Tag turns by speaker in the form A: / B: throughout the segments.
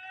A: Oh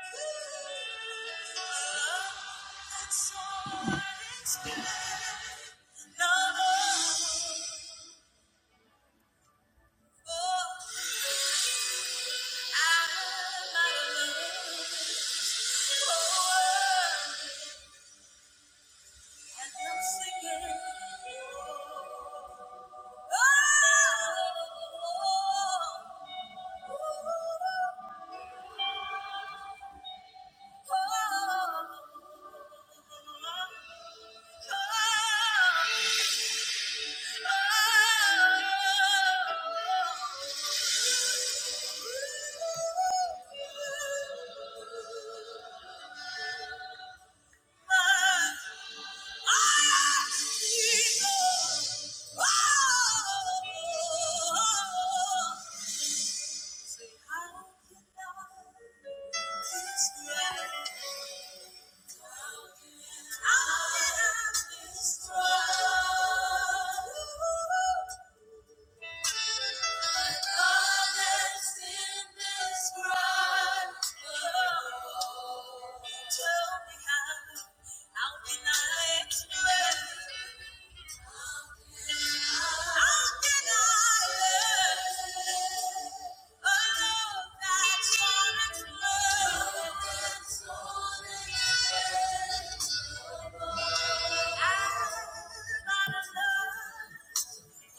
A: Destroy.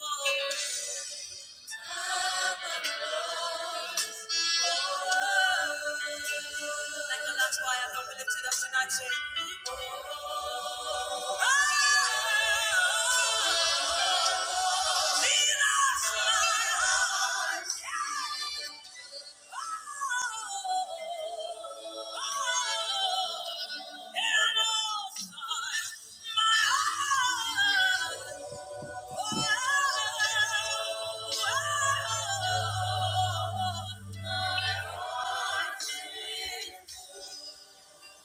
A: Thank you. Like the last fire not we lifted up tonight, say, "Oh, lead us, Lord."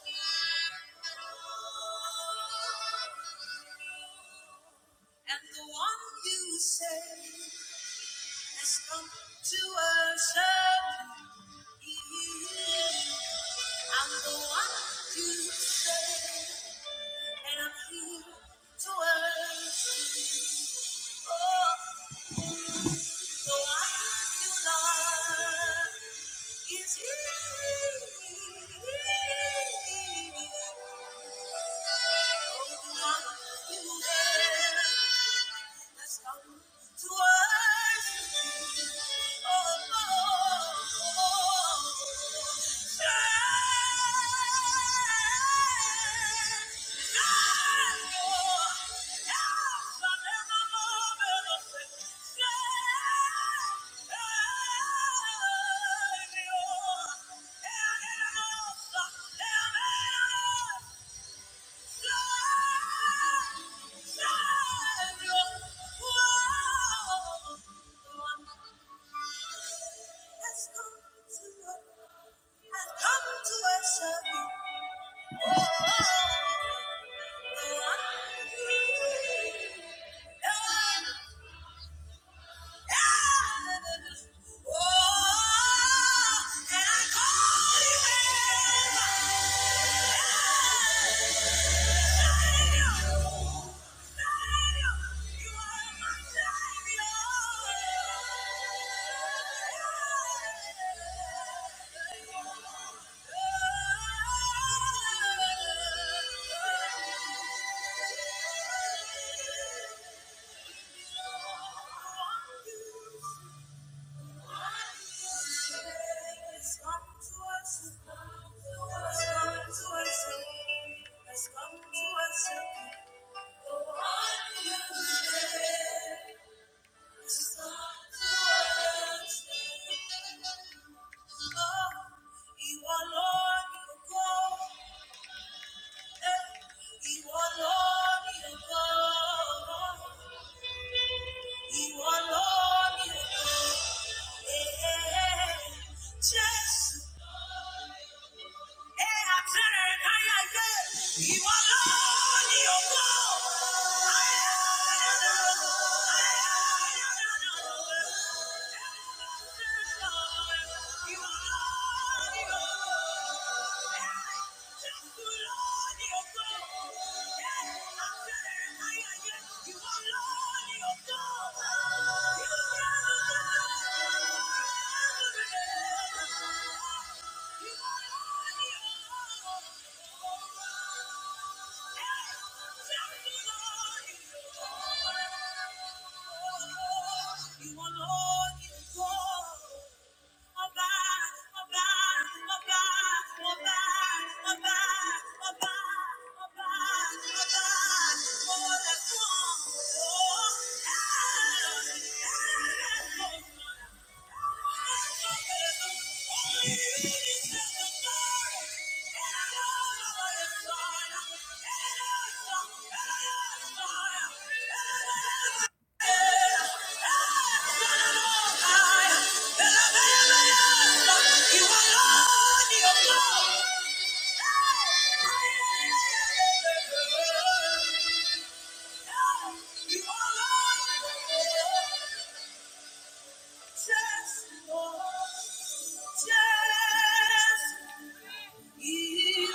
A: And the one you say has come to worship. you. I'm the one you say, and I'm here to worship. you. Oh, So I feel love is here. I've come to worship you. Yeah. You are Lord, you are God. You alone, you are God. You alone, you are God. Yeah. Just Thank you. Oh, you are Lord. Just one, just Hallelujah. Hey,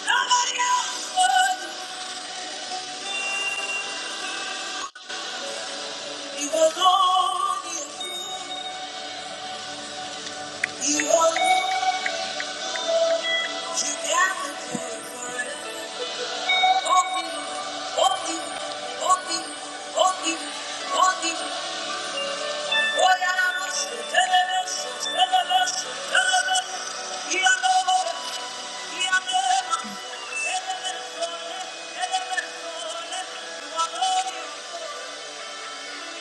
A: Nobody else but you. You alone. you. You are Lord, you got the glory for it. Open, open, open, open, open. Oh, yeah, I'm a shit, tell it, I'm a shit, tell it, I'm a shit, tell it, I'm a shit. You are Lord, you are Lord. Tell it, I'm a shit, tell it, I'm a shit. You are Lord.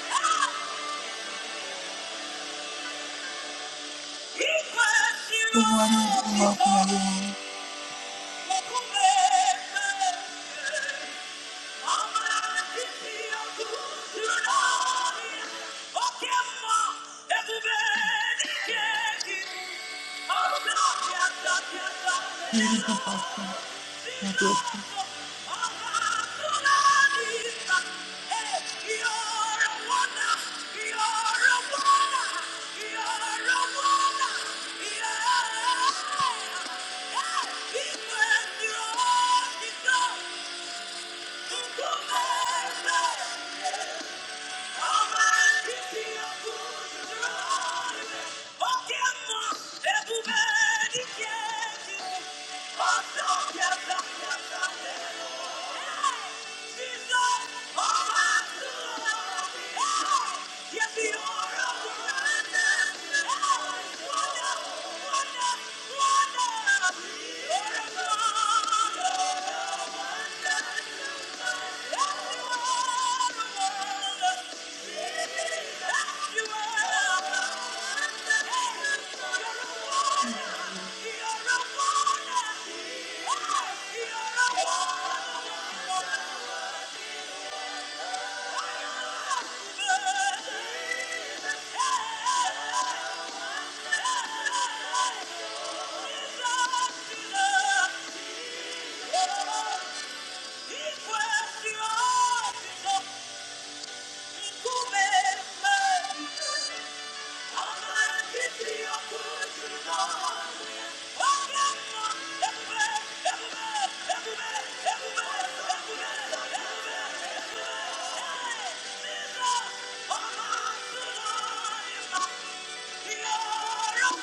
A: Ah! He was your Lord. welcome, everyone. You're you're a wonder, you're a wonder, Yeah. Wonder, wonder, wonder. wonder, wonder. Thank you. Thank you. you are. a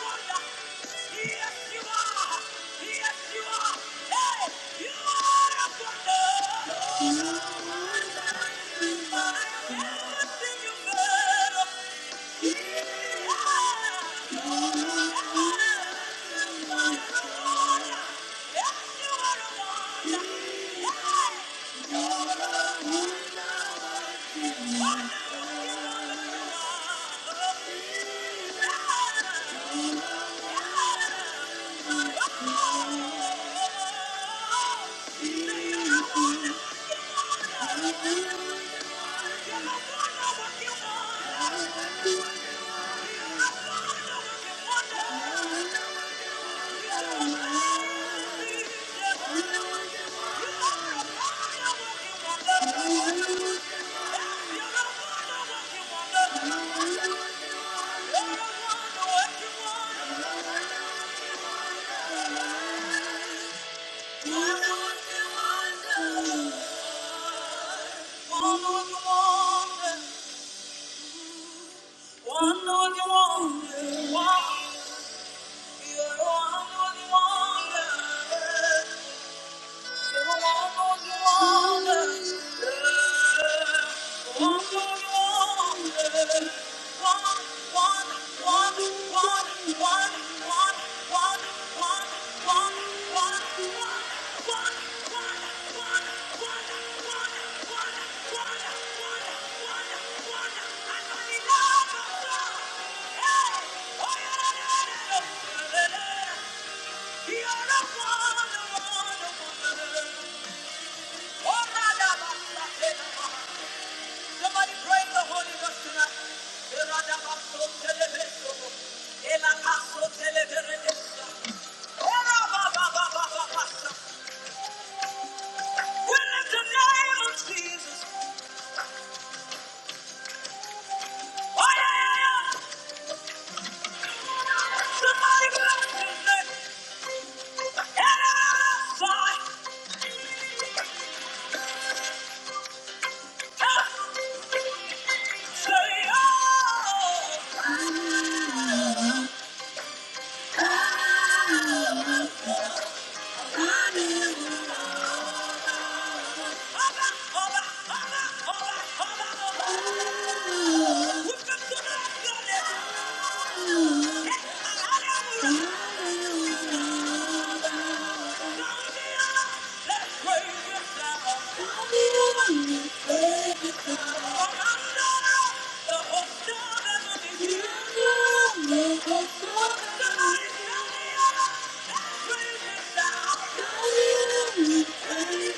A: wonder. Yes, you are. Hey, you are a wonder. Yeah. Wonder, wonder, wonder, You're the one, the one, the one. Somebody pray in the Holy Ghost tonight. We lift the name of Jesus. Oh, yeah, yeah, yeah. Somebody bless his name. Eradabaso. Ah, say, oh. I Hallelujah.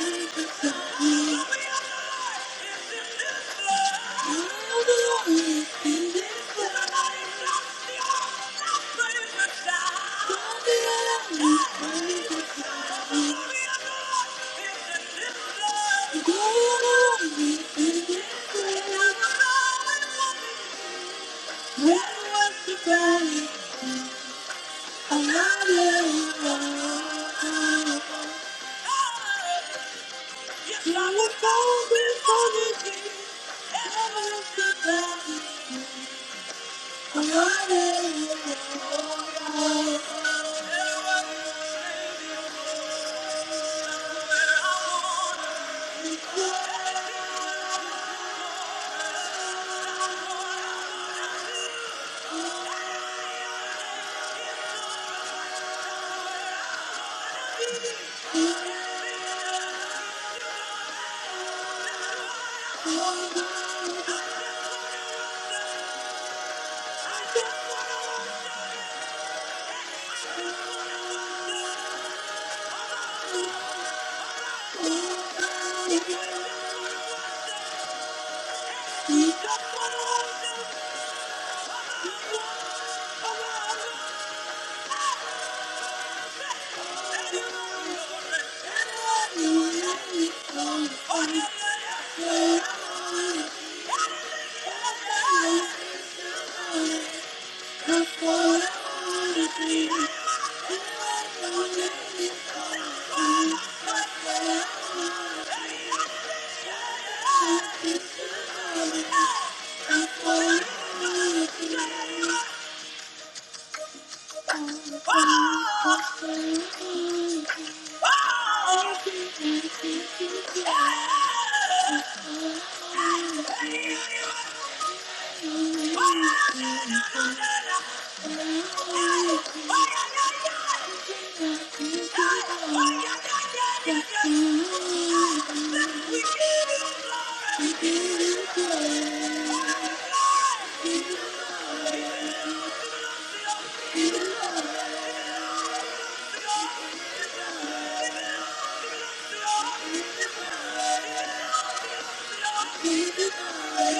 A: Thank you. I love you. Thank you. Thank you. Thank you. Thank you.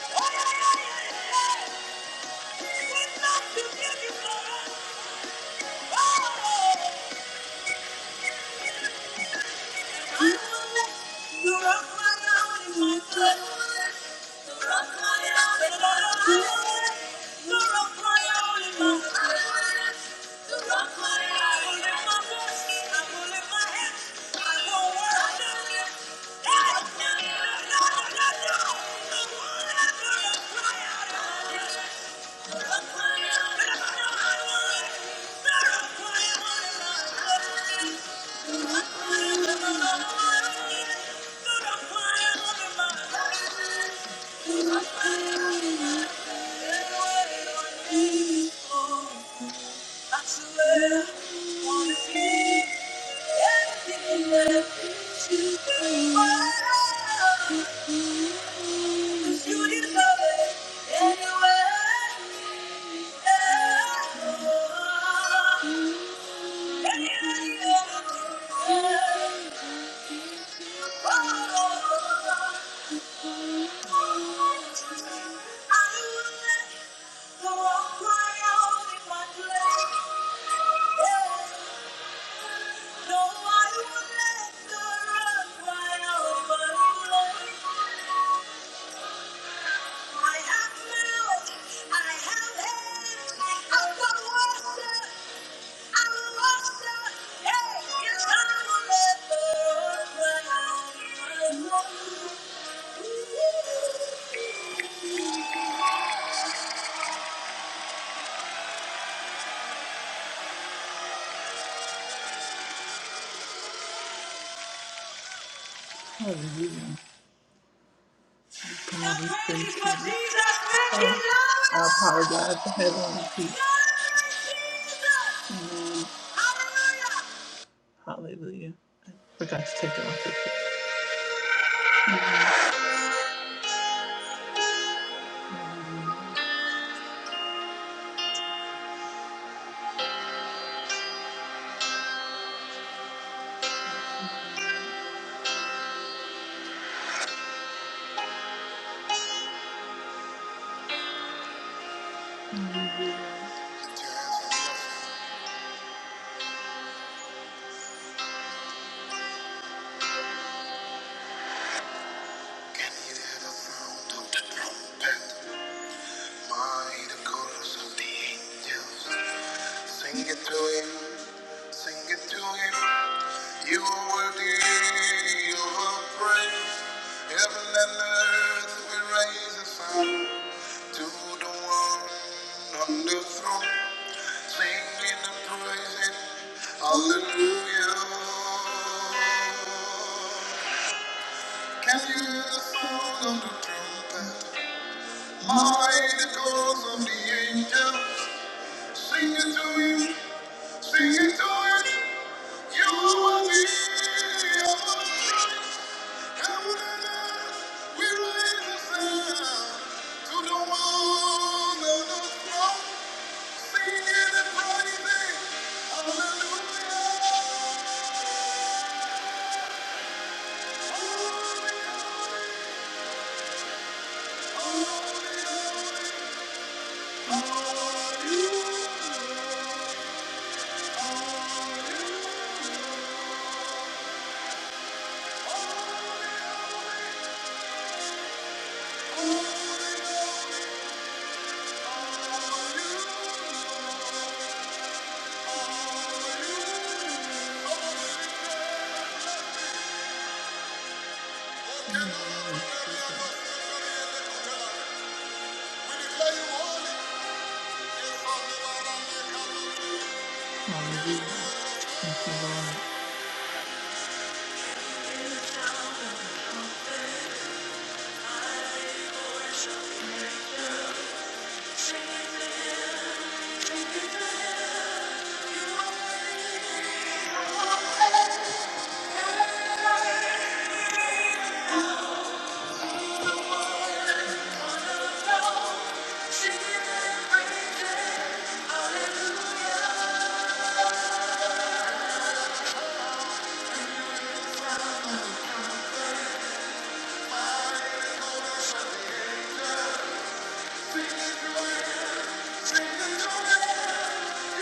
A: Yeah. I swear, I wanna be everything left to the world. You deserve it anyway. Hallelujah. Lord, we praise you. Oh, I apologize for having to repeat. Amen. Hallelujah. I forgot to take it off. And it had a sound of the trumpet, mighty chorus of the angels. Sing it to him, sing it to him. You are worthy of our praise. Heaven and earth will raise a sound to the one on the throne. Singing and praising, hallelujah. Can hear the sound of the trumpet, mighty calls of the angel. Sing it to you, sing it to you. You are the Christ. Heaven and earth, we raise a sound to the one on the throne, singing and praising. Hallelujah. Holy, holy, holy. Hallelujah. Thank you, Lord. Thank you.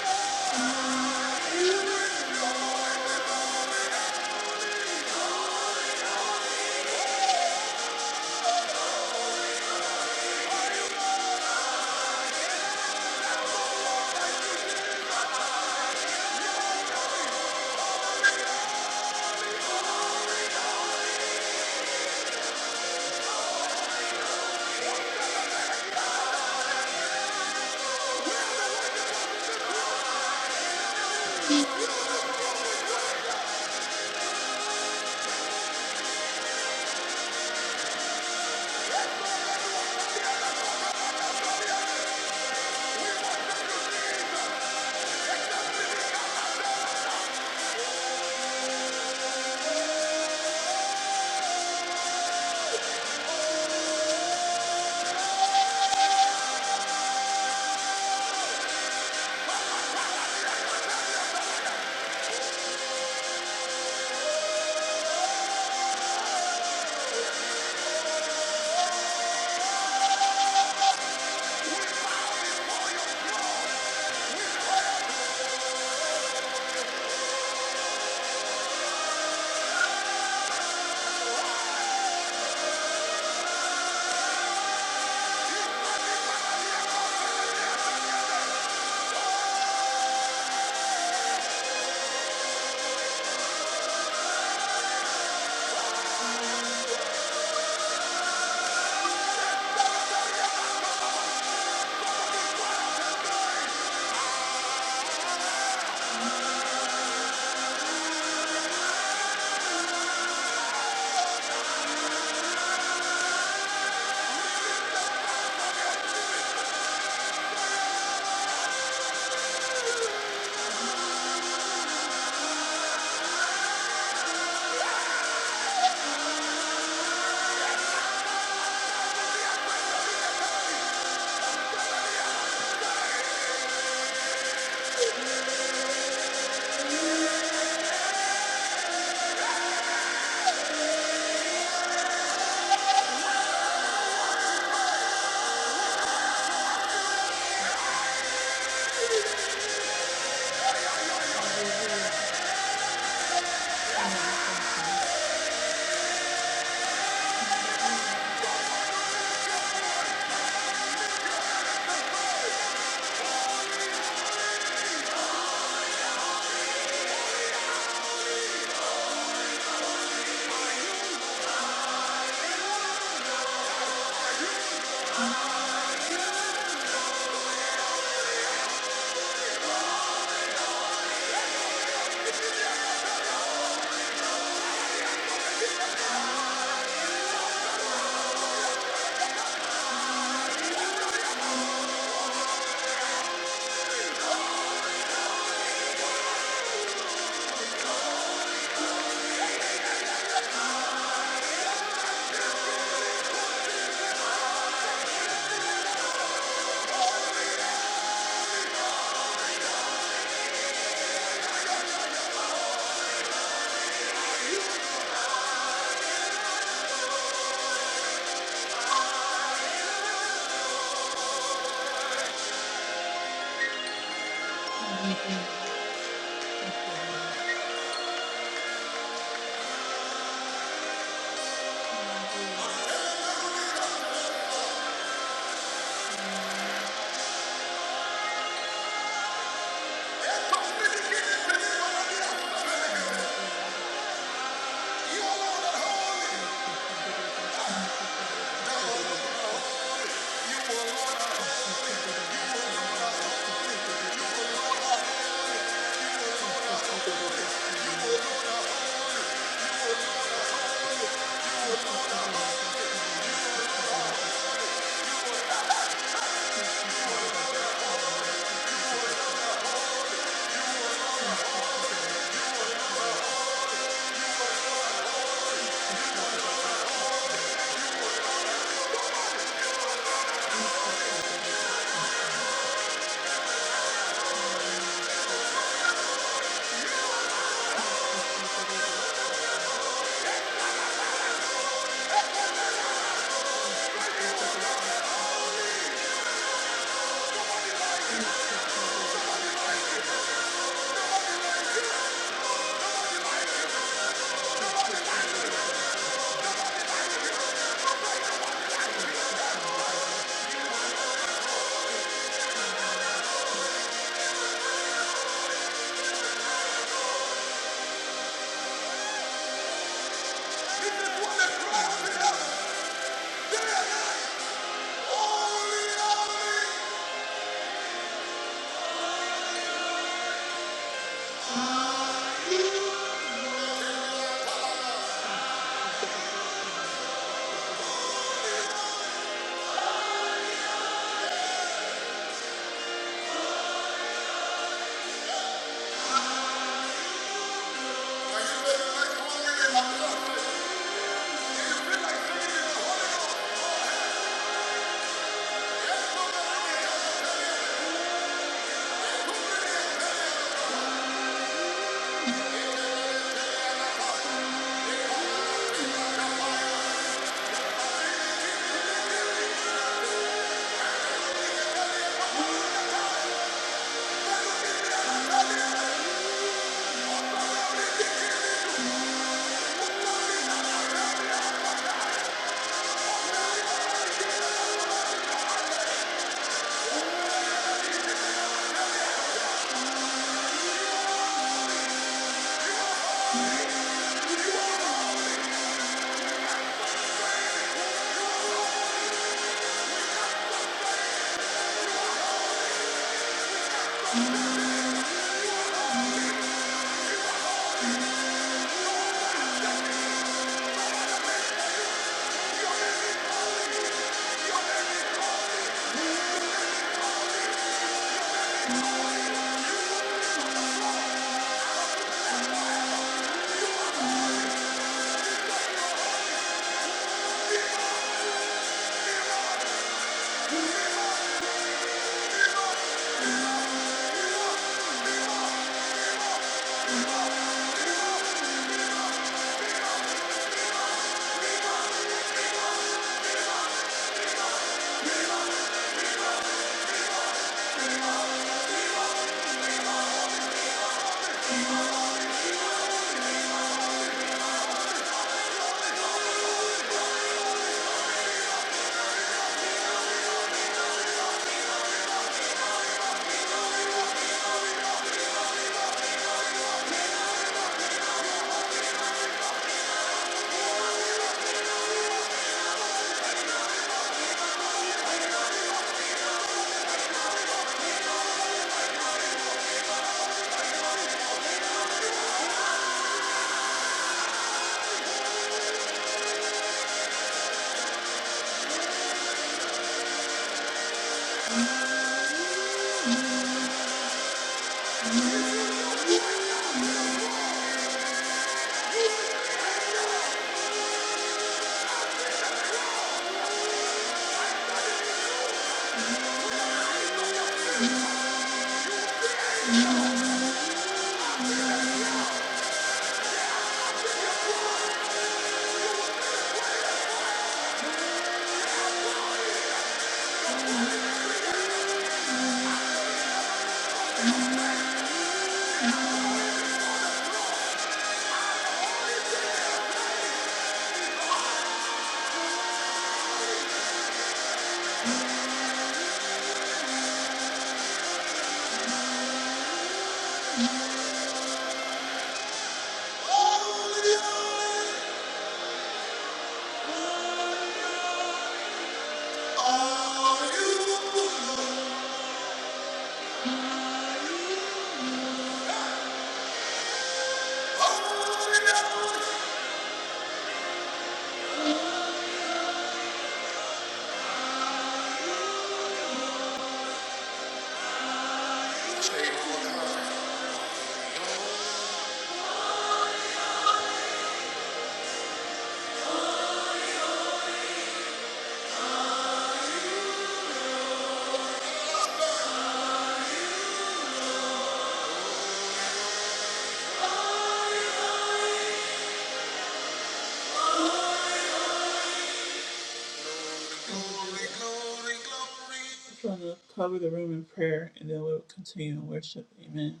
A: I'm going to cover the room in prayer and then we'll continue in worship. Amen.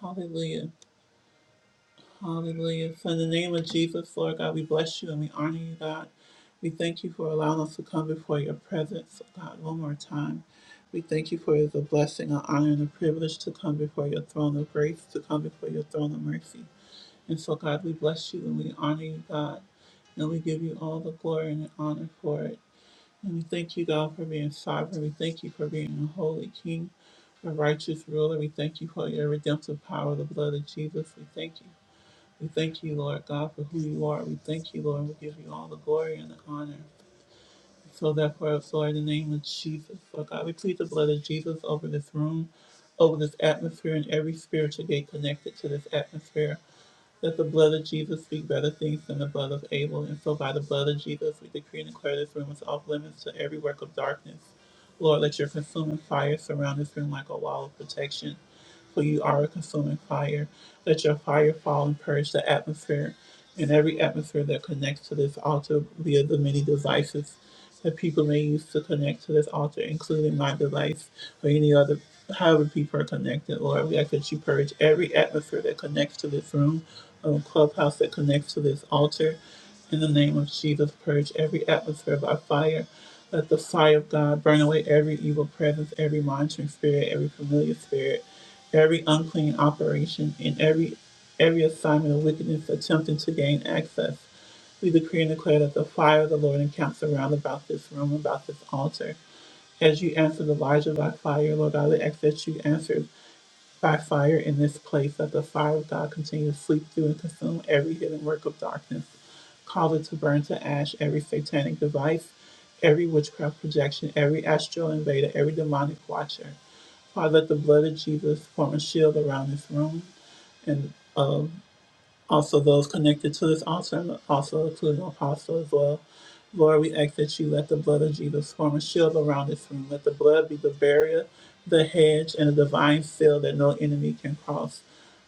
A: Hallelujah. Hallelujah. For in the name of Jesus, Lord God, we bless you and we honor you, God. We thank you for allowing us to come before your presence, oh God, one more time. We thank you for it is a blessing, an honor, and a privilege to come before your throne of grace, to come before your throne of mercy. And so, God, we bless you and we honor you, God, and we give you all the glory and the honor for it. And we thank you, God, for being sovereign. We thank you for being a holy king, a righteous ruler. We thank you for your redemptive power, the blood of Jesus. We thank you we thank you, Lord God, for who you are. We thank you, Lord. We give you all the glory and the honor. So therefore, us, Lord, in the name of Jesus, Lord God, we plead the blood of Jesus over this room, over this atmosphere, and every spiritual gate connected to this atmosphere. Let the blood of Jesus speak better things than the blood of Abel, and so by the blood of Jesus we decree and declare this room is off limits to every work of darkness. Lord, let your consuming fire surround this room like a wall of protection, for you are a consuming fire. Let your fire fall and purge the atmosphere and every atmosphere that connects to this altar via the many devices that people may use to connect to this altar, including my device or any other however people are connected, Lord. We ask that you purge every atmosphere that connects to this room um, clubhouse that connects to this altar. In the name of Jesus, purge every atmosphere by fire. Let the fire of God burn away every evil presence, every monitoring spirit, every familiar spirit, every unclean operation, and every every assignment of wickedness attempting to gain access. We decree and declare that the fire of the Lord encamps around about this room, about this altar. As you answered Elijah by fire, Lord God, we ask that you answer by fire in this place, let the fire of God continue to sweep through and consume every hidden work of darkness. Cause it to burn to ash every satanic device, every witchcraft projection, every astral invader, every demonic watcher. Father, let the blood of Jesus form a shield around this room and of. Also, those connected to this altar, and also including Apostle as well. Lord, we ask that you let the blood of Jesus form a shield around this room. Let the blood be the barrier, the hedge, and the divine seal that no enemy can cross.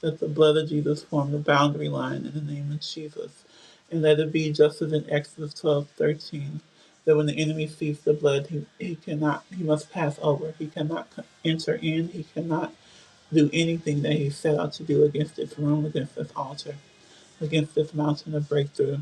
A: Let the blood of Jesus form the boundary line in the name of Jesus. And let it be just as in Exodus twelve thirteen, that when the enemy sees the blood, he, he cannot, he must pass over. He cannot c- enter in. He cannot do anything that he set out to do against this room, against this altar against this mountain of breakthrough.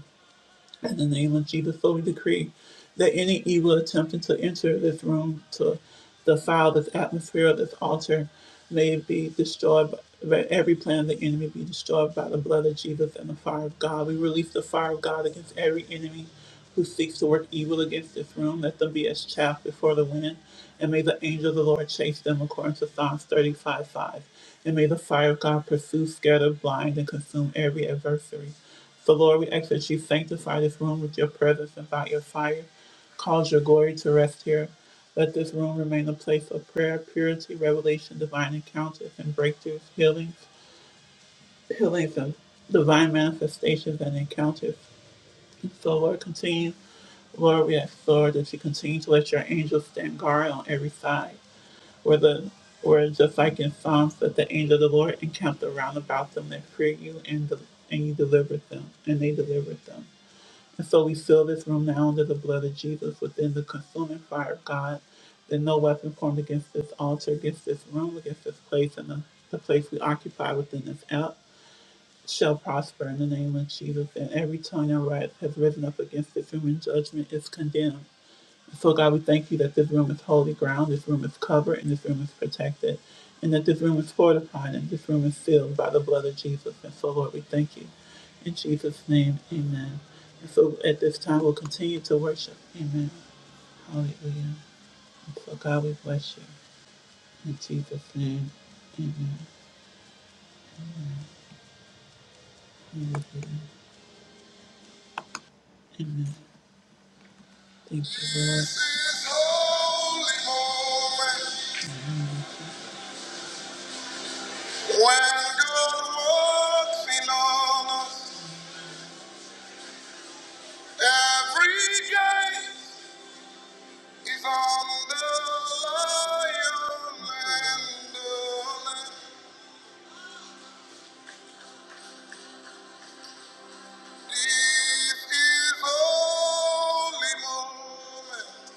A: In the name of Jesus, so we decree that any evil attempting to enter this room, to defile this atmosphere, this altar, may be destroyed. By, let every plan of the enemy be destroyed by the blood of Jesus and the fire of God. We release the fire of God against every enemy who seeks to work evil against this room. Let them be as chaff before the wind, and may the angel of the Lord chase them, according to Psalms 35:5. And may the fire of God pursue, scatter, blind, and consume every adversary. So, Lord, we ask that you sanctify this room with your presence and by your fire. Cause your glory to rest here. Let this room remain a place of prayer, purity, revelation, divine encounters and breakthroughs, healings, healings and divine manifestations and encounters. And so, Lord, continue. Lord, we ask, Lord, that you continue to let your angels stand guard on every side. Where the where just like in Psalms, that the angel of the Lord encamped around about them that fear you and, del- and you delivered them, and they delivered them. And so we seal this room now under the blood of Jesus within the consuming fire of God, that no weapon formed against this altar, against this room, against this place, and the, the place we occupy within this app shall prosper in the name of Jesus. And every tongue that rise has risen up against this room in judgment is condemned. So, God, we thank you that this room is holy ground, this room is covered, and this room is protected, and that this room is fortified, and this room is sealed by the blood of Jesus. And so, Lord, we thank you. In Jesus' name, amen. And so, at this time, we'll continue to worship. Amen. Hallelujah. And so, God, we bless you. In Jesus' name, amen. Hallelujah. Amen. Thank you, Lord. This is holy moment when God walks in on us. Every game is on the lion and the lamb. This is holy moment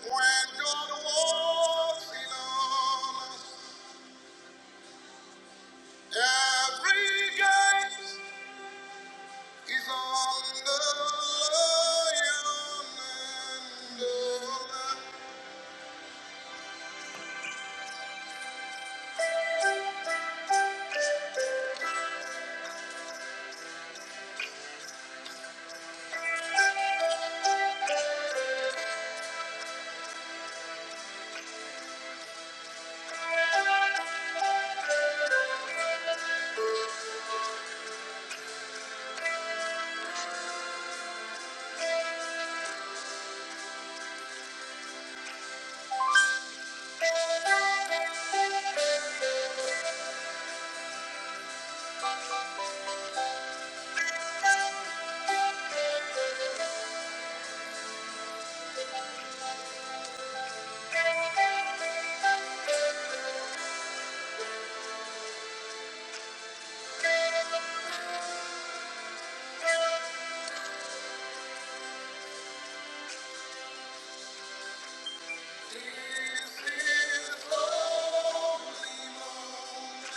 A: when God walks in on us. Every game is on the lion and the lamb. This is holy moment.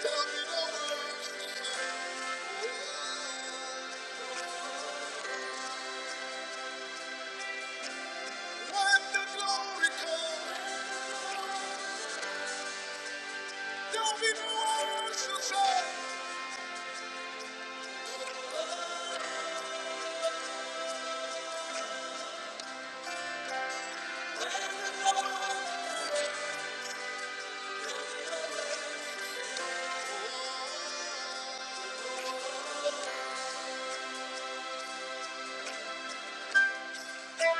A: Tell me the words. Let the glory come. There'll be no others to say. When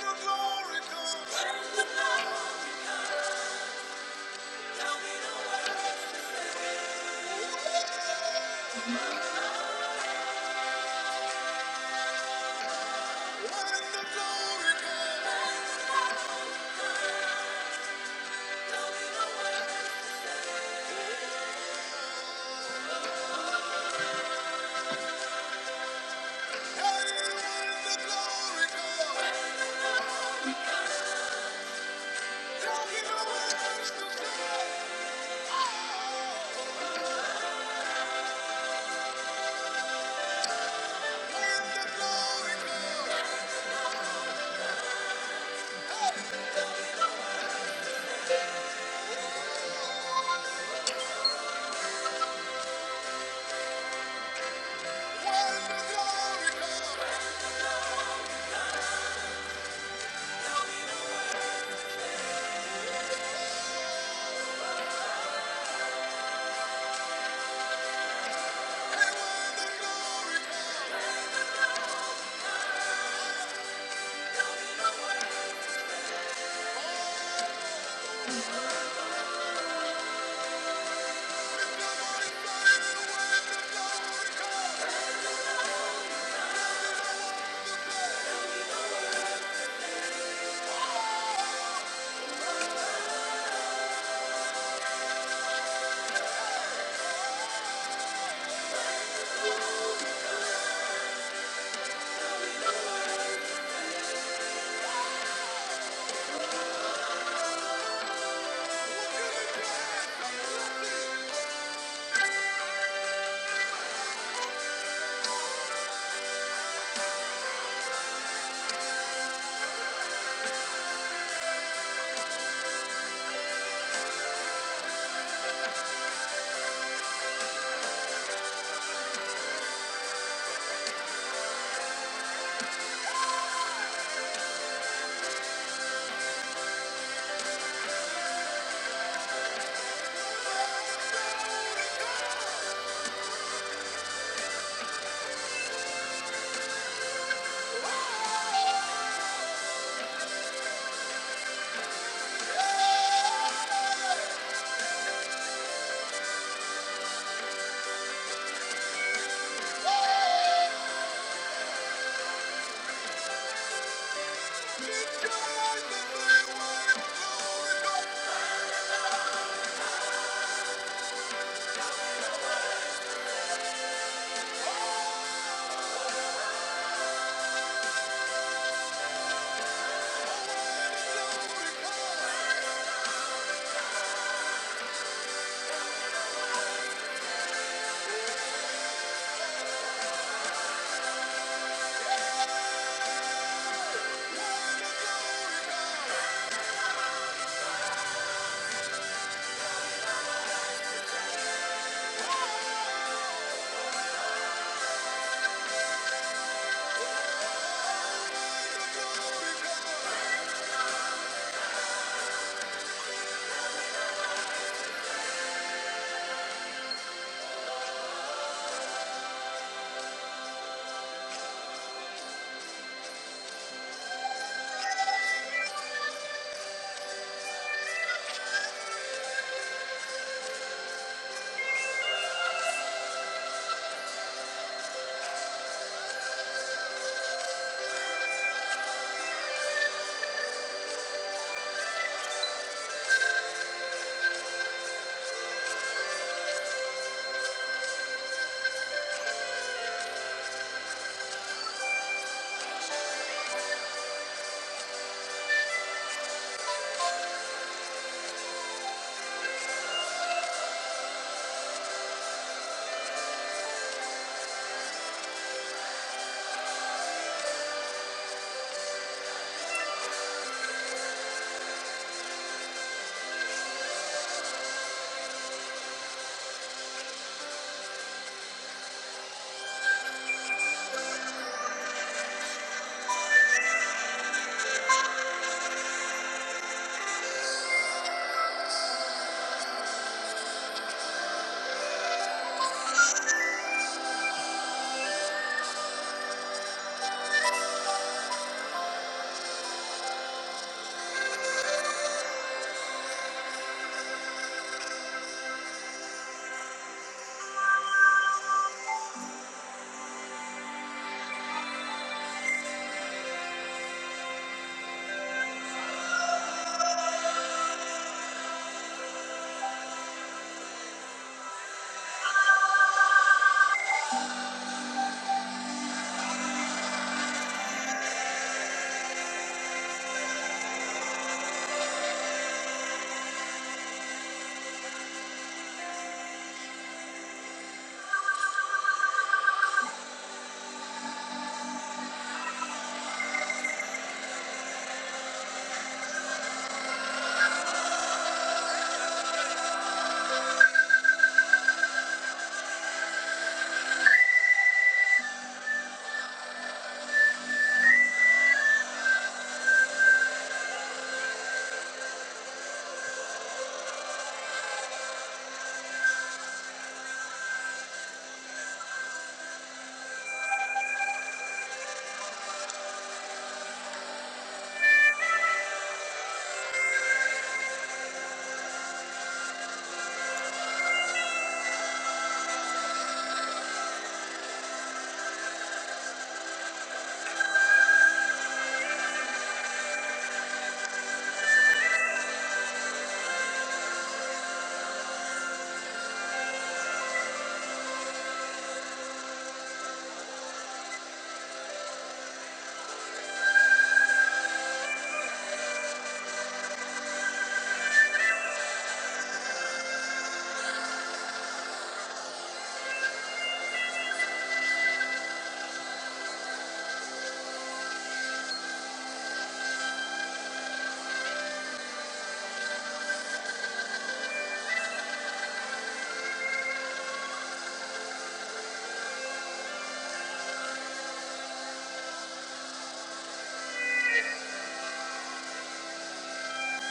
A: the glory comes. When the glory comes. Thank you.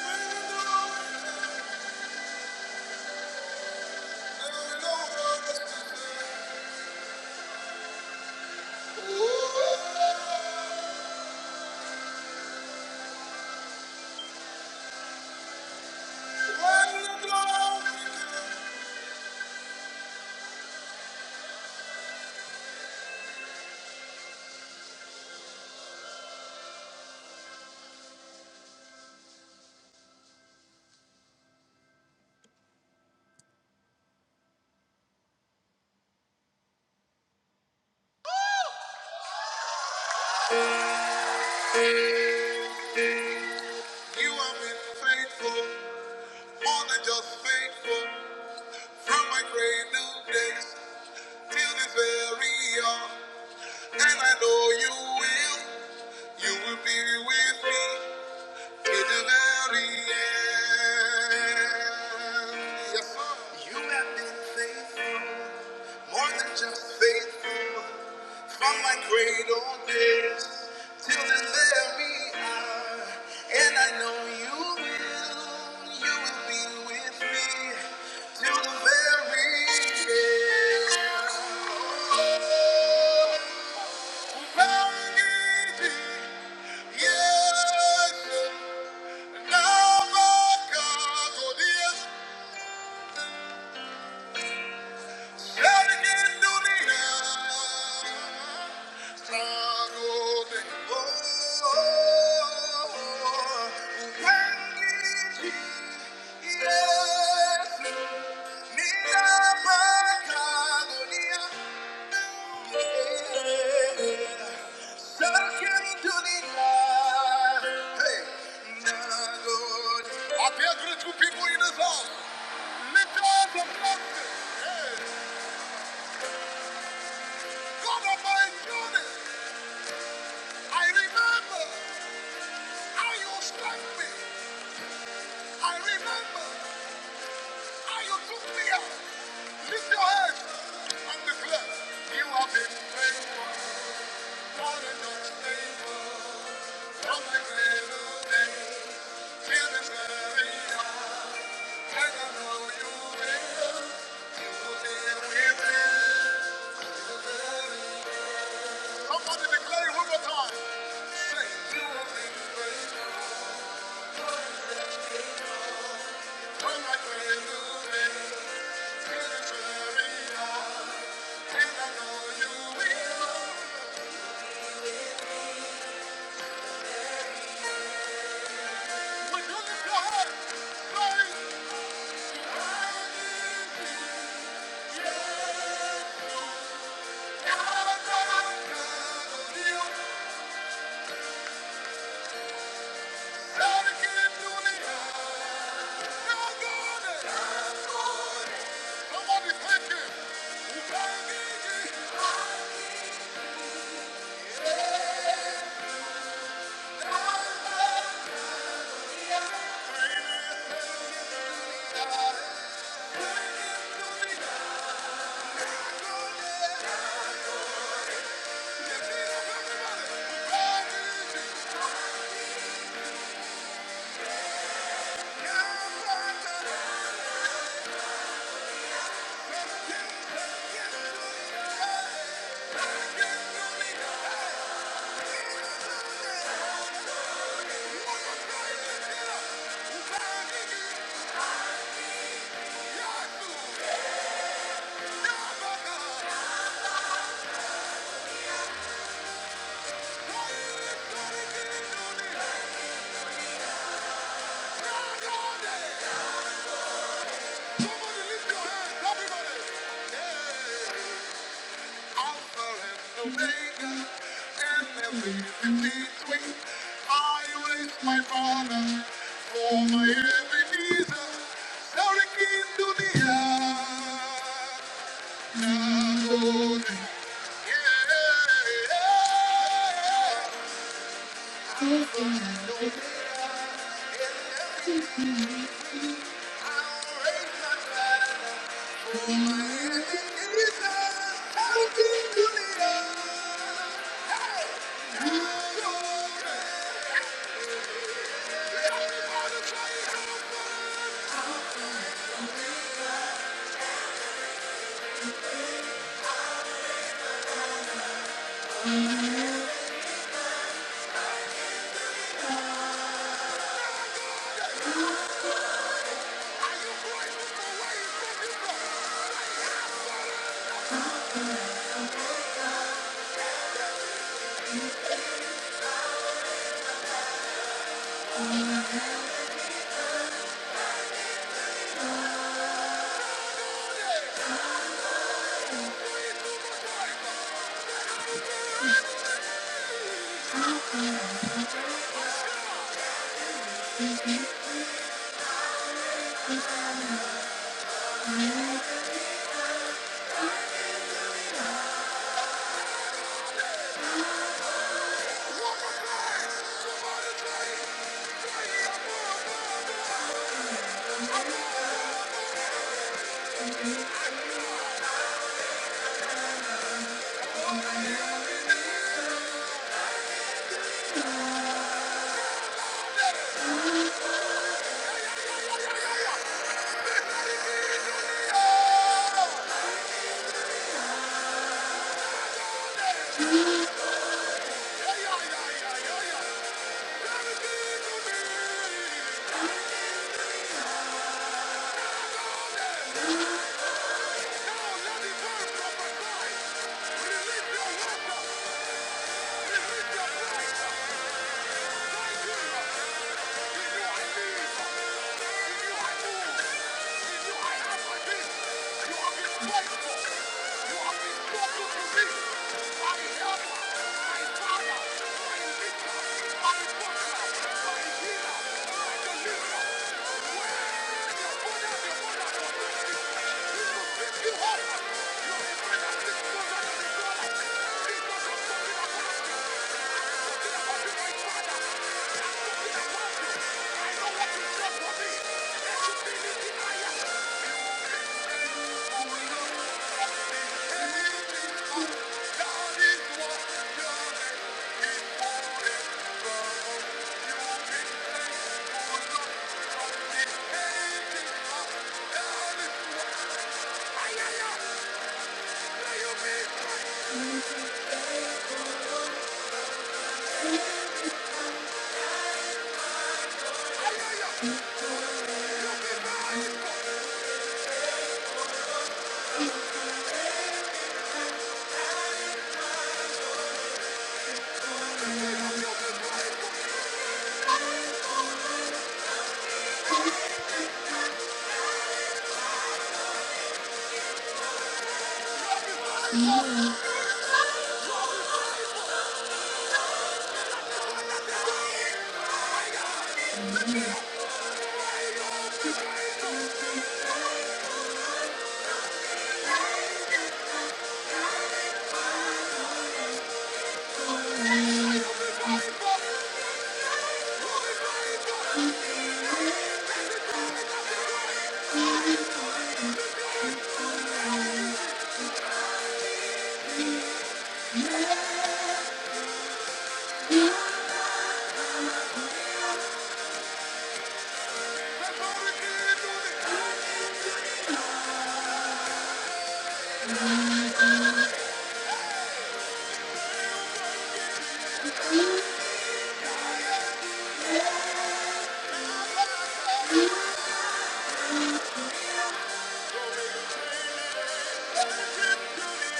A: You have been faithful, more than just faithful, from my great new days till this very hour. And I know you will, you will be with me till the very end. Yes, You have been faithful, more than just faithful. From my cradle days till the very hour, and I know you will, you will be with me till the very end. Yes, Appear grateful people in this house. Lift up the blessing. Hey. God of my unit, I remember how you struck me. I remember how you took me up. Lift your hands and declare, You have been faithful, God is not faithful. From the cradle days till this very hour, and I know you will. You will be with me. Somebody declare it one more time. Say, You have been faithful, from the cradle days. Thank you. Yeah. Somebody lift Hey, Alpha and Omega, and everything in between. I raise my banner for my Ebenezer. Sorry, King to Yeah. Alpha and Omega, Now let me burn from my life. Release your weapon. You Thank you. Thank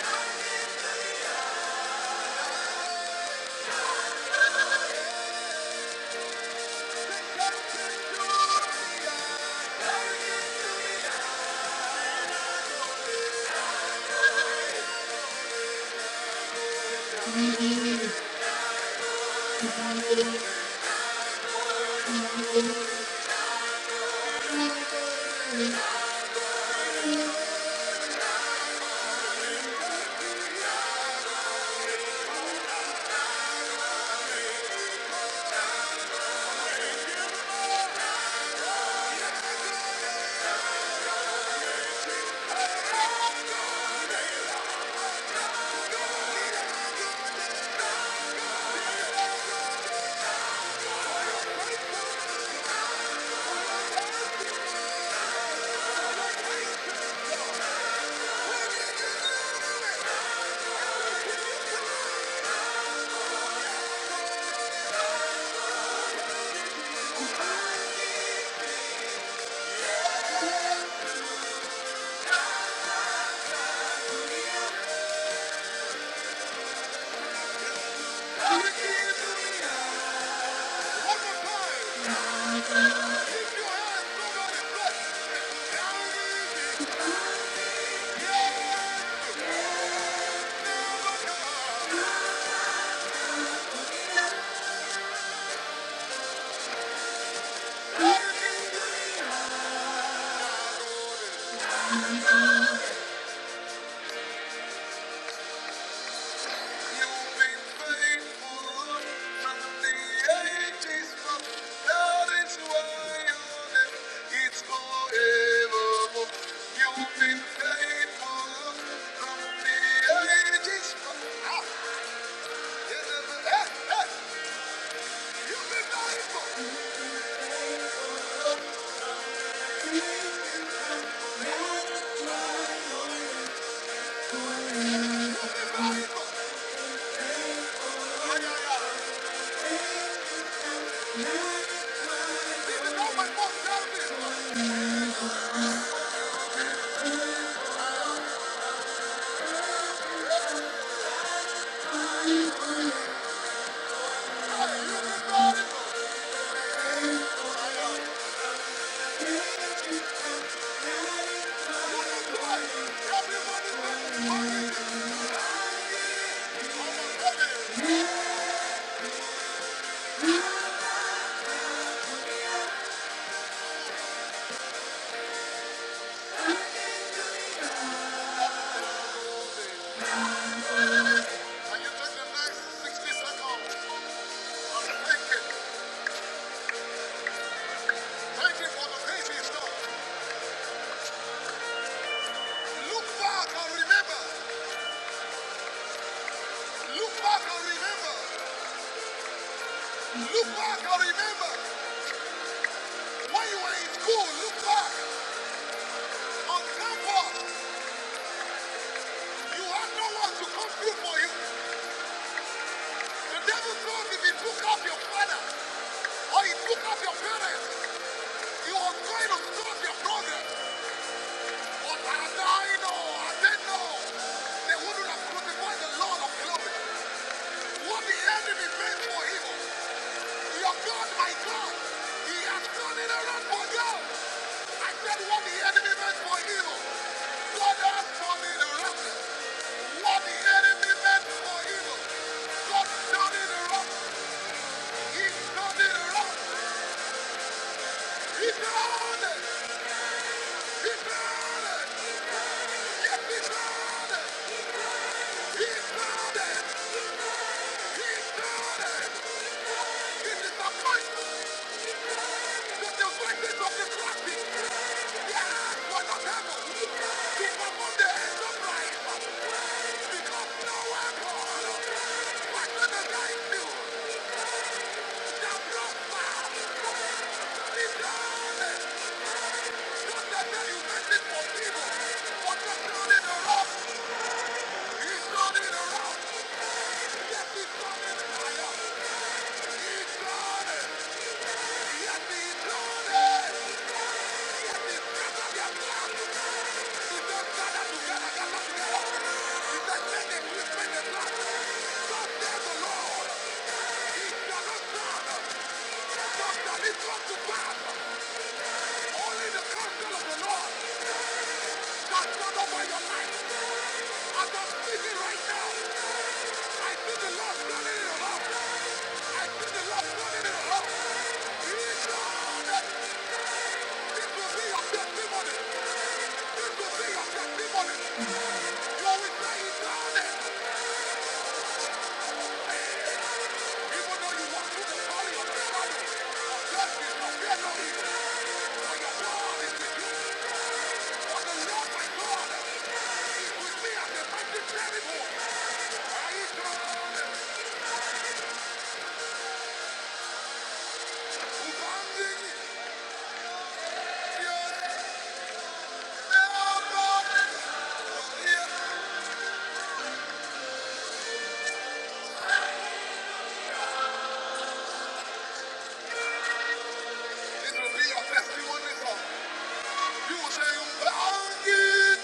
A: you. Hallelujah. Yeah. And you took the next 60 seconds and thank Him. Thank for the things He's Look back and remember. Look back and remember. Look back and remember. When you were in school, look back. On campus, you had no one to come through for you. The devil thought if he took up your father, or he took up your parents, you are going to stop your progress. But as I die, no, I didn't know. They wouldn't have crucified the Lord of glory. What the enemy meant for evil, your God, my God, he has turned it around for you. I said what the enemy meant for evil, God has turned it around. What the enemy meant for evil, God turned it around. He turned it around. He turned it. He turned it. Yes, he turned it. He's turning it around. Only the counsel of the Lord. That's not over your life. As I'm speaking right now, I feel the Lord flooding in it around. I feel the Lord turning it around. He is God. This will be your testimony. This will be your testimony. You will say he's done it. Even you walk through the valley of the shadow of you shall fear no evil. For your God It will be your testimony song. You will say, "Commanding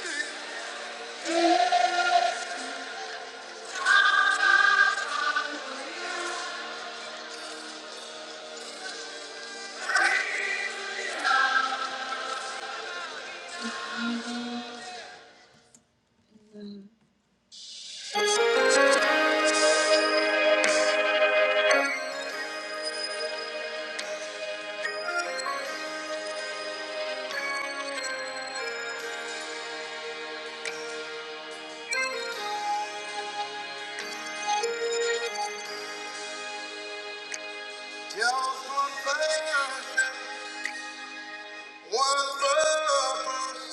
A: Just one passion, one love."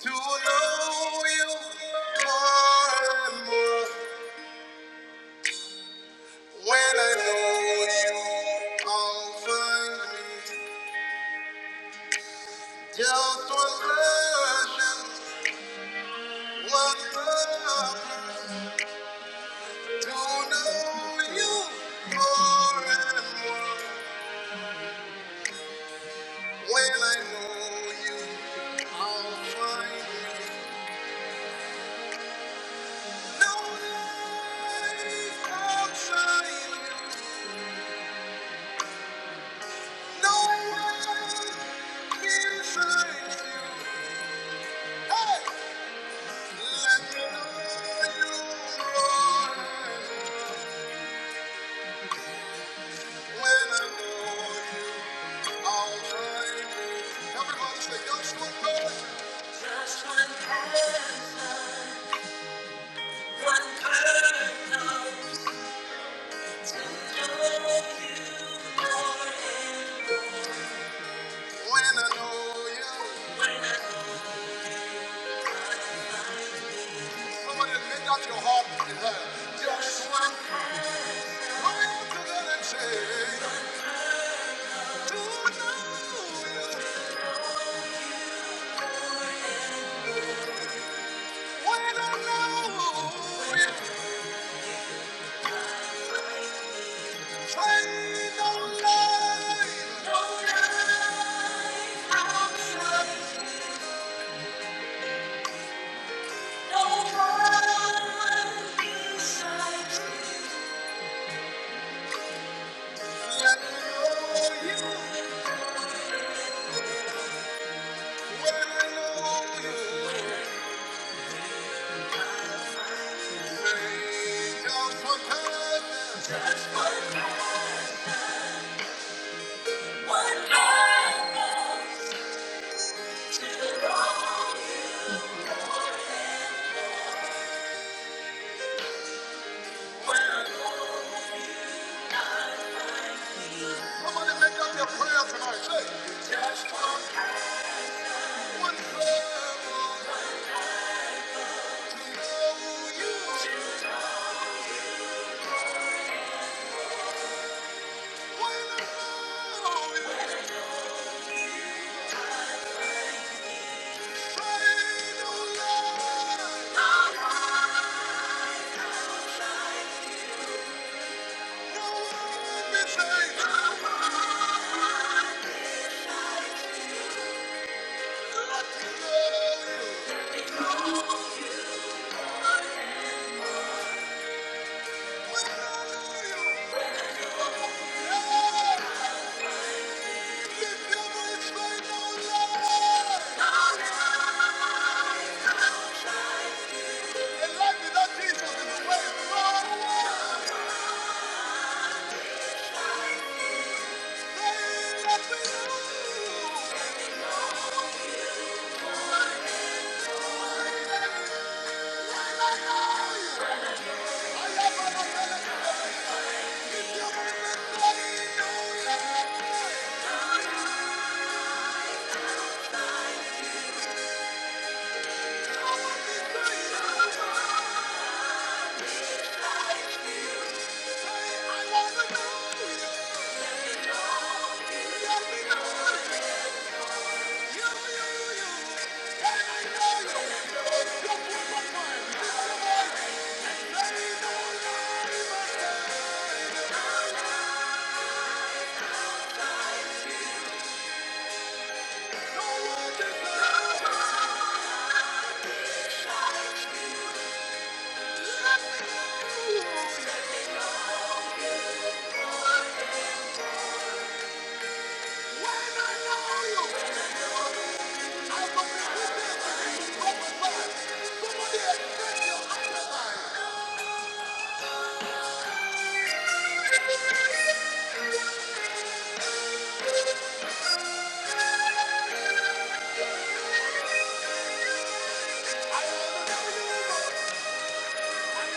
A: To know you more and more. When I know you, I'll find me just one version, one love. To know you more and more. When I know you, I'll find me. No way outside you, no way inside you. Just one person, one person to know you more and more. When I know you, when I know you. Somebody lift up your heart and say, Just one person. Come on, you can do that and say, One time. Somebody make up your prayer tonight. Say, just one forever to know you. When I'm on you, say no lie. No one be saying, I know you. When I know you, yeah. Lift your voice, say no lie. And life without Jesus is a waste. No way. Thank you. Thank you.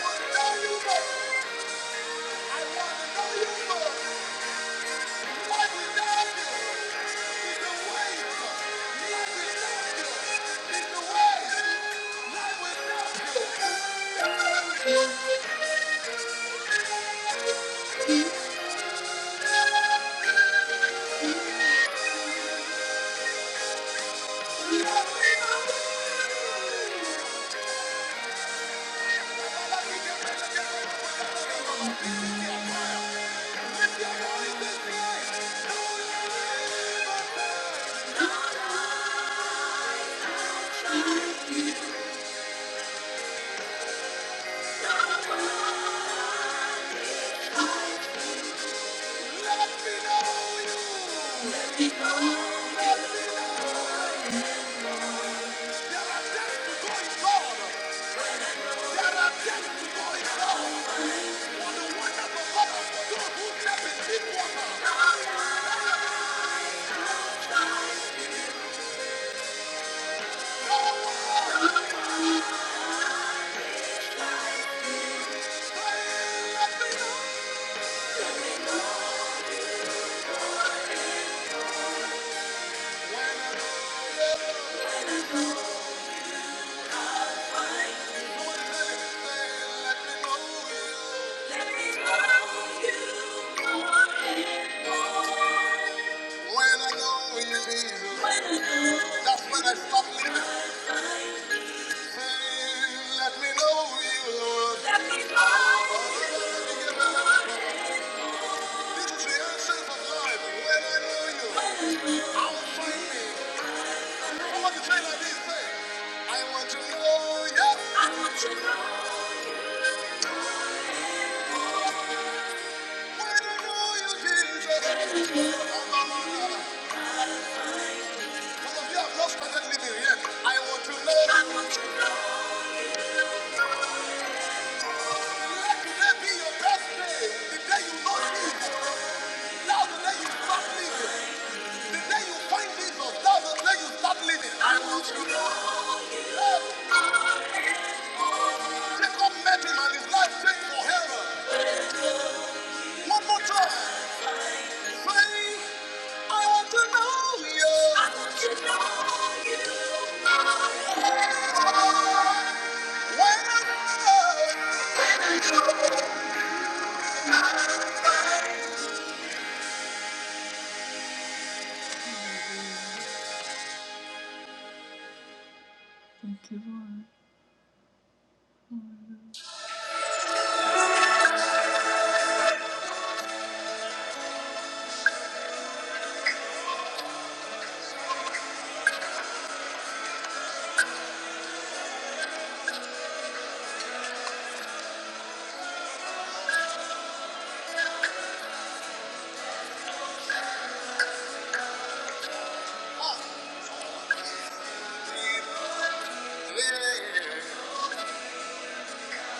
A: Let me know Let me know you. are days to go in God. are days to go in God. On the wonderful God of God who slept in deep water. Oh, let me know. When I know you. This is the essence of life. When I know you, I'll find me. I want to like know you. I want to know you. Why you know you, Jesus? Oh, no, no, no. Some of you have not started living yet. I want to know. I Let today be your best day. The day you know Jesus. Now the day you start living. The day you find Jesus. Now the day you start living. I want to know. you. Jacob met him and his life changed forever. One more time. Say, I want to know you. I want to know you.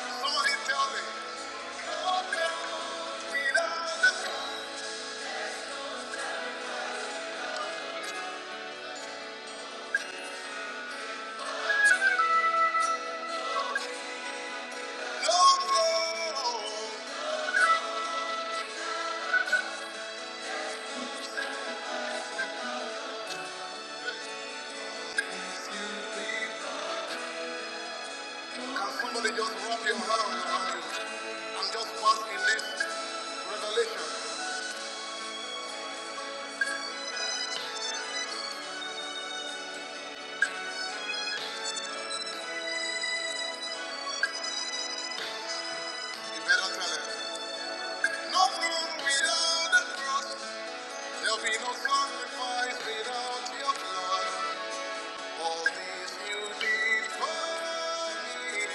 A: Somebody tell me. Can somebody just rub your hand around you. I'm just passing this revelation. You better tell it. No throne without the cross. There'll be no sacrifice without your blood. All these you did for me.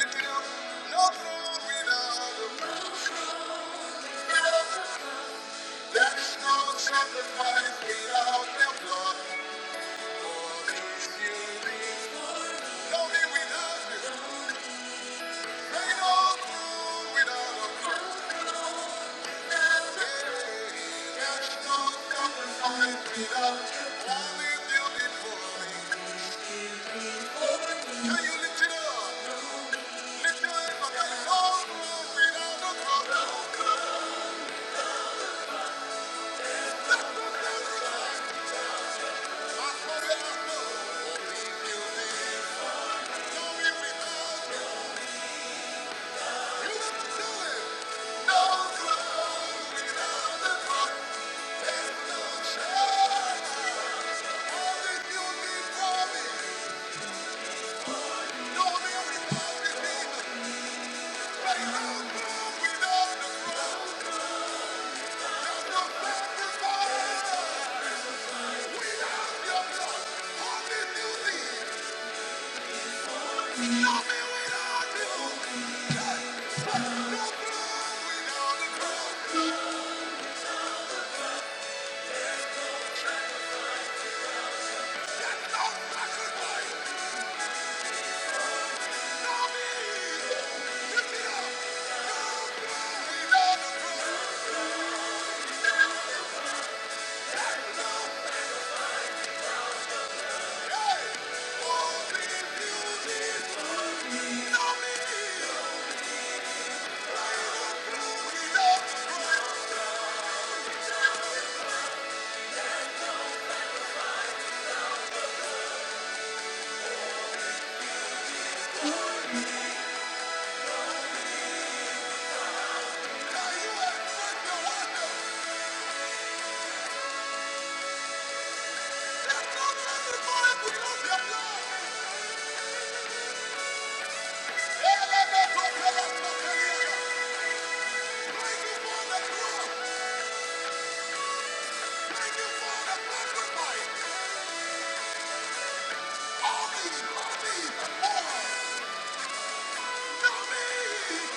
A: Lift it up. No throne without the cross. There's no sacrifice without your blood. All these you did. No me Nobody without you. Thank you. without the cross, I Thank you. Thank you.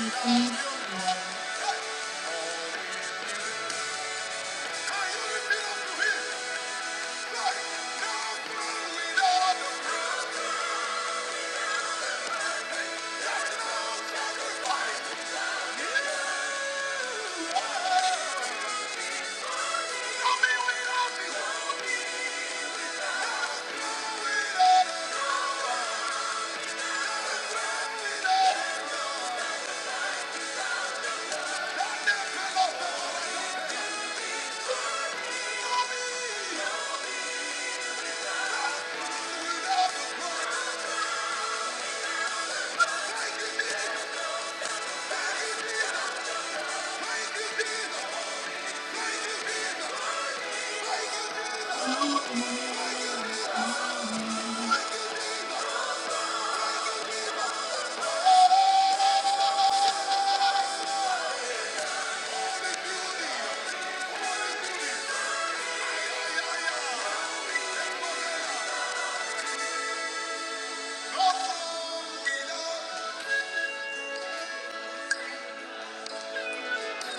A: Thank you.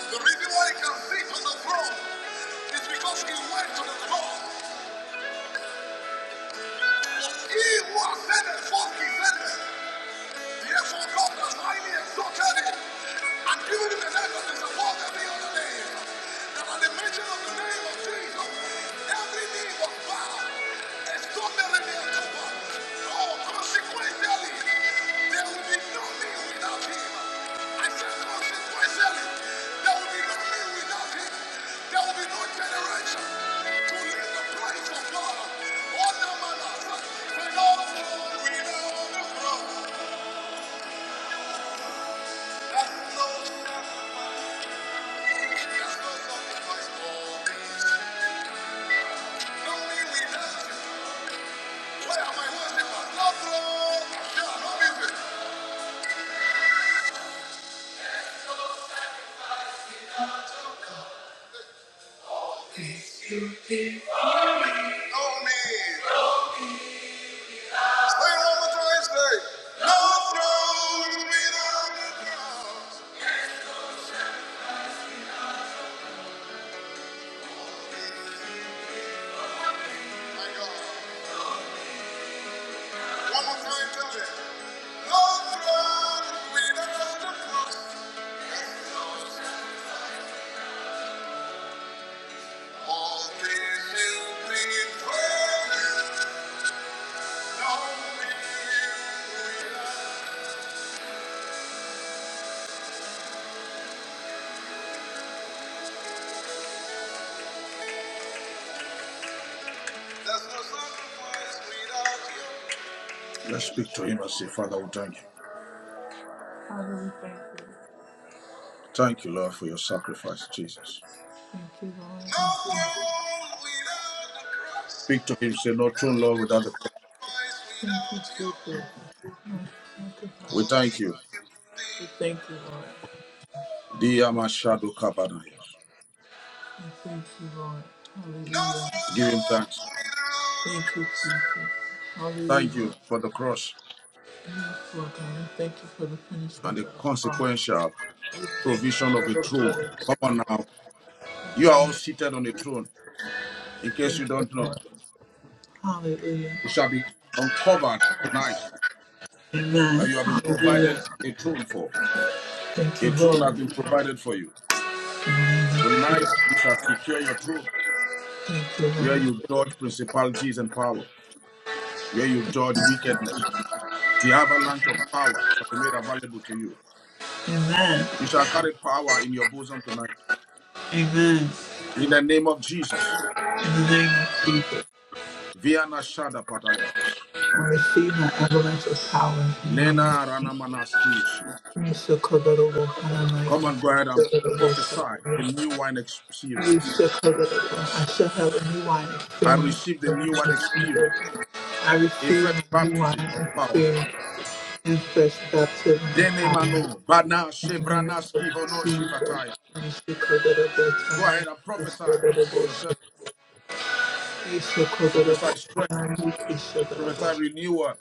A: The reason why he can sit on the throne is because he went to the cross. He was sent forth descended. Therefore, God has highly exalted him and given him a name that is above every other name. That at the mention of the name of Jesus, every knee will bow. Extraordinary cover. Oh, consequentially, there will be no me without him. I said consequentially, there will be no me without him. There will be no generation to live the price of God. Oh, no, man, I said, we know, we know the cross. No me. stay home until I stay. No throne, me down the cross. My God, One more time, tell me. No throne, me down the cross. All things will be praised. No my God. Thank you. There's no sacrifice without you.
B: Let's speak to him and say, Father, we thank you. Thank you, Lord, for your sacrifice, Jesus.
A: Thank you, Lord. No Thank you. throne without the cross.
B: Speak to him, say, No true
A: There's
B: Lord without
A: no
B: the cross.
A: sacrifice Thank you, without you. Jesus. Thank Father.
B: We thank you.
A: We thank you, Lord.
B: Diyama Shadow Kabanaya.
A: We thank you, Lord. No Hallelujah.
B: Give him thanks.
A: Thank you, Jesus.
B: Thank
A: Hallelujah.
B: you for the cross
A: Yes, Lord God. We thank you for the finished
B: and
A: work
B: the
A: of the cross.
B: consequential
A: We thank
B: provision
A: you
B: of
A: for
B: a
A: the blood
B: throne.
A: of
B: Come
A: Jesus.
B: on now. You are all seated on a throne. In case you
A: Thank you,
B: don't know,
A: Lord. Hallelujah.
B: it shall be uncovered tonight
A: Amen.
B: that you have been provided
A: Hallelujah.
B: a throne for.
A: Thank
B: A
A: you,
B: throne has
A: Lord.
B: been provided for you.
A: In the name of Jesus.
B: Tonight, you shall secure your throne
A: Thank you,
B: where
A: Lord.
B: you dodge principalities and power. where you judge wickedness. The avalanche of power shall be made available to you.
A: Amen.
B: You shall carry power in your bosom tonight.
A: Amen.
B: In the name of Jesus.
A: In the name of Jesus.
B: Viana Shada Patayas.
A: I receive my avalanche of power in the
B: Lena
A: name of Jesus.
B: Ranamanaskiyeshia.
A: We shall cover the world.
B: Come
A: Hanamai, we
B: and go ahead and
A: shall cover
B: prophesy
A: the
B: a
A: world. so
B: new wine
A: We
B: experience.
A: shall cover the world. I shall have a new wine
B: I
A: experience.
B: receive the
A: in the
B: new wine
A: name of
B: experience,
A: Jesus. I
B: a
A: receive
B: fresh
A: a new wine
B: baptism of power.
A: experience and fresh baptism of
B: Dene
A: power.
B: mano, bana
A: name of Jesus,
B: shevranaski
A: I
B: vono
A: speak the
B: shifataya.
A: Lord, and the Lord.
B: Go ahead and prophesy to yourself.
A: I speak the Lord,
B: Prophesy
A: and
B: strength.
A: I the Lord.
B: Prophesy renewal.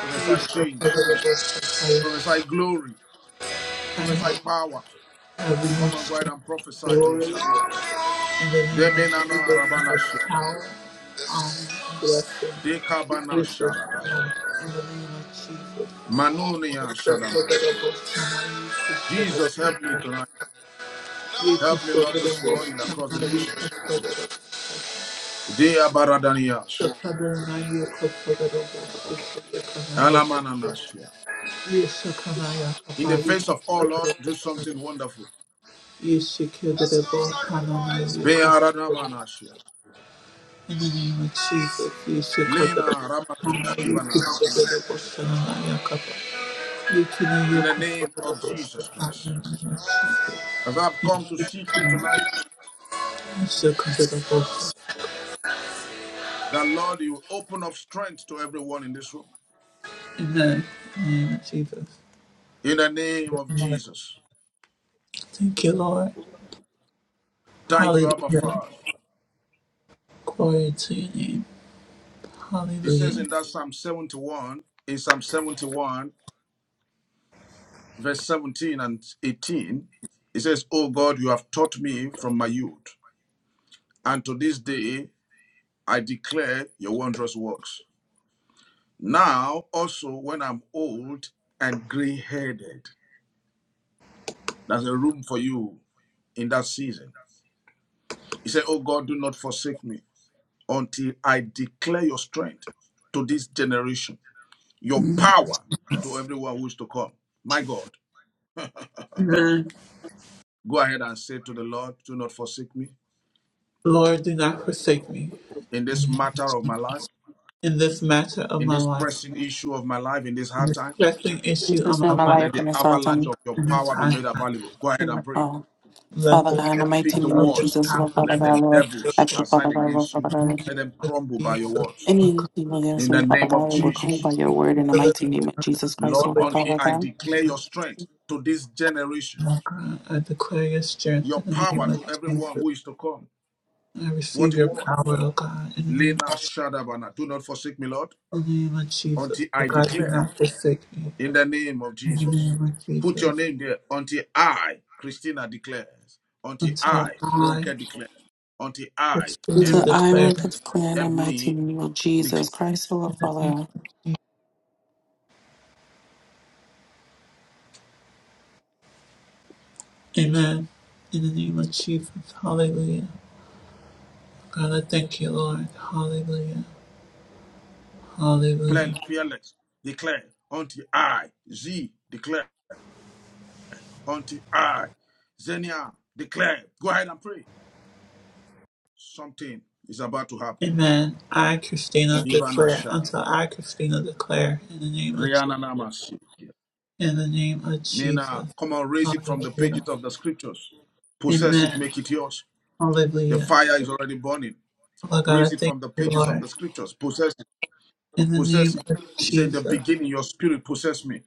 A: I speak the
B: change.
A: Lord, and I
B: Prophesy glory. Prophesy power. Come and go ahead and prophesy to
A: glory, in the
B: yourself.
A: name of
B: Demenana
A: Jesus, and have
B: rabanash.
A: power, and blessing.
B: Dekabana
A: This is
B: sharadaya.
A: now, in the name of Jesus.
B: Manunia shadamai. Jesus, help me tonight.
A: Ye
B: Help me, Lord, this
A: Kosovo
B: morning across the
A: Shama Ye
B: nations.
A: Kosovo
B: Dea baradaniash.
A: Shakadanaya Kosovo Shakadanaya Kosovo
B: Alamananashia.
A: Ye Shakanaya
B: In the
A: Kapali
B: face of all, Lord, do
A: Kosovo
B: something wonderful.
A: Ye Shikadabo Hananaya
B: Bea
A: Kosovo
B: radamanashia.
A: In the name of Jesus, Ye
B: Lena
A: Shikadabo
B: ramatish
A: Hananaya
B: kivana.
A: Kosovo Shananaya Kapali you can
B: In
A: hear
B: the name of
A: comfortable
B: Jesus Christ.
A: Amen. Amen.
B: As I've come to seek you tonight, That Lord, you open up strength to everyone in this room.
A: In the name of Jesus.
B: In the name of
A: Amen.
B: Jesus.
A: Thank you, Lord.
B: Thank you, Abba
A: Hallelujah.
B: Father.
A: Glory to your name.
B: It says
A: Hallelujah.
B: in that Psalm 71, in Psalm 71, verse 17 and 18, it says, "O God, you have taught me from my youth, and to this day I declare your wondrous works. Now also when I'm old and gray headed, there's a room for you in that season. He said, Oh God, do not forsake me. until I declare your strength to this generation, your power to everyone who is to come. My God,
A: Amen.
B: go ahead and say to the Lord, Do not forsake me
A: Lord, do not forsake me
B: in this matter of my life,
A: in this matter of
B: in
A: my
B: this
A: life,
B: pressing issue of my life, in this
A: in
B: hard
A: this
B: time.
A: pressing issue
C: Jesus,
A: of
C: in
A: my
C: my
A: life,
C: life
B: Let the
C: and it's our
B: avalanche
C: time.
B: of your
A: in this
B: power be
A: time.
B: made available. Go ahead and
C: And,
B: pray.
C: Oh,
A: Let
C: Father
A: the
C: God, in the
A: power
B: Pick
C: mighty
B: the
C: name of
A: of your
B: words.
C: Jesus,
A: power
C: Lord Father
B: Let the
A: remain
C: God, Lord,
B: devils
A: available.
C: actual Father
B: assigned
C: God, Lord
B: against
C: Father
B: you,
A: In
C: God,
A: the
C: Lord,
A: name
B: let them
A: of
B: crumble by your
A: Jesus,
B: words.
A: Lord God,
C: any evil
B: In
C: against me,
B: the
C: Father
B: name of
C: God, it will come
B: Jesus,
C: by your word in the
A: deliver
C: mighty name
A: us
C: of
A: from the
C: Jesus
A: hand of
C: Christ,
A: the
C: oh
B: Lord,
C: Lord
A: wicked.
B: until
C: Father
B: I
C: God.
B: declare your strength to this generation
A: Lord God, I declare your strength
B: your
A: in the name
B: power
A: of
B: to everyone
A: Jesus.
B: who is to come.
A: I
B: What
A: receive
B: a
A: your
B: word.
A: power, O God, in the name
B: Lena Shadabana. Do not forsake me, Lord,
A: In the name of Jesus,
B: until
A: that
B: I
A: God do
B: declare
A: not forsake me.
B: in the name of
A: In the
B: Jesus.
A: name of
B: Put your
A: Jesus,
B: name there until I, Christina, declares. Until I,
A: until I
B: Ronke, declares. Until I,
A: Christina
C: Until
B: Evna,
C: I
B: Ev,
C: will
A: declare.
C: declare in the mighty
B: Evni,
C: name of Jesus
B: declare,
C: Christ, oh Lord Father.
A: Amen. In the name of Jesus, hallelujah. God, I thank you, Lord. Hallelujah. Hallelujah.
B: fearless, declare. Until I, Z, declare. Until I, Zenia, declare. Go ahead and pray. Something is about to happen.
A: Amen. I, Christina,
B: Ibana
A: declare. Until
B: Shadaba.
A: I, Christina, declare. In the name of, Je-
B: Rihanna Namas.
A: in the name of
B: Mina,
A: Jesus.
B: come on, raise it from the pages
A: Hallelujah.
B: of the scriptures. Possess it,
A: Amen.
B: make it yours. The
A: Hallelujah.
B: fire is already burning.
A: Oh
B: Raise
A: God, I
B: it
A: thank
B: from the
A: you,
B: pages of
A: Lord.
B: the scriptures. Possess it.
A: In the
B: Possess
A: name
B: it.
A: of
B: He said, In the
A: Jesus.
B: beginning, your spirit possessed me.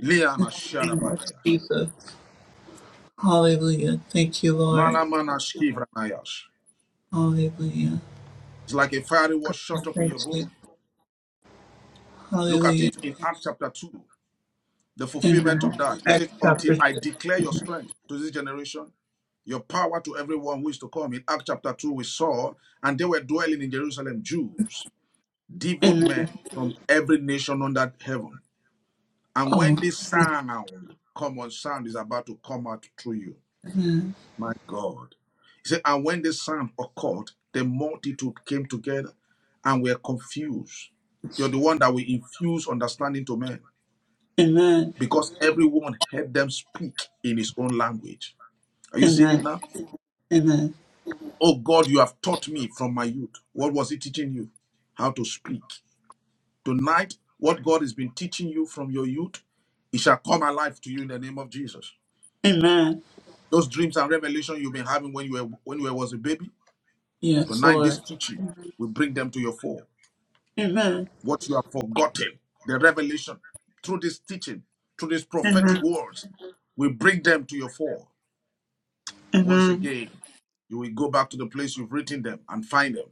B: Liana
A: In the name of
B: Sharabanayash.
A: Jesus. Hallelujah. Thank you, Lord.
B: Malamana Shkivranayash.
A: Hallelujah.
B: It's like a fiery was
A: God, I
B: shot up in
A: thank
B: your
A: you.
B: bone. Look at
A: Hallelujah.
B: it in Acts chapter 2. the fulfillment of
A: Amen.
B: that. It
A: Acts
B: says, Until
A: chapter
B: I
A: 6.
B: declare your strength to this generation, your power to everyone who is to come. In Acts chapter 2, we saw, and they were dwelling in Jerusalem, Jews, devout
A: Amen.
B: men from every nation under heaven. And
A: Oh,
B: when this sound, common sound, is about to come out through you,
A: amen.
B: my God. He said, And when this sound occurred, the multitude came together and were confused. You're the one that will infuse understanding to men
A: Amen.
B: because everyone heard them speak in his own language. Are you seeing it
A: Amen.
B: now?
A: Amen.
B: Oh God, you have taught me from my youth. What was he teaching you? How to speak. Tonight, what God has been teaching you from your youth, it shall come alive to you in the name of Jesus.
A: Amen.
B: Those dreams and revelation you've been having when you were when you were- was a baby,
A: Yes,
B: tonight this
A: Lord.
B: teaching will bring them to your fore. What you have forgotten, the revelation through this teaching, through these prophetic words, will bring them to your fore. Once again, you will go back to the place you've written them and find them.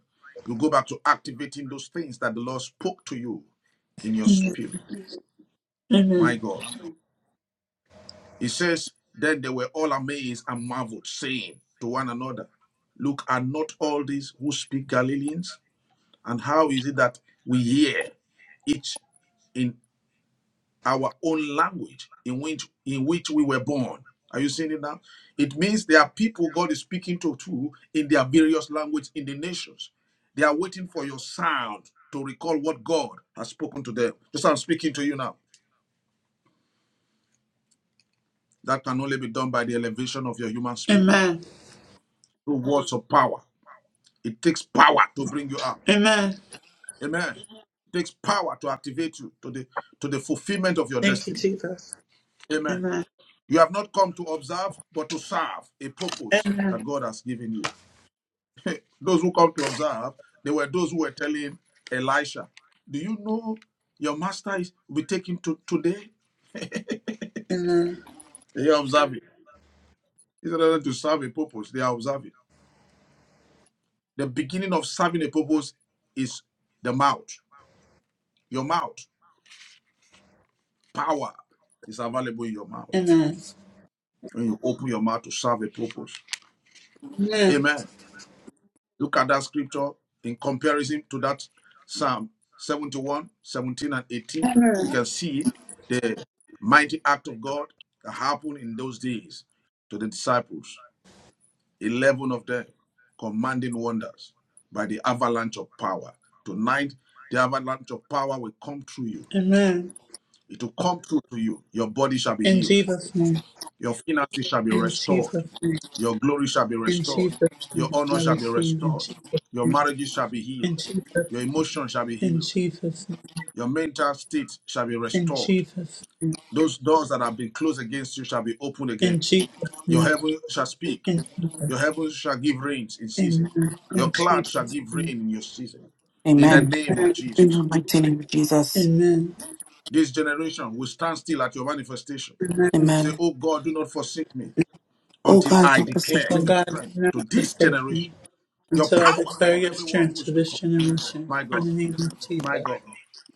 B: You go back to activating those things that the Lord spoke to you in your spirit. My God. He says, Then they were all amazed and marveled, saying to one another, Look, are not all these who speak Galileans? And how is it that we hear each in our own language in which in which we were born. Are you seeing it now? It means there are people God is speaking to too in their various language in the nations. They are waiting for your sound to recall what God has spoken to them. Just I'm speaking to you now. That can only be done by the elevation of your human spirit through words of power. It takes power to bring you out. Amen. It takes power to activate you to the to the fulfillment of your
A: Thank you,
B: destiny.
A: Jesus.
B: Amen. You have not come to observe, but to serve a purpose that God has given you. Those who come to observe, they were those who were telling Elisha, Do you know your master is will be taken to today? They are observing. It's another to serve a purpose. They are observing. The beginning of serving a purpose is the mouth. Your mouth, power is available in your mouth. When you open your mouth to serve a purpose. Amen. Look at that scripture in comparison to that Psalm 71:17 and 18. You can see the mighty act of God that happened in those days to the disciples, 11 of them commanding wonders by the avalanche of power. Tonight, the avalanche of power will come through you.
A: Amen.
B: It will come through to you. Your body shall be
A: In
B: healed.
A: Jesus' name.
B: Your finances shall be
A: In
B: restored.
A: Jesus' name.
B: Your glory shall be
A: In
B: restored.
A: Jesus'
B: Your
A: name.
B: honor
A: I
B: shall be
A: receive in
B: restored.
A: Jesus'
B: Your
A: name.
B: marriages shall be
A: In
B: healed.
A: Jesus'
B: Your
A: name.
B: emotions shall be
A: In
B: healed.
A: Jesus' name.
B: Your mental state shall be
A: In
B: restored.
A: Jesus' name.
B: Those doors that have been closed against you shall be opened again.
A: In Jesus'
B: Your
A: name.
B: heaven shall speak.
A: Amen.
B: Your heaven shall give rains in season.
A: Amen.
B: Your
A: In
B: cloud shall
A: Jesus'
B: give rain
A: name.
B: in your season. In the
C: Amen.
A: Amen.
B: name of
C: In
B: Jesus.
C: the mighty name of Jesus.
A: Amen.
B: This generation will stand still at your manifestation.
A: Amen.
B: Say,
C: Amen.
B: Oh God, do not forsake me
C: Oh
B: until
C: God,
B: I
C: don't forsake
B: declare
A: Oh
B: your
C: me.
A: God,
B: strength
A: do not
B: to this
A: forsake me
B: generation your
A: until I
B: power
A: declare
B: to
A: your
B: everyone
A: strength
B: who's
A: to
B: to
A: this
B: come.
A: generation.
B: My
A: In
B: God,
A: the name of
B: my
A: Jesus.
B: God.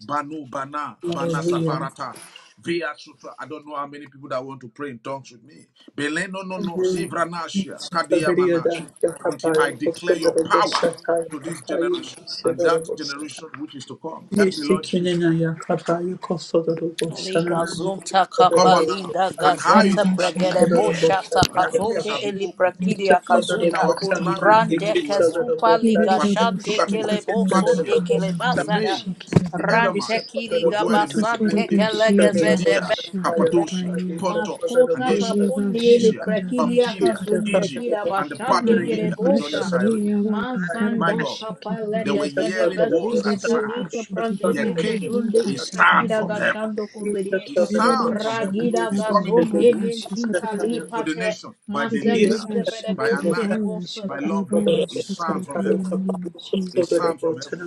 B: Banu Bana, Bana
A: Hallelujah.
B: Safarata. Via Sutra. I don't know how many people that want to pray in tongues with me. Bele no no no. Sivranasha. Kadia Manasha.
A: Shakabariyada,
B: Until I
A: yakapaya,
B: declare your
A: kokodarabo,
B: power
A: shataya,
B: to this
A: kapaya,
B: generation and that
A: kishadarabo, shataya.
B: generation which is to come. Help me, Lord Jesus.
A: Yeshikinena, yakapaya, kosodarabo,
D: Liga
A: shanana,
D: Zunta
B: Come on
A: yesikadarabo,
B: now.
D: Kapalinda
B: And
A: shataya,
B: how is
D: Gazeta
B: it
A: kapaya,
B: that
E: Karabasha
B: we
C: Mm,
D: Pregerebo
B: hear?
E: Karaba
A: kosodarabo,
C: Jesus,
D: Shata
C: oh
B: Their
A: shataya.
C: God, oh
B: ears
D: Kasonde
B: shall be
D: Eli
B: open,
D: Prakidia
B: each
E: Shikirabashana
B: in
D: Kazuda
B: our own language in
E: Bakatarabaya
D: Rande
B: which we were born.
D: Kesupa Liga
B: But
E: Kirabo
B: look
D: Shande
B: at it, it says
D: Kelebo
E: Shukotorobo
D: Sonde
B: Parthians, the
E: Kandavaga
D: Kelebasada
B: Medes, the
E: Shikirabaya
D: Rante
B: Elamites, who
D: Kiliga
B: dwell in
D: Basante
E: Utotorobe
B: Mesopotamia, Judea,
D: Kelegazede
E: Shirabasha
B: Cappadocia,
E: Karabaya
B: Pontus, and
D: Mascota
B: Asia,
D: caponde
E: Irabasha
D: le
B: Phrygia,
D: prakilia
E: Karabasha
B: Pamphylia,
D: casundra
E: Karabe
B: Egypt,
D: kira
B: and the part of
D: bashande
B: Libya adjoining
E: Andarabashi
D: gerebosa.
B: Cyrene.
E: Yavaka
B: My
D: Mansanda
B: God,
E: Karabashi
B: they
E: Kiraba
B: were
D: kapaleka sede
B: hearing words
D: basinde
B: and
E: Uruboko
B: sound.
D: kalita
B: There
D: prandeke
E: Shikirabaya
B: came
D: kezunde
B: a
E: Vakasha
B: sound
D: itrakira
B: from
E: Karabaya
B: heaven
D: gashando kozere.
B: a sound from
E: Kirabasha
B: heaven
D: Ragida
B: is coming
E: Katarabaya
A: This is
D: gazonde
B: through
E: Bakasha
D: menti
A: the
E: Katarabaya
B: to the
D: kalipate.
B: nations by
D: Masa
B: Delina,
E: Kiriribha
D: grita
B: by
D: bedebo
B: Anaka,
D: shedebo
E: Shakarabaya
B: by
D: sada.
B: Lovely.
E: Shakarabaya
B: A sound
E: Shakarabaya
B: from heaven.
E: in the name of
B: A
E: Jesus.
B: sound from heaven.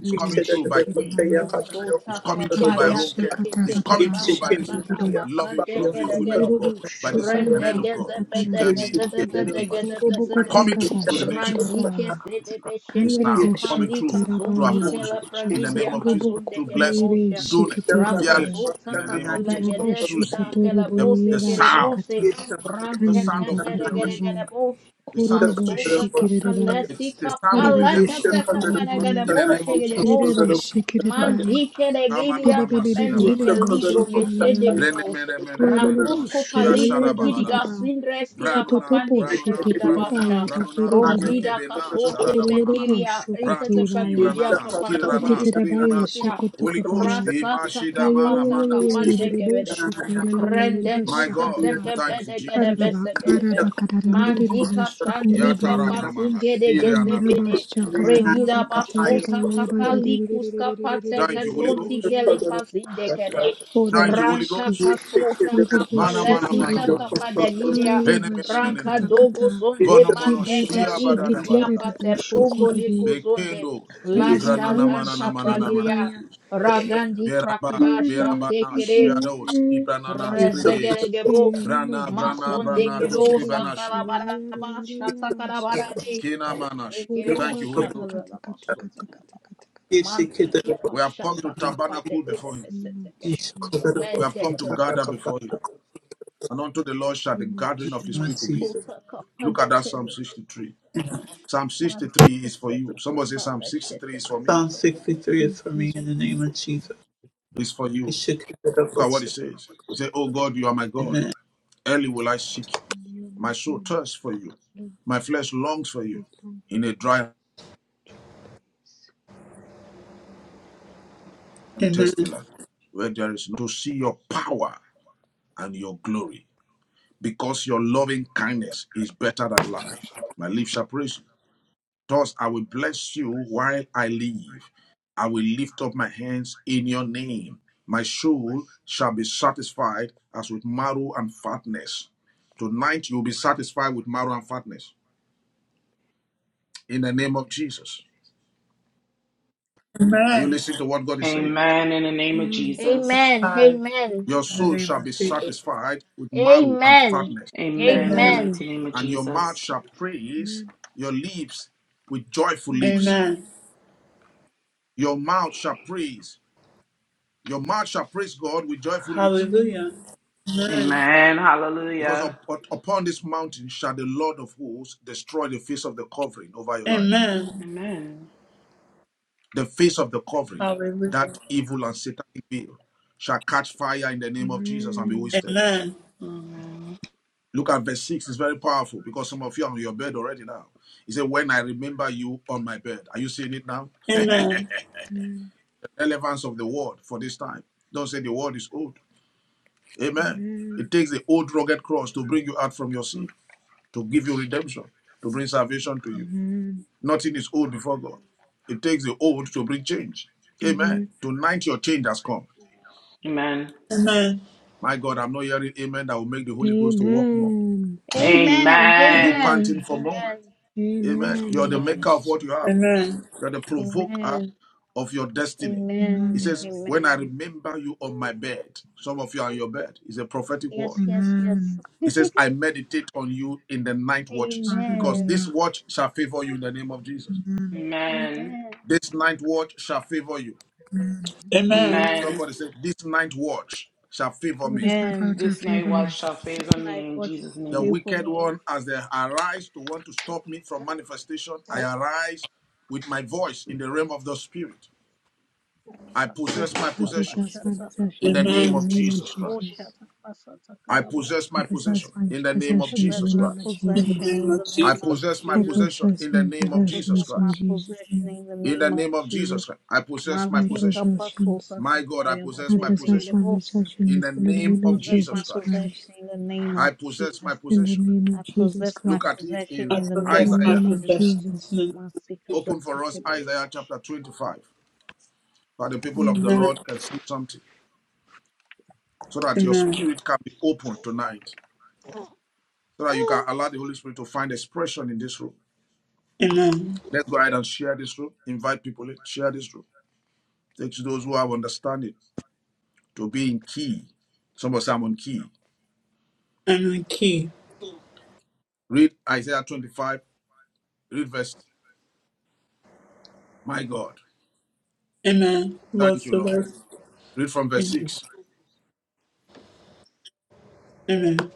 B: It's coming through by Queen.
E: Shakirabaya.
B: It's
D: Masota
B: coming through by
C: Jesus,
D: kapaya
C: oh
E: Karabasha
B: Ronke.
C: God, oh
D: teke
B: It's
D: teke
B: coming through
E: Katababasha
B: by this
D: bashata
E: Katabibi.
B: lovely,
D: kabasande
B: lovely
C: Jesus,
D: kere
C: oh God,
B: women of
D: kere.
B: God,
E: Kururubu
B: by this men
D: Rende
E: Shukuraba
B: of God,
D: geze
E: Katakarabaya.
D: bedeke
B: Shikemi,
D: zede
B: Ebni.
D: bedeke
E: Kurubu
D: zede.
B: Coming through to the
E: Katakabasha
B: nations.
D: Randike
E: Karabaya.
D: sede
B: A
D: beshete
C: oh God, oh God, oh God, oh
D: ke
B: sound
C: God, oh God,
E: Kandarabasha
B: coming
C: oh
B: through
D: palika
C: God,
B: through
C: oh
D: sundi
E: Katarabaya.
C: God,
D: ke
B: Afonso
C: oh
D: la
C: God,
B: in the name
D: pragidia
B: of Jesus,
E: Kurubu
D: kazunde
B: through
D: ke la
B: blessing,
E: Kuribe
D: bosha.
B: through Donet,
D: Raka
E: Shikitirabaya.
B: fearless in
D: sota
B: the name of
D: kapala
B: Jesus,
D: gede
B: through
E: Kadarabashu
B: Z,
D: sita ke la
E: Koturubu
B: the,
D: bose
B: the
D: ke le
E: Yabasha
B: sound.
E: Kata.
D: bose.
B: the
D: Rante
B: sound of
D: keshere gede
B: regeneration,
E: Kandarabakatarabaya.
D: gede bosh.
B: the sound of
E: Kururubu
D: Masota
B: change.
E: Shikirirabaya.
D: kapala
B: It's
D: si
B: the sound of
D: kapala
B: redemption
D: kete kapere gede
B: in the name
D: boshe
B: of
D: gede
B: Jesus.
D: bosa. Mandike de gilia
B: Kamananamasia
D: kapendi ke
B: vanayash.
D: ligro geshede kudos.
B: Renemenemeneneneno.
D: Rakosko palik rakidiga
B: Skiasharabaladaba.
D: sindreskina
B: Branona,
D: kapandi
B: branona,
D: itrakida
B: branona,
D: basha.
B: branona,
D: Rongida
B: zekebena,
D: kasonte
B: sharadamanana,
D: pekilia
B: prato
D: ikata pakidia
B: skivranana,
D: kaparkundi
B: skirana, skirana,
D: itrakizisia
B: Holy Ghost,
D: rasata
B: imashidamana,
D: kapata
B: mana,
D: kapande
B: isia.
D: Rende
B: My God,
D: kasete
B: thank you,
D: kebede gede
B: Jesus.
D: bese gede be. Mandika shandika
B: Yatarana mana,
D: patingede
E: Kanda
D: geze
B: siriana,
E: ra
D: bede.
E: bhasha
B: kapranana,
E: katha ra ba
D: Regida
E: katre ba
D: basota
E: ja ba ba ja.
D: kapalikus kapate
B: Thank you, Holy
D: kesonti
B: Ghost.
D: keli pazinde kede.
B: Thank you, Holy
D: Ranta
E: Oorobaashi
B: Ghost.
D: kasota
E: kooro
B: Mana,
E: boshu
B: mana,
E: kore
B: mana,
D: kapalesita
E: be.
B: mana. mana.
D: kapadegidia.
E: Kalala
B: Bene, bene,
E: bhasha
B: bene, bene,
D: Ranka
E: katha
B: bene.
E: katha
D: dogo zonde
B: Vono mono
D: mande
E: kire
B: shia
E: bhasha
D: keli
B: badada
D: gizia
E: kitre
B: baladaya.
D: pate
E: boshu
D: prongo
E: kore be.
D: liku zonde.
B: Bekendo
E: Ada
D: La
E: bajar
B: zigranana manana
E: bhasha
D: shaganta
E: kire
B: manana
E: de
B: manana.
E: ba
D: pragiria.
E: ja.
D: Ragandi krakiba
B: Veraba,
E: Kala
B: verabana
E: bhasha
D: shakte
B: shiados,
E: kire
B: ibranana
A: first
B: scrides.
D: Rezegeregebos,
E: de
B: Brana,
E: boshu
B: brana,
E: kore ba
D: Masonde
E: ja.
B: brana tu
E: Kire de
D: Kebos,
B: scribanashi.
E: bhasha kala
D: Akalabaraba,
E: kala kala bhasha kala
D: Shatakarabarade,
E: ba.
B: Kena manash.
D: Rekerebo,
B: Thank
E: Ooroba
B: you, Holy
E: katha
B: Ghost.
E: katha katha
D: Shatarabaso,
E: katha katha katha katha katha.
D: Mantika
B: We have come to
D: Pashata Kapa
B: tabernacle before him.
E: Name of
D: Degedebeseteke,
E: Jesus,
B: We have come to
D: Menteke
B: gather
D: Sota
B: before him.
D: Kapa,
B: And unto the Lord shall the
E: name of
B: gathering of his
E: Jesus.
B: people
A: time.
B: be.
D: Masota Kapa
B: Look at that Psalm
D: Dekeze,
B: 63. Psalm 63
D: Mateke
B: is for you.
D: Seta
B: Somebody say
D: Kapa
B: Psalm 63
D: Leshete
B: is for me.
A: Psalm
D: Kabasa.
A: 63 is
E: Use
A: for me
E: this
A: in the
E: for
A: name of Jesus.
B: It's for
A: It
B: you.
A: should keep it up
B: Look
A: with
B: at what it
A: us.
B: says. It say, Oh God, you are my God.
A: Amen.
B: Early will I seek you.
E: And you, are my
B: My soul
E: God,
B: thirsts for you.
E: love
B: My flesh longs for you
E: this
B: in
E: longer
B: a dry
E: choice.
B: and
A: Amen.
B: thirsty land where there is no to see your power and your glory because your loving kindness is better than life. My lips shall praise you. Thus I will bless you while I live. I will lift up my hands in your name. My soul shall be satisfied as with marrow and fatness. Tonight you'll be satisfied with marrow and fatness in the name of Jesus. Are you listening to what God is saying?
C: Amen in the name of
E: Amen,
C: Jesus.
D: Amen,
A: Five
D: amen,
B: Your
A: in the
B: soul
A: name
B: shall be
A: of Jesus.
B: satisfied with marrow and
D: amen, amen,
B: fatness,
C: Amen in the
E: amen,
A: Amen.
C: mighty
D: amen,
C: name of
B: and your mouth
C: Jesus.
B: shall praise
E: amen,
B: your lips with joyful lips.
E: amen,
A: Amen.
B: Your mouth shall praise. Your mouth shall praise God with joyful lips.
E: amen,
A: Hallelujah. Amen.
C: Amen.
B: Because up,
C: Hallelujah.
B: up- upon this mountain shall the Lord of hosts destroy the face of the covering over your life.
A: Amen.
E: amen,
C: Amen.
B: The face of the covering,
A: Hallelujah.
B: that evil and satanic veil, shall catch fire in the
E: amen,
B: name of Jesus and be
E: amen,
B: wasted.
A: Amen.
C: Amen.
B: Look at verse 6, it's very powerful because some of you are on your bed already now. He said, When I remember you on my bed. Are you seeing it now?
A: Amen.
E: amen,
B: The relevance of the word for this time. Don't say the word is old. Amen.
E: amen,
B: It takes the old rugged cross to bring you out from your sin, to give you redemption, to bring salvation to you. Nothing is old before God. It takes the old to bring change. Amen.
E: amen,
B: Tonight your change has come.
C: Amen.
B: My God, I'm not hearing amen that will make the Holy Ghost to work more.
E: amen,
B: Are you
C: Amen.
B: panting for more? Amen.
E: amen,
B: You're the
E: Holy
B: maker
C: Amen.
B: of
E: Ghost.
B: what you have.
A: Amen.
B: You're the
D: amen,
B: provoker
D: amen,
B: of your
D: amen,
B: destiny. He
E: Amen,
B: says,
C: Yes.
B: When I remember you on my bed, some of you are on your bed. It's a prophetic word.
E: amen,
B: He says, I meditate on you in the night
D: amen,
B: watches, because this
E: hallelujah,
B: watch shall favor you in the name of Jesus.
E: amen,
D: amen,
C: Amen.
B: This night watch shall favor you.
E: amen.
A: Amen.
D: Amen.
C: Amen.
B: Somebody said, This night watch shall favor me.
E: It's not
D: Amen.
E: out of
C: This night
E: favor me.
C: watch shall
D: This
C: favor me
D: night
C: in
D: watch
C: Jesus'
B: The
D: be
C: name.
D: for
B: wicked
D: me.
B: one, as they arise to want to stop me from manifestation, I arise with my voice in the realm of the spirit.
D: I
B: I possess
D: possess
B: my
E: I
B: possession
E: possess my
B: in the
E: possession in
B: name
E: the
A: Amen.
B: of
E: name of
B: Jesus Christ.
E: Jesus.
B: I possess
E: I
B: my
E: possess
B: possession
E: my
B: in the name of
E: possessions
B: Jesus
E: in the
D: my
E: name of
B: Christ.
A: In the
D: possession
E: Jesus.
A: name
D: in
A: of
D: the
B: I
D: name of
A: Jesus.
B: possess my
E: I
D: Jesus.
B: possession
E: possess
B: in the
E: my
B: name
D: I
B: of Jesus
D: possess
E: possessions
D: my
E: in
B: Christ.
E: Jesus'
D: possession
E: name.
D: in the
B: In the
D: name of
B: name of Jesus
D: Jesus.
B: Christ, I possess my
E: My
D: Mantika
B: possession.
E: possessions.
D: pasota
B: My God, I
D: kapaya
B: possess
E: I
B: my
E: possess
B: possession.
E: my
D: basetegerebos.
B: In the
E: possessions in
D: I
B: name
E: the name of
B: of
D: possess
B: Jesus
D: my
E: Jesus
B: Christ,
D: possession
E: Christ.
D: in the name of
B: I possess my
D: Jesus.
E: In the
B: possession.
E: name of
D: I
E: Jesus
D: possess my
B: Look
E: Christ.
B: at it
D: possession
B: in
A: I
D: in the
E: In
D: name
E: the
A: possess
D: of
A: my
B: Isaiah.
E: name of
D: Jesus.
A: possessions in
E: Jesus.
A: the name of
D: Masika
A: Jesus.
B: Open for us Isaiah chapter
D: pasetegerebos.
B: 25 so that the people of the
D: Mm.
A: Amen.
B: Lord can see something, so that your
A: Amen.
B: spirit can be open tonight, so that you can allow the Holy Spirit to find expression in this room.
A: Amen.
B: Let's go ahead and share this room. Invite people in, share this room. Teach those who have understanding to be in key. Somebody, of us are on key.
A: I'm the key.
B: Read Isaiah 25, read verse, my God.
A: Amen.
B: Thank
A: What's
B: you,
A: the
B: Lord.
A: verse?
B: Read from verse
A: Amen.
B: 6.
A: Amen.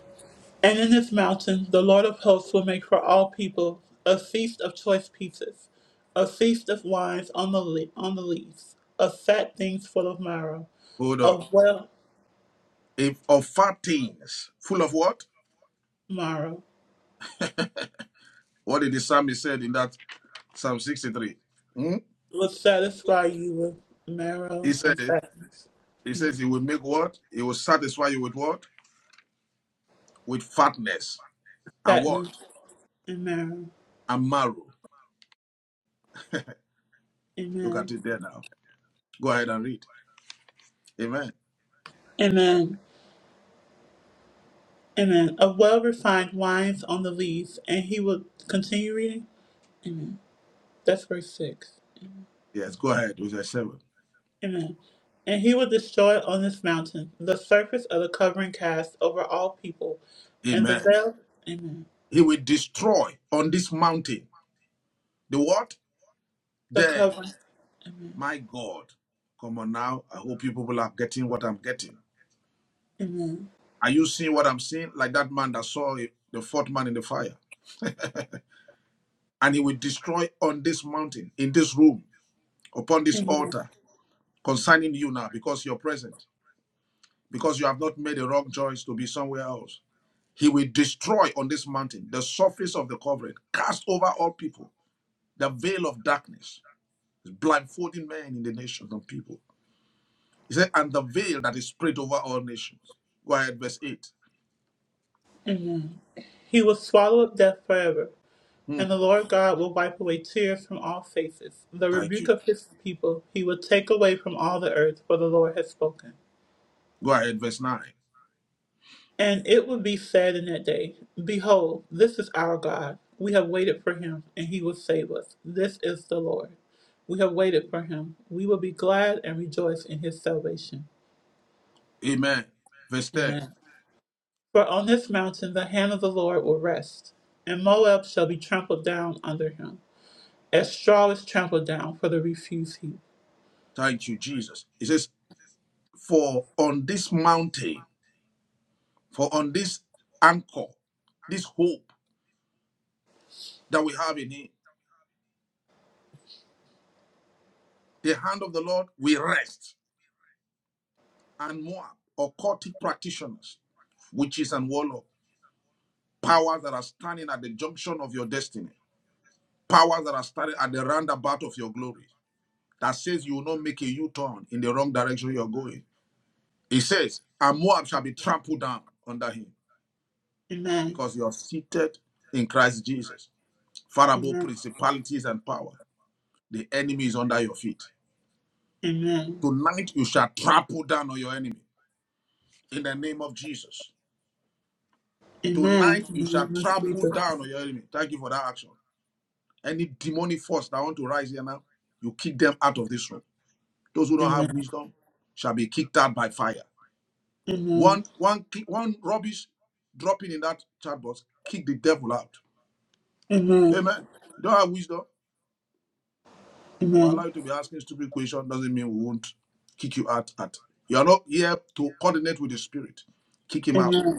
A: And in this mountain, the Lord of hosts will make for all people a feast of choice pieces, a feast of wines on the le- on the leaves, of fat things full of marrow,
B: Hold on.
A: of well
B: If of fat things, full of what?
A: marrow
B: What did the psalmist said in that Psalm 63. Hmm?
A: will satisfy you with
B: He
A: marrow
B: says,
A: and fatness,
B: He says,
A: and
B: He will make what? He will satisfy you with what? With fatness and
A: fatness
B: what?
A: and marrow.
B: And marrow. Look at
A: Amen.
B: it there now. Go ahead and read. Amen.
A: Amen. Amen. Of well refined wines on the leaves, and he will continue reading. Amen. That's verse six.
B: Yes, go ahead with verse 7.
A: Amen. And he will destroy on this mountain the surface of the covering cast over all people, and the
B: Amen.
A: veil. Amen.
B: He will destroy on this mountain the what?
A: The
B: There.
A: covering.
B: My God. Come on now. I hope you people are getting what I'm getting.
A: Amen.
B: Are you seeing what I'm seeing? Like that man that saw it, the fourth man in the fire. And he will destroy on this mountain, in this room, upon this altar. concerning you now because you're present, because you have not made a wrong choice to be somewhere else. He will destroy on this mountain the surface of the covering, cast over all people, the veil of darkness, blindfolding men in the nations of people. He said, and the veil that is spread over all nations. Go ahead, verse 8.
A: Amen. He will swallow up death forever,
B: Hmm,
A: and the Lord God will wipe away tears from all faces. The
B: thank you.
A: rebuke of his people he will take away from all the earth, for the Lord has spoken.
B: Go ahead, verse 9.
A: And it would be said in that day, Behold, this is our God. We have waited for him, and he will save us. This is the Lord. We have waited for him. We will be glad and rejoice in his salvation.
B: Amen. Verse 10.
A: Amen. For on this mountain the hand of the Lord will rest, and Moab shall be trampled down under him, as straw is trampled down for the refuse heap.
B: Thank you, Jesus. He says, For on this mountain, for on this anchor, this hope that we have in Him, the hand of the Lord will rest. And Moab, occultic practitioners, witches and warlock, powers that are standing at the junction of your destiny, powers that are standing at the roundabout of your glory, that says you will not make a U-turn in the wrong direction you're going. He says, and Moab shall be trampled down under him
A: Amen.
B: because you are seated in Christ Jesus. Far above
A: Amen.
B: principalities and power, the enemy is under your feet.
A: Amen.
B: Tonight you shall trample down on your enemy in the name of Jesus.
A: Amen.
B: Tonight
A: In
B: you
A: the
B: shall
A: name of
B: trample
A: Jesus.
B: down on your enemy. Thank you for that action. Any demonic force that want to rise here now, you kick them out of this room. Those who don't have
A: Amen.
B: wisdom shall be kicked out by fire.
A: Amen.
B: One, one, one rubbish dropping in that chat box, kick the devil out.
A: Amen.
B: Amen. You don't have wisdom. I will
A: Amen.
B: allow you to be asking stupid questions. Doesn't mean we won't kick you out. At you are not here to coordinate with the spirit. Kick him out.
A: Amen.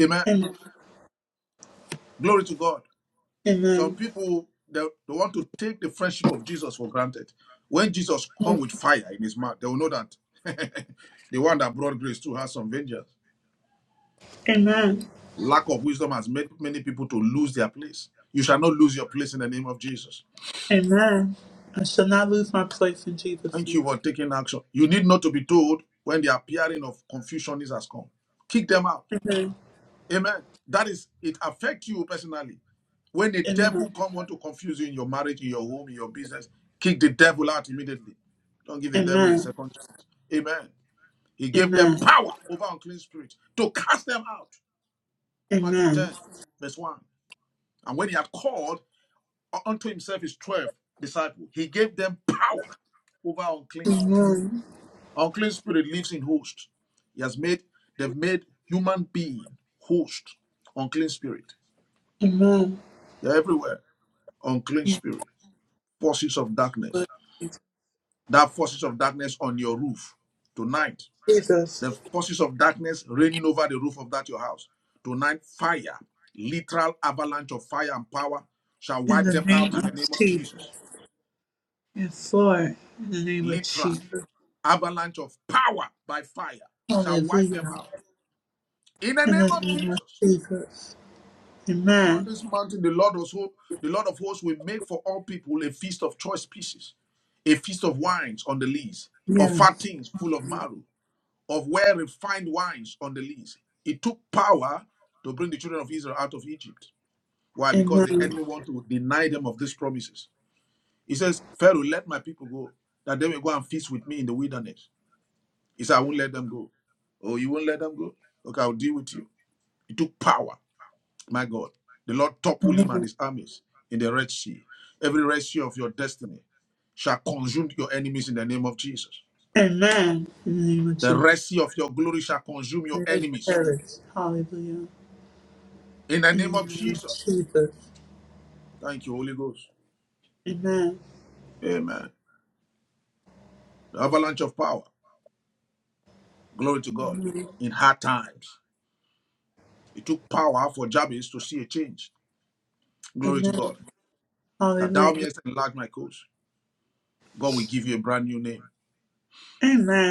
B: Amen.
A: Amen.
B: Glory to God.
A: Amen.
B: Some people they, they want to take the friendship of Jesus for granted. When Jesus come with fire in his mouth, they will know that the one that brought grace too has some vengeance.
A: Amen.
B: Lack of wisdom has made many people to lose their place. You shall not lose your place in the name of Jesus.
A: Amen. I shall not lose my place in Jesus'
B: Thank you
A: name.
B: for taking action. You need not to be told when the appearing of confusion is has come. Kick them out.
A: Amen.
B: Amen. That is, it affects you personally. When the
A: Amen.
B: devil come want to confuse you in your marriage, in your home, in your business, kick the devil out immediately. Don't give the devil a
A: Amen.
B: second. chance. Amen. He gave them
A: Amen.
B: power over unclean spirits to cast them out. Matthew
A: Amen.
B: 10, verse 1. And when he had called unto himself his 12 disciples, he gave them power over unclean spirit. Unclean spirit lives in hosts. He has made, they've made human being host, unclean spirit. They're everywhere. unclean spirit, forces of darkness, that forces of darkness on your roof tonight,
A: Jesus.
B: the forces of darkness raining over the roof of that your house tonight, fire, literal avalanche of fire and power shall
A: In
B: wipe
A: the
B: them out
A: name
B: in the
A: of
B: name of
A: Jesus.
B: Jesus.
A: Yes, Lord. In the name of
B: Literal
A: Jesus.
B: avalanche of power by fire shall wipe them
A: Hallelujah.
B: out in the
A: In the
B: name of
A: name of
B: Jesus.
A: Jesus.
B: And on
A: Amen.
B: this mountain, the Lord of hosts, the Lord of hosts will make for all people a feast of choice pieces a feast of wines on the lees, of fat things full of marrow, of well refined wines on the list. It took power to bring the children of Israel out of Egypt. Why? Because the
A: Amen.
B: enemy want to deny them of these promises. He says, Pharaoh, let my people go, that they may go and feast with me in the wilderness. He said, I won't let them go. Oh, you won't let them go? Okay, I'll deal with you. It took power. My God. The Lord toppled him and his armies in the Red Sea. Every Red Sea of your destiny shall consume your enemies in the name of Jesus.
A: Amen. In the name of
B: The
A: Jesus.
B: Red Sea of your glory shall consume your
A: May they
B: enemies
A: perish. Hallelujah.
B: in the
A: In
B: name
A: the
B: of
A: name of
B: Jesus.
A: Jesus.
B: Thank you, Holy Ghost.
A: Amen.
B: Amen. The avalanche of power. Glory to God.
A: Amen.
B: In hard times, it took power for Jabez to see a change. Glory to
A: Amen.
B: God. That thou
A: Hallelujah.
B: mayest enlarge my coast. God will give you a brand new name.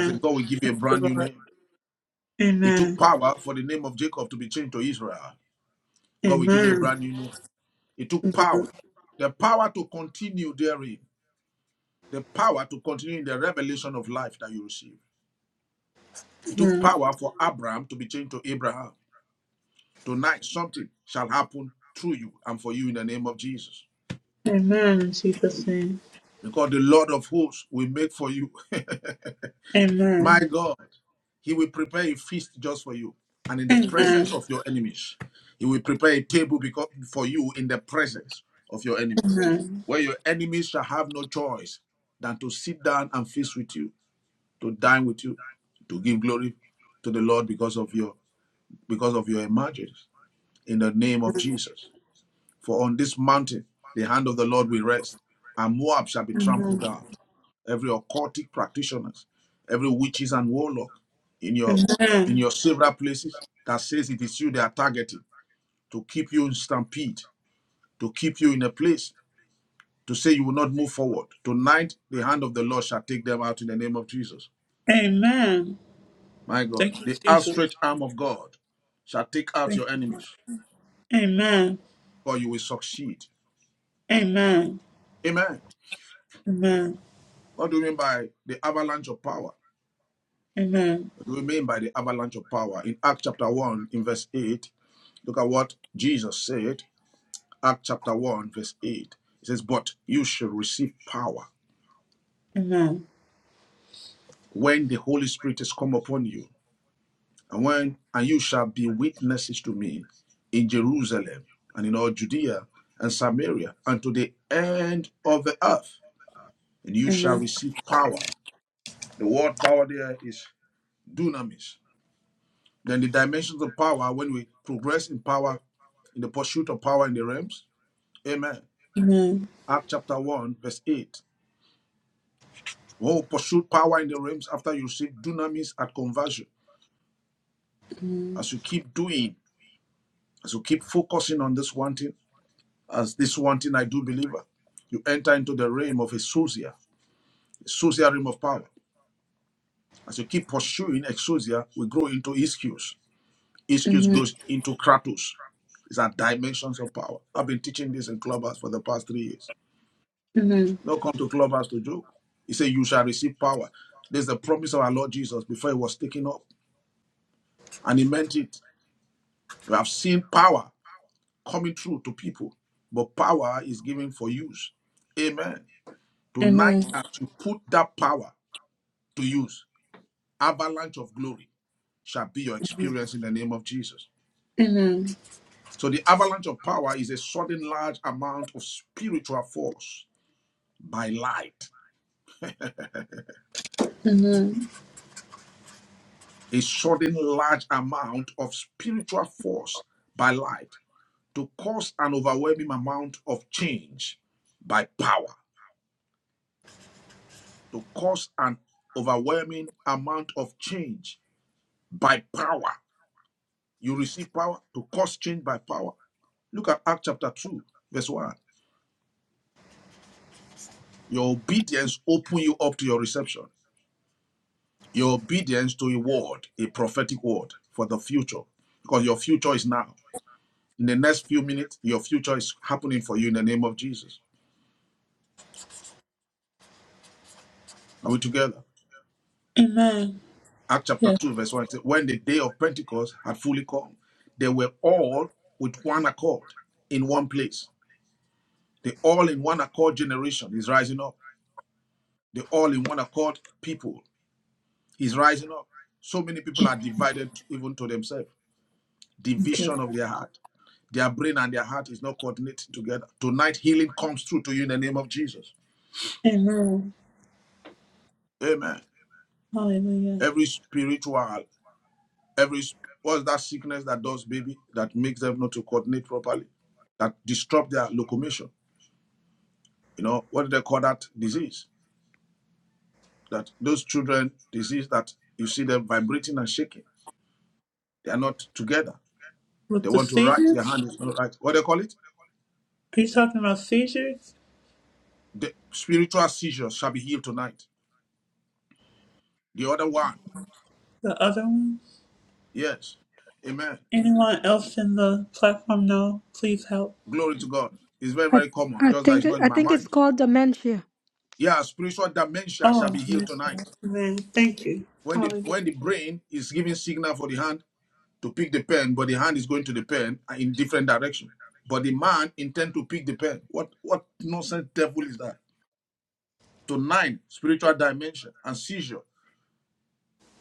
B: I said, God will give you a brand new name. It took
A: Amen.
B: power for the name of Jacob to be changed to Israel. God will give you a
A: Amen.
B: brand new name. It took power. The power to continue therein. The power to continue in the revelation of life that you receive. It took
A: Amen.
B: power for Abraham to be changed to Abraham. Tonight, something shall happen through you and for you in the name of Jesus.
A: Amen. In Jesus' name.
B: Because the Lord of hosts will make for you. My
A: Amen.
B: God, He will prepare a feast just for you. And in the
A: Amen.
B: presence of your enemies, He will prepare a table because, for you in the presence of your enemies.
A: Amen.
B: Where your enemies shall have no choice than to sit down and feast with you, to dine with you, to give glory to the Lord because of your because of your emergence. In the name of Jesus. For on this mountain the hand of the Lord will rest, and Moab shall be trampled
A: Amen.
B: down. Every occultic practitioners, every witches and warlock in your in
A: Amen.
B: your several places that says it is you they are targeting to keep you in stampede, to keep you in a place, to say you will not move forward. Tonight the hand of the Lord shall take them out in the name of Jesus.
A: Amen.
B: My God,
A: Thank you,
B: the
A: Jesus.
B: outstretched arm of God shall take out
A: Thank
B: your
A: you.
B: enemies,
A: Amen.
B: for you will succeed.
A: Amen.
B: Amen.
A: Amen.
B: What do you mean by the avalanche of power?
A: Amen.
B: What do we mean by the avalanche of power? In Acts chapter 1, in verse 8, look at what Jesus said. Acts chapter 1, verse 8. It says, But you shall receive power
A: Amen.
B: when the Holy Spirit is come upon you, and when and you shall be witnesses to me in Jerusalem and in all Judea and Samaria and to the end of the earth, and you shall
A: Amen.
B: receive power. The word power there is dunamis. Then the dimensions of power, when we progress in power, in the pursuit of power in the realms, Amen.
A: Amen. Amen. Amen. Amen.
B: Act chapter 1, verse 8. Oh, pursue power in the realms after you receive dunamis at conversion. As you keep doing, as you keep focusing on this one thing, as this one thing I do believer, you enter into the realm of exousia, exousia realm of power. As you keep pursuing exousia, we grow into ischios. Ischios grows into kratos. These are dimensions of power. I've been teaching this in clubhouse for the past three years.
A: Amen.
B: Not come to clubhouse to joke. He said, You shall receive power. There's the promise of our Lord Jesus before he was taken up. And he meant it. We have seen power coming through to people, but power is given for use. Amen. Tonight, as you put that power to use, avalanche of glory shall be your experience in the name of Jesus.
A: Amen.
B: So the avalanche of power is a sudden large amount of spiritual force by light.
A: Amen.
B: A sudden large amount of spiritual force by light. to cause an overwhelming amount of change by power, to cause an overwhelming amount of change by power. You receive power to cause change by power. Look at Acts chapter 2, verse 1. Your obedience opens you up to your reception. Your obedience to a word, a prophetic word for the future, because your future is now. In the next few minutes, your future is happening for you in the name of Jesus. Are we together?
A: Amen.
B: Acts chapter
A: Yeah.
B: 2, verse 1 it says, When the day of Pentecost had fully come, they were all with one accord in one place. The all in one accord generation is rising up. The all in one accord people is rising up. So many people are divided even to themselves.
A: Thank
B: Division
A: you.
B: of their heart. Their brain and their heart is not coordinated together. Tonight, healing comes through to you in the name of Jesus.
A: Amen.
B: Amen.
A: Hallelujah.
B: Every spiritual every what's that sickness that does baby that makes them not to coordinate properly that disrupt their locomotion you know what do they call that disease that those children disease that you see them vibrating and shaking they are not together they
A: With the
B: want to write
A: seizure?
B: their hand is not right what do they call it
A: Are you talking about seizures?
B: the spiritual seizures shall be healed tonight the other one
A: The other one?
B: yes amen
A: Anyone else in the platform know? Please help.
B: glory to god it's very
E: I,
B: very common
E: I
B: just that it's
E: think
B: not in
E: I
B: my
E: think it's
B: mind
E: called dementia.
B: yeah spiritual dementia shall
A: Oh,
B: be healed
A: yes, yes.
B: tonight
A: Amen. Thank you.
B: when the when the
A: Hallelujah.
B: brain is giving signal for the hand to pick the pen, but the hand is going to the pen in different direction. But the man intend to pick the pen. What what nonsense devil is that? Tonight, spiritual dimension and seizure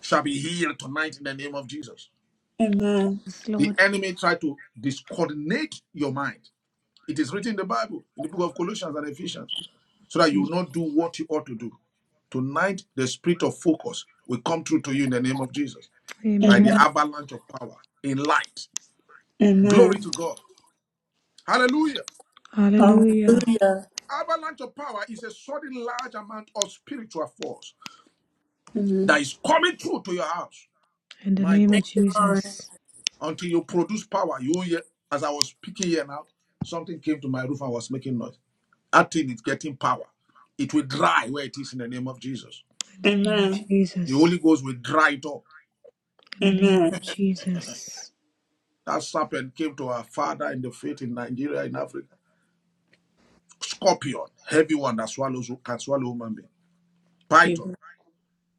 B: shall be healed tonight in the name of Jesus.
A: Amen.
E: Yes,
B: The
E: Lord.
B: enemy tried to discoordinate your mind. It is written in the Bible, in the book of Colossians and Ephesians, so that you will not do what you ought to do. Tonight, the spirit of focus will come through to you in the name of Jesus by the
A: Amen.
E: Amen.
B: avalanche of power in light. Glory
A: Amen.
B: to God. Hallelujah.
E: Hallelujah.
A: Hallelujah.
B: Avalanche of power is a sudden large amount of spiritual force
A: Amen.
B: that is coming through to your house.
E: In the
B: My
E: name
B: God.
E: of Jesus.
B: Until you produce power, you hear, as I was speaking here now, something came to my roof and was making noise. That thing is getting power. It will dry where it is in the name of Jesus.
E: In the name of
A: Amen.
B: The Holy
E: Jesus.
B: Ghost will dry it up.
E: In the name of
A: Amen.
E: Jesus.
B: That serpent came to our father in the faith in Nigeria, in Africa. Scorpion, heavy one that swallows can swallow human being. Python,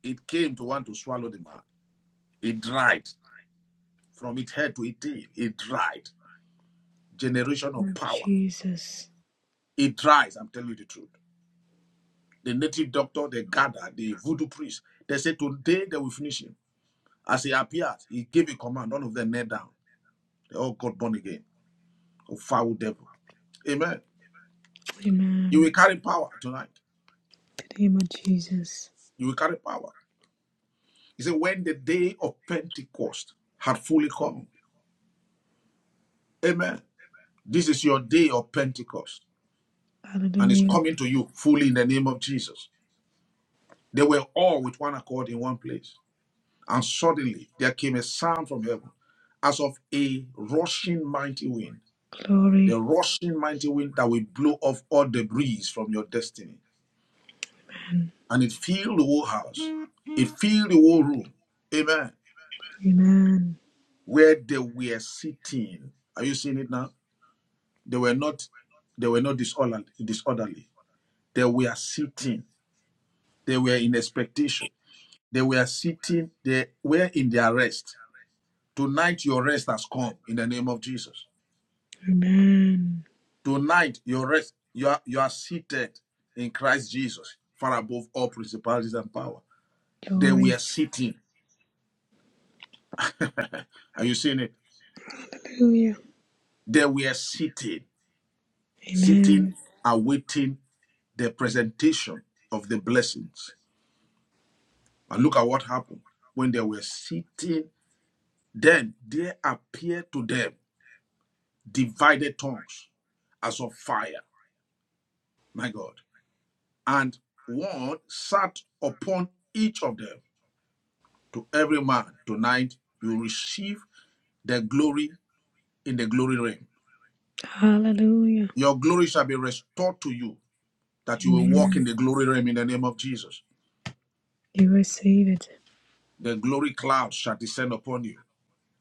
B: it came to want to swallow the man. It dried. From its head to its tail, it dried. Generation of
E: Lord
B: power.
E: Jesus.
B: It dries, I'm telling you the truth. The native doctor, the gather, the voodoo priest, they said today they will finish him. As he appeared, he gave a command, none of them knelt down. They all got born again. A foul devil. Amen. You will
E: Amen.
B: carry power tonight.
E: In the name of Jesus.
B: You will carry power. He said, when the day of Pentecost had fully come. Amen. This is your day of Pentecost, and it's
E: Hallelujah.
B: coming to you fully in the name of Jesus. They were all with one accord in one place. And suddenly there came a sound from heaven as of a rushing mighty wind, the
E: Glory.
B: rushing mighty wind that will blow off all debris from your destiny.
E: Amen.
B: And it filled the whole house, it filled the whole room. Amen.
E: Amen.
B: Where they were sitting. Are you seeing it now? They were not they were not disorderly, disorderly. They were sitting. They were in expectation. They were sitting. They were in their rest. Tonight, your rest has come in the name of Jesus.
E: Amen.
B: Tonight, your rest, you are, you are seated in Christ Jesus, far above all principalities and power. There we
E: Glory.
B: are sitting. Are you seeing it?
E: Hallelujah.
B: There we are sitting, sitting,
E: Amen.
B: awaiting the presentation of the blessings. And look at what happened. When they were sitting, then there appeared to them divided tongues as of fire. My God. And one sat upon each of them. To every man, tonight you receive the glory in the glory realm.
E: Hallelujah.
B: Your glory shall be restored to you, that you will walk in
E: Amen.
B: the glory realm in the name of Jesus.
E: You receive it.
B: The glory cloud shall descend upon you.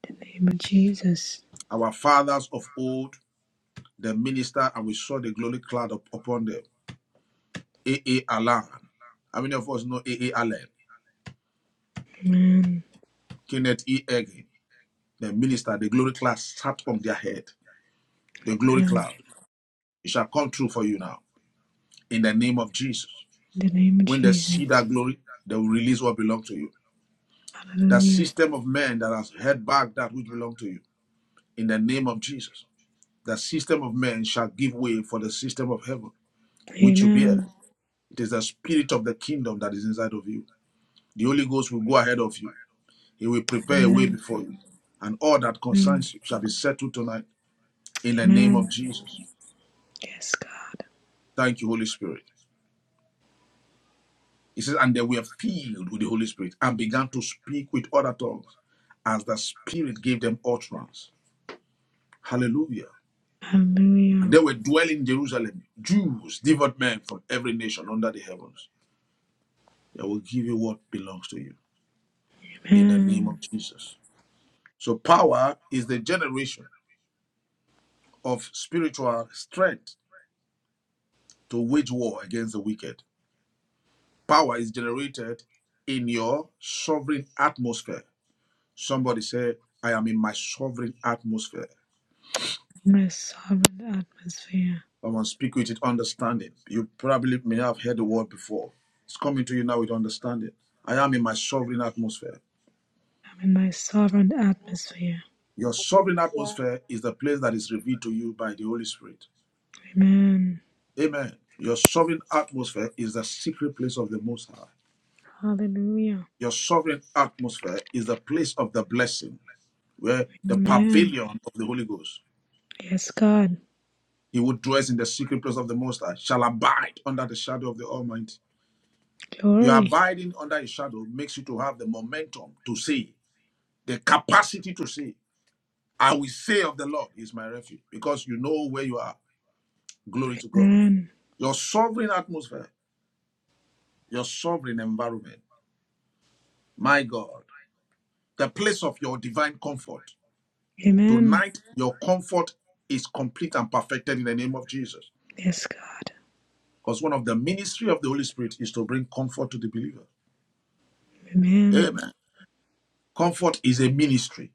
E: In the name of Jesus.
B: Our fathers of old, the minister, and we saw the glory cloud up- upon them. A.A. Allen. How many of us know A.A. Allen?
E: Amen.
B: Kenneth E. Eggy, the minister, the glory cloud sat on their head. The glory
E: Amen.
B: cloud. It shall come true for you now in the name of Jesus.
E: In the name of
B: When they
E: Jesus.
B: see that glory, they will release what belongs to you. That
E: Hallelujah.
B: system of men that has held back that which belongs to you, in the name of Jesus, that system of men shall give way for the system of heaven which you bear.
E: Amen.
B: It is the spirit of the kingdom that is inside of you. The Holy Ghost will go ahead of you. He will prepare a way
E: Amen.
B: before you, and all that
E: Amen.
B: concerns you shall be settled tonight in the name of
E: Amen.
B: Jesus.
E: Yes, God.
B: Thank you, Holy Spirit. He says, and they were filled with the Holy Spirit and began to speak with other tongues as the Spirit gave them utterance. Hallelujah. And
E: Hallelujah.
B: they were dwelling in Jerusalem, Jews, devout men from every nation under the heavens. I will give you what belongs to you in the name
E: Amen.
B: of Jesus. So, power is the generation of spiritual strength to wage war against the wicked. Power is generated in your sovereign atmosphere. Somebody say, I am in my sovereign atmosphere.
E: My sovereign atmosphere.
B: Come on, speak with it, understanding. You probably may have heard the word before. It's coming to you now with understanding. I am in my sovereign atmosphere.
E: I'm in my sovereign atmosphere.
B: Your
F: atmosphere.
B: sovereign atmosphere is the place that is revealed to you by the Holy Spirit.
E: Amen.
B: Amen. Your sovereign atmosphere is the secret place of the Most High.
E: Hallelujah.
B: Your sovereign atmosphere is the place of the blessing, where the
E: Amen.
B: pavilion of the Holy Ghost.
E: Yes, God.
B: He who dwells in the secret place of the Most High shall abide under the shadow of the Almighty. Your
E: Glory.
B: abiding under His shadow makes you to have the momentum to see, the capacity to see. I will say of the Lord He is my refuge because you know where you are. Glory to God.
E: Amen.
B: Your sovereign atmosphere your sovereign environment. My God, the place of your divine comfort.
E: Amen.
B: Tonight, your comfort is complete and perfected in the name of Jesus.
E: Yes, God.
B: Because one of the ministry of the Holy Spirit is to bring comfort to the believer.
E: Amen.
B: Amen. Comfort is a ministry,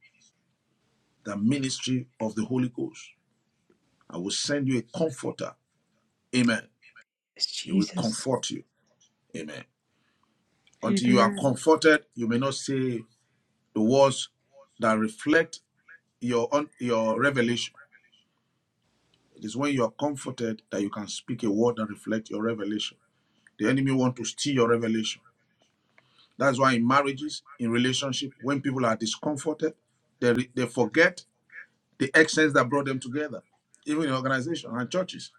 B: the ministry of the Holy Ghost. I will send you a comforter. Amen.
E: Yes,
B: He will
E: Jesus.
B: comfort you. Amen. Until you are
E: Amen.
B: comforted, you may not say the words that reflect your, your revelation It is when you are comforted that you can speak a word that reflects your revelation. The enemy wants to steal your revelation. That's why in marriages, in relationship, when people are discomforted, they, re- they forget the essence that brought them together. Even in organizations and churches,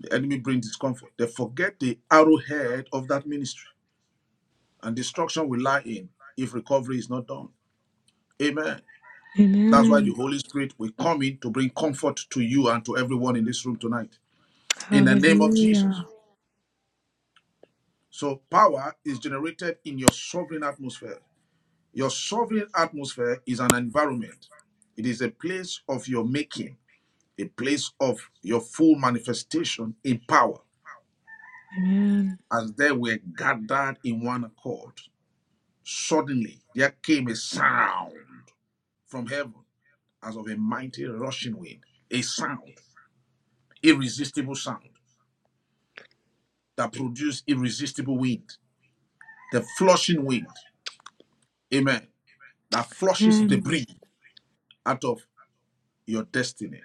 B: the enemy brings discomfort. They forget the arrowhead of that ministry, and destruction will lie in if recovery is not done. Amen. That's why the
E: Amen.
B: Holy Spirit will come in to bring comfort to you and to everyone in this room tonight. In the name of Jesus.
E: Hallelujah.
B: So power is generated in your sovereign atmosphere. Your sovereign atmosphere is an environment. It is a place of your making, a place of your full manifestation in power.
E: Amen.
B: As they were gathered in one accord, suddenly there came a sound from heaven as of a mighty rushing wind, a sound, irresistible sound that produced irresistible wind, the flushing wind, amen, that flushes
E: Amen.
B: debris out of your destiny.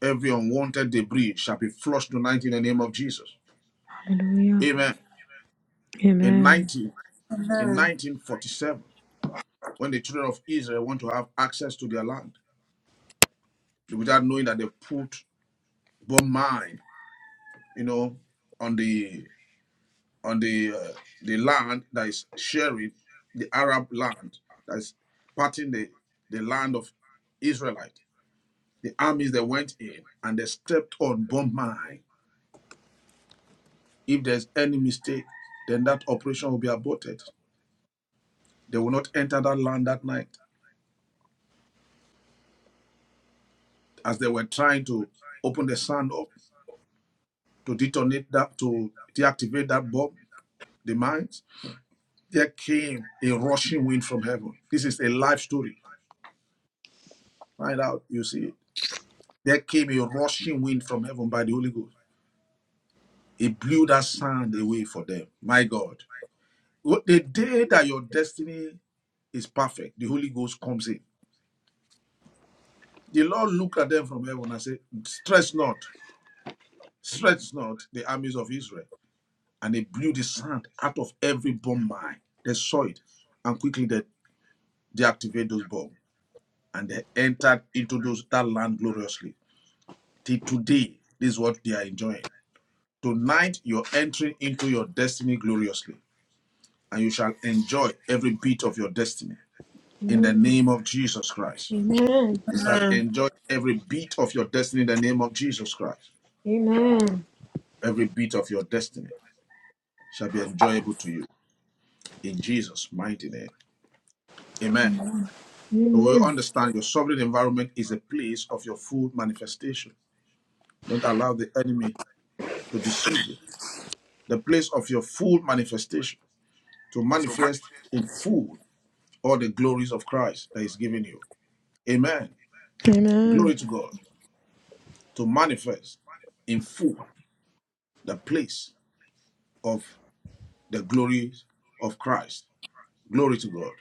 B: Every unwanted debris shall be flushed tonight in the name of Jesus.
E: Hallelujah.
B: Amen. In
E: Amen.
B: 19, in
A: Amen.
B: 1947, when the children of Israel want to have access to their land, without knowing that they put bomb mine, you know, on the on the uh, the land that is sharing the Arab land that is parting the the land of Israelite. The armies they went in and they stepped on bomb mine If there's any mistake, then that operation will be aborted. They will not enter that land that night as they were trying to open the sand up to detonate that, to deactivate that bomb, the mines. There came a rushing wind from heaven. This is a life story. Find out, you see. it. There came a rushing wind from heaven by the Holy Ghost. It blew that sand away for them. My God. The day that your destiny is perfect, the Holy Ghost comes in. The Lord looked at them from heaven and said, Stress not. stretched not the armies of Israel, and they blew the sand out of every bomb mine. They saw it, and quickly they deactivated those bombs, and they entered into those that land gloriously. Till today, this is what they are enjoying. Tonight, you're entering into your destiny gloriously, and you shall enjoy every bit of your destiny in the
E: Amen.
B: name of Jesus Christ.
E: Amen.
B: You shall
A: Amen. Amen.
B: enjoy every bit of your destiny in the name of Jesus Christ.
E: Amen.
B: Every bit of your destiny shall be enjoyable to you in Jesus' mighty name. Amen. So we
E: Amen.
B: understand your sovereign environment is a place of your full manifestation. Don't allow the enemy to deceive you. The place of your full manifestation to manifest in full all the glories of Christ that is given you. Amen.
E: Amen.
B: Glory to God. To manifest in full the place of the glories of Christ. Glory to God.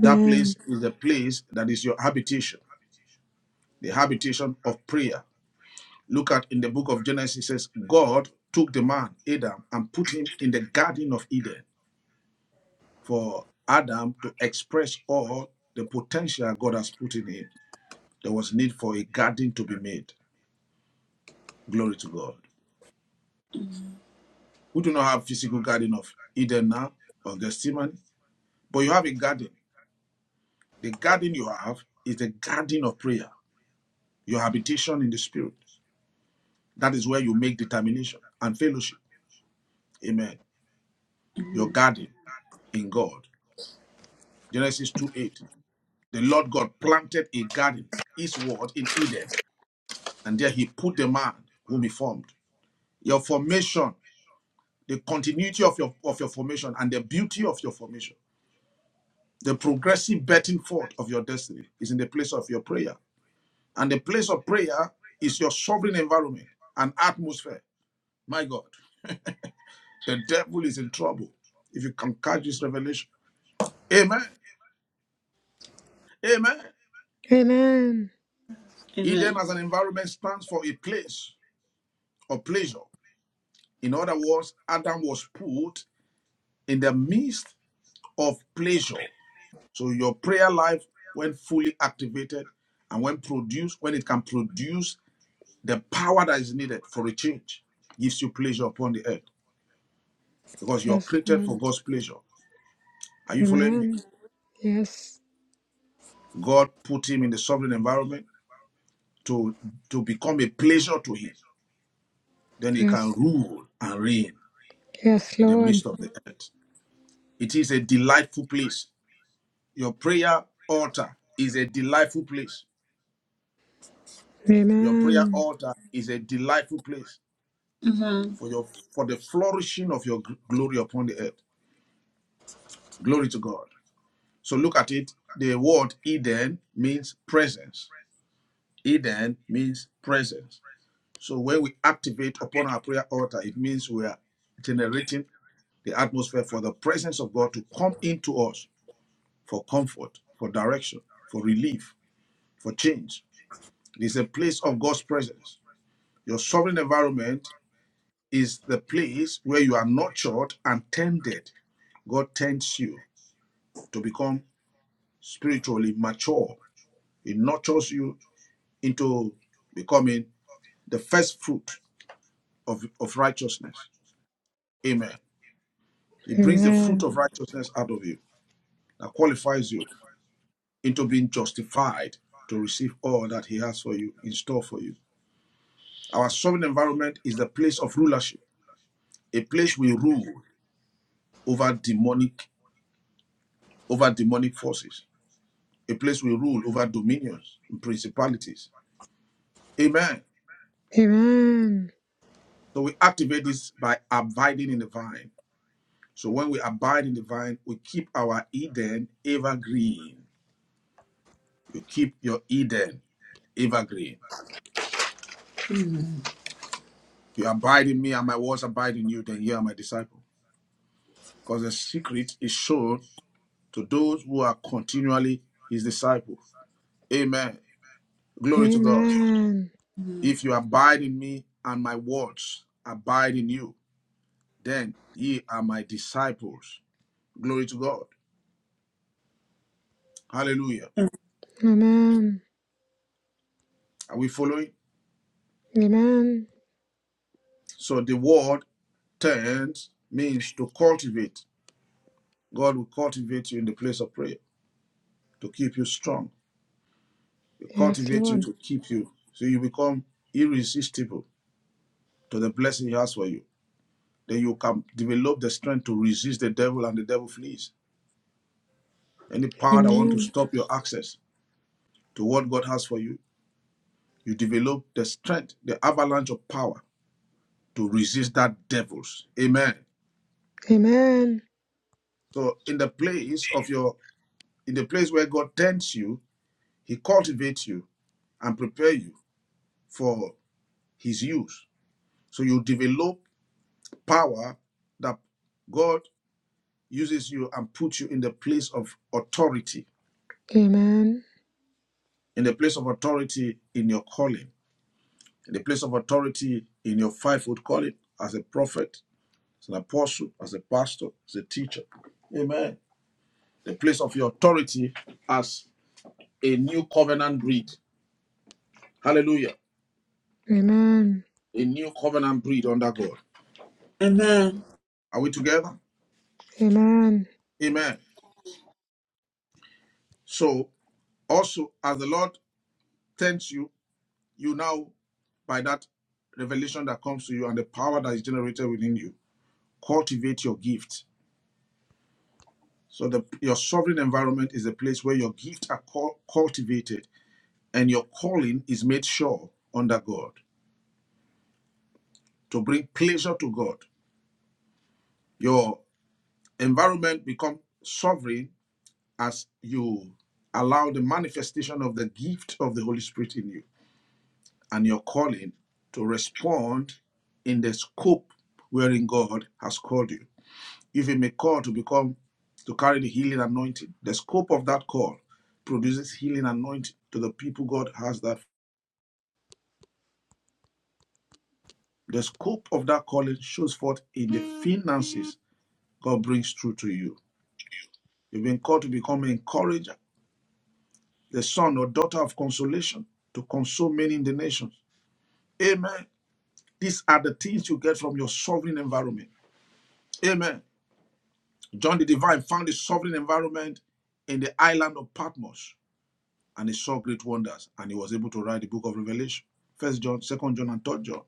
B: That place
E: Amen.
B: is the place that is your habitation, the habitation of prayer Look at in the book of Genesis, it says, God took the man, Adam, and put him in the Garden of Eden for Adam to express all the potential God has put in him. There was need for a garden to be made. Glory to God. We do not have physical garden of Eden now, of Gethsemane, but you have a garden. The garden you have is the garden of prayer, your habitation in the spirit. That is where you make determination and fellowship. Amen. Your garden in God. Genesis two eight. The Lord God planted a garden, his word in Eden, and there he put the man whom he formed. Your formation, the continuity of your of your formation and the beauty of your formation, the progressive betting forth of your destiny is in the place of your prayer. And the place of prayer is your sovereign environment and atmosphere. My God, the devil is in trouble if you can catch this revelation. Amen. Amen.
E: Amen.
B: Eden
A: Amen.
B: as an environment stands for a place of pleasure. In other words, Adam was put in the midst of pleasure. So your prayer life, when fully activated and when produced, when it can produce the power that is needed for a change, gives you pleasure upon the earth because you're
E: Yes,
B: created for
E: Lord.
B: God's pleasure. Are you following me?
E: Amen. Yes.
B: God put him in the sovereign environment to, to become a pleasure to him. Then he can
E: Yes.
B: rule and reign
E: Yes,
B: in the
E: Lord.
B: midst of the earth. It is a delightful place. Your prayer altar is a delightful place. Your prayer
E: Amen.
B: altar is a delightful place for your for the flourishing of your gl- glory upon the earth. Glory to God. So look at it. The word Eden means presence. Eden means presence. So when we activate upon our prayer altar, it means we are generating the atmosphere for the presence of God to come into us for comfort, for direction, for relief, for change. It is a place of God's presence. Your sovereign environment is the place where you are nurtured and tended. God tends you to become spiritually mature. He nurtures you into becoming the first fruit of, of righteousness. Amen. He brings the fruit
E: Amen.
B: of righteousness out of you that qualifies you into being justified to receive all that He has for you in store for you. Our sovereign environment is the place of rulership, a place we rule over demonic over demonic forces. a place we rule over dominions and principalities. Amen.
E: Amen.
B: So we activate this by abiding in the vine. So when we abide in the vine, we keep our Eden evergreen. You keep your Eden evergreen. You abide in me and my words abide in you, then you are my disciple. Because the secret is shown to those who are continually his disciples. Amen. Glory to God.
E: Amen.
B: If you abide in me and my words abide in you, then ye are my disciples Glory to God. Hallelujah.
E: Amen.
B: Are we following?
E: Amen.
B: So the word turns means to cultivate. God will cultivate you in the place of prayer to keep you strong. He
E: Yes,
B: cultivate you
E: Lord.
B: to keep you so you become irresistible to the blessing He has for you. Then you can develop the strength to resist the devil and the devil flees. Any power that want to
E: Amen.
B: stop your access to what God has for you, you develop the strength, the avalanche of power to resist that devils. Amen.
E: Amen.
B: So in the place of your in the place where God tends you, He cultivates you and prepares you for His use. So you develop power that God uses you and puts you in the place of authority,
E: Amen.
B: in the place of authority in your calling, in the place of authority in your fivefold calling as a prophet, as an apostle, as a pastor, as a teacher. Amen. The place of your authority as a new covenant breed. Hallelujah.
E: Amen.
B: A new covenant breed under God.
A: Amen.
B: Are we together?
E: Amen.
B: Amen. So also as the Lord tends you, you now by that revelation that comes to you and the power that is generated within you, cultivate your gift. So the your sovereign environment is the place where your gifts are cul- cultivated and your calling is made sure under God to bring pleasure to God. Your environment become sovereign as you allow the manifestation of the gift of the Holy Spirit in you. and your calling to respond in the scope wherein God has called you. You've been called to become to carry the healing anointing. The scope of that call produces healing anointing to the people God has that. The scope of that calling shows forth in the finances God brings through to you. You've been called to become an encourager, the son or daughter of consolation, to console many in the nations. Amen. These are the things you get from your sovereign environment. Amen. John the Divine found a sovereign environment in the island of Patmos and he saw great wonders and he was able to write the book of Revelation, First John, Second John, and Third John.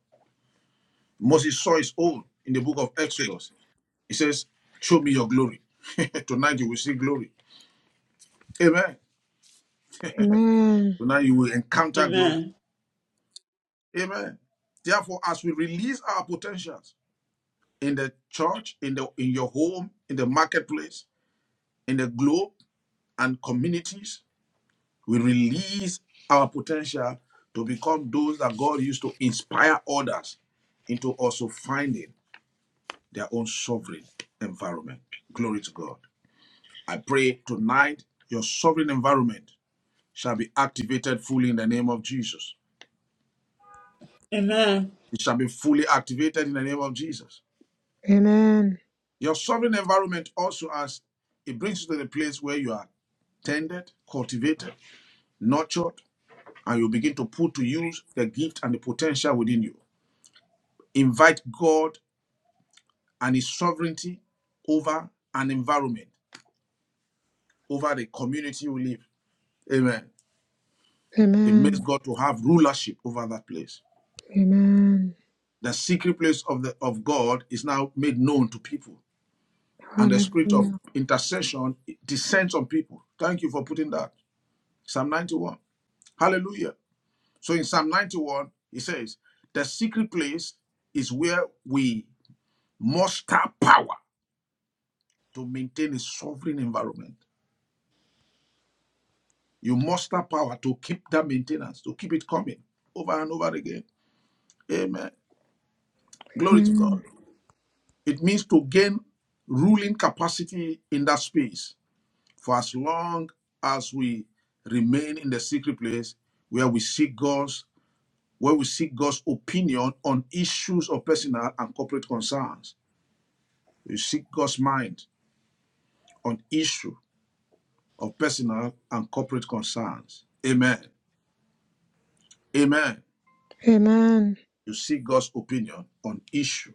B: Moses saw his own in the book of Exodus. He says, Show me your glory. Tonight you will see glory. Amen.
E: Amen.
B: Tonight you will encounter
A: Amen.
B: glory. Amen. Therefore, as we release our potentials in the church, in the in your home, in the marketplace, in the globe and communities, We release our potential to become those that God used to inspire others into also finding their own sovereign environment. Glory to God. I pray tonight your sovereign environment shall be activated fully in the name of Jesus.
A: Amen.
B: It shall be fully activated in the name of Jesus.
E: Amen.
B: Your sovereign environment also has it brings you to the place where you are tended, cultivated, nurtured, and you begin to put to use the gift and the potential within you. Invite God and his sovereignty over an environment, over the community we live. Amen. It
E: Amen.
B: makes God to have rulership over that place.
E: Amen.
B: The secret place of the of God is now made known to people, and the spirit of
E: Hallelujah.
B: intercession descends on people. Thank you for putting that. Psalm 91. Hallelujah. So in Psalm 91, he says, the secret place is where we muster power to maintain a sovereign environment. You muster power to keep that maintenance, to keep it coming over and over again. Amen. Glory to
E: Amen.
B: God. It means to gain ruling capacity in that space for as long as we remain in the secret place where we seek God's where we seek God's opinion on issues of personal and corporate concerns. We seek God's mind on issue of personal and corporate concerns. Amen. Amen.
E: Amen.
B: You seek God's opinion on issue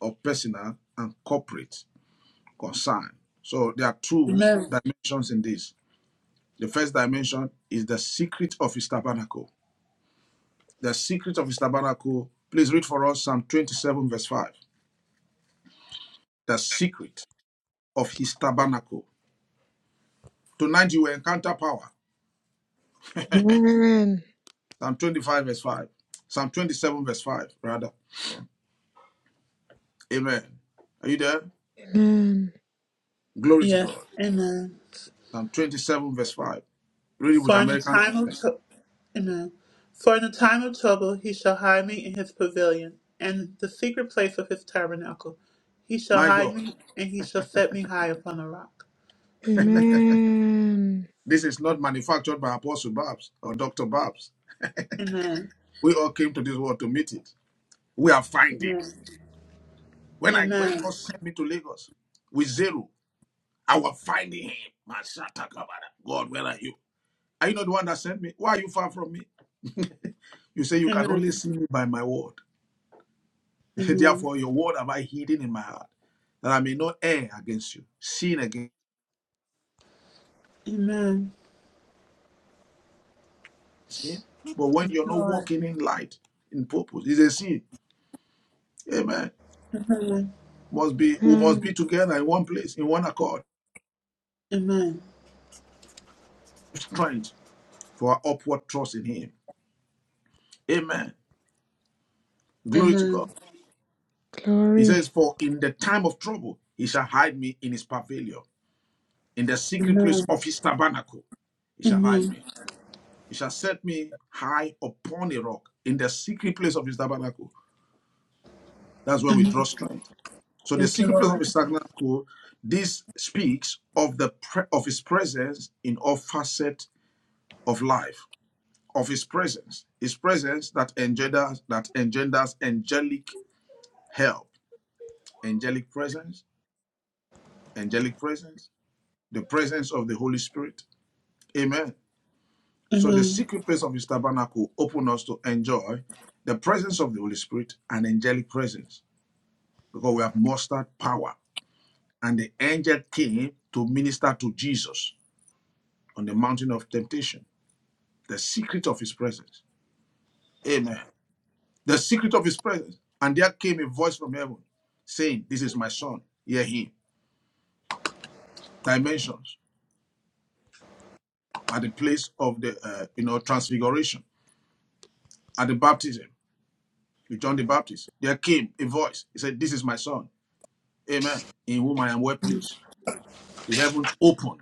B: of personal and corporate concern. So there are two
A: Amen.
B: dimensions in this. The first dimension is the secret of his tabernacle. The secret of his tabernacle, please read for us Psalm 27, verse 5. The secret of his tabernacle. Tonight you will encounter power.
E: Amen.
B: Psalm 25, verse 5. Psalm 27, verse 5, rather. Amen. Are you there?
E: Amen.
B: Glory to
A: Yes.
B: God.
A: Amen.
B: Psalm 27, verse 5. Read it with
A: For in a
B: American.
A: time of trou- Amen. For in a time of trouble he shall hide me in his pavilion, and in the secret place of his tabernacle. He shall
B: My
A: hide
B: God,
A: me, and he shall set me high upon a rock. Amen.
E: Amen.
B: this is not manufactured by Apostle Babs or Dr. Babs.
A: Amen.
B: We all came to this world to meet it. We are finding.
A: Amen.
B: When I when
A: Amen.
B: God sent me to Lagos with zero, I was finding him. Mashata kabara. God, where are you? Are you not the one that sent me? Why are you far from me? you say you can only
A: Amen.
B: see me by my word.
A: Amen.
B: Therefore, your word have I hidden in my heart, that I may not err against you. Sin against
A: Amen.
B: sin. But when
A: Thank
B: you're
A: you,
B: not
A: Lord.
B: walking in light, in purpose, it's a sin. Amen.
A: Amen.
B: Must be we must
E: Amen.
B: be together in one place, in one accord,
A: Amen.
B: strength for our upward trust in him. Amen. Glory to God.
A: Amen.
B: He
E: Glory.
B: says, For in the time of trouble, he shall hide me in his pavilion, in the secret place
A: Amen.
B: of his tabernacle, he shall hide
A: Amen.
B: me. He shall set me high upon a rock, in the secret place of his tabernacle. That's where we draw strength. So the
A: Thank you,
B: secret place of
A: Lord.
B: his tabernacle, this speaks of the pre- of his presence in all facets of life, of his presence, his presence that engenders that engenders angelic help, angelic presence, angelic presence, the presence of the Holy Spirit. Amen. So the
A: Amen.
B: secret place of his tabernacle open us to enjoy the presence of the Holy Spirit and angelic presence because we have mustered power. And the angel came to minister to Jesus on the mountain of temptation. The secret of his presence. Amen. The secret of his presence. And there came a voice from heaven saying, This is my son, hear him. Dimensions at the place of the uh, you know transfiguration, at the baptism with John the Baptist, there came a voice. He said, This is my son. Amen. In whom I am well pleased. The heavens opened.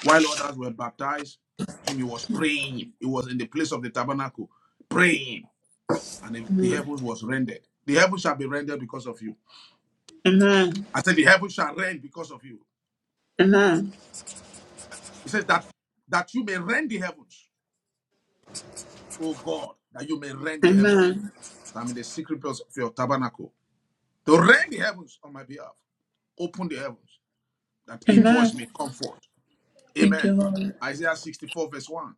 B: While others were baptized, him he was praying. He was in the place of the tabernacle, praying. And the heavens was rendered. The heavens shall be rendered because of you.
A: Amen.
B: I said, The heavens shall rend because of you.
A: Amen.
B: He says that that you may rend the heavens, O God, that you may rend the heavens.
A: Amen.
B: So I'm in the secret place of your tabernacle. To rend the heavens on my behalf. Open the heavens that a voice
A: Amen.
B: may come forth.
A: Thank
B: Amen.
A: you, Lord.
B: Isaiah 64, verse 1.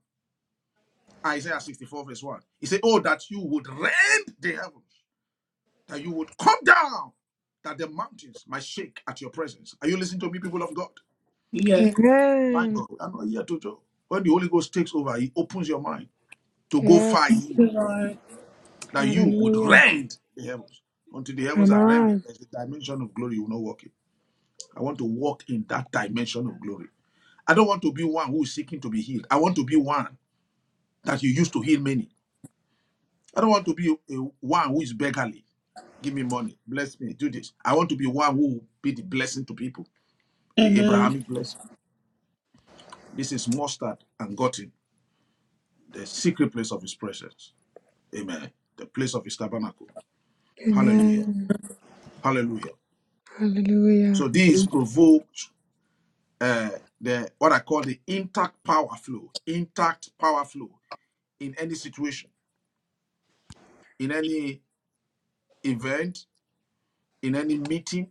B: Isaiah 64, verse 1. He said, Oh, that you would rend the heavens, that you would come down, that the mountains might shake at your presence. Are you listening to me, people of God?
A: Yeah.
B: My
E: Amen.
B: God, I'm not here to joke. When the Holy Ghost takes over, he opens your mind to go far
E: Yes.
B: in the realm, that you would
E: Hallelujah.
B: rend the heavens. Until the
E: Amen.
B: heavens are rendered, there's a dimension of glory you will not walk in. I want to walk in that dimension of glory. I don't want to be one who is seeking to be healed. I want to be one that you used to heal many. I don't want to be a, a one who is beggarly. Give me money, bless me, do this. I want to be one who will be the blessing to people, the
A: Amen.
B: Abrahamic blessing. This is mustard and gotten, the secret place of his presence. Amen. The place of his tabernacle. Hallelujah.
E: Amen.
B: Hallelujah.
E: Hallelujah.
B: So this provoked uh, the what I call the intact power flow, intact power flow in any situation, in any event, in any meeting,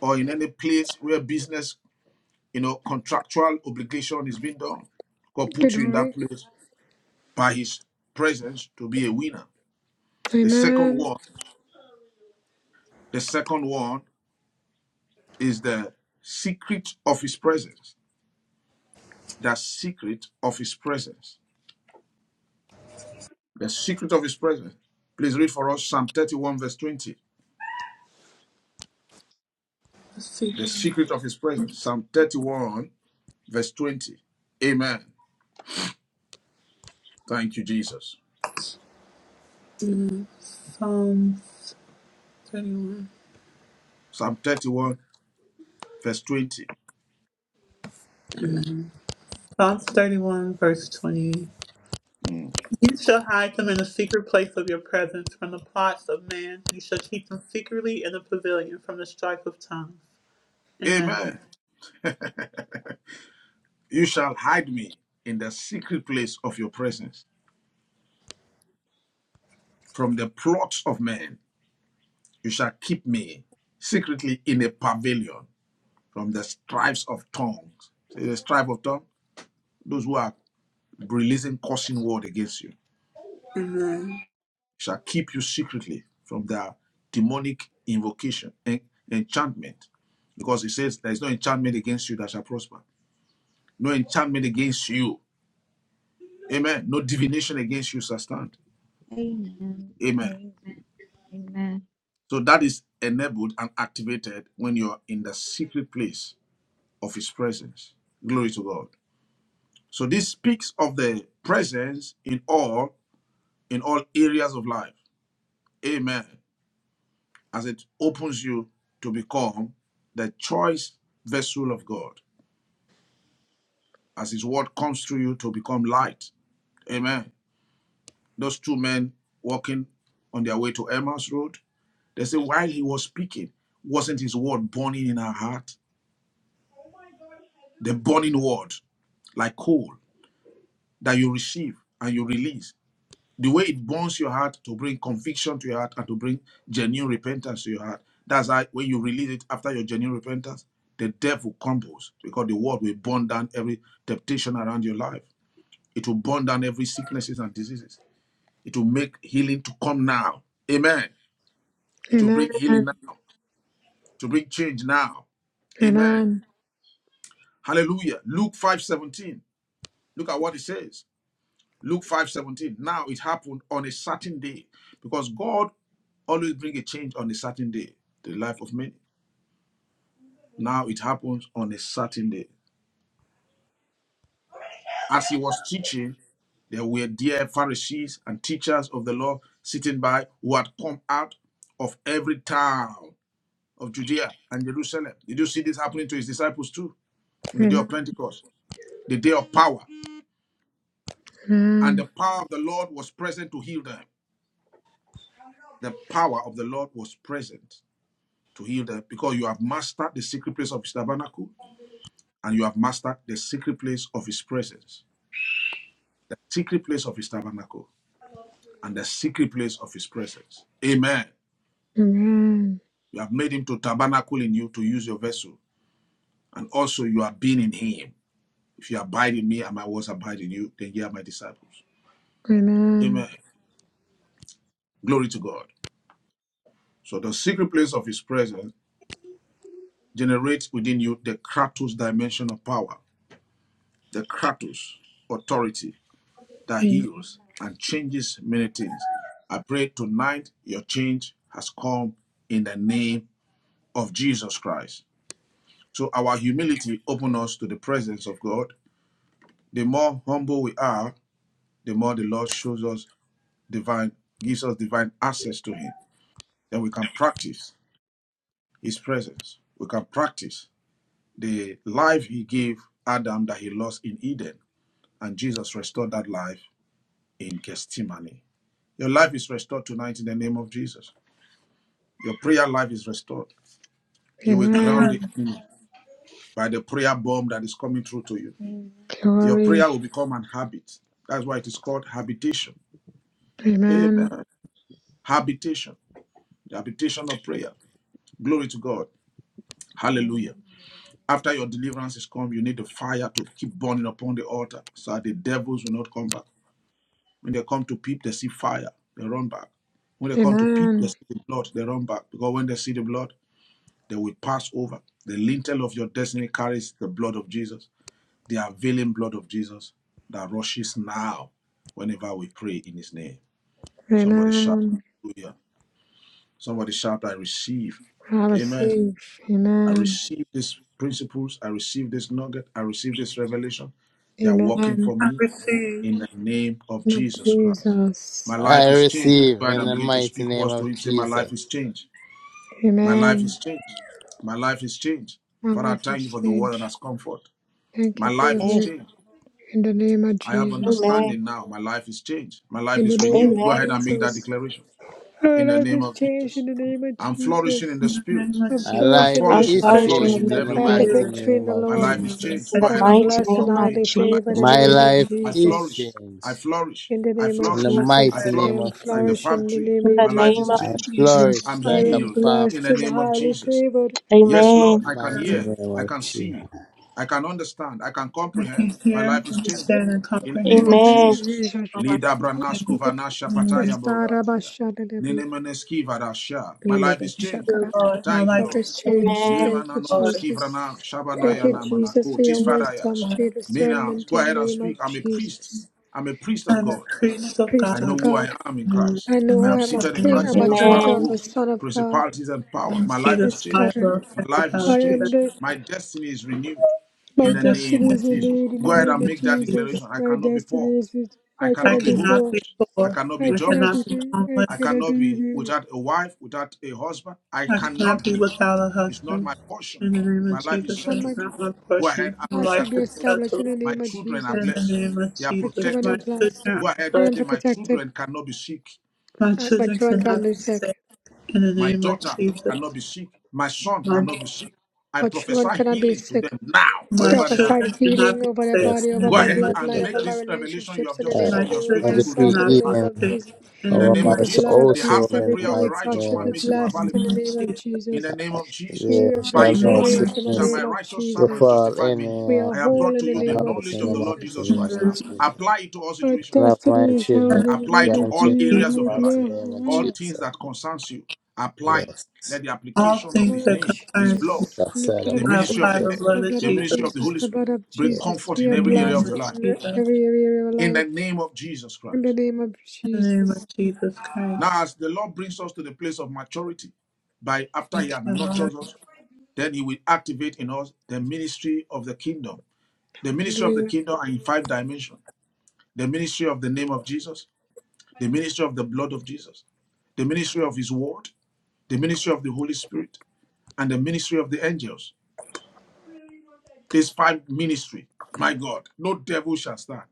B: or in any place where business You know, contractual obligation is being done. God put you in that
E: Glory.
B: place by his presence to be a winner. The second
E: Amen.
B: one, the second one is the secret of his presence. The secret of his presence. The secret of his presence. Please read for us Psalm 31, verse 20. The
A: Secret
B: secret of his presence. Psalm 31, verse 20. Amen. Thank you, Jesus.
A: Psalm 31.
B: Psalm 31, verse 20.
A: Psalms 31, verse 20.
B: Mm.
A: You shall hide them in the secret place of your presence from the plots of man. You shall keep them secretly in the pavilion from the strife of tongues. Amen.
B: Amen. You shall hide me in the secret place of your presence. From the plots of men, you shall keep me secretly in a pavilion from the strifes of tongues. See the strife of tongue? Those who are releasing cursing word against you
A: Amen.
B: shall keep you secretly from the demonic invocation and enchantment. Because it says there is no enchantment against you that shall prosper. No enchantment against you. Amen. No divination against you shall stand.
D: Amen.
B: Amen.
D: Amen.
B: So that is enabled and activated when you're in the secret place of His presence. Glory to God. So this speaks of the presence in all in all areas of life. Amen. As it opens you to become the choice vessel of God, as His word comes through you to become light. Amen. Those two men walking on their way to Emmaus Road, they say while he was speaking, wasn't his word burning in our heart? the burning word, like coal, that you receive and you release. The way it burns your heart to bring conviction to your heart and to bring genuine repentance to your heart. That's how when you release it after your genuine repentance, the devil crumbles because the word will burn down every temptation around your life. It will burn down every sicknesses and diseases. It will make healing to come now. Amen. It will
E: Amen.
B: bring healing now. To bring change now. Amen.
E: Amen.
B: Hallelujah. Luke 5:17. Look at what it says. Luke 5:17. Now it happened on a certain day because God always brings a change on a certain day, the life of many. Now it happens on a certain day. As he was teaching, there were dear Pharisees and teachers of the law sitting by who had come out of every town of Judea and Jerusalem. Did you see this happening to his disciples too on the day of
E: Amen.
B: Pentecost, the day of power? And
E: Amen.
B: the power of the Lord was present to heal them. The power of the Lord was present to heal them because you have mastered the secret place of his tabernacle and you have mastered the secret place of his presence. The secret place of his tabernacle and the secret place of his presence. Amen. You have made him to tabernacle in you to use your vessel. And also you have been in him. If you abide in me and my words abide in you, then ye are my disciples.
E: Amen.
B: Amen. Glory to God. So the secret place of his presence generates within you the Kratos dimension of power, the Kratos authority, that
E: Amen.
B: heals and changes many things. I pray tonight your change has come in the name of Jesus Christ. So our humility opens us to the presence of God. The more humble we are, the more the Lord shows us divine, gives us divine access to Him. Then we can practice His presence. We can practice the life He gave Adam that he lost in Eden, and Jesus restored that life in Gethsemane. Your life is restored tonight in the name of Jesus. Your prayer life is restored. You will ground the
E: Amen.
B: enemy by the prayer bomb that is coming through to you.
D: Amen.
B: Your
D: Amen.
B: prayer
E: Glory.
B: will become an habit. That's why it is called habitation.
E: Amen.
B: Amen. Habitation. The habitation of prayer. Glory to God. Hallelujah. After your deliverance is come, you need the fire to keep burning upon the altar so that the devils will not come back. When they come to peep, they see fire, they run back. When they come to peep, they
E: Amen.
B: see the blood, they run back. Because when they see the blood, they will pass over. The lintel of your destiny carries the blood of Jesus. the availing blood of Jesus that rushes now whenever we pray in his name. Somebody shout,
E: Amen.
B: Hallelujah. Somebody shout, I receive.
E: I
B: Amen.
E: receive.
B: I
E: Amen.
B: receive these principles. I receive this nugget. I receive this revelation. They are working
E: Amen.
B: for
A: I
B: me
A: receive.
B: in the name of
E: Lord
B: Jesus Christ. My
E: Jesus.
B: life
G: I
B: is changed. Let's
G: receive
B: go ahead
G: in
B: and
G: the
B: begin to
G: mighty
B: speak
G: name
B: words to
G: of
B: him. Say, My
G: Jesus.
B: life is changed. My life
E: Amen.
B: is changed. My life is changed.
E: My
B: Father, I
E: life is
B: thank you for the word that
E: changed.
B: has come forth.
E: Thank
B: My
E: you for your
B: life is
F: Yes.
E: word.
B: changed.
E: In the name of
B: I have
E: Jesus.
F: Amen.
B: understanding now. My life is changed. My life
E: In the
B: is
E: name
B: renewed.
E: of
B: Go
F: Amen.
B: ahead and make that
E: Jesus.
B: declaration
E: Our
B: in the
E: life
B: name
E: is
B: of
E: changed
B: Jesus.
E: in the name of
B: I'm flourishing in
E: Jesus.
B: the
A: In the
B: spirit.
A: name of
E: I'm
G: My
A: Jesus,
B: I'm
G: life
E: flourishing in
F: I'm
E: the
B: flourishing.
G: is
B: I'm
E: Spirit.
F: flourishing in
B: flourishing
G: changed
B: in
F: the
G: in the
B: every
E: I
B: way
E: have
B: I
E: the
F: spirit
G: mighty
B: go.
E: victory in
G: name
E: the
G: of
B: My
E: Lord.
B: life is
A: we
B: changed.
F: in
G: Jesus.
B: Go
F: the
E: I
B: ahead
E: am
B: and
A: sustain
F: mighty
B: pray.
E: blessed and
B: Talk
F: name
B: to
F: of
E: highly
B: him. My
F: Jesus.
B: life
E: favored
B: is
E: in the
G: My
B: changed.
E: name of
G: life
B: I
G: is
B: flourish.
E: Jesus.
B: I
G: changed
B: flourish.
E: In the
B: I
E: name of
G: in the
B: flourish.
A: my
B: I
G: mighty
E: Jesus,
A: prayer
E: I
G: name
E: am
B: flourish
G: of
B: like the
G: Jesus.
B: palm
E: flourishing in the
B: tree.
E: name
F: In
E: of
F: the
B: My life is
F: name of
G: I
E: Jesus.
B: changed.
A: in the
F: Jesus.
A: name of
G: flourish
B: I'm
E: I
G: like
A: Jesus.
G: a
E: am
B: healed
G: palm
B: in
E: blessed
B: the
E: and
G: tree
B: name of
E: highly
B: Jesus.
E: favored
B: Yes,
F: Amen.
B: Lord,
G: in
B: I
G: the
B: can
G: mighty
B: hear,
A: Surely
G: name
B: I
G: of
B: can
G: Jesus.
B: see, I can understand, I can
A: I can
B: comprehend. My
A: hear,
B: life is changed.
A: understand, and
B: In the
E: in
B: name of
E: the
A: comprehend
E: name
F: Amen.
E: of
B: Jesus.
E: Jesus.
A: all I
B: Lida Branasko
A: can.
B: Vanasha
E: Yes,
A: Mm.
B: Pataya
E: God, Abba,
B: Borodia.
E: Shaddai,
B: Nene
E: Amen.
B: Meneski Varasha. My life is changed.
A: Dear
E: Shakara.
A: Lord, my
B: Thank you,
A: life
B: Lord.
E: Father's
A: is changed.
E: change.
A: Dear
F: Amen.
E: Thank you,
B: Lemanano
A: Lord,
E: Jesus.
B: Skivrana
E: Thank
B: Shabanaya
E: you, Jesus,
B: Namanako
E: for your wisdom,
B: Tisfadayash.
E: for
A: Lord,
E: your
B: Menas.
E: discernment
B: Go
E: in the
B: ahead and
E: name
B: speak.
E: of
B: I'm a priest.
E: Jesus.
B: I'm a priest of
A: I'm a
B: God.
E: I'm a
A: priest of
B: I
E: priest of
B: know
A: God.
B: who I
E: God.
B: am in
A: Mm.
B: Christ.
E: I know
A: I'm
B: I am
E: I
A: not
E: am a
B: seated in
A: crying
E: king.
A: out
B: Christ
F: Amen.
E: I'm
A: in
E: a
B: Jesus
A: time.
B: far
E: daughter
F: Amen.
E: of a
B: above
E: son of God.
B: principalities and
A: I
B: power.
A: can
B: My
A: see
B: life
A: the
B: is
E: Yes, God.
B: changed.
A: fiber of
E: I
B: My life is
A: principality that
E: am
B: changed.
E: the
B: My destiny is renewed
E: my
A: my
B: in the name
A: destiny
E: destiny
A: is
B: of
E: is
B: Jesus.
E: renewed in the
B: Go
A: in the
B: ahead
E: name
B: and
A: name
E: of
B: make
A: of
B: that
A: Jesus.
B: declaration.
E: Jesus.
B: I
E: My
B: cannot be poor.
E: destiny is is-
B: I
E: I
A: I
B: cannot
E: cannot
B: be
E: be
B: homeless.
A: cannot
E: poor.
A: be
B: I
A: poor.
B: cannot be
E: I
A: I
E: cannot be
A: cannot
B: jobless.
A: be
E: I
B: I
A: homeless.
E: cannot
B: cannot be
E: be
B: without a wife, without a husband. I
A: I cannot
B: cannot
A: be
B: be
A: without a
B: it's not
A: husband.
B: my portion.
A: In the name of
B: My life is
A: Jesus,
E: I'm not,
A: that's
B: settled.
A: not my
B: Go ahead
A: portion.
B: and
A: My
E: I
B: make
E: should
A: life
B: that
E: be
A: is
B: confession.
E: established in
A: settled.
E: the
B: My
E: name of
B: children are
A: In
E: Jesus.
A: the
B: blessed.
A: name of
B: They are
E: My
A: Jesus,
E: children
A: my
E: are
B: protected.
E: blessed.
A: children
B: Go
A: are
B: ahead
E: I
B: and
E: am
B: say,
A: blessed.
B: My
E: protected.
B: children cannot be sick.
A: My
E: that much
A: children
E: one can
A: cannot
E: be
A: be
E: sick.
A: sick. In the
B: My
A: name of
B: daughter
A: Jesus,
B: cannot be sick. My son
A: my
B: cannot be sick. I
E: Much one
B: prophesy
E: cannot be
B: healing to
E: sick.
B: them now,
E: I
A: my
B: wherever they
E: prophesy
B: are.
A: children cannot
E: healing
A: be
E: over their
A: sick.
G: That's
E: body,
A: In
G: the
E: over
A: the
B: Go
E: my
A: name
B: ahead
A: of
G: Lord.
B: and
E: bloodline,
B: make
E: over
A: Jesus,
E: my
B: this revelation you
E: relationships
B: have
E: in the
B: just
E: name
G: Uh,
B: received
A: my
E: of
B: in your
E: Jesus, over
B: spirit
G: I
B: to
A: children
B: produce
G: decree
E: myself in the
A: cannot be
B: life.
E: name
G: even
E: of
A: sick.
E: Jesus.
A: In
B: In the
A: the
G: over
A: name
B: name
E: Be
B: of
G: my
E: the
A: of
E: blood
B: Jesus,
E: of
G: soul,
A: Jesus,
B: the
G: soul
E: Jesus.
G: in
B: heartfelt
G: the
B: prayer
E: Everything
B: of a
E: we
G: mighty
E: touch
B: righteous
E: should
G: name
B: man
E: be
G: of
B: makes more
G: Jesus.
A: in
E: blessed
A: the
E: in
B: available.
E: the
A: name of
E: name of
A: Jesus,
B: in the
E: Jesus.
B: name of Jesus.
G: There
E: We are
A: in
B: By
A: the
G: shall
B: his
G: no
A: name of
E: victorious
B: knowledge
E: in the
B: shall
A: Jesus,
G: sickness
B: my
E: name of
B: righteous servant
E: Jesus.
G: befall
B: justify many.
E: We are
G: any
B: I have
G: of
E: whole
B: brought to
E: in the
B: you
G: my
B: the
E: name of
G: house
B: knowledge
G: in
B: of
G: the
B: the Lord
G: mighty
B: Jesus
E: Jesus.
A: in
G: name
A: the
B: Christ
G: of
B: now.
A: name of
G: Jesus.
B: Apply it to all
E: Our
B: situations.
G: Love my
E: destiny is whole in
G: children,
E: the
B: Apply it
E: name
B: to
E: of
B: all
G: grandchildren,
E: Jesus.
B: areas
A: Jesus.
E: We
B: of
E: are
B: your life.
G: mighty name of
B: All
E: blessed.
B: things
G: Jesus.
B: that concerns you, apply it.
G: Yes,
B: Let the
A: All
B: application of
A: things
E: blood
B: his
E: of
A: that
B: name, his
A: concern us,
B: blood,
E: Jesus,
G: that's
E: the blood
B: the
G: terrible.
E: of
A: I
B: ministry of
E: Jesus,
A: apply
B: the
A: the
G: Yeah.
B: angel,
E: the
A: blood of
E: blood
B: the
E: of
A: Jesus.
B: ministry of the
E: Jesus,
B: Holy
E: the
B: Spirit
E: blood of
B: bring
E: Jesus.
B: comfort
E: We
B: in
E: are
A: In the
B: every area
A: name
B: of
E: blessed
B: your
A: of
B: life.
E: in
A: Jesus,
E: every area of our
B: In the
E: life.
B: name of Jesus
E: In the
B: Christ.
E: name of
A: in the name
E: Jesus.
A: of Jesus Christ,
B: Now, as the Lord brings us to the place of maturity, by after he
A: thank
B: had
A: you, Lord.
B: nurtured us Then he will activate in us the ministry of the kingdom. The ministry of the
E: Hallelujah.
B: kingdom are in five dimensions the ministry of the name of Jesus, the ministry of the blood of Jesus, the ministry of his word, the ministry of the Holy Spirit, and the ministry of the angels. This five ministry, my God, no devil shall stand.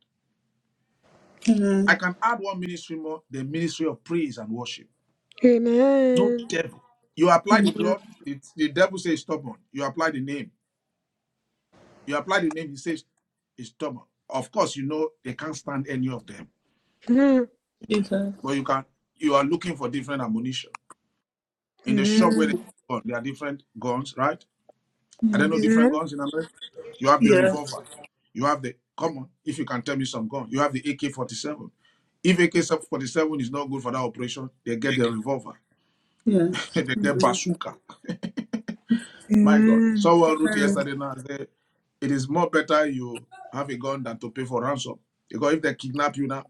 A: In
B: I
A: the
B: can add one ministry more, the ministry of praise and worship. No
E: Amen.
B: devil. You apply
A: name
B: the
A: of
B: blood, the, the devil says stubborn. You apply the name, You apply the name, he says it's stubborn. Of course, you know they can't stand any of them,
E: Amen.
A: Jesus,
B: but you can. You are looking for different ammunition in the shop where they
E: Amen.
B: gun. There are different guns, right? I don't know
A: yes,
B: different
E: Amen.
B: guns in America. You have the
A: yes,
B: revolver. You have the come on. If you can tell me some gun, you have the AK forty seven. If AK forty seven is not good for that operation, they get the revolver.
A: yes,
B: they get bazooka. My God,
E: Amen.
B: someone wrote
A: amen,
B: yesterday now. Said, it is more better you have a gun than to pay for ransom. Because if they kidnap you now,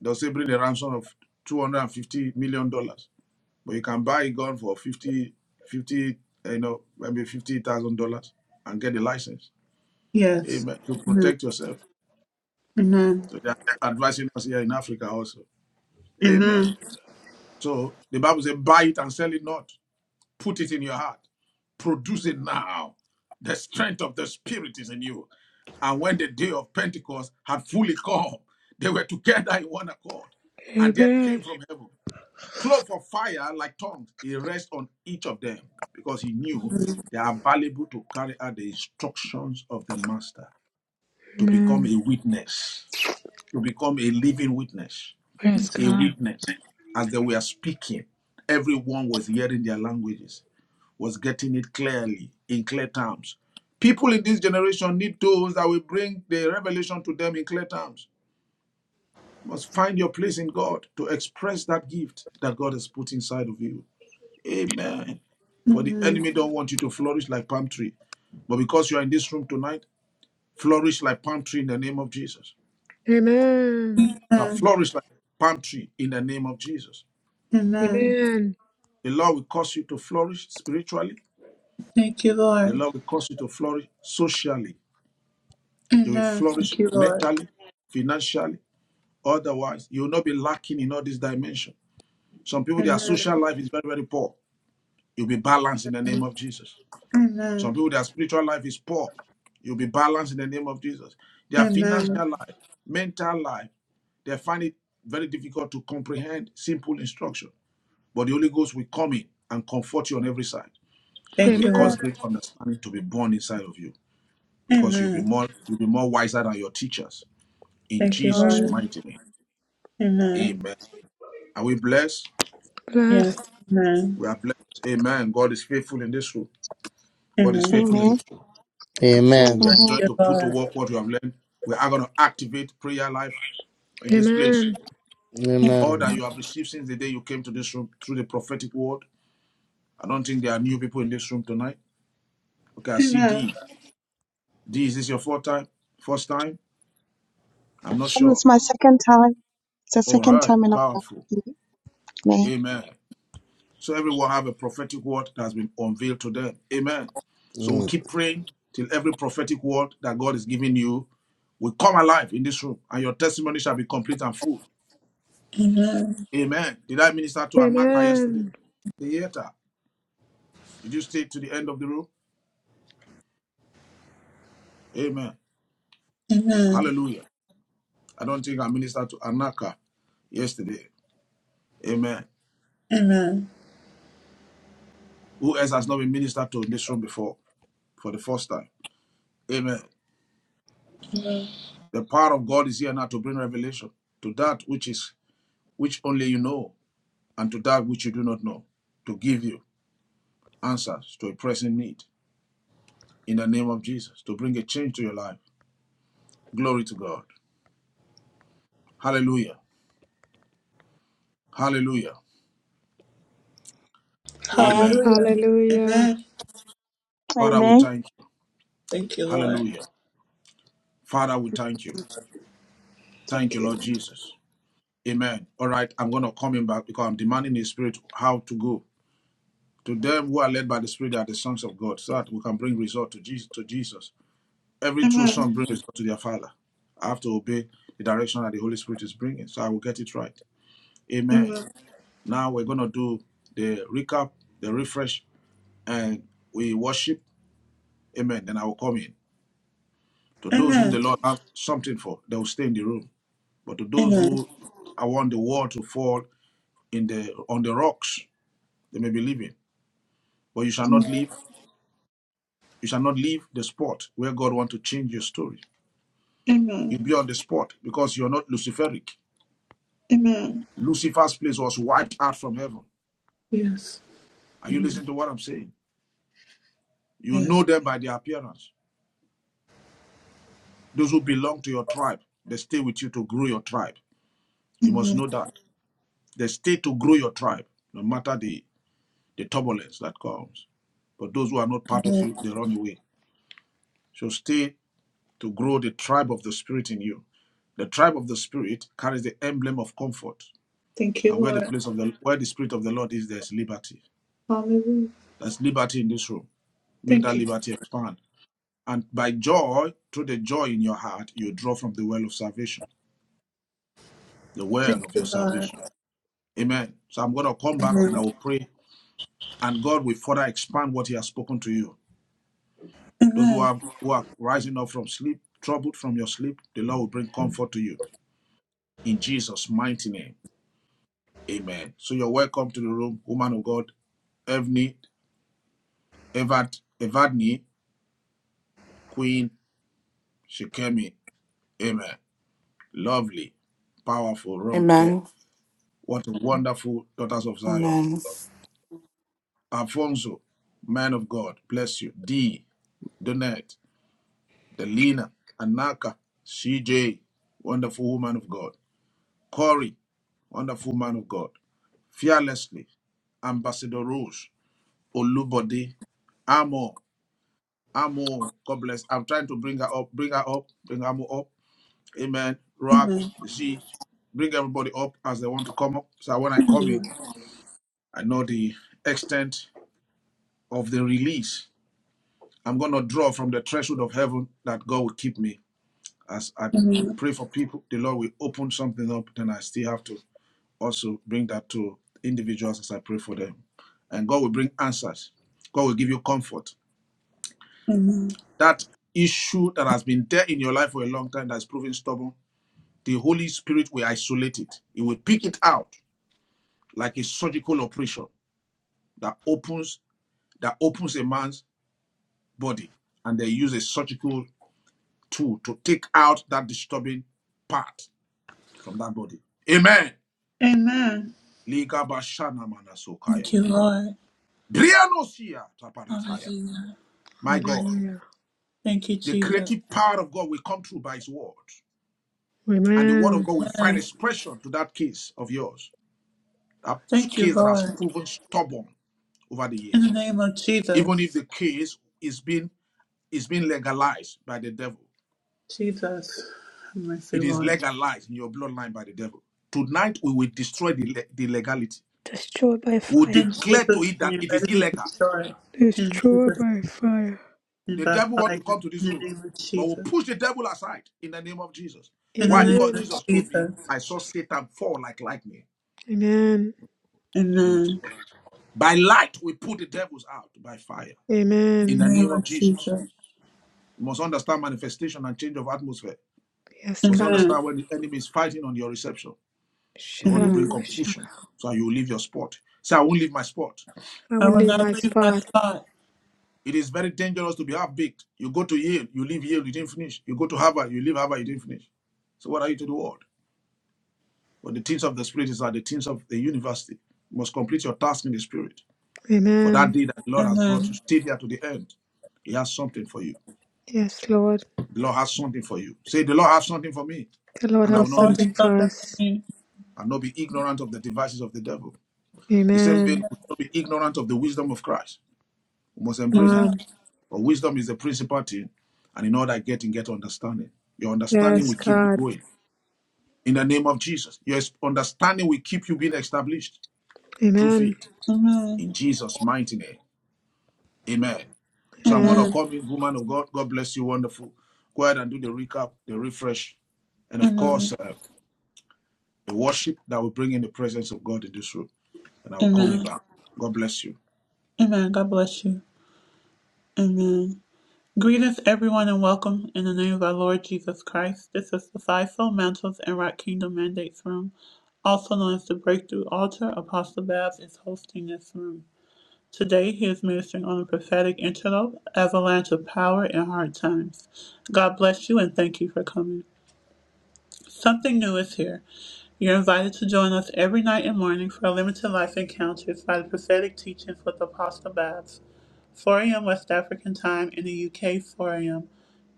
B: They'll say bring a ransom of two hundred and fifty million dollars, but you can buy a gun for 50, 50, eh, you know, maybe fifty thousand dollars and get the license.
A: yes,
B: Amen. To protect yourself.
A: amen,
B: So they're advising us here in Africa also.
A: amen,
B: Amen. So the Bible says, buy it and sell it not. Put it in your heart. Produce it now. The strength of the Spirit is in you. And when the day of Pentecost had fully come, they were together in one accord. And there
E: Amen.
B: came from heaven Cloth of fire, like tongues, he rests on each of them because he knew they are valuable to carry out the instructions of the master, to become
E: Amen.
B: a witness, to become a living witness,
E: Praise
B: a
E: God.
B: witness. As they were speaking, everyone was hearing their languages, was getting it clearly, in clear terms. People in this generation need those that will bring the revelation to them in clear terms. You must find your place in God to express that gift that God has put inside of you. Amen. For the
A: amen,
B: enemy don't want you to flourish like palm tree. But because you are in this room tonight, flourish like palm tree in the name of Jesus.
E: Amen.
B: Now
A: amen,
B: flourish like palm tree in the name of Jesus.
A: amen.
E: Amen.
B: The Lord will cause you to flourish spiritually.
A: Thank you,
B: The
A: Lord.
B: Lord will cause you to flourish socially. You will
A: Amen.
B: flourish
A: Thank you, Lord.
B: mentally, financially, otherwise. You will not be lacking in all these dimensions. Some people, their
A: Amen.
B: social life is very, very poor. You'll be balanced in the name of Jesus. Some
A: Amen.
B: people, their spiritual life is poor. You'll be balanced in the name of Jesus. Their
A: Amen.
B: financial life, mental life, they find it very difficult to comprehend simple instruction. But the Holy Ghost will come in and comfort you on every side and
A: Thank
B: will
A: you,
B: cause
E: Amen.
A: Lord.
B: great understanding to be born inside of you because you'll be
A: Amen.
B: more you'll be more wiser than your teachers. In
A: Thank you,
B: Jesus'
A: Lord.
E: Glory.
B: mighty name.
A: Amen.
B: Amen. Are we blessed?
A: Yes.
E: Blessed.
A: Amen.
B: We are blessed. Amen. God is faithful in this room. God is
A: Amen.
B: faithful in this room. So
G: Amen.
B: we are
A: Thank
F: Amen.
B: enjoying
A: you,
B: to put to
A: Lord.
B: work what we have learned. We are going to activate prayer life in this place.
E: Amen.
B: All
G: Amen.
B: that you have received since the day you came to this room through the prophetic word. I don't think there are new people in this room tonight. Okay, I see
A: Amen.
B: D. D, is this your fourth time? First time? I'm not
F: Um,
B: sure.
F: it's my second time. It's the
B: All
F: second
B: right,
F: time in a
B: powerful.
F: Amen.
B: Amen. So everyone have a prophetic word that has been unveiled to them. Amen. So we
G: Mm.
B: keep praying till every prophetic word that God is giving you will come alive in this room, and your testimony shall be complete and full.
A: Amen.
B: Amen. Did I minister to Amaka yesterday?
E: Amen.
B: Theater. Did you stay to the end of the room? Amen.
A: Amen.
B: Hallelujah. I don't think I ministered to Anaka yesterday. Amen.
A: Amen.
B: Who else has not been ministered to in this room before for the first time? Amen. The power of God is here now to bring revelation to that which is which only you know and to that which you do not know, to give you answers to a pressing need in the name of Jesus, to bring a change to your life. Glory to God. Hallelujah. Hallelujah.
F: Amen.
B: Amen.
A: Hallelujah.
E: Hallelujah.
A: Amen.
B: Father, we
F: Amen.
B: thank you.
A: Thank you, Lord.
B: Hallelujah. Father, we thank you. Thank
A: Thank
B: you,
A: you.
B: Lord Jesus. Amen. All right, I'm going to come in back because I'm demanding the Spirit how to go. To them who are led by the Spirit, they are the sons of God, so that we can bring result to Jesus. To Jesus. Every true
A: Amen.
B: son brings result to their Father. I have to obey the direction that the Holy Spirit is bringing, so I will get it right. Amen.
A: Amen.
B: Now we're going to do the recap, the refresh, and we worship. Amen. Then I will come in. To those whom
A: Amen.
B: the Lord have something for, they will stay in the room. But to those
A: Amen.
B: who I want the wall to fall in the on the rocks, they may believe in. But you shall not
A: Amen.
B: leave. You shall not leave the spot where God want to change your story.
A: Amen.
B: You'll be on the spot because you're not Luciferic.
A: Amen.
B: Lucifer's place was wiped out from heaven.
A: Yes.
B: Are you
A: Amen.
B: listening to what I'm saying? You know
A: Yes.
B: them by their appearance. Those who belong to your tribe, they stay with you to grow your tribe. You must
A: Amen.
B: know that. They stay to grow your tribe, no matter the, the turbulence that comes. But those who are not part of you, they run away. So stay to grow the tribe of the Spirit in you. The tribe of the Spirit carries the emblem of comfort.
A: Thank you,
B: And where the
A: Lord.
B: place of the where the spirit of the Lord is, there's liberty.
A: Hallelujah.
B: There's liberty in this room. Make that
A: Thank you.
B: liberty expand. And by joy, through the joy in your heart, you draw from the well of salvation, the well
A: Thank
B: of your
A: you, Lord.
B: salvation. Amen. So I'm going to come back
A: Amen.
B: and I will pray, and God will further expand what He has spoken to you. Those who
A: Amen.
B: are who are rising up from sleep, troubled from your sleep, the Lord will bring comfort to you in Jesus' mighty name. Amen. So you're welcome to the room, woman of God, Evni, Evad, Evadni, Queen. Shikemi, amen. Lovely, powerful, Ronke.
C: Amen.
B: What a wonderful daughters of Zion.
C: Amen.
B: Alfonso, man of God, bless you. D, Donette, Delina, Anaka, CJ, wonderful woman of God. Corey, wonderful man of God. Fearlessly, Ambassador Rose, Olubode, Amo, Amo, God bless. I'm trying to bring her up, bring her up, bring Amo up. Amen. Rock,
A: Amen.
B: Z, bring everybody up as they want to come up. So when I come in, I know the extent of the release. I'm going to draw from the threshold of heaven that God will keep me. As I
A: Amen.
B: pray for people, the Lord will open something up. Then I still have to also bring that to individuals as I pray for them. And God will bring answers. God will give you comfort.
A: Amen.
B: That issue that has been there in your life for a long time that's proving stubborn, the Holy Spirit will isolate it. He will pick it out like a surgical operation that opens that opens a man's body and they use a surgical tool to take out that disturbing part from that body. Amen.
A: Amen.
B: Ligabashana manasokaya.
A: Thank you, Lord.
B: Brianosia taparataya.
A: Hallelujah.
B: My God,
E: Hallelujah.
A: Thank you,
B: the
A: Jesus.
B: creative power of God will come through by his word. And the word of
E: Amen.
B: God will find
A: Amen.
B: expression to that case of yours. That
A: Thank you,
B: case that has
A: Lord.
B: proven stubborn over the
A: In the
B: years.
A: name of
B: Even if
A: Jesus.
B: the case is being is being legalized by the devil.
A: Jesus. Have mercy,
B: It is
A: Lord.
B: legalized in your bloodline by the devil. Tonight we will destroy the, le- the legality.
E: destroyed by
B: We will
A: In
E: fire.
B: declare to
A: Jesus'
B: it that
A: name,
B: it
A: let
B: is
A: it be
B: illegal.
A: destroyed. In
E: Destroyed
A: Jesus'
E: by fire.
A: name,
B: The
A: by
B: devil want to
A: fire.
B: come to
A: In
B: this
A: the
B: room,
A: name of
B: but we'll
A: Jesus.
B: push the devil aside in the name of Jesus.
A: In the
B: Why?
A: name
B: Because
A: of
E: Amen.
B: Jesus told me,
A: Jesus.
B: I saw Satan fall like lightning.
E: Amen.
A: Amen. In
B: Glory to God. By light, we put the devils out by fire in
E: Amen.
B: the
A: the name
B: name of
A: of
B: Jesus.
A: Jesus.
B: You must understand manifestation and change of atmosphere.
E: Yes,
B: You must
E: God.
A: Amen.
B: understand when the enemy is fighting on your reception. They want to
E: Shut
B: bring
A: Amen.
B: confusion so you will leave your spot. Say, I won't leave my spot.
E: I
A: I
E: will
A: will
E: leave
A: not
E: my
A: leave my
E: spot.
A: spot.
B: It is very dangerous to be half baked. You go to Yale, you leave Yale, you didn't finish. You go to Harvard, you leave Harvard, you didn't finish. So what are you to the world? But the things of the spirit is are the things of the university. You must complete your task in the spirit. For that
E: Amen.
B: day that the Lord has brought you,
A: Amen.
B: stay there to the end. He has something for you.
E: Yes, Lord.
B: The Lord has something for you. Say, the Lord has something for me,
E: The Lord
B: and I
A: The
B: will
E: has
B: not
A: Lord
B: miss
A: has
B: it.
E: something for
A: something for
E: us.
A: me.
B: I will not be ignorant of the devices of the devil. The same vein,
E: Amen.
B: we should not be ignorant of the wisdom of Christ. We must embrace it.
A: Amen.
E: Mom.
B: But wisdom is the principal thing, and in all that getting, get understanding. Your understanding
E: Yes,
B: will keep you
E: God.
B: going. In the name of Jesus, your understanding will keep you being established through
E: Amen.
B: faith.
A: Amen.
B: In Jesus' mighty name, Amen. So I'm gonna
E: Amen.
A: Amen.
B: come in, woman of God. God bless you, wonderful. Go ahead and do the recap, the refresh, and of course,
A: Amen.
B: uh, the worship that will bring in the presence of God in this room. And I will come in
A: Amen.
B: back. God bless you.
A: Amen. God bless you. Amen. Greetings, everyone, and welcome in the name of our Lord Jesus Christ. This is the Fivefold Mantles and Rock Kingdom Mandates Room. Also known as the Breakthrough Altar, Apostle Babs is hosting this room. Today, he is ministering on a prophetic interlope, avalanche of power in hard times. God bless you and thank you for coming. Something new is here. You're invited to join us every night and morning for limited life encounters by the prophetic teachings with Apostle Babs. 4 a.m. West African time in the UK, 4 a.m.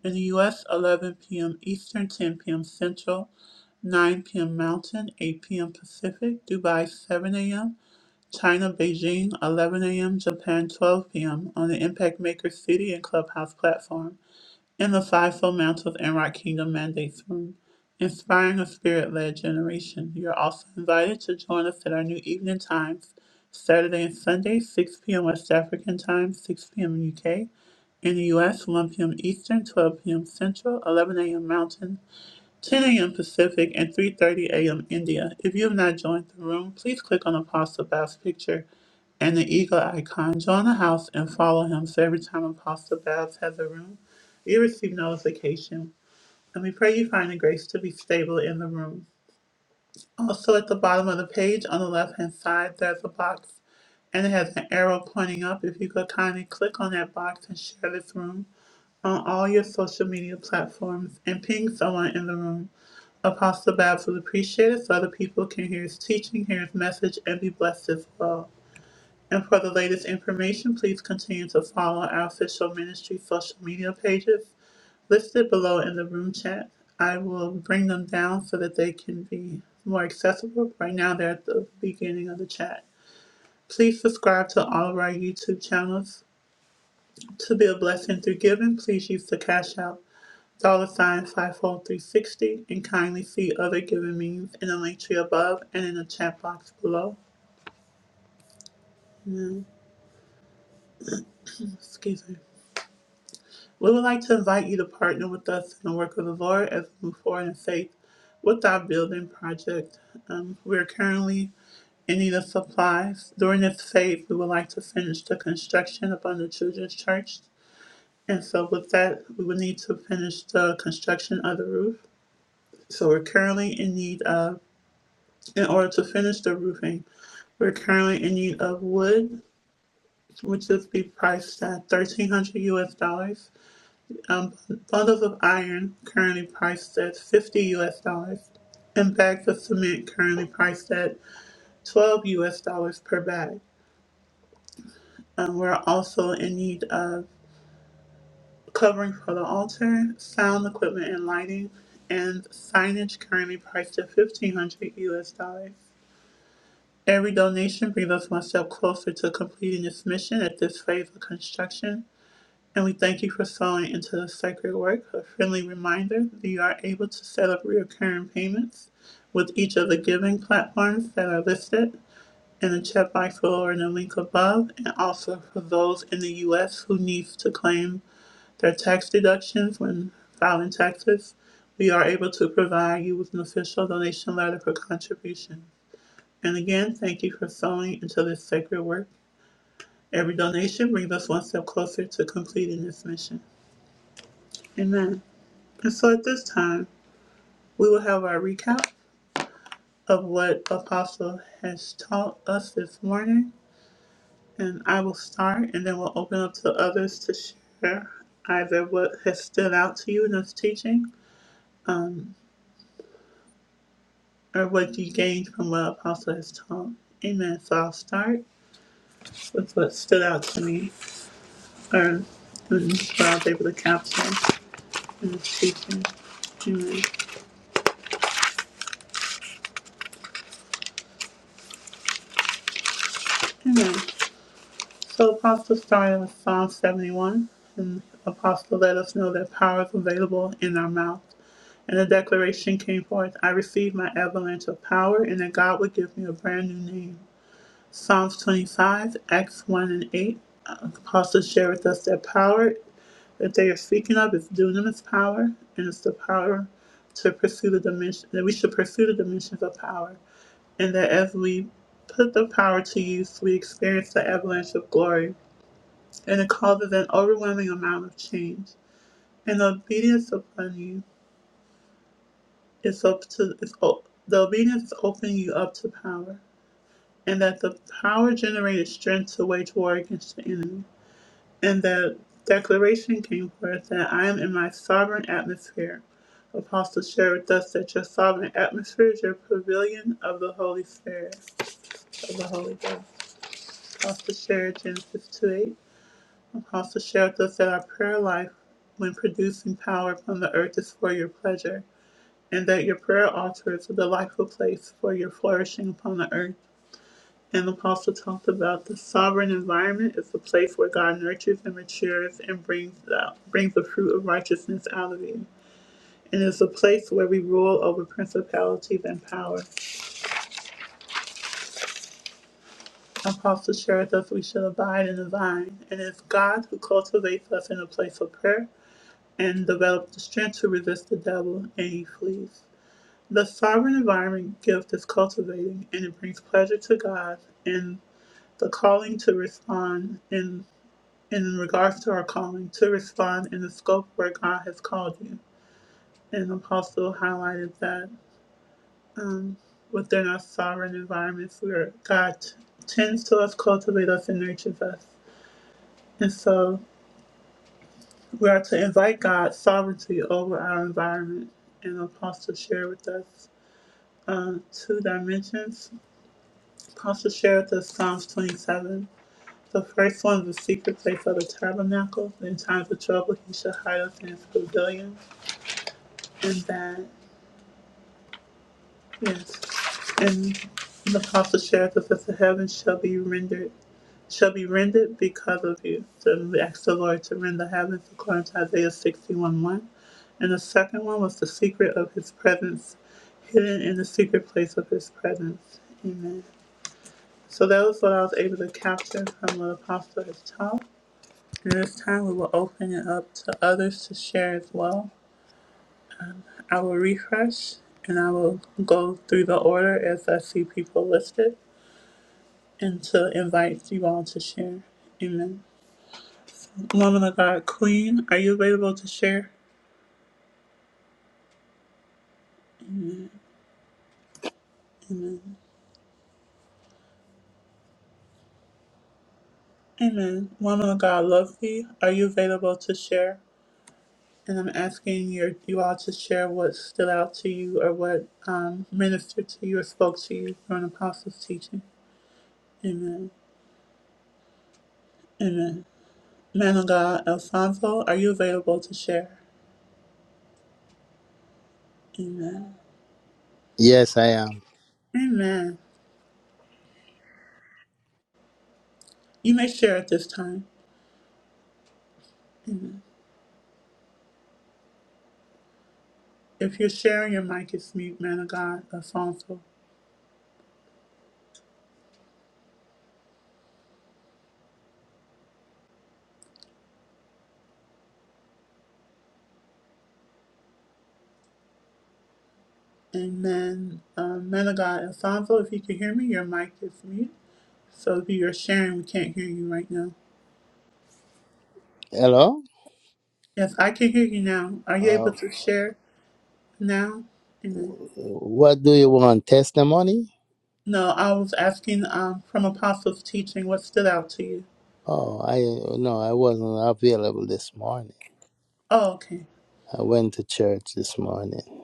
A: In the US, 11 p.m. Eastern, 10 p.m. Central, 9 p.m. Mountain, 8 p.m. Pacific, Dubai, 7 a.m. China, Beijing, 11 a.m. Japan, 12 p.m. on the Impact Maker City and Clubhouse platform in the Fivefold Mountains and Rock Kingdom Mandates Room. Inspiring a spirit led generation. You're also invited to join us at our new evening times, Saturday and Sunday, 6 p.m. West African time, 6 p.m. UK. In the US, 1 p.m. Eastern, 12 p.m. Central, 11 a.m. Mountain, 10 a.m. Pacific, and 3.30 a.m. India. If you have not joined the room, please click on Apostle Bow's picture and the eagle icon. Join the house and follow him so every time Apostle Babs has a room, you receive notification. And we pray you find the grace to be stable in the room. Also, at the bottom of the page on the left hand side, there's a box and it has an arrow pointing up. If you could kindly click on that box and share this room on all your social media platforms and ping someone in the room. Apostle Babs would appreciate it so other people can hear his teaching, hear his message, and be blessed as well. And for the latest information, please continue to follow our official ministry social media pages listed below in the room chat. I will bring them down so that they can be more accessible. Right now, they're at the beginning of the chat. Please subscribe to all of our YouTube channels. To be a blessing through giving, please use the Cash App dollar sign 54360 and kindly see other giving means in the link tree above and in the chat box below. Excuse me. We would like to invite you to partner with us in the work of the Lord as we move forward in faith with our building project. Um, we are currently in need of supplies. During this phase, we would like to finish the construction upon the children's church. And so, with that, we would need to finish the construction of the roof. So, we're currently in need of, in order to finish the roofing, we're currently in need of wood, which is be priced at 1300 US dollars. um, bundles of iron currently priced at 50 US dollars and bags of cement currently priced at 12 US dollars per bag. Um, we're also in need of covering for the altar, sound equipment and lighting, and signage currently priced at 1500 US dollars. Every donation brings us one step closer to completing this mission at this phase of construction And we thank you for sowing into the sacred work. A friendly reminder that you are able to set up recurring payments with each of the giving platforms that are listed in the chat box below or in the link above, and also for those in the U.S. who need to claim their tax deductions when filing taxes. We are able to provide you with an official donation letter for contribution. And again, thank you for sowing into this sacred work. Every donation brings us one step closer to completing this mission. Amen. And so at this time, we will have our recap of what Apostle has taught us this morning. And I will start, and then we'll open up to others to share either what has stood out to you in this teaching or what you gained from what Apostle has taught. Amen. So I'll start with what stood out to me or mm, what I was able to capture in this teaching. Amen. Amen. So Apostle started with Psalm 71, and Apostle let us know that power is available in our mouth. And the declaration came forth, I received my avalanche of power, and that God would give me a brand new name. Psalms 25, Acts 1 and 8. Uh, Apostle shared with us that power that they are speaking of is dunamis power, and it's the power to pursue the dimension, that we should pursue the dimensions of power. And that as we put the power to use, we experience the avalanche of glory and it causes an overwhelming amount of change. And the obedience upon you is up to is o- the obedience is opening you up to power, and that the power generated strength to wage war against the enemy. And that declaration came forth that I am in my sovereign atmosphere. Apostle shared with us that your sovereign atmosphere is your pavilion of the Holy Spirit. Apostle shared Genesis 2 8. Apostle shared with us that our prayer life when producing power upon the earth is for your pleasure. and that your prayer altar is a delightful place for your flourishing upon the earth. And the apostle talked about the sovereign environment is the place where God nurtures and matures and brings out brings the fruit of righteousness out of you. And is a place where we rule over principalities and power. Apostle shares us we should abide in the vine, and it's God who cultivates us in a place of prayer and develops the strength to resist the devil and he flees. The sovereign environment gift is cultivating and it brings pleasure to God and the calling to respond in in regards to our calling to respond in the scope where God has called you. And the Apostle highlighted that um, within our sovereign environments where God tends to us, cultivate us and nurtures us. And so we are to invite God's sovereignty over our environment. And the Apostle shared with us um, two dimensions Pastor share with us Psalms 27. The first one is the secret place of the tabernacle. In times of trouble, he shall hide us in his pavilion. And that, yes. And the apostle shared with us the heavens shall be rendered shall be rendered because of you. So we asked the Lord to rend the heavens according to Isaiah 61 1. And the second one was the secret of his presence, hidden in the secret place of his presence. Amen. So that was what I was able to capture from what the Apostle has taught. this time, we will open it up to others to share as well. I will refresh and I will go through the order as I see people listed and to invite you all to share. Amen. Woman of God, Queen, are you available to share? Amen. Amen. Woman of God, Lovely, are you available to share? And I'm asking your, you all to share what stood out to you or what um, ministered to you or spoke to you during Apostles' teaching. Amen. Amen. Man of God, Alfonso, are you available to share? Amen.
G: Yes, I am.
A: Amen. You may share at this time. Amen. If you're sharing, your mic is mute, man of God, Alfonso. Amen. Um, man of God, Alfonso, if you can hear me, your mic is mute. So if you're sharing, we can't hear you right now.
G: Hello.
A: Yes, I can hear you now. Are you
G: Uh,
A: able to share now? Amen.
G: what do you want? Testimony?
A: No, I was asking um, from Apostle's teaching what stood out to you.
G: Oh, I no, I wasn't available this morning.
A: Oh, okay.
G: I went to church this morning.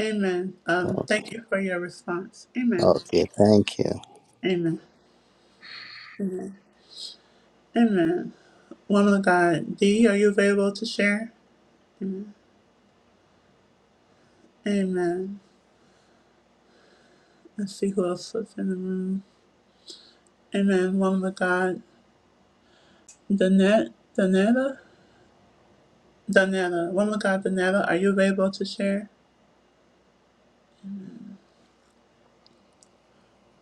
A: Amen. Um,
G: Oh,
A: thank you for your response. Amen.
G: okay, thank you.
A: Amen. Amen. Woman of God, D, are you available to share? Amen. Let's see who else is in the room. Amen. Woman of God, Danette, Danetta, Danetta. Woman of God, Danetta, are you available to share?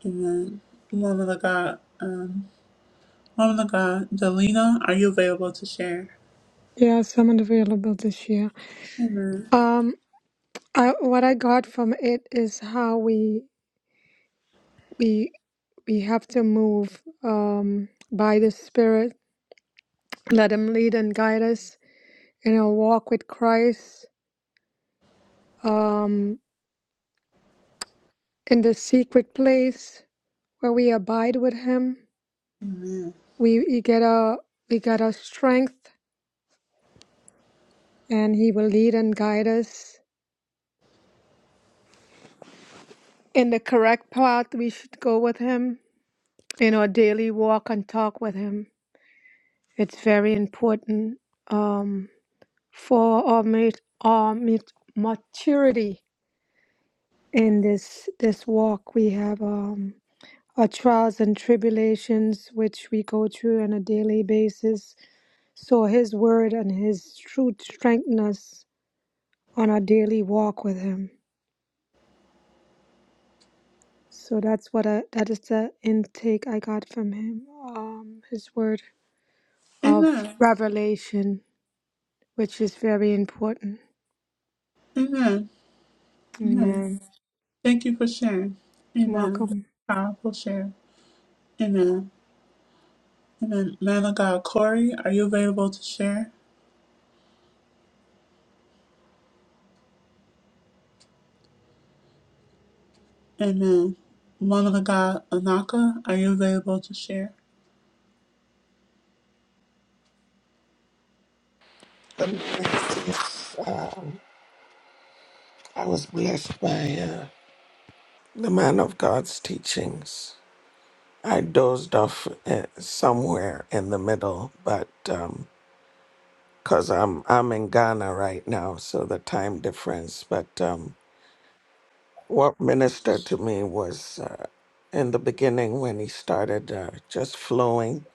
A: Amen. Woman of God, um, Woman of God, Delina, are you available to share?
E: Yeah, someone available this year.
A: Amen.
E: Um, I, what I got from it is how we we we have to move um by the Spirit Let Him lead and guide us in our walk with Christ, um, in the secret place where we abide with Him.
A: Amen.
E: We, we get our we get our strength, and He will lead and guide us in the correct path we should go with Him in our daily walk and talk with Him. It's very important um, for our, mat- our mat- maturity in this this walk we have. Um, our trials and tribulations which we go through on a daily basis. So His Word and His truth strengthen us on our daily walk with Him. So that's what I, that is the intake I got from Him. Um, his Word of
A: Amen.
E: revelation, which is very important.
A: Amen. Amen.
E: Amen.
A: Thank you for sharing. Amen.
E: Welcome.
A: Powerful share. Amen. Amen. Man of God, Corey, are you available to share? Amen. Woman of God, Anaka, are you available to share?
H: The me Um, I was blessed by uh, the man of God's teachings. I dozed off uh, somewhere in the middle, but because I'm I'm in Ghana right now, so the time difference. But um, what ministered to me was uh, in the beginning when he started uh, just flowing,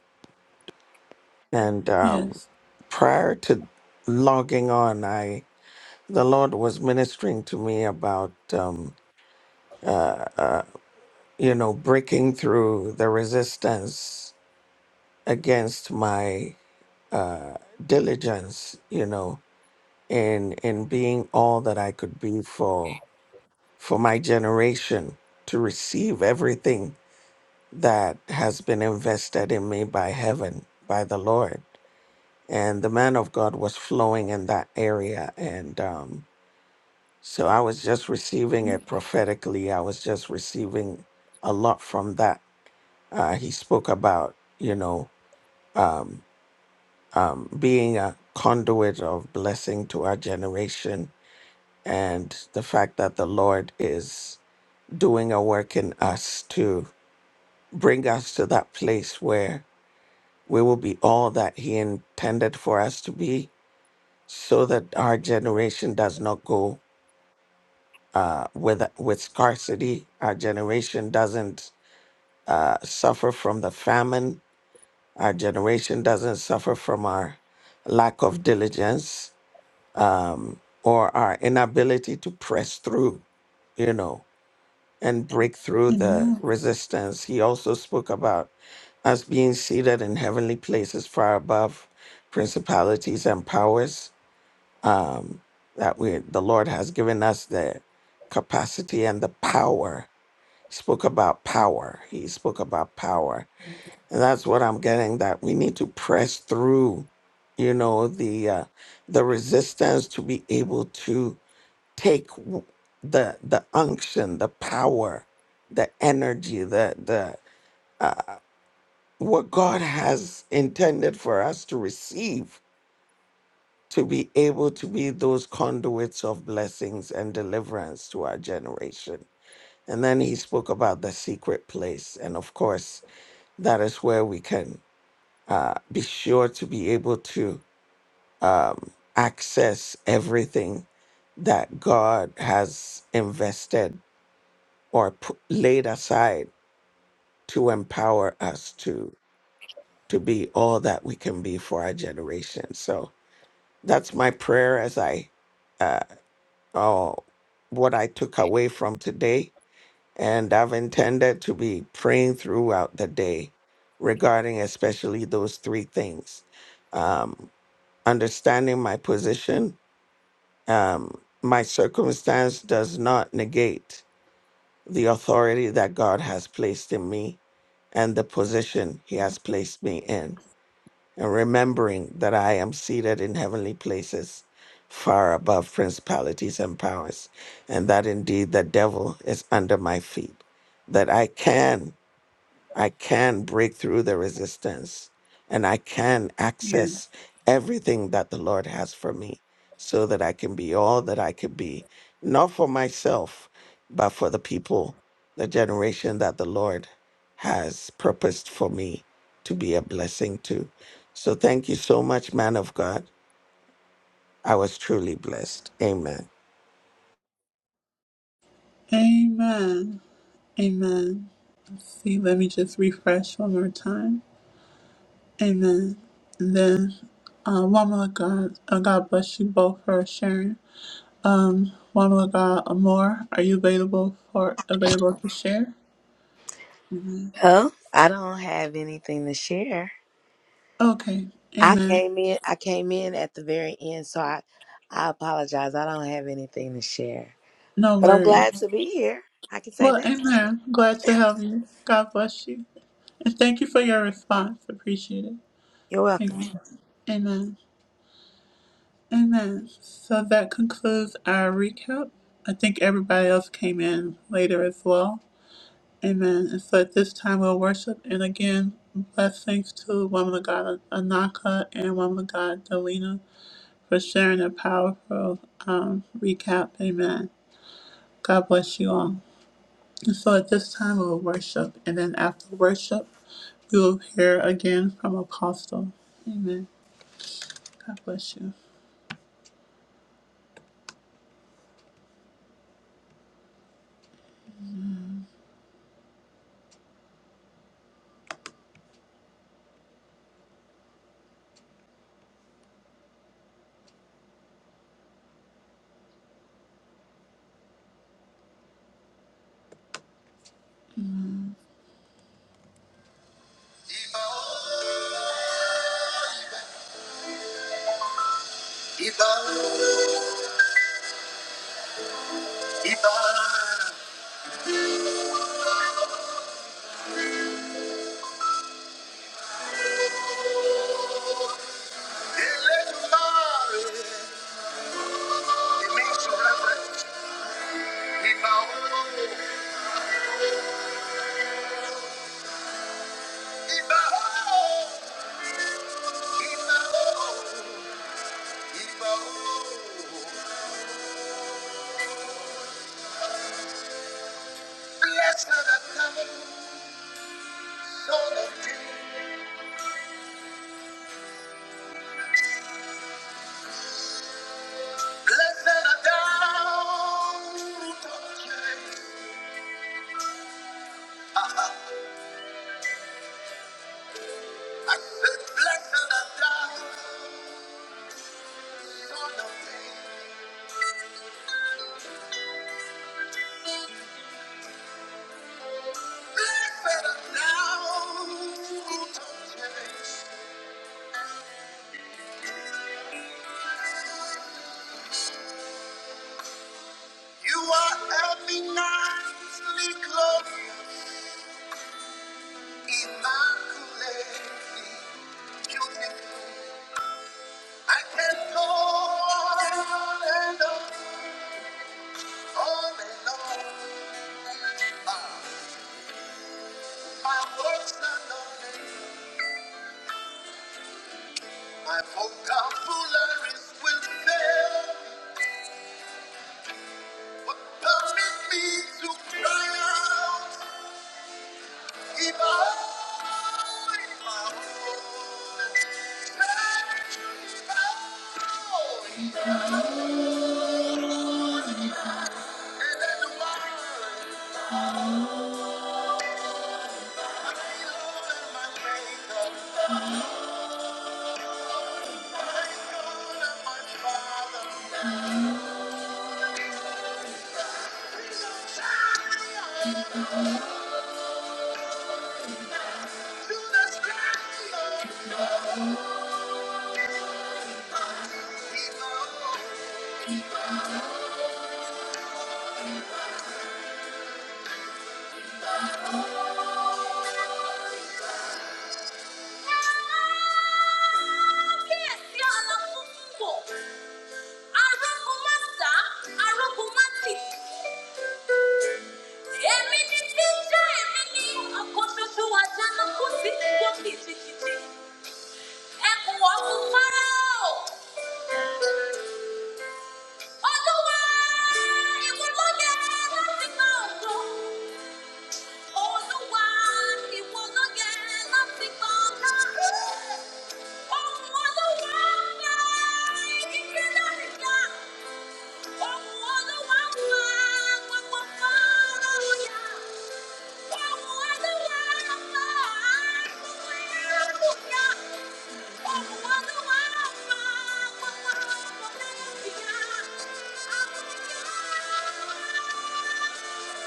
H: and um,
A: Yes.
H: prior to logging on, I the Lord was ministering to me about. Um, you know, breaking through the resistance against my diligence, you know, in in being all that I could be for for my generation to receive everything that has been invested in me by heaven, by the Lord. And the man of God was flowing in that area. And um, so I was just receiving it prophetically. I was just receiving a lot from that. Uh, he spoke about, you know, um, um, being a conduit of blessing to our generation and the fact that the Lord is doing a work in us to bring us to that place where we will be all that He intended for us to be so that our generation does not go uh, with, with scarcity. Our generation doesn't uh, suffer from the famine. Our generation doesn't suffer from our lack of diligence um, or our inability to press through, you know, and break through the
A: Amen.
H: resistance. He also spoke about us being seated in heavenly places far above principalities and powers. Um, that we, the Lord has given us the capacity and the power. He spoke about power. He spoke about power, and that's what I'm getting. That we need to press through, you know, the uh, the resistance to be able to take w- the the unction, the power, the energy, the the uh, what God has intended for us to receive, to be able to be those conduits of blessings and deliverance to our generation. And then he spoke about the secret place, and of course, that is where we can uh, be sure to be able to um, access everything that God has invested or p- laid aside to empower us to to be all that we can be for our generation. So that's my prayer as I uh, oh what I took away from today, and I've intended to be praying throughout the day regarding especially those three things: um, understanding my position, um, my circumstance does not negate the authority that God has placed in me and the position he has placed me in, and remembering that I am seated in heavenly places far above principalities and powers, and that indeed the devil is under my feet, that I can. I can break through the resistance and I can
A: Yeah.
H: access everything that the Lord has for me so that I can be all that I could be, not for myself, but for the people, the generation that the Lord has purposed for me to be a blessing to. So thank you so much, man of God. I was truly blessed. Amen.
A: Amen. Amen. See, let me just refresh one more time. Amen. And then, uh, woman of God, uh, God bless you both for sharing. Um, woman of God, Amor, are you available for available to share?
I: Oh, I don't have anything to share.
A: Okay.
I: I
A: Amen.
I: came in. I came in at the very end, so I, I apologize. I don't have anything to share,
A: No
I: but I'm
A: worries.
I: glad to be here. I can say
A: Well,
I: that.
A: amen. Glad to help you. God bless you. And thank you for your response. Appreciate it.
I: You're
A: Thank
I: welcome.
A: you. Amen. Amen. So that concludes our recap. I think everybody else came in later as well. Amen. And so at this time we'll worship and again blessings to woman of God Anaka and woman of God Delina for sharing a powerful um, recap. Amen. God bless you all. And so at this time we'll worship and then after worship We will hear again from Apostle. Amen. God bless you. Blessed are the coming, Lord of David. Blessed are thou who touchest. I said, Blessed are thou, Blessed are thou You are eminently glorious, immaculately beautiful. I can go on and on, on and on. Ah, my works are not enough. My vocabularies will fail. What permit me to cry out? If I find my own and then why my Lord and my Maker, my God and my Father, so shine me on to the sky. Oh, Kábíyèsí Alábòkúnbò, arógunmáṣá, arógunmátì. Èmi ni jíjẹ́ èmi ni ọkọ̀ ṣoṣo àjálùkù sí gbogbo kìtìkìtì. Ẹkùn ọ̀gbun fáráò. Olúwa, ìwọ ló yẹ láti gba ògo. Oh, Thank you.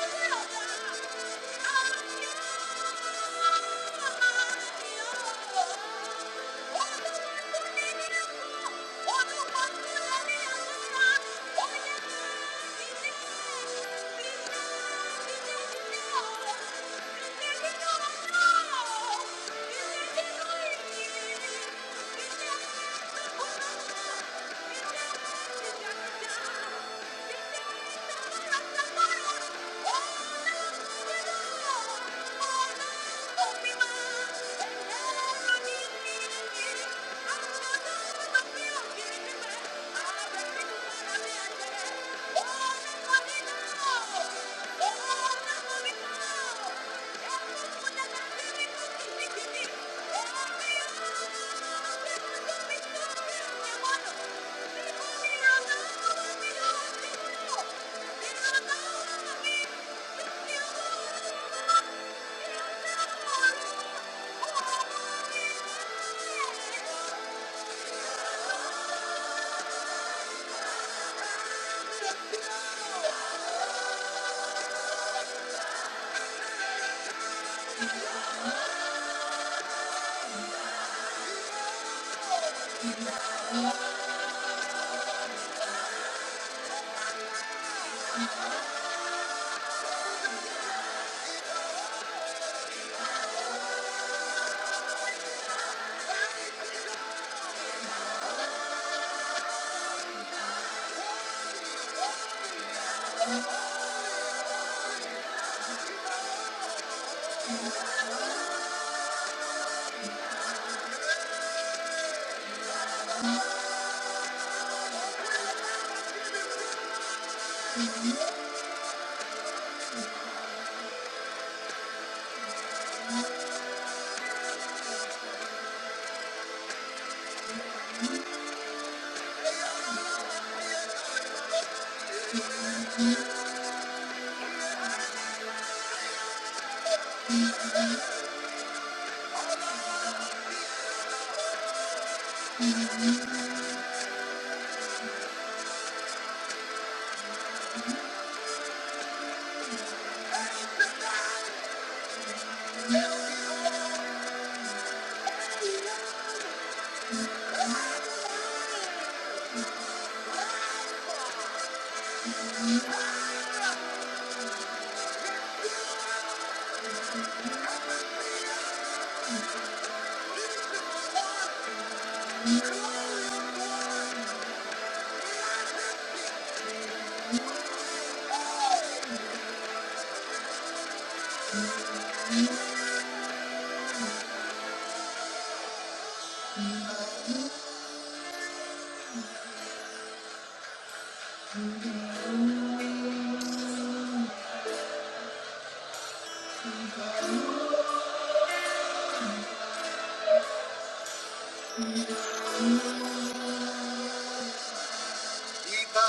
A: Keep our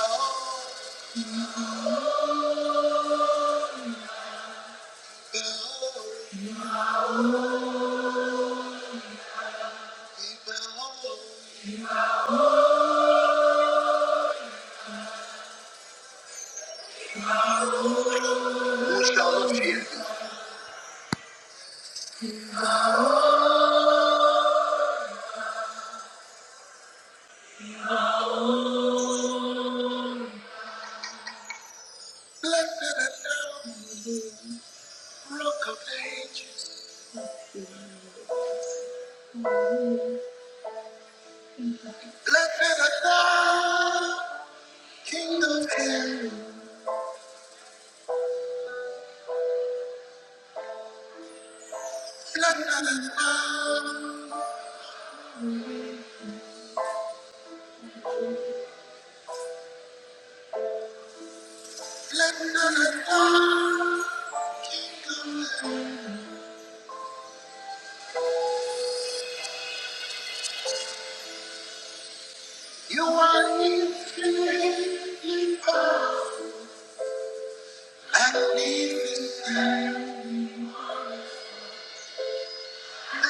A: glory. Who shall not fear thee? Blessed art thou, rock of ages. Blessed art thou, king of heaven. You are he, magnificent.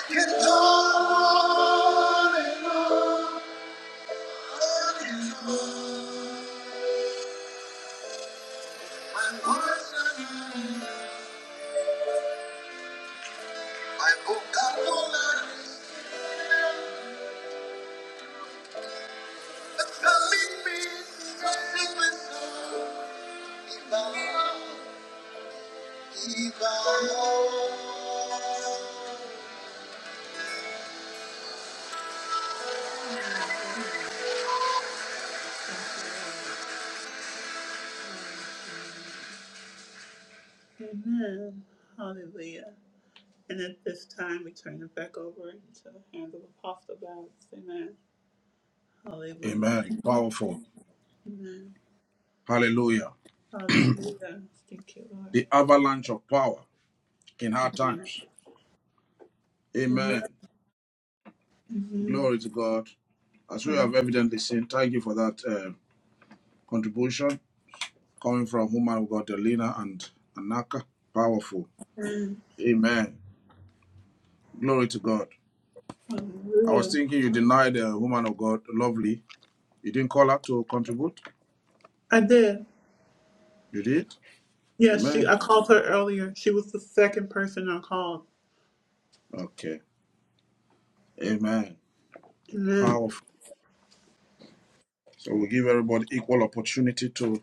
A: Making all and all, all is all. My words are mine, my vocabulary. But the living, the secret soul, Amen. Hallelujah. And at this time, we turn it back over into the hands of Apostle Babs. Amen. Hallelujah.
B: Amen. Powerful.
A: Amen.
B: Hallelujah.
A: Hallelujah. Thank you,
B: The
A: Lord.
B: avalanche of power in hard
A: Amen.
B: times.
A: Amen.
B: Amen.
A: Amen.
B: Glory to God. As we have evidently seen, thank you for that uh, contribution coming from woman of God, Delina and Anaka. Powerful.
A: Amen.
B: Amen. Glory to God. I was
A: Hallelujah.
B: thinking you denied the woman of God, lovely. You didn't call her to contribute.
A: I did.
B: You did?
A: Yes, she.
B: Amen.
A: I called her earlier. She was the second person I called.
B: Okay. Amen.
A: Amen.
B: Powerful. So we give everybody equal opportunity to,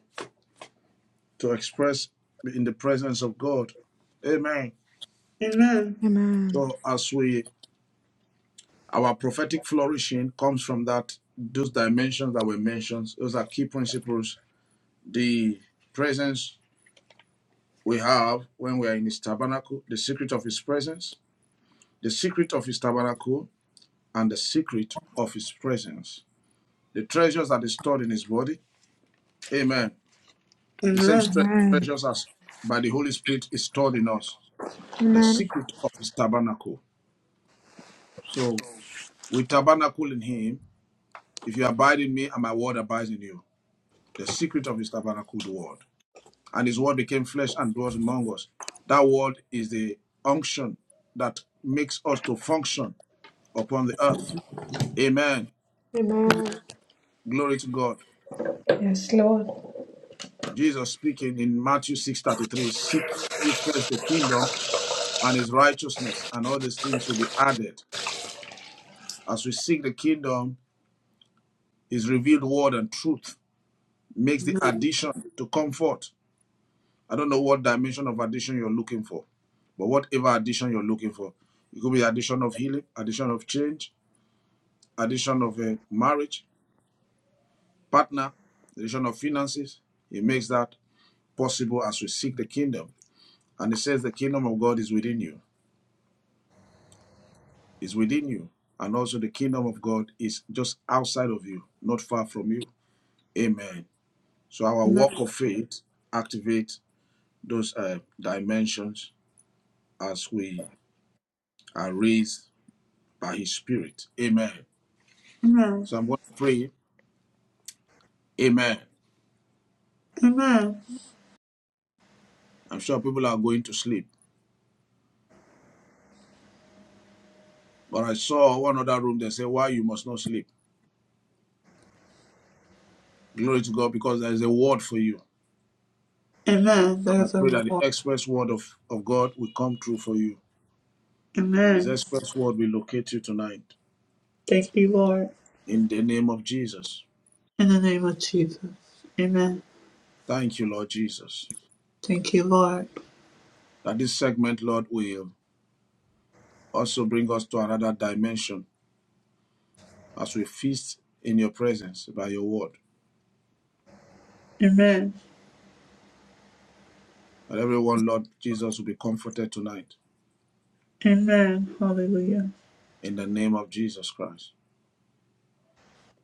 B: to express in the presence of God. Amen.
A: Amen.
E: Amen.
B: So as we Our prophetic flourishing comes from that those dimensions that were mentioned. Those are key principles. The presence we have when we are in his tabernacle, the secret of his presence, the secret of his tabernacle, and the secret of his presence. The treasures that is stored in his body. Amen. The same
A: Amen.
B: tre-
E: Amen.
B: treasures as by the Holy Spirit is stored in us. The
E: Amen.
B: secret of his tabernacle. So we tabernacle in him. If you abide in me and my word abides in you, the secret of his tabernacle, the word. and his word became flesh and dwelt among us. That word is the unction that makes us to function upon the earth. Amen.
E: Amen.
B: Glory to God.
E: Yes, Lord.
B: Jesus speaking in Matthew 6:33, seek ye first the kingdom and his righteousness, and all these things will be added. As we seek the kingdom, his revealed word and truth makes the addition to comfort. I don't know what dimension of addition you're looking for. But whatever addition you're looking for, it could be addition of healing, addition of change, addition of a marriage partner, addition of finances. it makes that possible as we seek the kingdom. And he says the kingdom of God is within you, is within you. And also the kingdom of God is just outside of you, not far from you. Amen. So our
A: Amen.
B: walk of faith activates those uh, dimensions as we are raised by his spirit. Amen.
A: Amen.
B: So I'm going to pray. Amen.
A: Amen.
B: I'm sure people are going to sleep. But I saw one other room, they say, why you must not sleep. Glory to God because there is a word for you.
A: Amen.
B: And I
A: There's a
B: pray that the
A: reward.
B: express word of, of God will come true for you. His
A: Amen.
B: express word will locate you tonight
A: Thank you, Lord.
B: in the name of Jesus.
A: In the name of Jesus. Amen.
B: Thank you, Lord Jesus.
A: Thank you, Lord.
B: That this segment, Lord, will also bring us to another dimension as we feast in your presence by your word.
A: Amen.
B: That everyone, Lord Jesus, will be comforted tonight
A: Amen. Hallelujah.
B: in the name of Jesus Christ.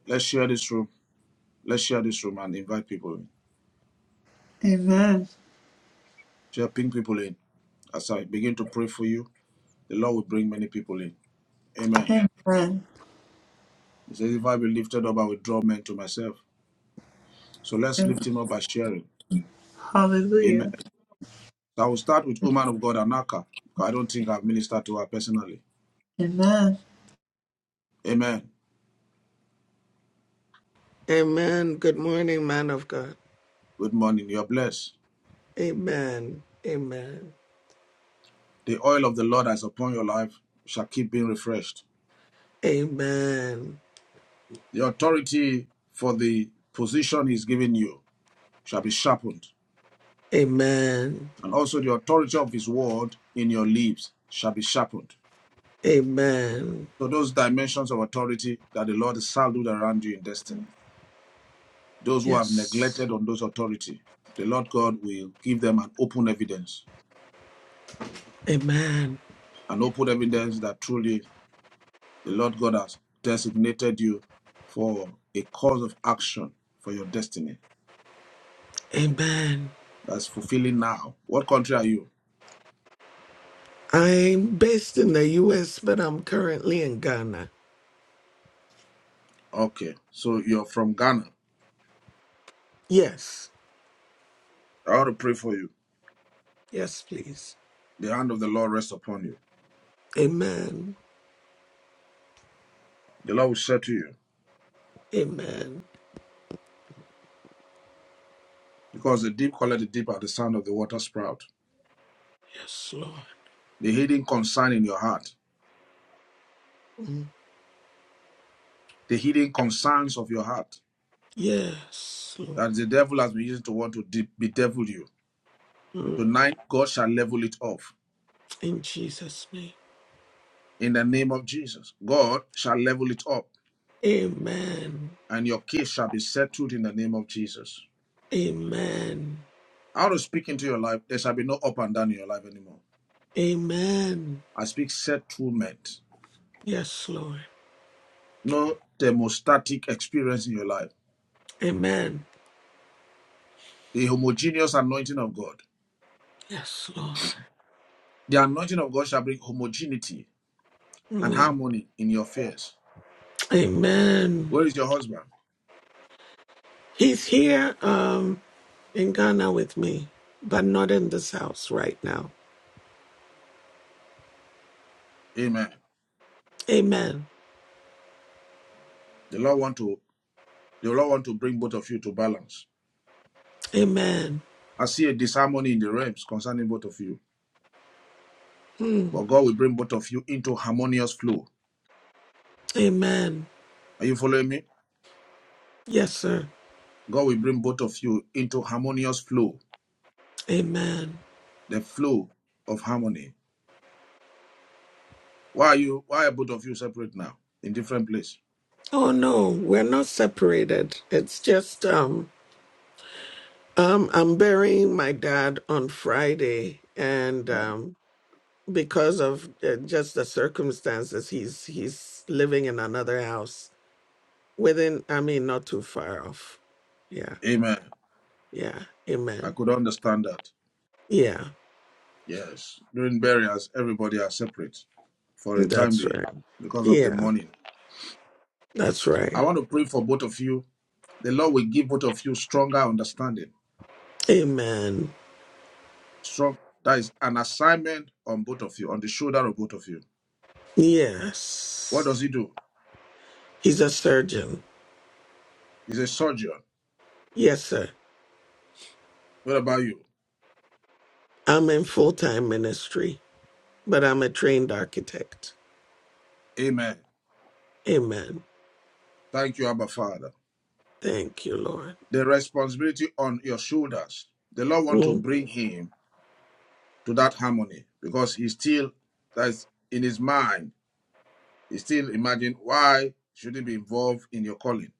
B: Let's share this room. Let's share this room and invite people in.
A: Amen.
B: Share, ping people in. As I begin to pray for you, the Lord will bring many people in. Amen.
A: Amen.
B: He says, If I be lifted up, I will draw men to myself. So let's lift
A: Amen.
B: him up by sharing. Amen.
A: Hallelujah.
B: So I will start with woman of God, Anaka, because I don't think I've ministered to her personally.
A: Amen.
B: Amen.
H: Amen. Good morning, man of God.
B: Good morning. You're blessed.
H: Amen. Amen.
B: The oil of the Lord that is upon your life shall keep being refreshed.
H: Amen.
B: The authority for the position he's given you shall be sharpened.
H: Amen.
B: And also the authority of his word in your lips shall be sharpened.
H: Amen.
B: So those dimensions of authority that the Lord is saluted around you in destiny. Those who have
H: Yes.
B: neglected on those authority, the Lord God will give them an open evidence,
H: Amen.
B: an open evidence that truly the Lord God has designated you for a cause of action for your destiny.
H: Amen.
B: That's fulfilling now. What country are you?
H: I'm based in the US, but I'm currently in Ghana.
B: Okay, so you're from Ghana.
H: Yes.
B: I want to pray for you.
H: Yes, please.
B: The hand of the Lord rests upon you.
H: Amen.
B: The Lord will say to you,
H: Amen.
B: because the deep calleth the deep at the sound of the water sprout.
H: Yes, Lord.
B: The hidden concern in your heart,
H: Mm.
B: the hidden concerns of your heart,
H: Yes, Lord.
B: that the devil has been using to want to de- bedevil you.
H: Mm.
B: Tonight, God shall level it off.
H: In Jesus' name.
B: In the name of Jesus, God shall level it up,
H: Amen.
B: and your case shall be settled in the name of Jesus.
H: Amen.
B: I want to speak into your life. There shall be no up and down in your life anymore.
H: Amen.
B: I speak settlement,
H: Yes, Lord.
B: no thermostatic experience in your life.
H: Amen.
B: The homogeneous anointing of God.
H: Yes, Lord.
B: The anointing of God shall bring homogeneity and
H: Mm.
B: harmony in your affairs.
H: Amen.
B: Where is your husband?
H: He's here. Um, in Ghana with me, but not in this house right now.
B: Amen.
H: Amen.
B: The Lord want to the Lord want to bring both of you to balance.
H: Amen.
B: I see a disharmony in the realms concerning both of you.
H: Hmm.
B: But God will bring both of you into harmonious flow.
H: Amen.
B: Are you following me?
H: Yes, sir.
B: God will bring both of you into harmonious flow,
H: Amen.
B: the flow of harmony. Why are you why are both of you separate now? In different place.
H: Oh no, we're not separated. It's just um um I'm burying my dad on Friday and um because of uh, just the circumstances he's he's living in another house within I mean not too far off. Yeah.
B: Amen.
H: Yeah.
B: I
H: Amen.
B: could understand that.
H: Yeah.
B: Yes. During burials, everybody are separate for a time
H: That's
B: being
H: right.
B: because of the
H: Yeah.
B: morning.
H: That's
B: I
H: right.
B: want to pray for both of you. The Lord will give both of you stronger understanding.
H: Amen.
B: Strong that is an assignment on both of you, on the shoulder of both of you What does
H: Yes.
B: he do?
H: He's a surgeon.
B: He's a surgeon.
H: Yes, sir.
B: What about you?
H: I'm in full time ministry, but I'm a trained architect.
B: Amen.
H: Amen.
B: Thank you, Abba Father.
H: Thank you, Lord.
B: The responsibility on your shoulders. The Lord want to
H: Mm.
B: bring him to that harmony because he's still that's in his mind. He still imagine why should he be involved in your calling?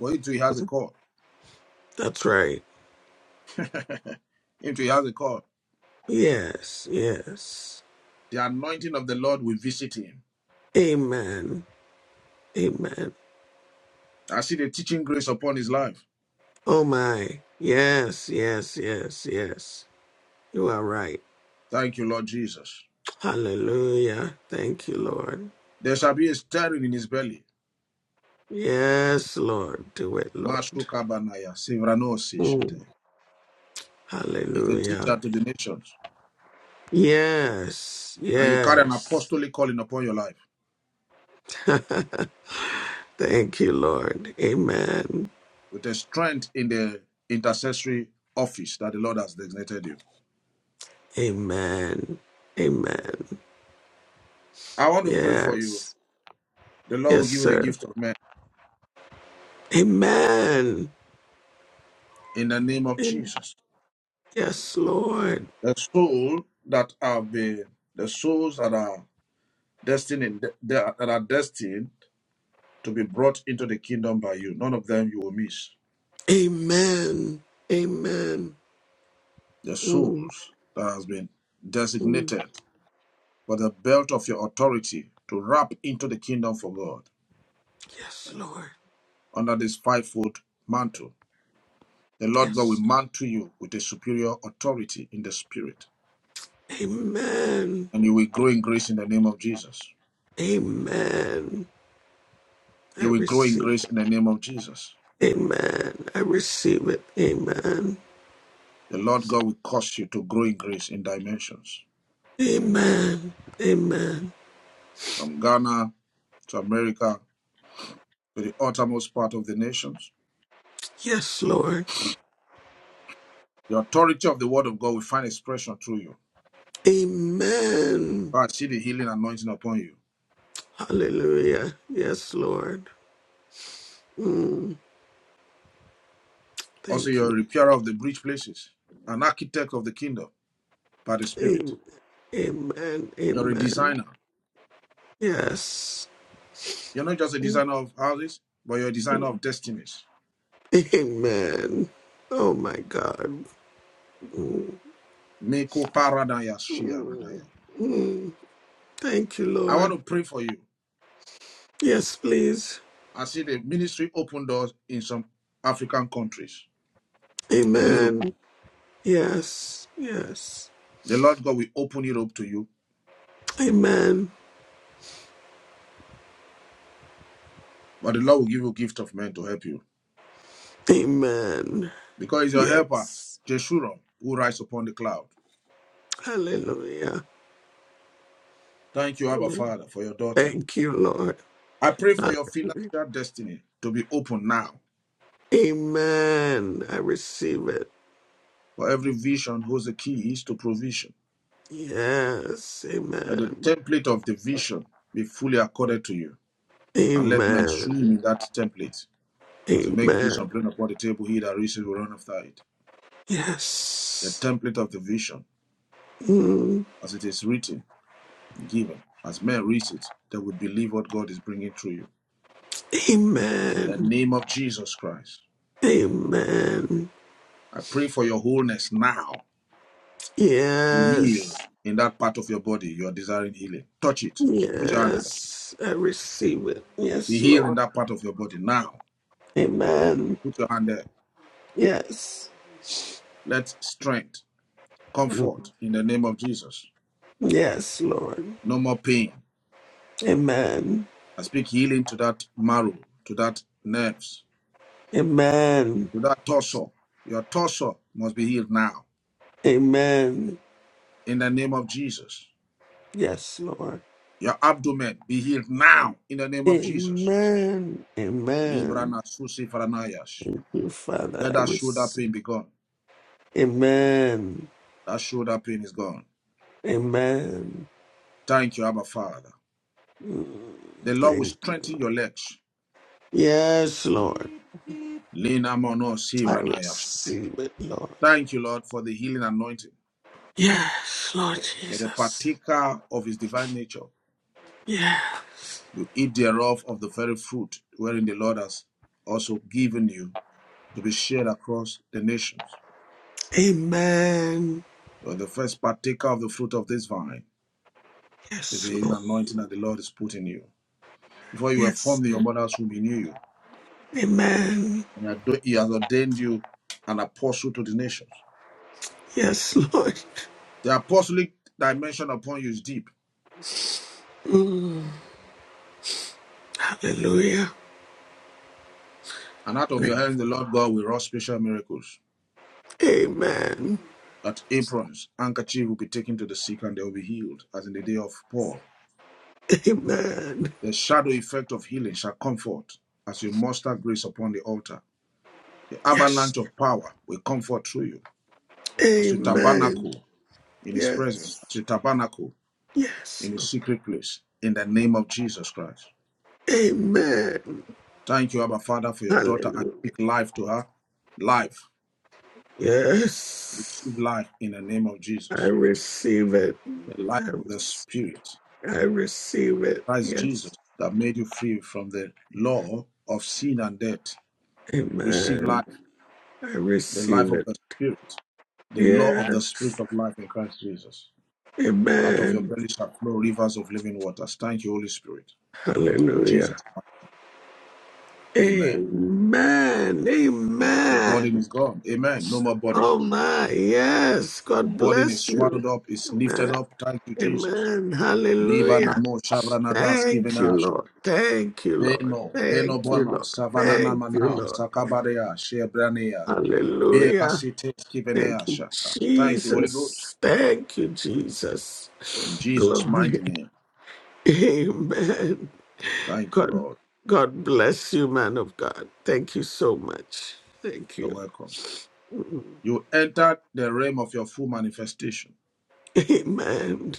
B: But into he has a call.
H: That's right.
B: Into he has a call.
H: Yes, yes.
B: The anointing of the Lord will visit him.
H: Amen. Amen.
B: I see the teaching grace upon his life.
H: Oh my. Yes, yes, yes, yes. You are right.
B: Thank you, Lord Jesus.
H: Hallelujah. Thank you, Lord.
B: There shall be a stirring in his belly.
H: Yes, Lord. Do it, Lord.
B: Mashukabanaya, Sivranosi
H: Mm.
B: Shete. He's a
H: Hallelujah.
B: teacher to the nations.
H: Yes,
B: And you carry an
H: yes.
B: apostolic calling upon your life
H: Thank you, Lord. Amen.
B: with a strength in the intercessory office that the Lord has designated you.
H: Amen. Amen.
B: I want to pray for you.
H: Yes.
B: The Lord will
H: Yes,
B: give you the
H: sir.
B: gift of men
H: Amen.
B: in the name of
H: Am-
B: Jesus.
H: Yes, Lord.
B: The soul that have been, the souls that are destined, that are destined to be brought into the kingdom by you, none of them you will miss.
H: Amen. Amen.
B: The
H: Mm,
B: souls that has been
H: mm.
B: designated for the belt of your authority to wrap into the kingdom for God.
H: Yes, Lord.
B: under this fivefold mantle. The Lord God will
H: Yes.
B: mantle you with a superior authority in the spirit,
H: Amen.
B: and you will grow in grace in the name of Jesus.
H: Amen. I
B: You will grow in
H: receive
B: grace
H: it.
B: in the name of Jesus.
H: Amen. I receive it. Amen.
B: The Lord God will cause you to grow in grace in dimensions
H: Amen. Amen.
B: from Ghana to America to the uttermost part of the nations.
H: Yes, Lord.
B: The authority of the word of God will find expression through you.
H: Amen.
B: I see the healing anointing upon you.
H: Hallelujah. Yes, Lord. Mm,
B: Also,
H: thank
B: you're a
H: you.
B: repairer of the breach places, an architect of the kingdom by the Spirit.
H: Am- Amen.
B: You're a
H: Amen.
B: designer.
H: Yes.
B: You're not just a designer of houses, but you're a designer of destinies.
H: Amen. Oh, my God. Mm,
B: Meko paradaya
H: mm,
B: shiaradaya.
H: mm. Thank you,
B: I want
H: Lord.
B: to pray for you.
H: Yes, please.
B: I see the ministry open doors in some African countries and Europe.
H: Amen. Yes. Yes.
B: The Lord God will open Europe to you,
H: Amen.
B: but the Lord will give you a gift of men to help you.
H: Amen.
B: Because He's your helper,
H: Yes.
B: Jeshurun, who rides upon the cloud.
H: Hallelujah.
B: Thank you, Abba
H: Mm.
B: Father, for your daughter.
H: Thank you, Lord.
B: I pray for your financial destiny to be open now,
H: Amen. I receive it.
B: for every vision holds the keys to provision.
H: Yes.
B: Let the
H: Amen.
B: template of the vision be fully accorded to you, and let men swim in
H: Amen.
B: that template. As we make the
H: Amen.
B: vision plain upon the table, he that reaches will run after it. The
H: Yes.
B: template of the vision,
H: Mm.
B: as it is written, given, as men read it, they will believe what God is bringing through you. In the
H: Amen.
B: name of Jesus Christ,
H: Amen.
B: I pray for your wholeness now. Be
H: Yes.
B: healed in that part of your body you are desiring healing. Touch it. Put your hand there.
H: Yes. I receive it.
B: Be
H: Yes,
B: healed in
H: Lord.
B: that part of your body now.
H: Amen.
B: Put your hand there.
H: Yes.
B: Let strength,
H: Mm.
B: comfort in the name of Jesus.
H: Yes, Lord.
B: No more pain.
H: Amen.
B: I speak healing to that marrow, to that nerves,
H: Amen.
B: to that torso. Your torso must be healed now
H: Amen.
B: in the name of Jesus.
H: Yes, Lord.
B: Your abdomen be healed now in the name of Jesus.
H: Amen. Amen.
B: Librana susi faranayash.
H: Thank you, Father.
B: Let
H: I
B: that shoulder
H: receive.
B: pain be gone.
H: Amen.
B: That shoulder pain is gone.
H: Amen.
B: Thank you, Abba Father.
H: Mm,
B: The Lord will
H: Thank you.
B: strengthen your legs.
H: Yes, Lord.
B: Lina mono
H: I
B: sivranayash.
H: receive it, Lord.
B: Thank you, Lord, for the healing anointing.
H: Yes, Lord
B: You're the
H: Jesus.
B: partaker of his divine nature.
H: Yes.
B: You eat thereof of the very fruit wherein the Lord has also given you to be shared across the nations.
H: Amen.
B: You are the first partaker of the fruit of this vine, which is
H: Yes,
B: the
H: Lord.
B: anointing that the Lord is putting you. Before you were
H: Yes.
B: formed in your mother's womb, He knew you.
H: Amen.
B: And He has ordained you an apostle to the nations.
H: Yes, Lord.
B: The apostolic dimension upon you is deep.
H: Mm, Hallelujah.
B: And out of
H: Thank-
B: your hands, the Lord God will wrought special miracles.
H: you. Amen.
B: That aprons, handkerchief will be taken to the sick and they will be healed, as in the day of Paul
H: Amen.
B: The shadow effect of healing shall comfort as you muster grace upon the altar. The
H: Yes.
B: avalanche of power will comfort through you as you
H: Amen.
B: tabernacle in His presence, as
H: Yes.
B: you tabernacle
H: Yes.
B: in His secret place, in the name of Jesus Christ.
H: Amen.
B: Thank you, Abba Father, for your daughter. I
H: Hallelujah.
B: speak life to her. Life.
H: Yes.
B: Receive life in the name of
H: I
B: Jesus.
H: receive it.
B: The life
H: I,
B: of the
H: rec-
B: Spirit,
H: I receive it.
B: Christ Jesus,
H: Yes.
B: that made you free from the law of sin and death. Receive
H: Amen.
B: life
H: I
B: the life
H: receive
B: of
H: it.
B: the Spirit, the law of
H: Yeah.
B: the Spirit of life in Christ Jesus. Out of your
H: Amen.
B: belly shall flow rivers of living waters. Thank you, Holy Spirit. In
H: Hallelujah.
B: Jesus' name, amen.
H: Amen.
B: Yes, the burden
H: Amen.
B: is gone. Amen. No more burden.
H: Oh my. Yes.
B: The
H: God
B: burden is
H: bless you.
B: swallowed up, is lifted
H: Amen.
B: up. Thank you, Jesus.
H: Amen. Hallelujah.
B: Libanamo Shabranata's given
H: Thank you, Lord. Thank you, Lord.
B: Beno, Beno
H: Thank you,
B: Bono,
H: Lord.
B: Savanana
H: Thank you,
B: Mana,
H: Lord.
B: Sakabarea, Shebranea, Vera
H: Hallelujah.
B: Cites Kivenea
H: Thank you,
B: Shaka. Thank you, Holy Ghost.
H: Jesus. Thank you, Jesus.
B: In Jesus' mighty
H: Glory.
B: name.
H: Amen.
B: Thank you,
H: God,
B: Lord.
H: God bless you, man of God. Thank you so much. Thank
B: You're
H: you.
B: welcome. You entered the realm of your full manifestation.
H: Amen.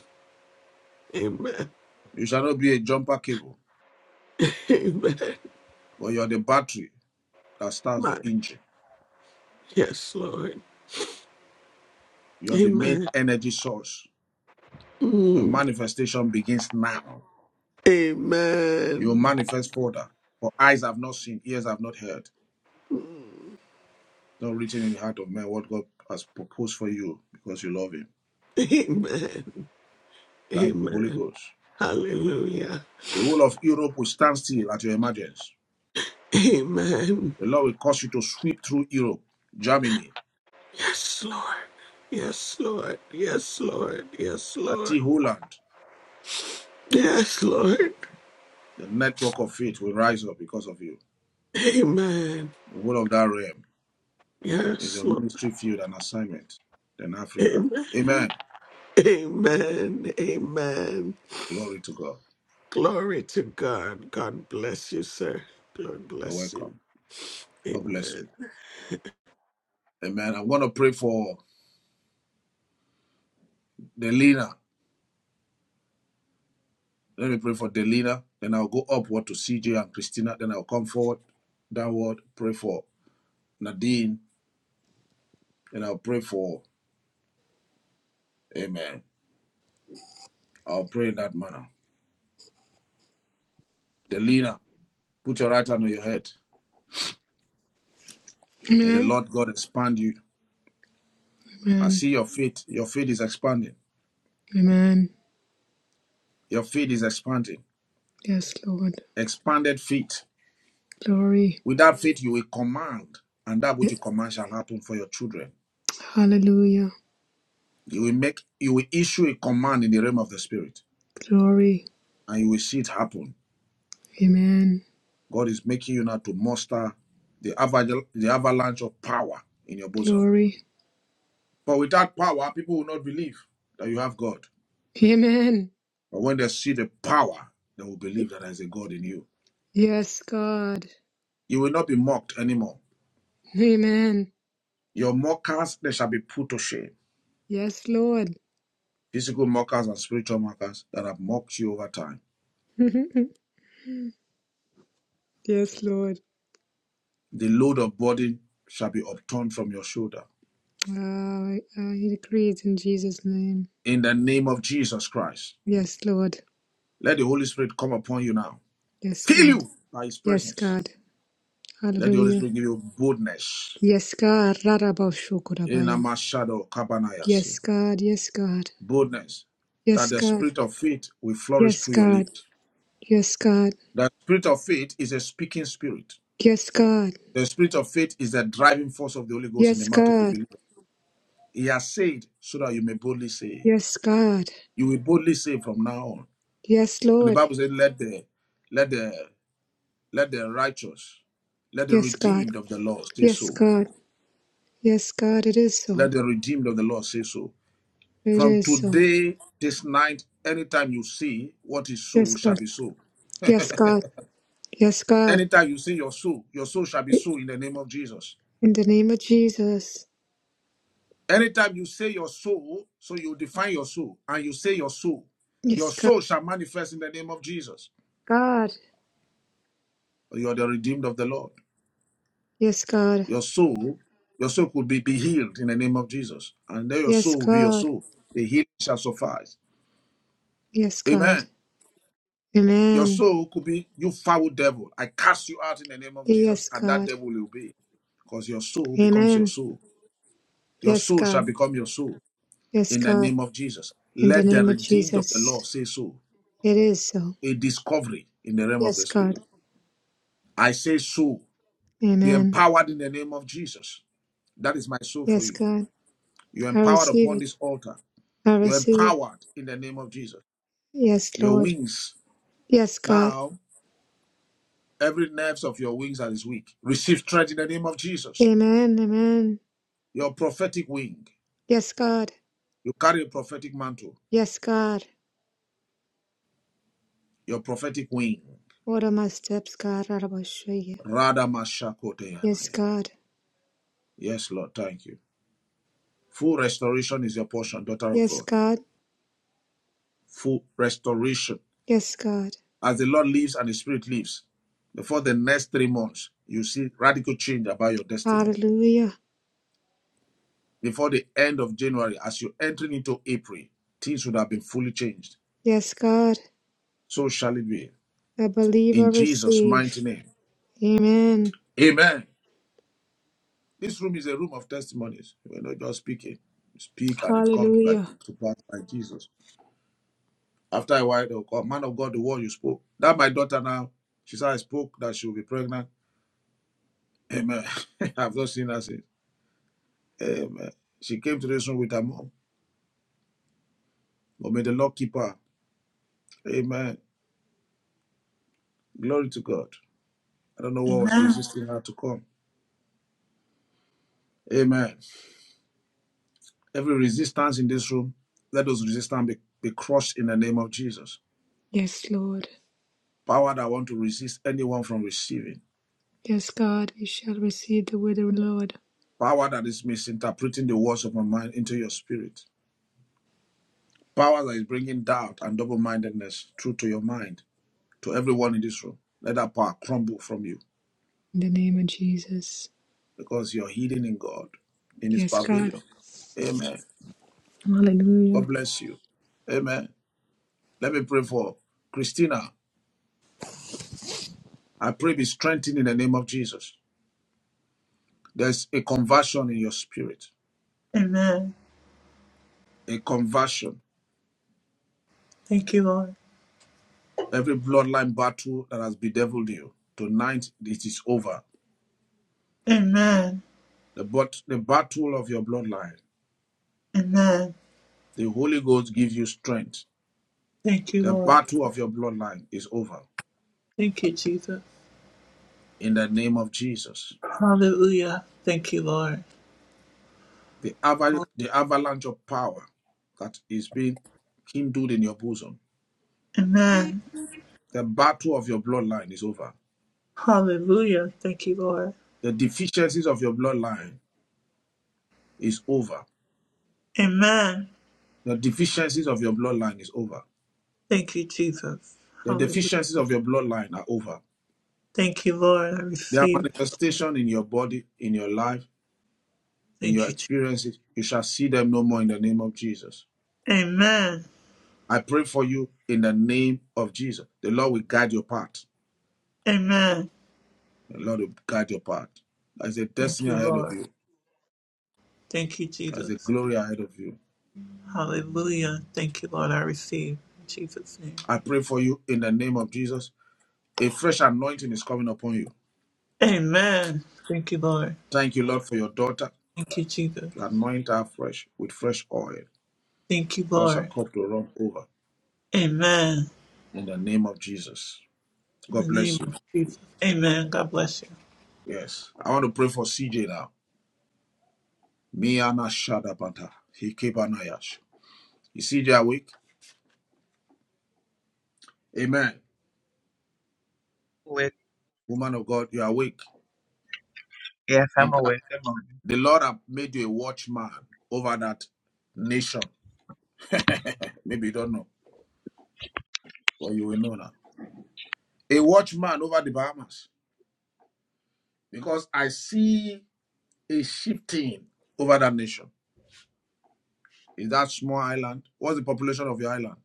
H: Amen.
B: You shall not be a jumper cable,
H: Amen.
B: but you're the battery that starts
H: My,
B: the engine.
H: yes, Lord.
B: You're the main
H: Amen.
B: energy source. Your
H: Mm.
B: manifestation begins now. You will
H: Amen.
B: manifest further. For eyes have not seen, ears have not heard. It's not written in the heart of man what God has proposed for you because you love Him.
H: Amen.
B: Thank you, Holy
H: Amen.
B: Ghost.
H: Hallelujah.
B: The whole of Europe will stand still at your emergence.
H: Amen.
B: The Lord will cause you to sweep through Europe, Germany.
H: Yes, Lord. Yes, Lord. Yes, Lord. Yes,
B: I
H: Lord.
B: see Holland.
H: Yes, Lord.
B: The network of faith will rise up because of you.
H: Amen.
B: The whole of that realm is
H: Yes,
B: your
H: Lord.
B: ministry field and assignment in Africa.
H: Amen.
B: Amen.
H: Amen. Amen.
B: Glory to God.
H: Glory to God. God bless you, sir. God
B: You're
H: bless you.
B: welcome. God bless
H: Amen.
B: you. Amen. I'm going to pray for Delina. Let me pray for Delina. Then I'll go upward to CJ and Christina. Then I'll come forward, downward, pray for Nadine. And I'll pray for, Amen. I'll pray in that manner. Delina, put your right hand on your head. May the
E: Amen.
B: Lord God expand you. I
E: Amen.
B: see your faith. Your faith is expanding.
E: Amen.
B: Your faith is expanding.
E: Yes, Lord.
B: Expanded faith.
E: Glory.
B: With that faith, you will command, and that which you command shall happen for your children.
E: Hallelujah.
B: You will make, you will issue a command in the realm of the spirit,
E: Glory.
B: and you will see it happen.
E: Amen.
B: God is making you now to muster the, aval- the avalanche of power in your bosom.
E: Glory.
B: For without power, people will not believe that you have God.
E: Amen.
B: But when they see the power, they will believe that there is a God in you.
E: Yes, God.
B: You will not be mocked anymore.
E: Amen.
B: Your mockers, they shall be put to shame.
E: Yes, Lord.
B: physical mockers and spiritual mockers that have mocked you over time.
E: yes, Lord.
B: The load of burden shall be upturned from your shoulder.
E: Ah, I, I agree it in Jesus' name.
B: In the name of Jesus Christ,
E: Yes, Lord.
B: let the Holy Spirit come upon you now.
E: Yes,
B: Fill
E: God.
B: you by His
E: Yes,
B: presence.
E: God.
B: Let the Holy
E: Hallelujah.
B: Spirit give you boldness.
E: Yes, God.
B: In
E: Rarabashokorabaya.
B: a shadow,
E: Yes,
B: kabanayasia.
E: God. Yes, God.
B: Boldness that
E: Yes,
B: the
E: God.
B: spirit of faith will flourish
E: Yes,
B: through your
E: God.
B: lips.
E: Yes, God.
B: The spirit of faith is a speaking spirit.
E: Yes, God.
B: The spirit of faith is the driving force of the Holy Ghost in the
E: Yes,
B: mouth of the
E: God.
B: believer. He has said so that you may boldly say.
E: Yes, God.
B: You will boldly say from now on.
E: Yes,
B: And the
E: Lord.
B: Bible said, Let the let the let the righteous, let the
E: Yes, God.
B: redeemed of the Lord say
E: Yes,
B: so.
E: God. Yes, God. It is
B: Let
E: so.
B: the redeemed of the Lord say so.
E: It
B: From
E: is so.
B: today, this night, anytime you see what is so
E: Yes,
B: shall
E: God.
B: be so.
E: Yes, God. Yes, God.
B: Anytime you see your soul, your soul shall be so in the name of Jesus.
E: In the name of Jesus.
B: Anytime you say your soul, so you define your soul, and you say your soul, your
E: Yes, God.
B: soul shall manifest in the name of Jesus.
E: God.
B: You are the redeemed of the Lord.
E: Yes, God.
B: Your soul, your soul could be, be healed in the name of Jesus. And then your
E: Yes,
B: soul will be your
E: God.
B: soul. The healing shall suffice.
E: Yes, God.
B: Amen. Your
E: Amen.
B: soul could be, you foul devil. I cast you out in the name of Jesus,
E: Yes,
B: and that
E: God.
B: devil will be. Because your soul becomes your
E: Amen.
B: soul. Your
E: Yes,
B: soul shall
E: God.
B: become your soul
E: Yes,
B: in the
E: God.
B: name of Jesus.
E: In the
B: Let the
E: name of
B: redeemed of the Lord
E: Jesus.
B: say so.
E: It is so.
B: A discovery in the realm of the
E: Yes,
B: spirit.
E: God.
B: I say so. Be
E: Amen.
B: empowered in the name of Jesus. That is my soul for
E: Yes,
B: you.
E: God.
B: You're
E: I
B: empowered
E: receive
B: upon
E: it.
B: this altar
E: I
B: You're
E: receive it.
B: empowered in the name of Jesus.
E: Yes,
B: Your
E: Lord.
B: wings,
E: Yes, God.
B: now, every nerve of your wings that is weak, receive strength in the name of Jesus.
E: Amen. Amen.
B: Your prophetic wing,
E: Yes, God.
B: you carry a prophetic mantle,
E: Yes, God.
B: your prophetic wing.
E: Order my steps, God. Arabashaya.
B: Rada
E: Yes, God.
B: Yes, Lord, thank you. Full restoration is your portion, daughter of
E: Yes,
B: God.
E: God.
B: Full restoration.
E: Yes, God.
B: As the Lord lives and the Spirit lives, before the next three months, you see radical change about your destiny
E: Hallelujah.
B: before the end of January, as you're entering into April, things would have been fully changed.
E: Yes, God.
B: So shall it be.
E: I believe I
B: In Jesus' mighty
E: receive.
B: name.
E: Amen.
B: Amen. This room is a room of testimonies. We're not just speaking. You speak and it comes by
E: Hallelujah.
B: to pass by Jesus. After a while, they'll call, man of God, the word you spoke. That my daughter now, she said I spoke that she will be pregnant. Amen. I've not seen her since. Amen. She came to this room with her mom. But may the Lord keep her. Amen. Glory to God. I don't know what was
A: Amen.
B: resisting her to come. Amen. Every resistance in this room, let those resistance be, be crushed in the name of Jesus.
E: Yes, Lord.
B: Power that want to resist anyone from receiving.
E: Yes, God. We shall receive the word of the Lord.
B: Power that is misinterpreting the words of my mind into your spirit. Power that is bringing doubt and double mindedness through to your mind, to everyone in this room. Let that power crumble from you
E: In the name of Jesus.
B: because you're hidden in God, in His
E: Yes, God.
B: pavilion. Amen.
E: Hallelujah.
B: God bless you. Amen. Let me pray for Christina. I pray be strengthened in the name of Jesus. There's a conversion in your spirit.
A: Amen.
B: a conversion.
A: Thank you, Lord.
B: Every bloodline battle that has bedeviled you, tonight it is over.
A: Amen.
B: The, but, the battle of your bloodline,
A: Amen.
B: the Holy Ghost gives you strength.
A: Thank you,
B: The
A: Lord.
B: battle of your bloodline is over.
A: Thank you, Jesus.
B: In the name of Jesus.
A: Hallelujah. Thank you, Lord.
B: The, aval the avalanche of power that is being kindled in your bosom,
A: Amen.
B: the battle of your bloodline is over.
A: Hallelujah. Thank you, Lord.
B: The deficiencies of your bloodline is over.
A: Amen.
B: The deficiencies of your bloodline is over.
A: Thank you, Jesus.
B: The
A: Hallelujah.
B: deficiencies of your bloodline are over
A: Thank you, Lord. I
B: Their
A: receive.
B: manifestation in your body, in your life, in
A: Thank
B: your
A: you. Jesus.
B: experiences, you shall see them no more in the name of Jesus.
A: Amen.
B: I pray for you in the name of Jesus. The Lord will guide your path.
A: Amen.
B: The Lord will guide your path. There's a
A: Thank
B: destiny
A: you,
B: ahead of
A: Lord.
B: you.
A: Thank you,
B: There's a
A: Jesus.
B: glory ahead of you.
A: Hallelujah. Thank you, Lord. I receive in Jesus' name.
B: I pray for you in the name of Jesus. A fresh anointing is coming upon you.
A: Amen. Thank you, Lord.
B: Thank you, Lord, for your daughter.
A: Thank you, Jesus.
B: Anoint her fresh with fresh oil.
A: Thank you,
B: Cause her
A: Lord.
B: cup to run over
A: Amen.
B: in the name of Jesus. God
A: In the name
B: bless you.
A: of Amen. God bless you.
B: Yes. I want to pray for CJ now. Miana Shadabata. Hikebanayash. You see, you're awake? Amen.
J: Awake.
B: Woman of God, you're awake.
J: Yes, I'm
B: In that,
J: awake. Good morning.
B: the Lord have made you a watchman over that nation. Maybe you don't know, but you will know now. A watchman over the Bahamas. Because I see a shifting over that nation. Is that small island? What's the population of your island?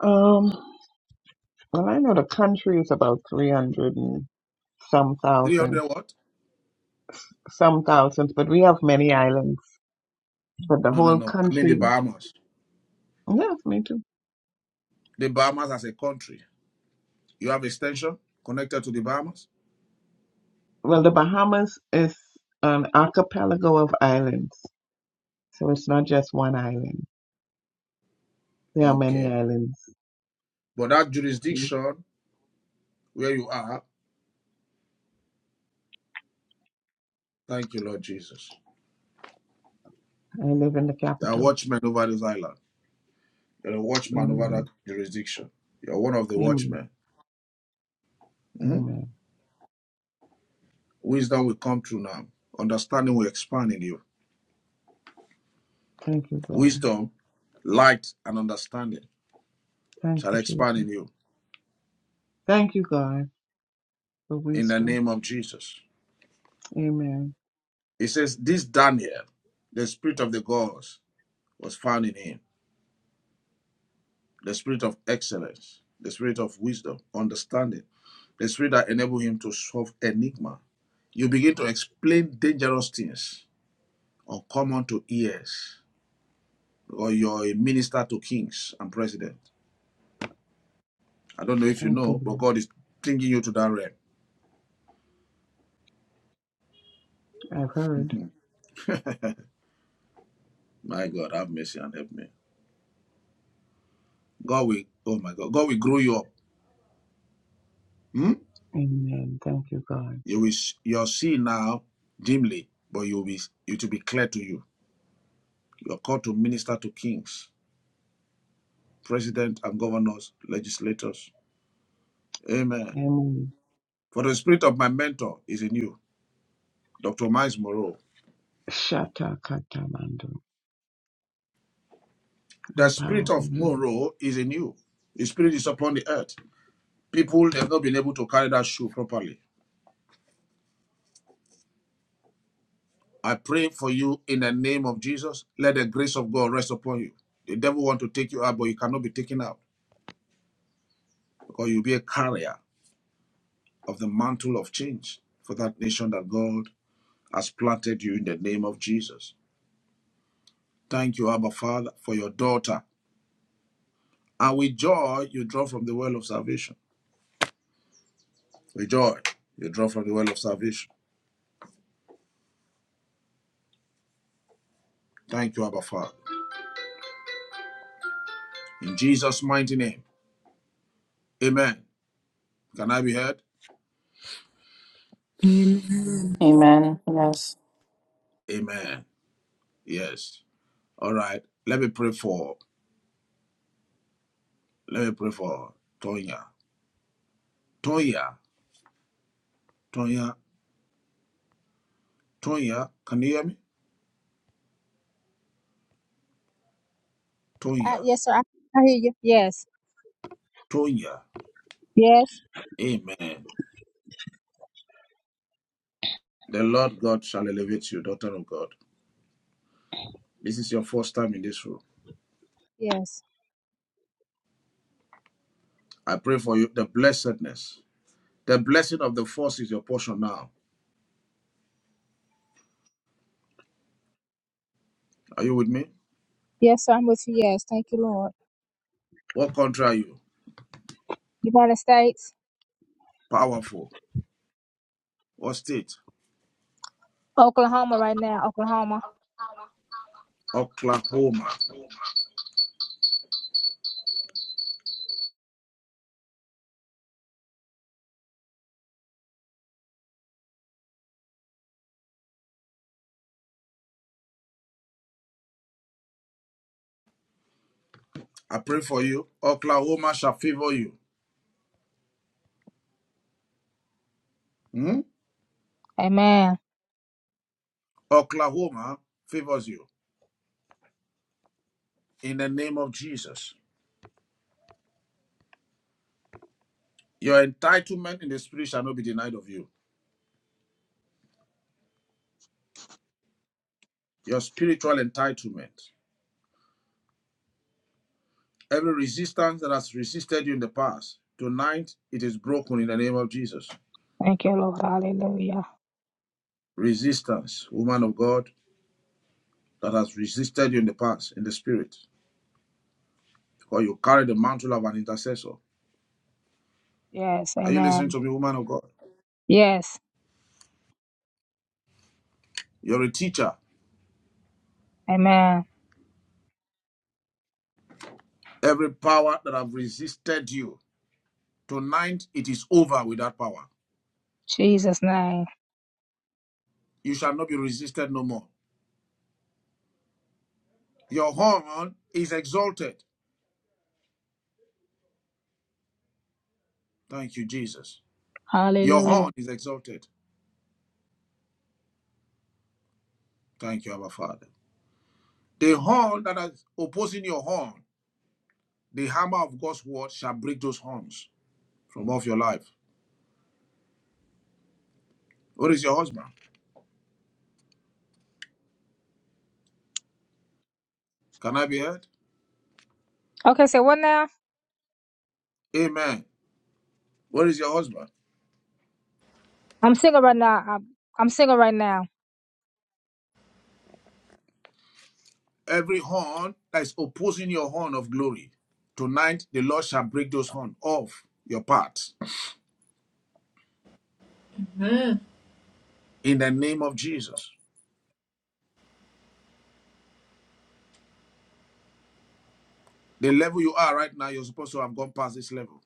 J: Um, well, I know the country is about 300 and some thousand,
B: 300 what?
J: some thousands, but we have many islands. But the
B: No, no,
J: whole
B: no. I mean the
J: country,
B: Bahamas.
J: yes, me too.
B: The Bahamas as a country. You have extension connected to the Bahamas?
J: Well, the Bahamas is an archipelago of islands, so it's not just one island. There are many
B: Okay.
J: islands.
B: But that
J: I
B: jurisdiction where you are, thank you, Lord Jesus.
J: live in the
B: There are
J: capital.
B: watchmen over this island. You're a watchman over that
J: Amen.
B: jurisdiction. You're one of the
J: Amen.
B: watchmen. Mhm.
J: Amen.
B: Wisdom will come through now. Understanding will expand in you.
J: Thank you, God.
B: Wisdom, light, and understanding
J: Thank
B: shall
J: you,
B: expand
J: Jesus.
B: in you
J: Thank you, God, for
B: in the
J: wisdom.
B: name of Jesus.
J: Amen.
B: It says, This Daniel, the spirit of the gods, was found in him the spirit of excellence, the spirit of wisdom, understanding, the spirit that enables him to solve enigma. You begin to explain dangerous things or come unto ears, or you're a minister to kings and president. I don't know if you
J: Thank you,
B: know, but
J: Lord.
B: God is bringing you to that realm.
J: I've heard.
B: My God, have mercy and help me. God will, oh my God, God will grow you up. Hmm?
J: Amen. Thank you, God.
B: You will, you will see now dimly, but you'll be, it will be clear to you. You're called to minister to kings president and governors, legislators. Amen.
J: Amen.
B: For the spirit of my mentor is in you, Dr. Miles Moreau.
J: Shata katamando.
B: The
J: Empower
B: spirit
J: me.
B: of
J: Lord.
B: Moreau is in you. His spirit is upon the earth. People have not been able to carry that shoe properly. I pray for you in the name of Jesus. Let the grace of God rest upon you. The devil want to take you out, but you cannot be taken out because you'll be a carrier of the mantle of change for that nation that God has planted you in the name of Jesus. Thank you, Abba Father, for your daughter And with joy, you draw from the well of salvation. With joy, you draw from the well of salvation. Thank you, Abba Father. In Jesus' mighty name. Amen. Can I be heard?
E: Amen.
C: Amen. Yes.
B: Amen. Yes. All right. Let me pray for, let me pray for Tonya. Tonya. Tonya. Tonya. Can you hear me?
K: Uh,
B: Tonya.
K: yes, sir. I, I hear you. Yes.
B: Tonya.
K: Yes.
B: Amen. The Lord God shall elevate you, daughter of God. This is your first time in this room.
K: Yes.
B: I pray for you the blessedness. The blessing of the force is your portion now. Are you with me?
K: Yes, sir. I'm with you. Yes. Thank you, Lord.
B: What country are you?
K: United States,
B: Powerful. What state?
K: Oklahoma right now. Oklahoma.
B: Oklahoma. I pray for you. Oklahoma shall favor you. Hmm?
K: Amen.
B: Oklahoma favors you in the name of Jesus. Your entitlement in the spirit shall not be denied of you. Your spiritual entitlement. Every resistance that has resisted you in the past, tonight it is broken in the name of Jesus.
K: Thank you, Lord. Hallelujah.
B: Resistance, woman of God, that has resisted you in the past in the spirit, because you carry the mantle of an intercessor.
K: Yes.
B: Are you listening
K: Amen.
B: to me, woman of God?
K: Yes.
B: You're a teacher.
K: Amen.
B: Every power that have resisted you, tonight it is over with that power.
K: Jesus' name.
B: You shall not be resisted no more. Your horn is exalted. Thank you, Jesus. Your
K: Hallelujah.
B: horn is exalted. Thank you, our Father. The horn that is opposing your horn, the hammer of God's word shall break those horns from off your life. What is your husband? Can I be heard?
K: Okay, so what now?
B: Amen. What is your husband?
K: I'm single right now. I'm, I'm single right now.
B: every horn that is opposing your horn of glory. Tonight, the Lord shall break those horns off your path in the name of Jesus. The level you are right now, you're supposed to have gone past this level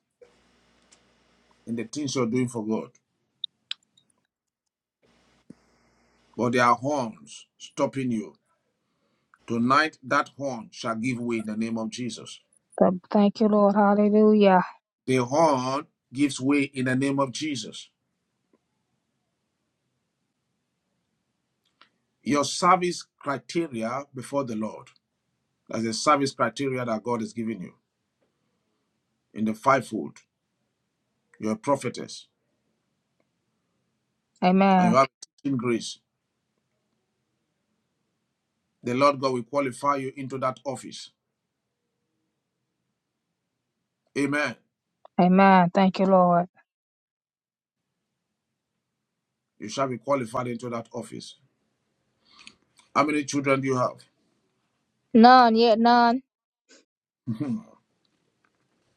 B: in the things you're doing for God. But there are horns stopping you. Tonight, that horn shall give way in the name of Jesus.
K: Th- Thank you, Lord. Hallelujah.
B: The horn gives way in the name of Jesus. Your service criteria before the Lord. That's the service criteria that God has given you in the fivefold. You're a prophetess. and
K: Amen.
B: you have in grace, the Lord God will qualify you into that office. Amen.
K: Amen. Thank you, Lord.
B: You shall be qualified into that office. How many children do you have?
K: None yet, none.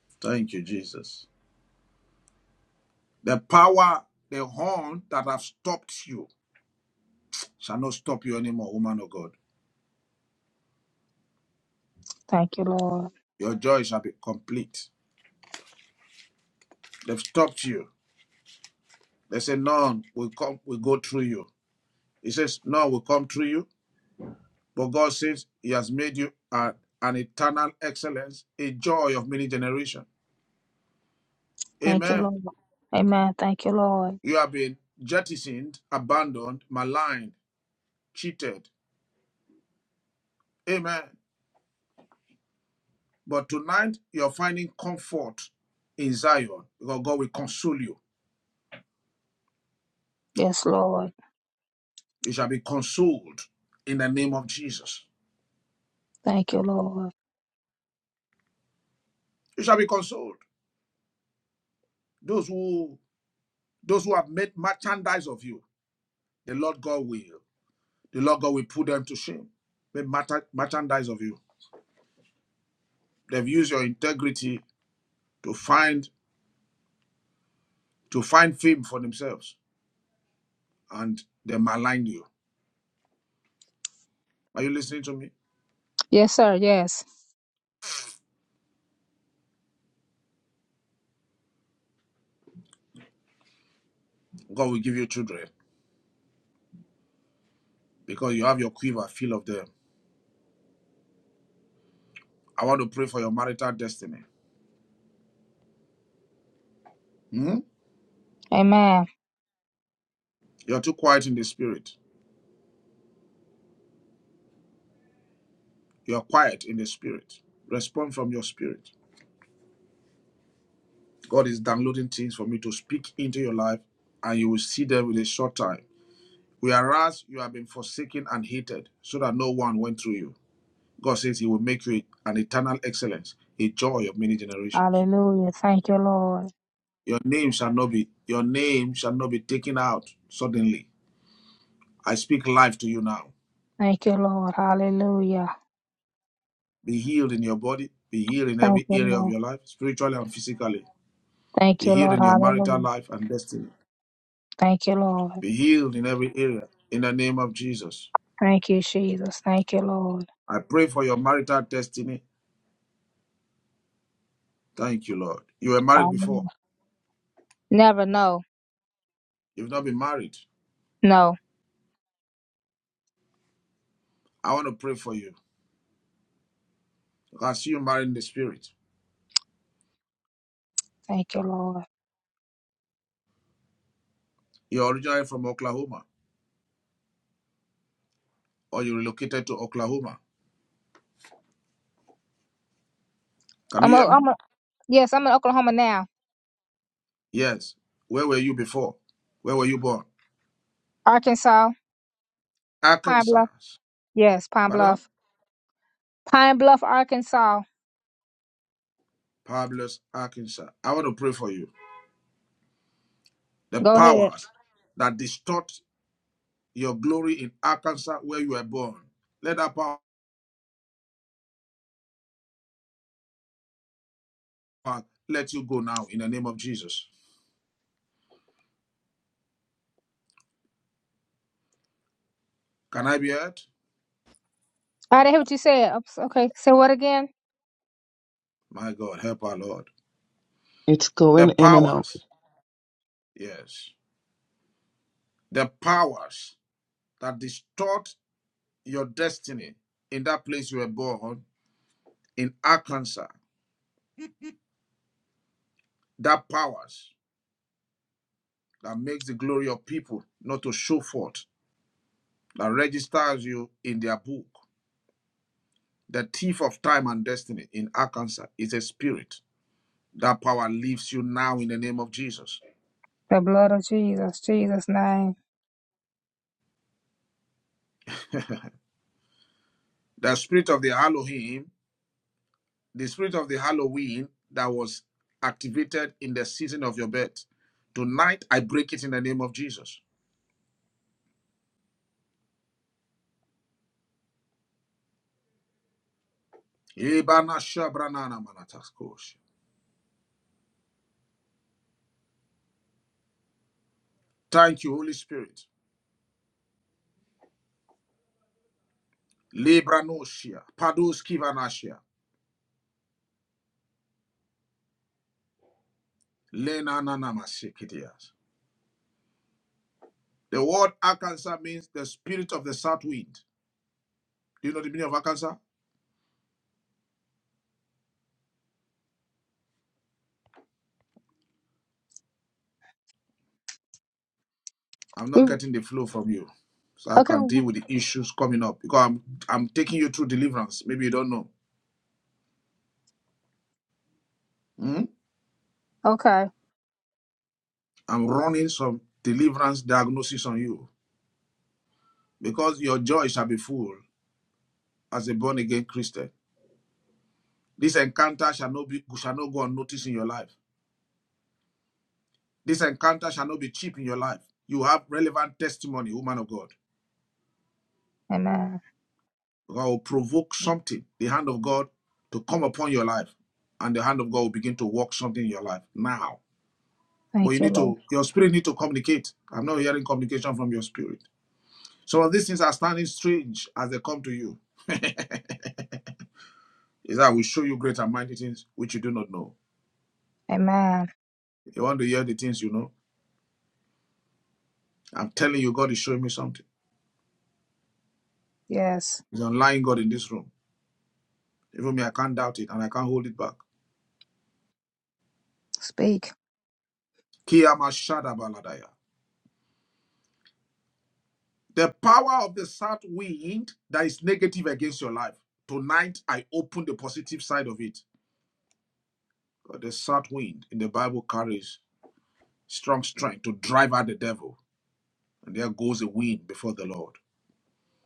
B: Thank you, Jesus. The power, the horn that have stopped you shall not stop you anymore, woman of God.
K: Thank you, Lord.
B: Your joy shall be complete. They've stopped you. They say, None will come, will go through you. He says, None will come through you. But God says He has made you a- an eternal excellence, a joy of many generations.
K: Thank you,
B: Amen.
K: Lord. Amen. Thank you, Lord.
B: You have been jettisoned, abandoned, maligned, cheated. Amen. But tonight, you're finding comfort in Zion because God will console you.
K: Yes, Lord.
B: You shall be consoled in the name of Jesus.
K: Thank you, Lord.
B: You shall be consoled. Those who those who have made merchandise of you, the Lord God will. The Lord God will put them to shame. Made merta- merchandise of you. They've used your integrity to find to find fame for themselves, and they maligned you. Are you listening to me?
K: Yes, sir. Yes.
B: God will give you children because you have your quiver full of them. I want to pray for your marital destiny. Hmm?
K: Amen.
B: You're too quiet in the spirit. You're quiet in the spirit. Respond from your spirit. God is downloading things for me to speak into your life, and you will see them with a short time. Whereas you have been forsaken and hated, so that no one went through you. God says He will make you an eternal excellence, a joy of many generations.
K: Hallelujah. Thank you, Lord.
B: Your name shall not be your name shall not be taken out suddenly. I speak life to you now.
K: Thank you, Lord. Hallelujah.
B: Be healed in your body. Be healed in
K: Thank
B: every
K: you,
B: area of
K: Lord.
B: your life, spiritually and physically.
K: Thank
B: Be
K: you,
B: healed
K: Lord.
B: in your marital
K: Hallelujah.
B: life and destiny.
K: Thank you, Lord.
B: Be healed in every area in the name of Jesus.
K: Thank you, Jesus. Thank you, Lord.
B: I pray for your marital destiny. Thank you, Lord. You were married before.
K: Hallelujah. Never know.
B: You've not been married.
K: No.
B: I want to pray for you. I see you married in the spirit.
K: Thank you, Lord.
B: You're originally from Oklahoma or you relocated to Oklahoma. Can
K: I'm
B: you
K: a,
B: hear me?
K: I'm a, yes, I'm in Oklahoma now.
B: Yes. Where were you before? Where were you born?
K: Arkansas. Pine
B: Arkansas.
K: Bluff. Yes, Pine
B: Pardon?
K: Bluff. Pine Bluff, Arkansas.
B: Pablos, Arkansas. I want to pray for you. the
K: Go ahead.
B: powers that distort your glory in Arkansas where you were born. Let that power let you go now in the name of Jesus. Can I be heard?
K: I didn't hear what you said. Oops, Okay. Say what again?
B: My God, help our Lord.
J: It's
B: The
J: going in and out.
B: powers, yes, the powers that distort your destiny in that place you were born in Arkansas, that powers that makes the glory of people not to show forth, that registers you in their book. The thief of time and destiny in Arkansas is a spirit That power leaves you now in the name of Jesus.
K: The blood of Jesus. Jesus' name.
B: The spirit of the Elohim, the spirit of the Halloween that was activated in the season of your birth, tonight I break it in the name of Jesus. Thank you, Holy Spirit. The word Arkansas means the spirit of the south wind. Do you know the meaning of Arkansas? I'm
K: We
B: not getting the flow from you. So I
K: okay.
B: can deal
K: w-
B: with the issues coming up because I'm I'm taking you through deliverance. Maybe you don't know. Hmm?
K: Okay.
B: I'm running some deliverance diagnosis on you because your joy shall be full as a born again Christian. This encounter shall not be shall not go unnoticed in your life. This encounter shall not be cheap in your life. You have relevant testimony, woman of God.
K: Amen.
B: God will provoke something, the hand of God, to come upon your life, and the hand of God will begin to work something in your life now But
K: Thank
B: you
K: you,
B: need
K: Lord.
B: to, your spirit need to communicate. I'm not hearing communication from your spirit. Some of these things are standing strange as they come to you. Is that I will show you great and mighty things which you do not know.
K: Amen.
B: You want to hear the things you know. I'm telling you, God is showing me something.
K: Yes.
B: He's an lying God in this room. Even me, I can't doubt it and I can't hold it back.
K: Speak.
B: Kiyama Shada Baladaya. The power of the south wind that is negative against your life. Tonight, I open the positive side of it. The south wind in the Bible carries strong strength to drive out the devil. And there goes a wind before the Lord.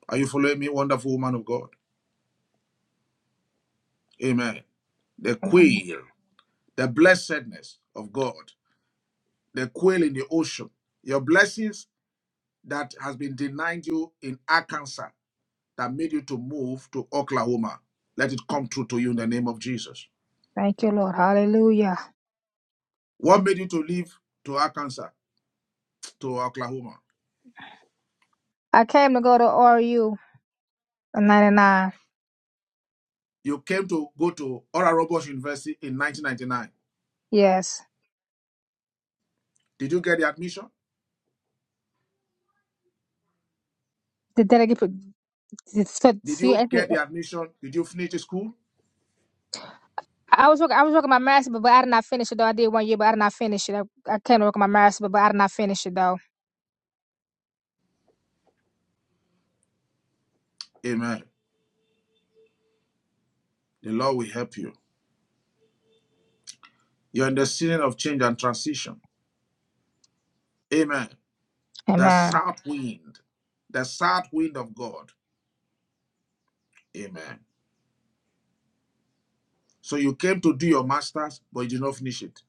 B: Are you following me, wonderful woman of God? Amen. The
K: Amen.
B: quail, the blessedness of God, the quail in the ocean, your blessings that has been denied you in Arkansas that made you to move to Oklahoma. Let it come true to you in the name of Jesus.
K: Thank you, Lord. Hallelujah.
B: What made you to leave to Arkansas, to Oklahoma?
K: I came to go to RU '99.
B: You came to go to Oral Roberts University in 1999.
K: Yes.
B: Did you get the admission?
K: Did that get put? So,
B: Did
K: so you
B: you
K: asked me.
B: get the admission? Did you finish the school?
K: I was working. I was working my master, but, but I did not finish it though. I did one year, but I did not finish it. I, I came to work on my master, but, but I did not finish it though.
B: Amen. The Lord will help you. You're in the season of change and transition. Amen. The
K: Amen.
B: south wind, the south wind of God. Amen. So you came to do your master's, but you did not finish it.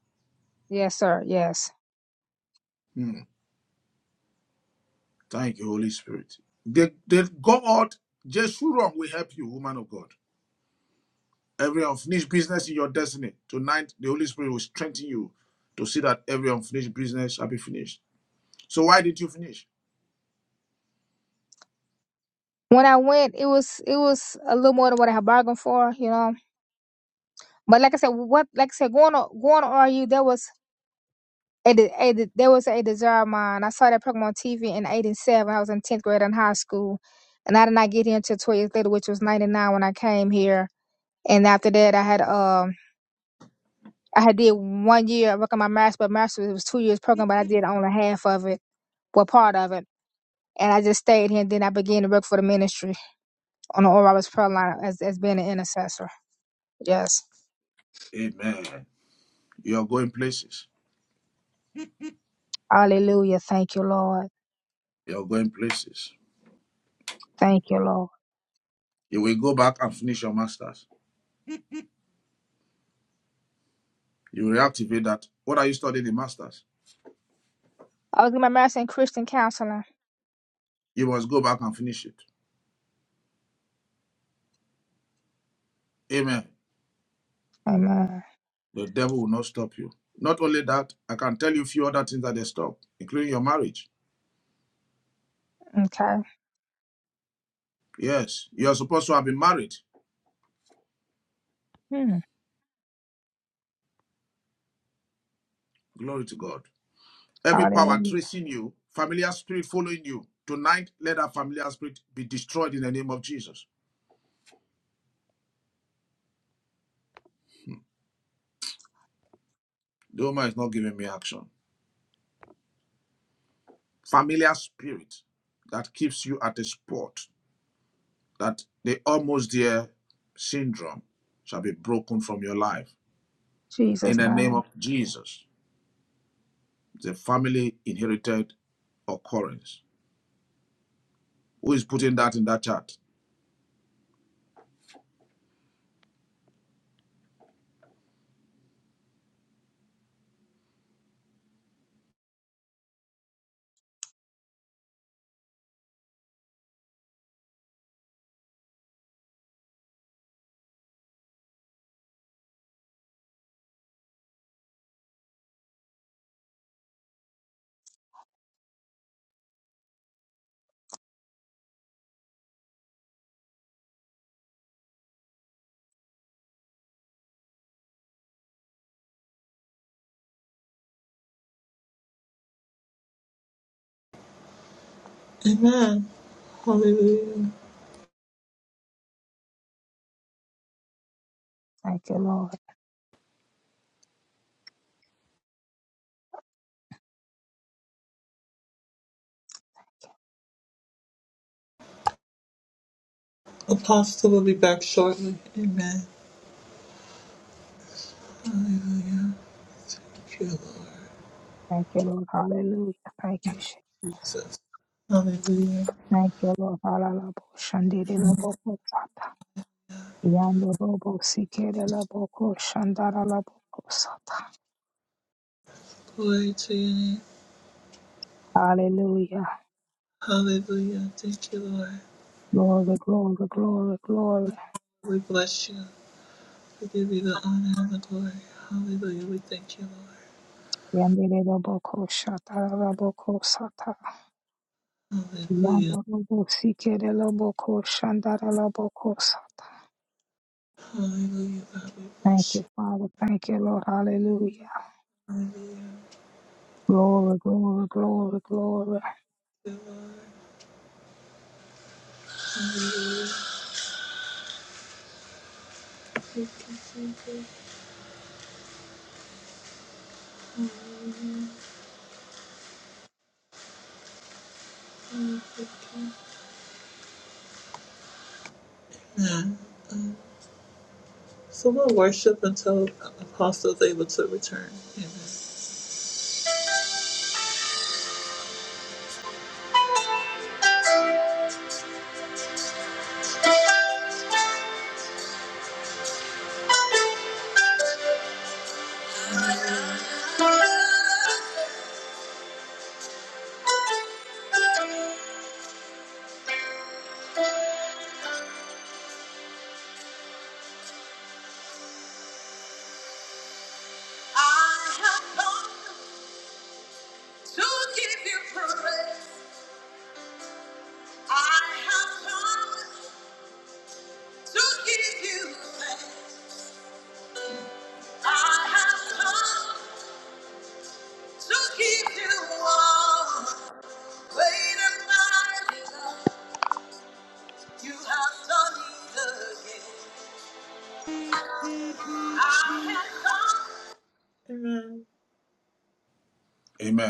K: Yes, sir. Yes.
B: Hmm. Thank you, Holy Spirit. The, the God, Jeshurun, will help you, woman of God. Every unfinished business in your destiny, tonight the Holy Spirit will strengthen you to see that every unfinished business shall be finished. So why did you finish?
K: When I went, it was it was a little more than what I had bargained for, you know. But like I said, what like I said, going on going to RU, there was A, de- a, de- there was a desire of mine. I saw that program on TV in '87. I was in 10th grade in high school, and I did not get here until 12 years later, which was '99 when I came here. And after that, I had um, I had did one year working my master's, but master's it was two years program, but I did only half of it, well, part of it, and I just stayed here. And then I began to work for the ministry on the Oral Roberts prayer line as as being an intercessor. Yes,
B: Amen. You're going places.
K: Hallelujah! Thank you, Lord.
B: You're going places.
K: Thank you, Lord.
B: You will go back and finish your master's. You will reactivate that. What are you studying in master's?
K: I was getting my master's in Christian counseling.
B: You must go back and finish it. Amen.
K: Amen.
B: The devil will not stop you. Not only that, I can tell you a few other things that they stop, including your marriage.
K: Okay.
B: Yes, you are supposed to have been married.
K: Hmm.
B: Glory to God. Every power
K: Hallelujah.
B: tracing you, familiar spirit following you. Tonight, let that familiar spirit be destroyed in the name of Jesus. The woman is not giving me action. Familiar spirit that keeps you at a spot. that the almost there syndrome shall be broken from your life in
K: Jesus'
B: the name
K: name.
B: of Jesus, the family inherited occurrence. Who is putting that in that chat?
A: Amen. Hallelujah.
K: Thank you, Lord.
A: Apostle will be back shortly. Amen.
K: Thank you, Lord. Hallelujah. Thank you, Jesus. Thank you, Lord. Hallelujah. Shandiri la boko sata. Yando robo sikere la boko shandara la boko sata.
A: Glory to your name.
K: Hallelujah.
A: Hallelujah. Thank you, Lord.
K: Glory, glory, glory, glory.
A: We bless you. We give you the honor.
K: Yandere la boko shatara la boko sata. Yando robo sikere la boko shandara la boko sata. Thank you, Father. Thank you, Lord. Hallelujah. Glory, glory, glory, glory.
A: So we'll worship until Apostle is able to return. Amen.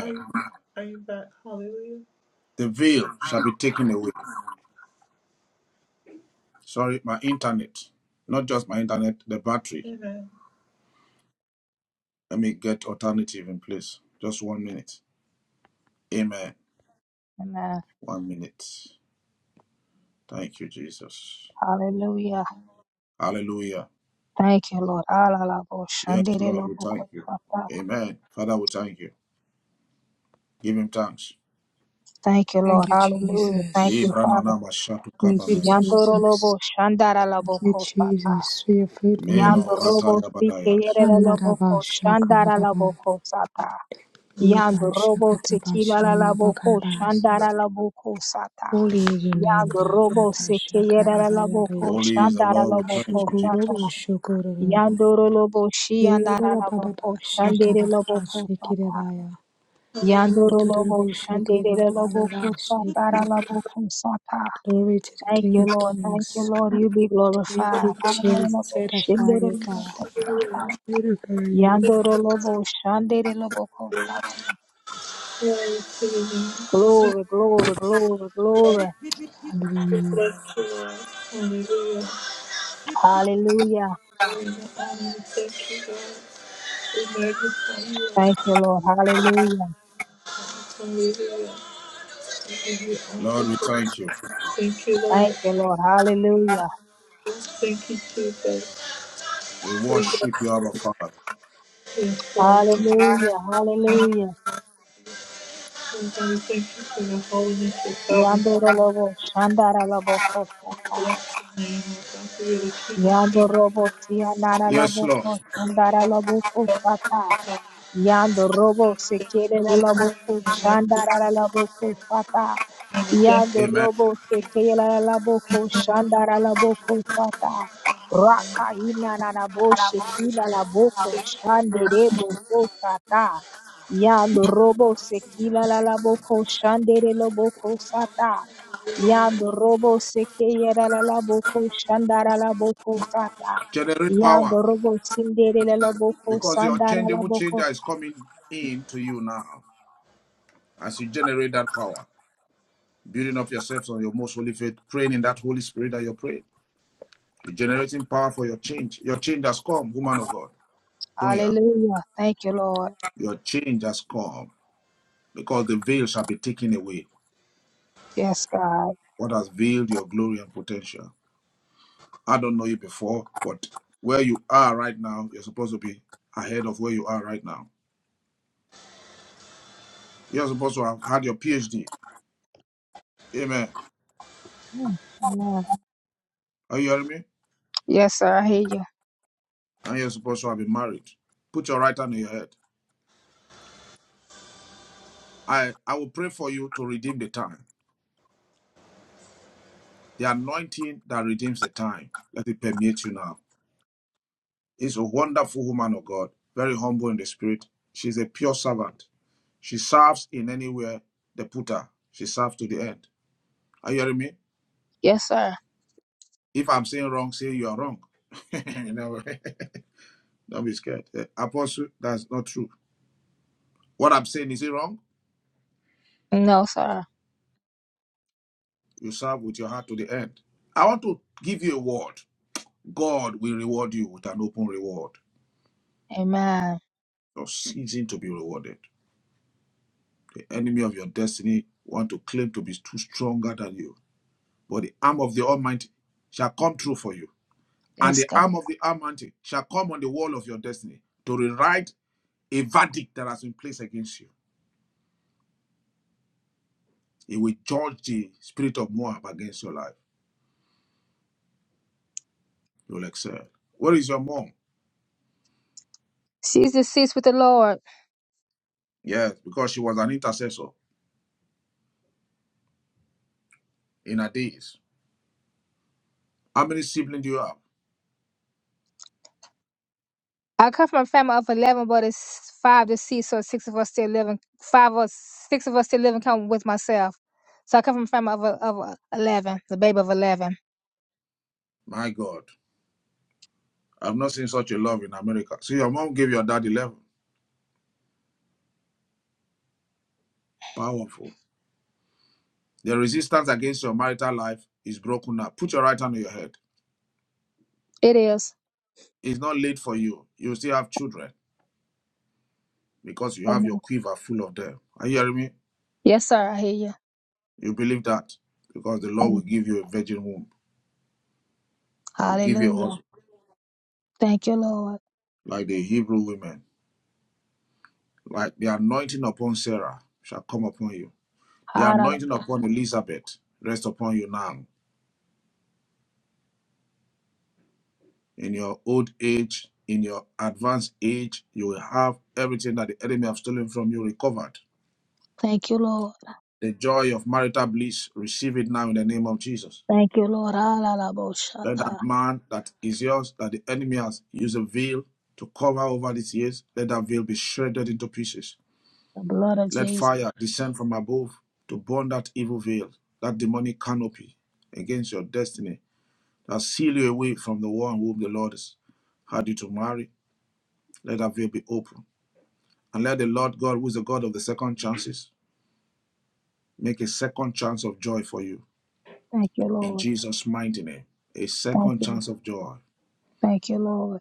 A: Are you, are you back? Hallelujah.
B: The veil shall be taken away. Sorry, my internet, not just my internet, the battery.
A: Amen.
B: Let me get alternative in place. Just one minute. Amen.
K: Amen.
B: One minute. Thank you, Jesus.
K: Hallelujah.
B: Hallelujah.
K: Thank you, Lord. Alalabo,
B: Yes, Lord, we
K: shanderelobo,
B: thank you. Amen. Father, we thank you. Give him thanks.
K: Thank you,
E: Thank
K: Lord.
E: you,
K: Hallelujah. Thank
E: Jesus.
K: you,
B: Libra
K: Father.
B: nana mashatu
E: Thank you,
B: kabanayas.
E: Jesus.
K: Yandorolobo, shandaralabo,
E: Thank you,
K: kosata.
E: Jesus, for your
B: Meno
E: faithfulness.
K: Yandorobo,
B: rataya badayas.
K: sikeyerelolobo, ko-
E: Kandarabasha
K: shandaralabo,
E: Kalaraba
K: kosata.
E: Basha
K: Yandorobo,
E: Katabashi
K: sikilalalabo, ko-
E: Abakarabashi.
K: shandaralabo, kosata.
E: Holy is your name,
K: Yandorobo,
E: Baba Basha
K: sikeyerelolobo,
E: Karabayabe.
K: ko-
B: Holy is the Lord. We
K: shandaralabo,
B: thank you,
K: kosata.
E: Shukuro
B: Jesus.
E: Shukuraba.
K: Yandoro lobo shi andara
E: Baba
K: lobo
E: Baba
K: ko
E: Basha
K: shandere lobo ko
E: Kalarabashi
K: sata.
E: Kirabaya.
K: Yandoro lobo
E: Kuruturubu
K: shandere lobo
E: Shikirabaya
K: ko
E: Bashi
K: satara
E: Kirabaya.
K: lobo ko sata.
E: Glory to the
K: Thank
E: King
K: you,
E: of
K: Lord. Thank you,
E: Kings.
K: Lord. You be
E: Thank
K: glorified.
E: you,
K: Yandoro
E: Jesus.
K: lobo
E: Set a
K: shandere
E: fire,
K: lobo
E: God.
K: ko sata.
E: Set a fire,
K: Yandoro lobo shandere lobo ko sata. Glory, glory, glory, glory.
E: God.
A: Hallelujah.
K: Hallelujah.
A: Thank you, God. We magnify you.
K: Thank you, Lord. Hallelujah.
A: Hallelujah. We give you all
B: Lord,
A: the
B: we
A: praise.
B: thank you.
A: Thank you,
K: Thank
A: Lord.
K: you, Lord. Hallelujah.
A: Thank you, Jesus.
B: We
A: We
B: worship
A: bless
B: you, our
A: you.
B: Father.
A: Yes, Lord. We
K: Hallelujah. Hallelujah.
A: oh God, we thank you for your holiness, your sovereignty.
K: Yandoro lobo shandara lobo kosata.
A: We Bless your name, oh God, for you're the King of
K: Yandoro
A: Kings,
K: bo sianara
B: Yes,
K: lobo
B: Lord.
K: kosandara lobo kosata. Yandoro bo sekere
A: the
K: la
A: Lord of
K: lobo
A: Kings, and righteous
K: kushandara la lobo kosata.
A: and the Justice.
K: Yandoro
B: Amen.
K: bo sekere la lobo kushandara lobo kosata. Raka ina na na bo shekila la boko shandere boko sata. Yandoro bo sekila la lobo kushandere lobo kosata. Yando robo seke yera la la boko shandara la boko sata.
B: Generate power
K: Yando robo sindere la la boko
B: because your
K: sandara la
B: changeable
K: boko.
B: changer is coming in to you now as you generate that power, building up yourselves on your most holy faith, praying in that Holy Spirit that you pray, You're generating power for your change. Your change has come, woman of God. Sonia,
K: Hallelujah. Thank you, Lord.
B: your change has come because the veil shall be taken away.
K: Yes, God.
B: what has veiled your glory and potential. I don't know you before, but where you are right now, you're supposed to be ahead of where you are right now. You're supposed to have had your PhD. Amen.
K: Mm, Amen.
B: Are you hearing me?
K: Yes, sir. I hear you.
B: And you're supposed to have been married. Put your right hand on your head. I, I will pray for you to redeem the time. The anointing that redeems the time, let it permeate you now. It's a wonderful woman of God, very humble in the spirit. She's a pure servant. She serves in anywhere they put her. She serves to the end. Are you hearing me?
K: Yes, sir.
B: If I'm saying wrong, say you are wrong. you know, don't be scared. Eh, Apostle, that's not true. What I'm saying is it wrong?
K: No, sir.
B: You serve with your heart to the end. I want to give you a word. God will reward you with an open reward.
K: Amen.
B: You're ceasing to be rewarded. The enemy of your destiny want to claim to be too stronger than you. But the arm of the Almighty shall come true for you. And
K: Yes,
B: the
K: God.
B: arm of the Almighty shall come on the wall of your destiny to rewrite a verdict that has been placed against you. He will judge the spirit of Moab against your life. You'll excel. Where is your mom?
K: She's deceased with the Lord.
B: Yes, because she was an intercessor in her days. How many siblings do you have?
K: I come from a family of 11, but it's five deceased, so six of us still living. Five or six of us still living, come with myself. So I come from a family of, of 11, the baby of 11.
B: My God, I've not seen such a love in America. So your mom gave your dad 11. Powerful. The resistance against your marital life is broken now. Put your right hand on your head.
K: It is.
B: It's not late for you. You still have children because you have your
K: Amen.
B: quiver full of them. Are you hearing me?
K: Yes, sir. I hear you.
B: You believe that because the Lord will
K: Amen.
B: give you a virgin womb. He will give you a
K: Hallelujah.
B: husband
K: Thank you, Lord.
B: like the Hebrew women. Like the anointing upon Sarah shall come upon you. The anointing
K: Hallelujah.
B: upon Elizabeth rest upon you now. In your old age, in your advanced age, you will have everything that the enemy have stolen from you recovered.
K: Thank you, Lord.
B: The joy of marital bliss, receive it now in the name of Jesus.
K: Thank you, Lord. Hallelujah.
B: Let that man that is yours, that the enemy has used a veil to cover over these years, let that veil be shredded into pieces.
K: The blood of
B: Let
K: Jesus.
B: fire descend from above to burn that evil veil, that demonic canopy against your destiny that seal you away from the one whom the Lord has had you to marry. Let that veil be open. And let the Lord God, who is the God of the second chances, make a second chance of joy for you.
K: Thank you,
B: In
K: Lord.
B: Jesus' mighty name, a
K: Thank
B: second
K: you.
B: chance of joy,
K: Thank you, Lord.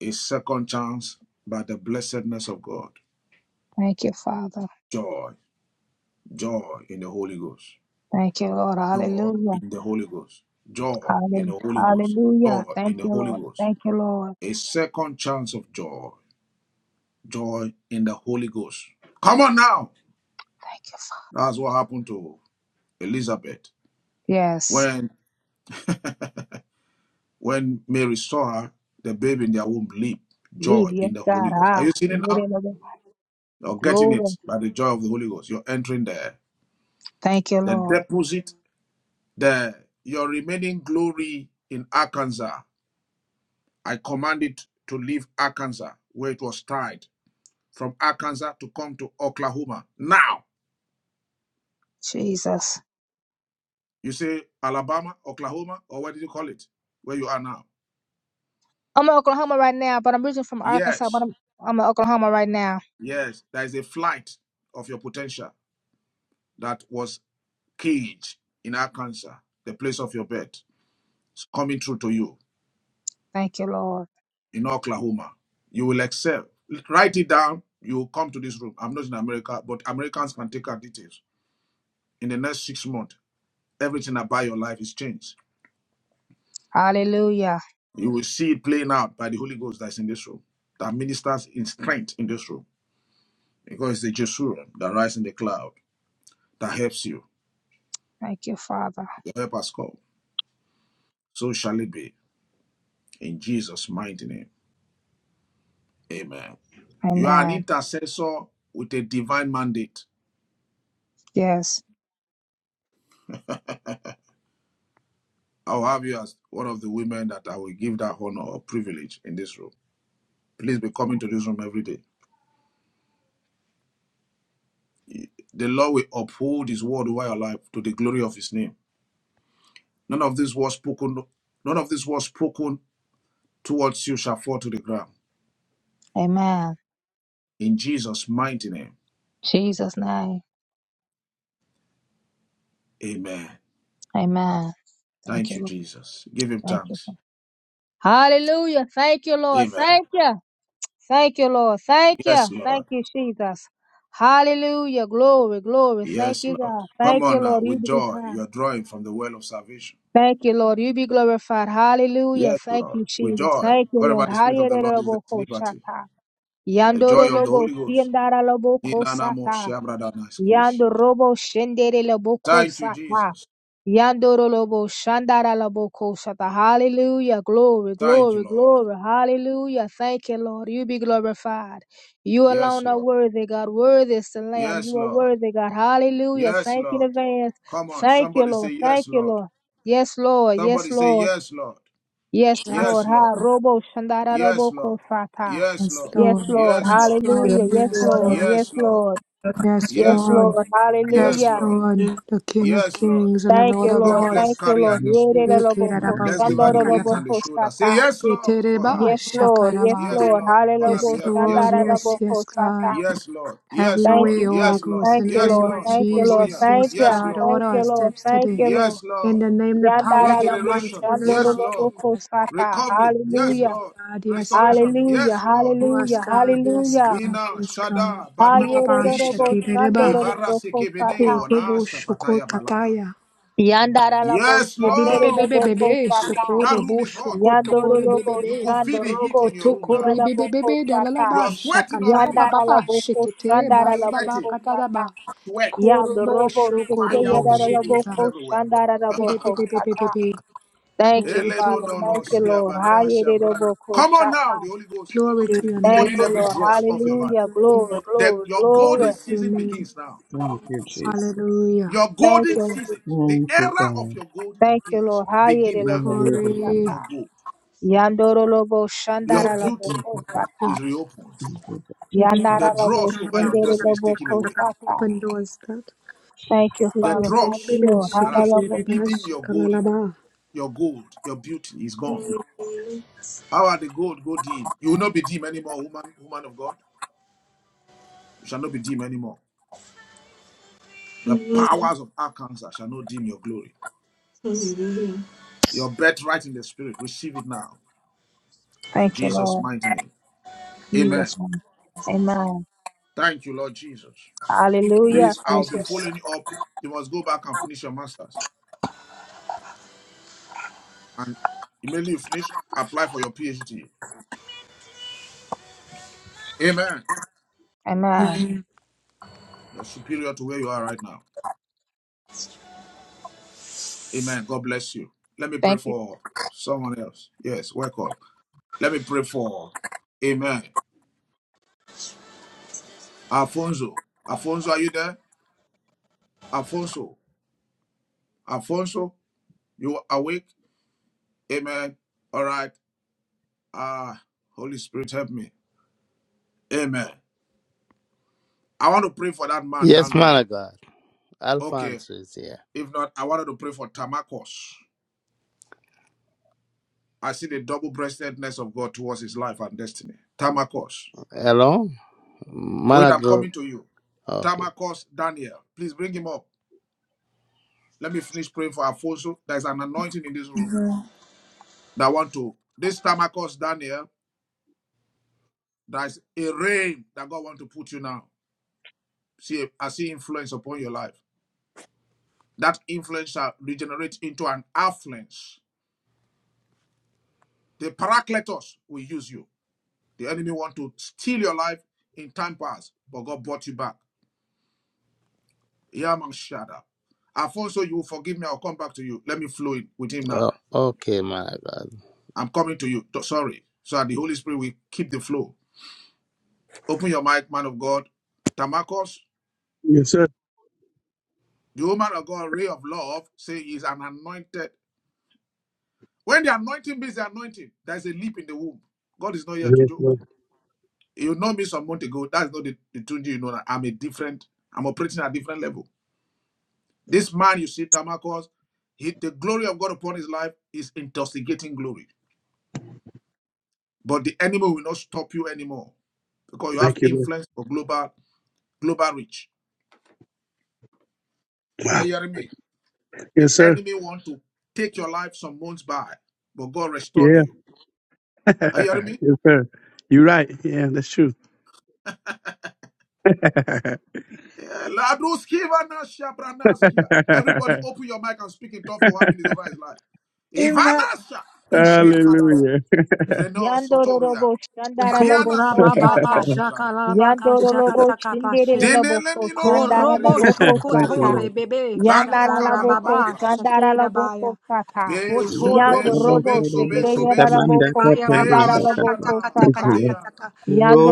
B: a second chance by the blessedness of God.
K: Thank you, Father.
B: Joy, joy in the Holy Ghost,
K: Thank you, Lord.
B: joy
K: Hallelujah.
B: in the Holy Ghost, joy in
K: Hallelujah.
B: the Holy Ghost,
K: Hallelujah.
B: joy
K: Thank
B: in the
K: you,
B: Holy
K: Lord.
B: Ghost,
K: Thank you, Lord.
B: a second chance of joy, joy in the Holy Ghost. Come on now.
K: Thank you, Father.
B: That's what happened to Elizabeth
K: Yes.
B: when when Mary saw her, the baby in their womb leap
K: Leave.
B: joy
K: Yes,
B: in the Holy
K: God.
B: Ghost. Are
K: Ah.
B: you seeing it now? You're getting
K: Glory.
B: it by the joy of the Holy Ghost. You're entering there.
K: Thank you,
B: The
K: Lord.
B: deposit, the your remaining glory in Arkansas. I command it to leave Arkansas where it was tied. From Arkansas to come to Oklahoma. Now
K: Jesus.
B: you say Alabama, Oklahoma, or what did you call it? Where you are now.
K: I'm in Oklahoma right now, but I'm originally from Arkansas, but
B: Yes.
K: I'm I'm in Oklahoma right now.
B: Yes, there is a flight of your potential that was caged in Arkansas, the place of your birth. It's coming through to you
K: Thank you, Lord.
B: in Oklahoma. You will excel. Write it down. You will come to this room. I'm not in America, but Americans can take our details. In the next six months, everything about your life is changed.
K: Hallelujah.
B: You will see it playing out by the Holy Ghost that's in this room, that ministers in strength in this room, because it's the Jesurim that rises in the cloud that helps you.
K: Thank you, Father.
B: The help us come. So shall it be. In Jesus' mighty name. Amen. You are an
K: Amen.
B: intercessor with a divine mandate.
K: Yes.
B: I'll have you as one of the women that I will give that honor or privilege in this room. Please be coming to this room every day. The Lord will uphold his word over your life to the glory of his name. None of this was spoken, none of this was spoken towards you shall fall to the ground.
K: Amen.
B: In Jesus' mighty name.
K: Jesus' name.
B: Amen.
K: Amen. Thank
B: Thank
K: you,
B: you,
K: Lord.
B: Jesus. Give him
K: Thank you.
B: thanks.
K: Father. Hallelujah. Thank you, Lord.
B: Amen.
K: Thank you. Thank you, Lord. Thank you.
B: Yes, Lord.
K: Thank you, Jesus. Hallelujah. Glory, glory. Thank
B: Yes,
K: you,
B: Lord.
K: God.
B: Come
K: Thank you,
B: on now,
K: Lord. You
B: with
K: be
B: joy,
K: glorified.
B: you're drawing from the well of salvation.
K: Thank you, Lord. You be glorified. Hallelujah.
B: Yes,
K: Thank
B: Lord,
K: you,
B: with
K: Jesus.
B: joy.
K: Thank you,
B: Wherever
K: Lord.
B: the Spirit of the Lord is, there's liberty.
K: Hallelujah.
B: The
K: Yandoro
B: joy of the
K: lobo
B: Holy Ghost.
K: siendara lobo
B: Inanamo
K: kosata.
B: Shabradaskish.
K: Yandoro robo shendere lobo
B: Thank you,
K: kosata.
B: Jesus.
K: Yandoro lobo shandara lobo kosata. Hallelujah. Glory,
B: Thank you,
K: glory,
B: Lord.
K: glory. Hallelujah. Thank you, Lord. You be glorified. You
B: Yes,
K: alone are
B: Lord.
K: worthy, God. Worthy is the Lamb.
B: Yes,
K: You are
B: Lord.
K: worthy, God. Hallelujah.
B: Yes,
K: Thank you in
B: Lord.
K: advance.
B: Come on,
K: Thank you,
B: somebody say
K: Lord. Thank
B: yes,
K: you,
B: Lord.
K: Lord. Yes, Lord. Yes,
B: Somebody say
K: Lord.
B: yes, Lord.
K: Yes, Lord.
B: Yes,
K: Ha
B: Lord.
K: robo shandara
B: Yes,
K: robo
B: Lord.
K: kofata.
B: Yes,
E: Yes,
B: Lord.
K: Yes,
E: Lord.
K: Lord.
B: Yes,
E: Yes,
B: Lord.
E: Lord.
K: Hallelujah. Yes,
E: Yes,
K: Lord.
E: Lord.
K: Yes,
B: Yes, Lord.
K: Lord.
E: Yes,
K: Yes,
B: Yes,
E: Lord.
B: Lord.
K: Lord.
E: Yes,
B: Yes,
K: Hallelujah.
B: Lord.
E: Lord. The King of
B: Yes, Lord.
E: Kings and the
K: Thank
E: Lord
K: you,
E: of
B: Come
K: Lord.
B: on, let's
K: Thank
E: Lords.
K: you,
B: carry her
K: Lord.
B: in the
J: Mhm.
K: Yere de
B: spirit.
K: robo ko-
J: Yes,
B: Let's give her the
K: shandoro
J: Lord.
B: wings
K: robo
B: and
E: Ekerarabashakadaba.
B: the shoulder. Say
K: kofata.
B: yes, Lord, for her.
K: Yes, Lord. Yes,
E: Eterebashakadaba.
B: Yes,
K: Lord.
B: Lord, on her
E: Yes,
K: Hallelujah.
B: behalf.
E: Lord.
B: Yes,
K: Shandara
B: Lord.
E: Yes,
K: robo
E: yes,
K: kofata.
E: God.
B: Yes, Lord.
E: Have
B: Yes,
E: your
K: Thank
B: Lord.
E: way,
K: you,
E: Holy
B: Yes,
K: Father.
B: Lord.
E: Ghost,
K: Thank
E: in the
K: you,
B: Yes,
E: name
K: Lord.
E: of
B: Lord.
K: Thank
B: For
K: you, Lord.
B: Toya.
E: Jesus.
K: Thank
E: Yes,
K: you.
B: Yes,
E: God.
B: Lord.
K: Thank
E: Order our
K: you, Lord.
E: steps
K: Thank
E: today.
K: you, Lord.
B: Yes,
E: In
B: Lord.
E: the name, the power of
K: Yandara
E: your
K: robo
E: might, in
B: Regeneration.
E: the name
K: shandoro
B: Yes,
E: of
K: robo
B: Lord.
E: Jesus.
K: kofata.
B: Recovery. Yes,
K: Hallelujah.
E: Yes,
B: Lord.
E: God. Yes, God.
B: Restoration.
K: Hallelujah,
B: Yes, Lord.
E: Yes,
K: hallelujah,
E: God. Yes,
K: hallelujah.
E: God.
B: Lina,
E: Yes, God.
B: Shada, Banu,
E: Baba
B: Vizia,
K: Ayererorobo
E: Shakiba.
B: Ivara
K: shandororobo
B: Sekebene,
E: Ko
K: kosata.
E: robo
B: Onasha,
E: shoko
B: Pataya Balada.
E: tataya.
K: Yandararabo
B: Yes,
E: Bebe bebe
B: Lord.
E: bebe
K: shanderorobo
E: bebe
K: kosata.
E: shoko
B: That room
E: robo
B: is hot.
E: shoko tokoro bebe
K: Yandorolobo
B: You
E: bebe.
B: could feel the heat
K: shandorobo
B: in your room
E: Kotoko
B: now.
E: rebe
K: sekiralabo
E: bebe bebe
K: kosata.
B: You
E: dalalaba
B: are sweating
E: shakata
B: already.
E: baba baba
K: Yandaralabo
E: shekete
B: You
E: baya
K: koshandaralabo
E: baba
B: sweating.
K: kosata.
E: kataraba.
B: Sweat.
E: Ko robo
K: Yandorobo
E: shoko
B: Fire of
E: robo
B: the
J: Mhm.
B: Holy
K: sekeyerarabo
B: Ghost
E: shekeba.
B: everywhere.
K: koshandaralabo
E: Bebe bebe bebe
K: kosata.
E: bebe.
K: Thank you,
E: Glory to
K: Father.
E: your name.
B: Elemonono
K: Thank you, Lord.
B: siavanea shavrana.
K: Ayererorobo
B: Come on
K: kosata.
B: now. The Holy Ghost
E: Glory
B: is
E: to your
K: Thank
E: name.
B: burning
K: you,
B: every
K: Lord.
B: dross of your life.
K: Hallelujah. Glory,
B: That
K: glory,
B: your
K: glory.
E: Glory
B: golden
E: to your
B: season
E: name.
B: begins now.
J: Thank you, Jesus.
E: Hallelujah.
B: Your
K: Thank
B: golden
K: you.
B: season, the
J: Thank you,
B: era of
J: God.
B: your golden
K: Thank you,
B: days
K: Lord. Hayere
B: begin
J: You
B: now.
J: are
K: lobo
J: worthy, God.
E: Glory.
K: koshata.
B: Your gold,
K: Yandoro lobo
B: your
K: shandara lobo
B: beauty
J: Thank you, God.
K: koshata.
B: is
E: Yes.
B: reopened.
J: Thank you, God.
E: Maybe I
J: Thank you, God. Thank
K: Yandara
B: The
J: you,
E: must
K: lobo
J: God.
B: dross
E: start
B: over your
E: about
K: shandere
B: destiny is
E: shaka
K: lobo
B: taken
E: taka
B: away.
E: taka.
K: koshata.
E: Open doors, God.
K: Thank you,
B: The
K: Father.
E: Open
K: Thank
B: dross
K: you, Lord.
B: that
K: Hara
B: has
K: lobo.
B: hidden your golden Your gold, your beauty is gone. How are the gold go dim? You will not be dim anymore, woman, woman of God. You shall not be dim anymore. The powers of Arkansas shall not dim your glory. Your birthright in the spirit, receive it now. In
K: Thank you,
B: Jesus'
K: Lord.
B: mighty name.
K: Jesus
B: Amen.
K: name. Amen.
B: Thank you, Lord Jesus.
K: Hallelujah.
E: doors,
B: Please,
K: Thank
B: I'll be
K: you. Lord.
E: Jesus.
B: following you up. You must go back and finish your master's. And immediately you finish, apply for your PhD. Amen.
K: Amen.
B: You're superior to where you are right now. Amen. God bless you. Let me pray
K: Thank you.
B: for someone else. Yes, welcome. Let me pray for. Amen. Alfonso. Alfonso, are you there? Alfonso. Alfonso, you are awake? Amen. All right. Ah, Holy Spirit, help me. Amen. I want to pray for that man
G: Yes,
B: down
G: man
B: there.
G: of God.
B: Okay.
G: Alfonso is here.
B: If not, I wanted to pray for Tamakos. I see the double breastedness of God towards his life and destiny. Tamakos.
G: Hello, man
B: Wait,
G: of
B: I'm
G: God.
B: coming to you.
G: Okay.
B: Tamakos Daniel. Please bring him up. Let me finish praying for Alfonso. There's an anointing in this room that want to. This Tamakos Daniel. There's a rain that God wants to put you now. See, I see influence upon your life. That influence shall regenerate into an affluence. The paracletos will use you. The enemy want to steal your life in time past, but God brought you back. Yaman Shada. Alfonso, you will forgive me. I'll come back to you. Let me flow in with him now.
G: Oh, okay, man of God.
B: I'm coming to you. Sorry. So that the Holy Spirit will keep the flow. Open your mic, man of God. Tamakos,
L: Yes, sir.
B: the woman of God, ray of love, say he's an anointed When the anointing meets the anointing, there's a leap in the womb. God is not here to
L: Yes,
B: joke.
L: sir.
B: You know me some months ago. That's not the, the Tunji you know. That I'm a different, I'm operating at a different level. This man you see, Tamakos, he, the glory of God upon his life is intoxicating glory. But the enemy will not stop you anymore because you have
L: Thank you. Lord.
B: influence for global global reach. Are
L: Wow.
B: you hearing me? The
L: Yes, sir.
B: enemy want to take your life some months by, but God restored
L: Yeah.
B: you. Are you
L: yes,
B: hearing me?
L: sir. You're right. Yeah, that's true.
B: Yeah, Laduskiva Everybody open your mic and speak in tongues for one minute over his life.
A: Amen.
B: Ivanasha Epede Palada.
L: Hallelujah.
B: Vreno
K: Yandoro
B: Sotoria.
K: lobo shandara
B: Viana
K: lobo
E: Korababa
B: Sekebana
K: koshata.
B: Shadabanayada.
E: shakalabaka
K: Yandoro lobo shandere
E: shakatakapashi.
K: lobo
B: Deneleni
K: koshata. Yandara
E: Korobo
K: lobo
B: Noroskiriadabala.
L: Thank you,
K: koshata.
E: shokotore
L: Lord.
E: bebe
B: Bano
K: Yandara laboko
E: shakarababa
B: Kabarabalabadasia.
K: Yandaraboko Shandaraboko
E: shakerabaya.
K: Sata.
B: Benso,
E: Kotoro
B: Benso,
K: Yandorobo
J: Shata
B: Benso,
E: koterebe
B: Benso, Benso.
K: Sekeyaraboko
J: katamanda
K: laboko
E: shaketerebaya baba
K: Shandara
J: katarabakata.
K: Laboko
B: Veashiana
L: Thank you,
K: Sata.
L: Lord.
B: Kadiana.
E: shakatakatakataka.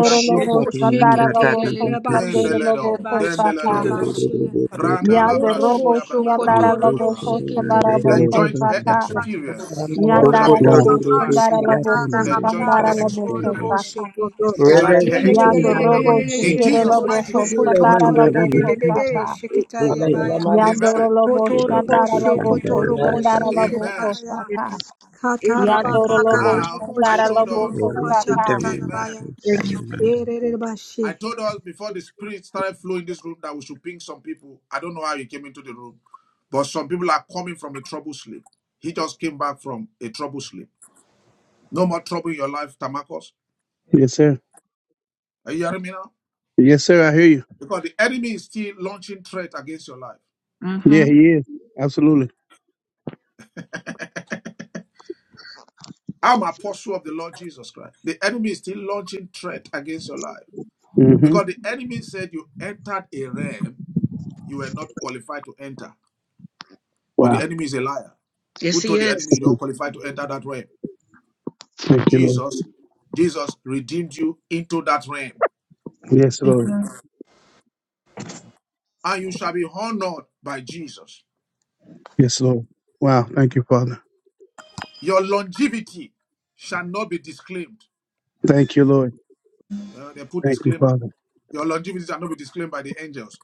B: Thank you, Holy Ghost.
J: katamanda
K: Shandaraboko laboko
E: sheketeleleba
B: Then the
K: Sandere
B: letter,
M: Wunderbar.
E: shileleba
K: Laboko
B: then the letter.
K: Sata.
E: shekereba shia.
B: Brana labra
E: Orobo
K: Yandorobo
B: shia branana mana
E: shokotorobo
B: mana.
K: Shandaraboko
J: Yekesererende
L: Thank you,
B: The
L: Lord.
K: Shandaraboko
B: joint her
K: Sata.
J: kitebesete.
B: experience
N: Amen.
E: Oh,
B: shall be
E: Rebe
L: Wow.
K: Yandarabo
B: open
N: That
B: to
E: Baba
B: nine.
K: Shandaraboko
E: Shakatara
B: The
J: Lokotorerobosiatonande
B: joint
E: Baba
B: her
E: Shukuru
K: Shandaraboko
J: rodabakate.
B: experience.
K: Sata.
E: Boshiki.
B: Joint
E: Yeah,
B: her
E: yeah, yeah, yeah, yeah,
B: experience.
E: yeah,
K: Yandorobo
E: yeah, yeah,
J: Reveshikenarawashe
B: In
E: yeah, yeah, yeah, yeah,
B: Jesus'
K: Sekeraboko
B: mighty
K: laboko
B: name.
E: Boshuko
K: Shandara
E: Toto
L: Thank you,
E: Baby
L: Lord.
K: Laboko
J: kilemandarabakata.
K: Sata.
E: Baby Shikitaya
J: Ekete.
E: Baya.
K: Yandoro
B: Amen.
K: lobo
E: Kotoro
K: shandara
E: Boshu
K: lobo ko
E: Kotoro
K: shandara
E: Boshi
J: Shudabakitandadabasata.
K: lobo ko
B: Amen.
E: Baya.
K: sata.
J: Thank
K: Yandoro
E: Katarabaka
J: you,
K: lobo
J: God.
B: Now,
E: Katarabako
B: I
K: shandara
B: told
K: lobo
E: Shukuru
K: ko
B: us,
E: Boko
K: sata.
J: Revekitamende
B: Amen.
E: Shakatarabaya.
M: Thank you.
E: Yeah, yeah,
J: kushalimandaka.
E: yeah,
B: I
E: Bashi.
B: told us before the spirit started flowing in this room that we should ping some people. I don't know how he came into the room, but some people are coming from a trouble sleep. He just came back from a trouble sleep. No more trouble in your life, Tamakos.
L: Yes, sir.
B: Are you hearing me now?
L: Yes, sir. I hear you.
B: Because the enemy is still launching threat against your life.
M: Mm.
L: Yeah, he is. Absolutely.
B: I'm apostle of the Lord Jesus Christ. The enemy is still launching threat against your life
L: Mm-hmm.
B: because the enemy said you entered a realm you were not qualified to enter. But the
L: Wow.
B: enemy is a liar. Who
M: Yes,
B: told the
M: yes.
B: enemy you don't qualify to enter that realm?
L: Thank you, Lord.
B: Jesus. Jesus redeemed you into that realm,
L: Yes, Lord.
B: and you shall be honored by Jesus.
L: Yes, Lord. Wow. Thank you, Father.
B: Your longevity shall not be disclaimed.
L: Thank you, Lord.
B: Yeah, they put
L: Thank you,
B: disclaimer.
L: Father.
B: Your longevity shall not be disclaimed by the angels.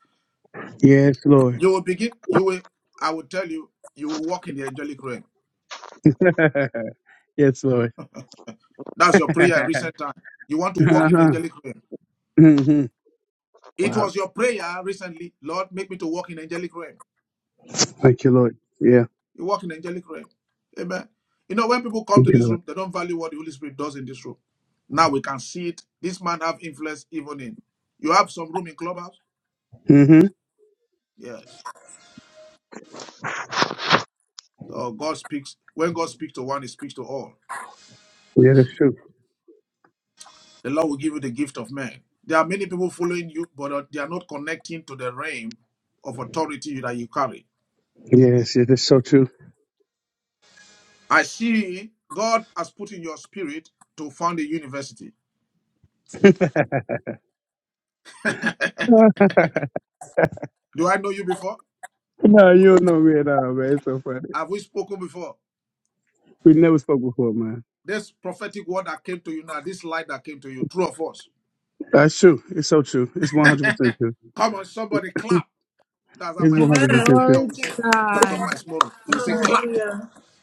L: Yes, Lord.
B: You will begin. You will. I will tell you. You will walk in the angelic realm.
L: yes, Lord.
B: That's your prayer in recent time. You want to walk in the
L: Uh-huh.
B: angelic realm.
L: hmm
B: It
L: Wow.
B: was your prayer recently, Lord, make me to walk in angelic realm.
L: Thank you, Lord. Yeah.
B: You walk in the angelic realm. Amen. You know, when people come
L: Thank
B: to
L: you,
B: this
L: Lord.
B: room, they don't value what the Holy Spirit does in this room. Now we can see it. This man have influence even in. You have some room in clubhouse?
L: hmm
B: Yes. So God speaks. When God speaks to one, he speaks to all.
L: Yeah, that's true.
B: The Lord will give you the gift of man. There are many people following you, but uh, they are not connecting to the realm of authority that you carry.
L: Yes, yeah, that's so true.
B: I see God has put in your spirit to found a university. Do I know you before?
L: no, you don't know me at all, man. It's so funny.
B: Have we spoken before?
L: We never spoke before, man.
B: This prophetic word that came to you now, this light that came to you, true or false?
L: That's true. It's so true. It's 100% true.
B: Come on, somebody clap. That's how
L: It's
B: my, ma- my
A: Amen.
L: 100% true.
B: mentor
E: Glory
B: will
E: to
B: say, Dr.
E: God.
B: Miles Morrow. He will say,
M: Amen.
B: clap,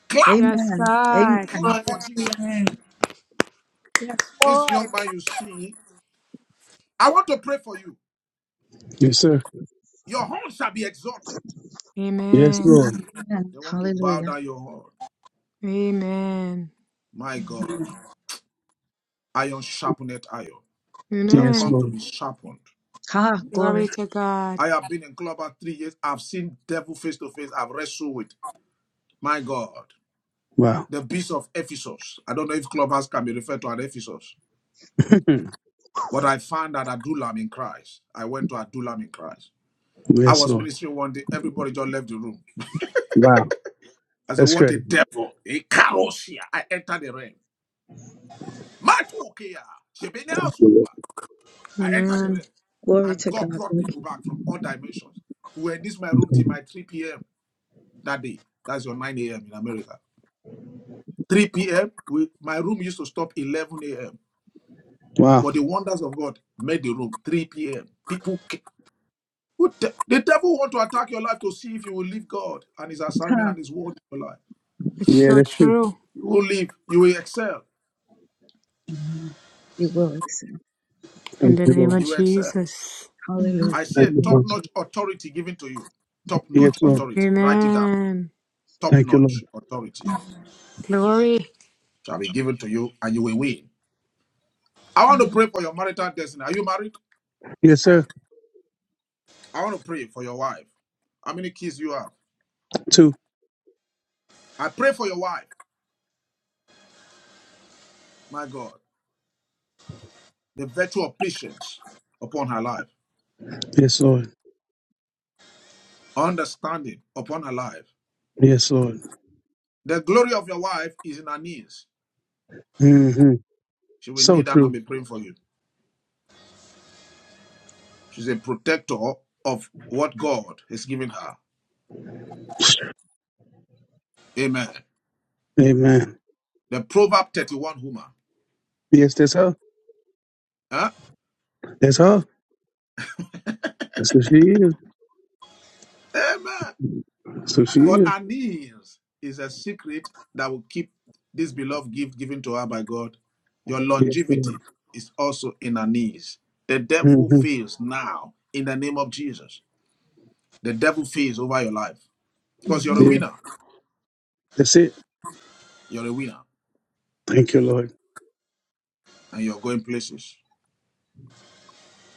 B: clap,
E: Yes,
M: Amen.
E: God.
M: Amen.
B: clap for Jesus.
A: Amen.
E: Yes,
B: This young
E: Lord.
B: man you see, I want to pray for you.
L: Yes, sir.
B: Your horn shall be exalted.
L: Yes,
E: Amen.
L: Lord.
M: Amen.
B: They want to bow
M: Hallelujah.
B: down your horn.
E: Amen.
B: My God, iron sharpened iron. You have
L: Yes,
B: come
E: Amen.
B: to
L: Lord.
B: be sharpened.
M: Ha,
E: Glory
M: glory.
E: to God.
B: I have been in club three years. I've seen devil face to face. I've wrestled with my God,
L: Wow.
B: the beast of Ephesus. I don't know if clubhouse can be referred to as Ephesus, but I found that Adullam in Christ. I went to Adullam in Christ. I
L: yes,
B: was
L: Lord.
B: ministering one day. Everybody just left the room.
L: Wow.
B: I said,
L: That's
B: "What a
L: crazy.
B: devil! A carosia!" I entered the realm. Matokia, Shebeneasua. I entered the
E: Amen.
B: realm,
M: Glory
B: and
M: to
B: God
M: God.
B: brought
M: Thank
B: people
M: you.
B: back from all dimensions. who were in this my room till my 3 p.m. that day. That's your 9 a.m. in America. 3 p.m. We, my room used to stop 11 a.m.
L: Wow.
B: But the wonders of God made the room 3 p.m. People, ca- who de- the devil want to attack your life to see if you will leave God and His assignment
M: Ha,
B: and His word in your life.
E: It's
L: Yeah,
E: so
L: that's true.
E: true.
B: You will leave. You will excel.
M: you will.
E: In
L: Thank
E: the
L: you,
E: name
L: Lord.
E: of
B: You will excel.
E: Jesus.
M: Hallelujah.
B: I see
L: Thank
B: a
L: you, Father.
B: top-notch authority given to you.
L: Yes,
B: Top-notch
L: Lord.
B: authority. Write it down.
E: Amen.
L: Thank you,
B: Top-notch
L: Lord.
B: authority
E: Glory.
B: shall be given to you, and you will win. I want to pray for your marital destiny. Are you married?
L: Yes, sir.
B: I want to pray for your wife. How many kids you have?
L: Two.
B: I pray for your wife. My God. the virtue of patience upon her life,
L: Yes, Lord.
B: understanding upon her life.
L: Yes, Lord.
B: The glory of your wife is in her knees.
L: Mm-hmm.
B: She will
L: So
B: kneel down and
L: true.
B: be praying for you. She's a protector of what God has given her. Amen.
L: Amen.
B: The Proverb 31 woman.
L: Yes, that's her.
B: Huh?
L: That's her. That's who she is.
B: Amen.
L: That's who she
B: But
L: is.
B: her knees is a secret that will keep this beloved gift given to her by God. Your
L: Yes, ma'am.
B: longevity is also in her knees. The devil
L: hmm
B: fails now in the name of Jesus. The devil fails over your life. Because you're a
L: Yeah,
B: winner.
L: that's it.
B: You're a winner.
L: Thank you, Lord.
B: And you're going places.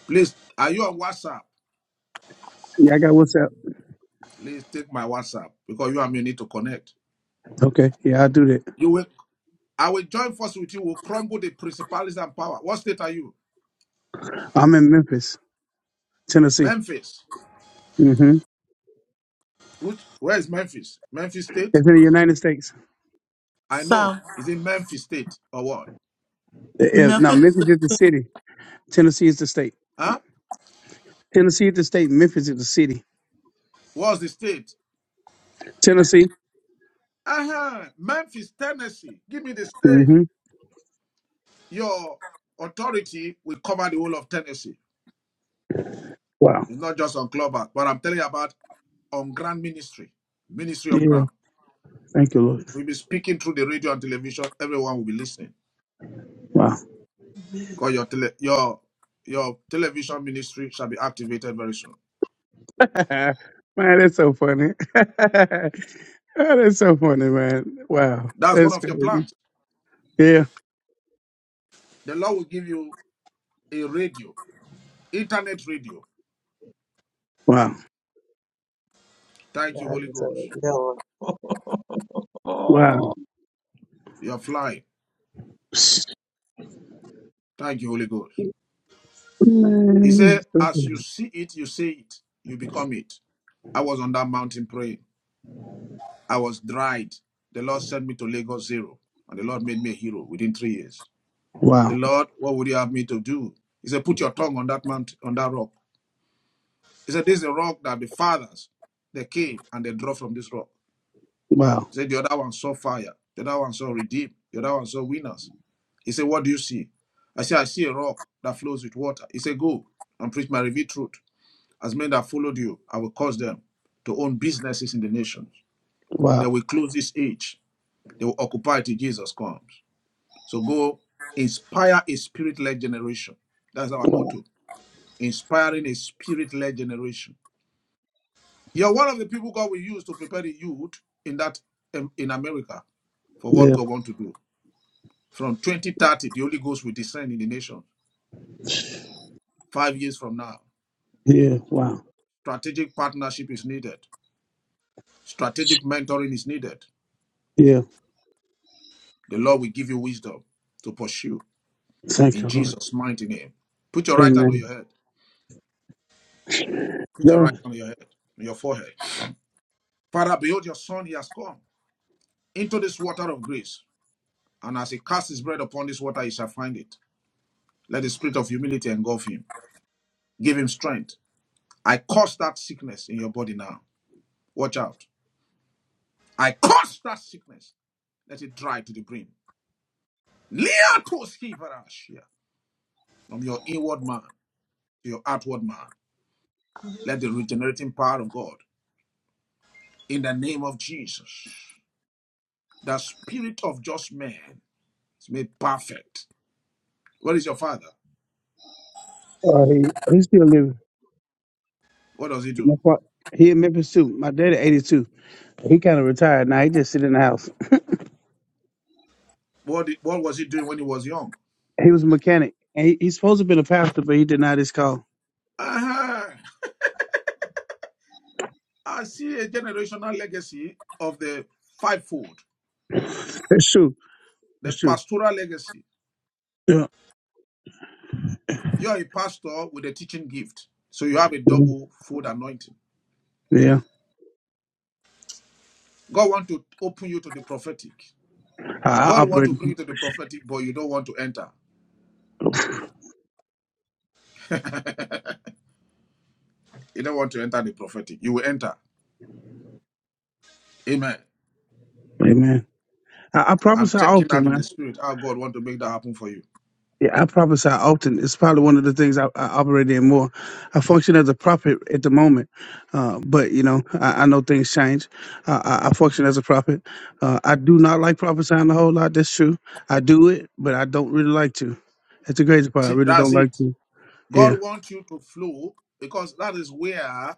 B: Please, are you on WhatsApp?
L: Yeah, I got WhatsApp.
B: Please take my WhatsApp because you and me need to connect.
L: Okay. Yeah, I'll do that.
B: You will I will join force with you. We'll crumble the principalities and power. What state are you?
L: I'm in Memphis, Tennessee.
B: Memphis.
L: hmm
B: Which where is Memphis? Memphis State?
L: It's in the United States.
B: I know.
A: So,
B: Is it Memphis State or what?
L: Uh, uh,
A: milk
L: No,
A: is
L: Memphis is the city. Tennessee is the state.
B: Huh?
L: Tennessee is the state. Memphis is the city.
B: What's the state?
L: Tennessee.
B: Uh-huh. Memphis, Tennessee. Give me the state.
L: hmm
B: Your authority will cover the whole of Tennessee.
L: Wow.
B: It's not just on Clubhouse, but I'm telling you about on ground ministry, ministry on
L: Yeah.
B: ground.
L: Thank you, Lord.
B: We'll be speaking through the radio and television. Everyone will be listening
L: Wow.
B: because your tele, your your television ministry shall be activated very soon.
L: man, that's so funny. oh, that's so funny, man. Wow.
B: That's one
L: That's
B: of your
L: crazy.
B: plans.
L: Yeah.
B: The Lord will give you a radio, internet radio.
L: Wow.
B: Thank you, Holy
N: is
B: Ghost.
N: a real,
L: Wow.
N: oh,
B: You're flying. Thank you, Holy Ghost. He
L: Man, that's
B: said,
L: so
B: as
L: funny.
B: you see it, you say it, you become it. I was on that mountain praying. I was dried. The Lord sent me to Lagos Zero, and the Lord made me a hero within three years. Say,
L: wow.
B: Lord, what would you have me to do? He said, Put your tongue on that mount, on that rock. He said, This is a rock that the fathers they came and they draw from this rock.
L: Wow.
B: He said, The other one saw fire, the other one saw redeem, the other one saw winners. He said, What do you see? I said, I see a rock that flows with water. He said, Go and preach my revealed truth. As men that followed you, I will cause them to own businesses in the nations. They
L: Wow.
B: will close this age. They will occupy it till Jesus comes. So go inspire a spirit-led generation. That's our
L: Wow.
B: motto. inspiring a spirit-led generation. You're one of the people God will use to prepare the youth in that um, in America for what
L: Yeah.
B: God wants to do. From 2030, the Holy Ghost will descend in the nation. Five years from now,
L: Yeah. Wow.
B: strategic partnership is needed. Strategic mentoring is needed.
L: Yeah.
B: The Lord will give you wisdom to pursue
L: Thank
B: in
L: you, Lord.
B: Jesus' mighty name. Put your right hand on
L: Amen.
B: your head. Put your
L: No,
B: right hand on your head, on your forehead. Father, behold your son, he has come into this water of grace. And as he casts his bread upon this water, he shall find it. Let the spirit of humility engulf him. Give him strength. I curse that sickness in your body now. Watch out. I curse that sickness. Let it dry to the brim. Liatos kivarashia. From your inward man to your outward man. Let the regenerating power of God, in the name of Jesus, the spirit of just man is made perfect. What is your father?
L: uh, he, he's still living.
B: What does he do?
L: My fa- He in Memphis too. My daddy, 82. He kind of retired now. He just sit in the house.
B: What, did- what was he doing when he was young?
L: He was a mechanic. And he, he's supposed to have been a pastor, but he denied his call.
B: Uh-huh. I see a generational legacy of the fivefold.
L: That's true.
B: The
L: That's true.
B: pastoral legacy.
L: Yeah.
B: You're a pastor with a teaching gift. So you have a double fold anointing.
L: Yeah.
B: God want to open you to the prophetic.
L: I, I
B: God want
L: operate.
B: to bring you to the prophetic, but you don't want to enter. you don't want to enter the prophetic. You will enter. Amen.
L: Amen. I, I
B: I'm
L: prophesy
B: checking
L: often,
B: out in the
L: man.
B: spirit how God want to make that happen for you.
L: Yeah, I prophesy often. It's probably one of the things I, I operate in more. I function as a prophet at the moment, uh, but you know, I, I know things change. Uh, I, I function as a prophet. Uh, I do not like prophesying a whole lot. That's true. I do it, but I don't really like to. That's the crazy part. I
B: See,
L: really don't
B: that's
L: like
B: it.
L: to.
B: God
L: Yeah.
B: wants you to flow because that is where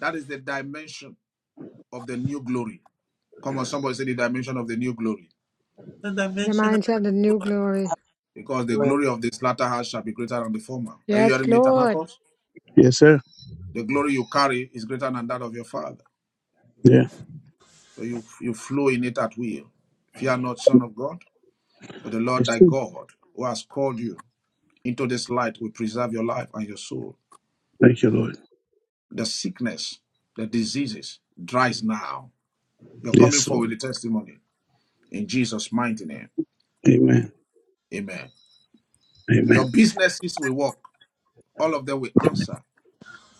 B: that is the dimension of the new glory. Come on, somebody say the dimension of the new glory.
A: the dimension
E: Reminds us of the new glory.
B: because the
N: great.
B: glory of this latter house shall be greater than the former. Are you
E: Yes,
B: hearing me,
E: Lord.
B: Tamakos?
L: Yes, sir.
B: The glory you carry is greater than that of your father.
L: Yeah.
B: So you, you flow in it at will. Fear not, Son of God, for the Lord
L: It's
B: thy
L: true.
B: God, who has called you into this light, will preserve your life and your soul.
L: Thank you, Lord.
B: The sickness, the diseases, dries now. You're coming
L: Yes,
B: forward
L: Lord.
B: with a testimony in Jesus' mighty name.
L: Amen.
B: Amen.
L: Amen.
B: Your businesses will work, all of them will answer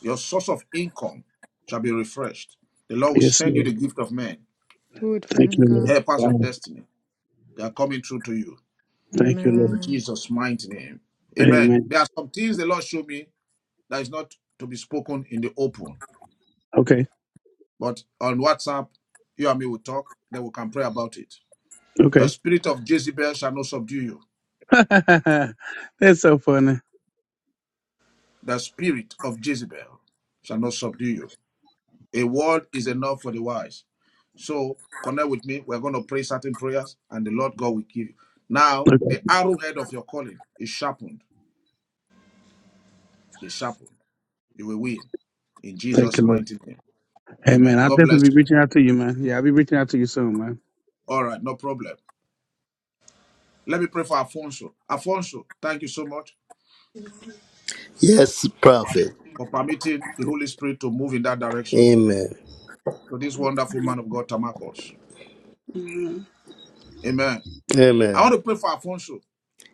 B: Your source of income shall be refreshed. The Lord will
L: Yes,
B: send you the
L: Lord.
B: gift of men,
E: Do it for
L: Thank
E: him,
L: you, Lord.
E: God.
B: helpers of
L: Wow.
B: destiny. They are coming through to you
L: Thank you, Lord.
B: in
E: Amen.
B: Jesus' mighty name. Amen.
L: Amen.
B: There are some things the Lord showed me that is not to be spoken in the open,
L: Okay.
B: but on WhatsApp, you and me will talk, then we can pray about it. The
L: Okay.
B: spirit of Jezebel shall not subdue you.
L: That's so funny.
B: The spirit of Jezebel shall not subdue you. A word is enough for the wise. So connect with me. We're going to pray certain prayers, and the Lord God will give you. Now,
L: Okay.
B: the arrowhead of your calling is sharpened. Is sharpened. You will win in
L: Thank
B: Jesus'
L: you, Lord.
B: mighty name.
L: Hey, man,
B: Amen.
L: I'll
B: God bless
L: definitely be
B: you.
L: reaching out to you, man. Yeah, I'll be reaching out to you soon, man.
B: All right, no problem. Let me pray for Alfonso. Alfonso, thank you so much
G: Yes, prophet.
B: for permitting the Holy Spirit to move in that direction
G: Amen.
B: to this wonderful man of God, Tamakos. Amen. I
G: Amen.
B: want to pray for Alfonso.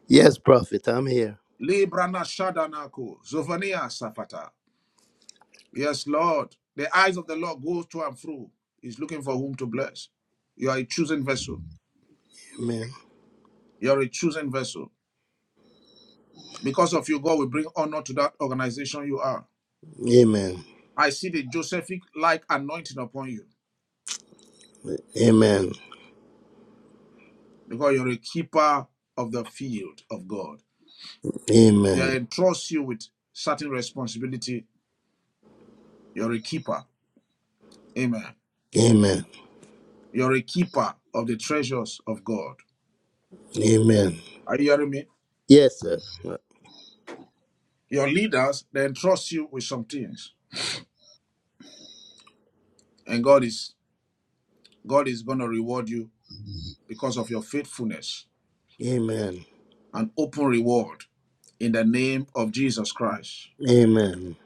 G: Yes, prophet. I'm here.
B: Librana Shadanako, Zovania Safata. Yes, Lord. The eyes of the Lord goes to and fro. He's looking for whom to bless. You are a chosen vessel.
G: Amen.
B: You're a chosen vessel. Because of you, God will bring honor to that organization you are.
G: Amen.
B: I see the Josephic like anointing upon you
G: Amen.
B: because you're a keeper of the field of God.
G: Amen.
B: They entrust you with certain responsibility. You're a keeper. Amen.
G: Amen.
B: You're a keeper of the treasures of God.
G: Amen.
B: Are you hearing me?
G: Yes, sir.
B: Your leaders, they entrust you with some things. And God is God is going to reward you because of your faithfulness,
G: Amen.
B: an open reward in the name of Jesus Christ.
G: Amen.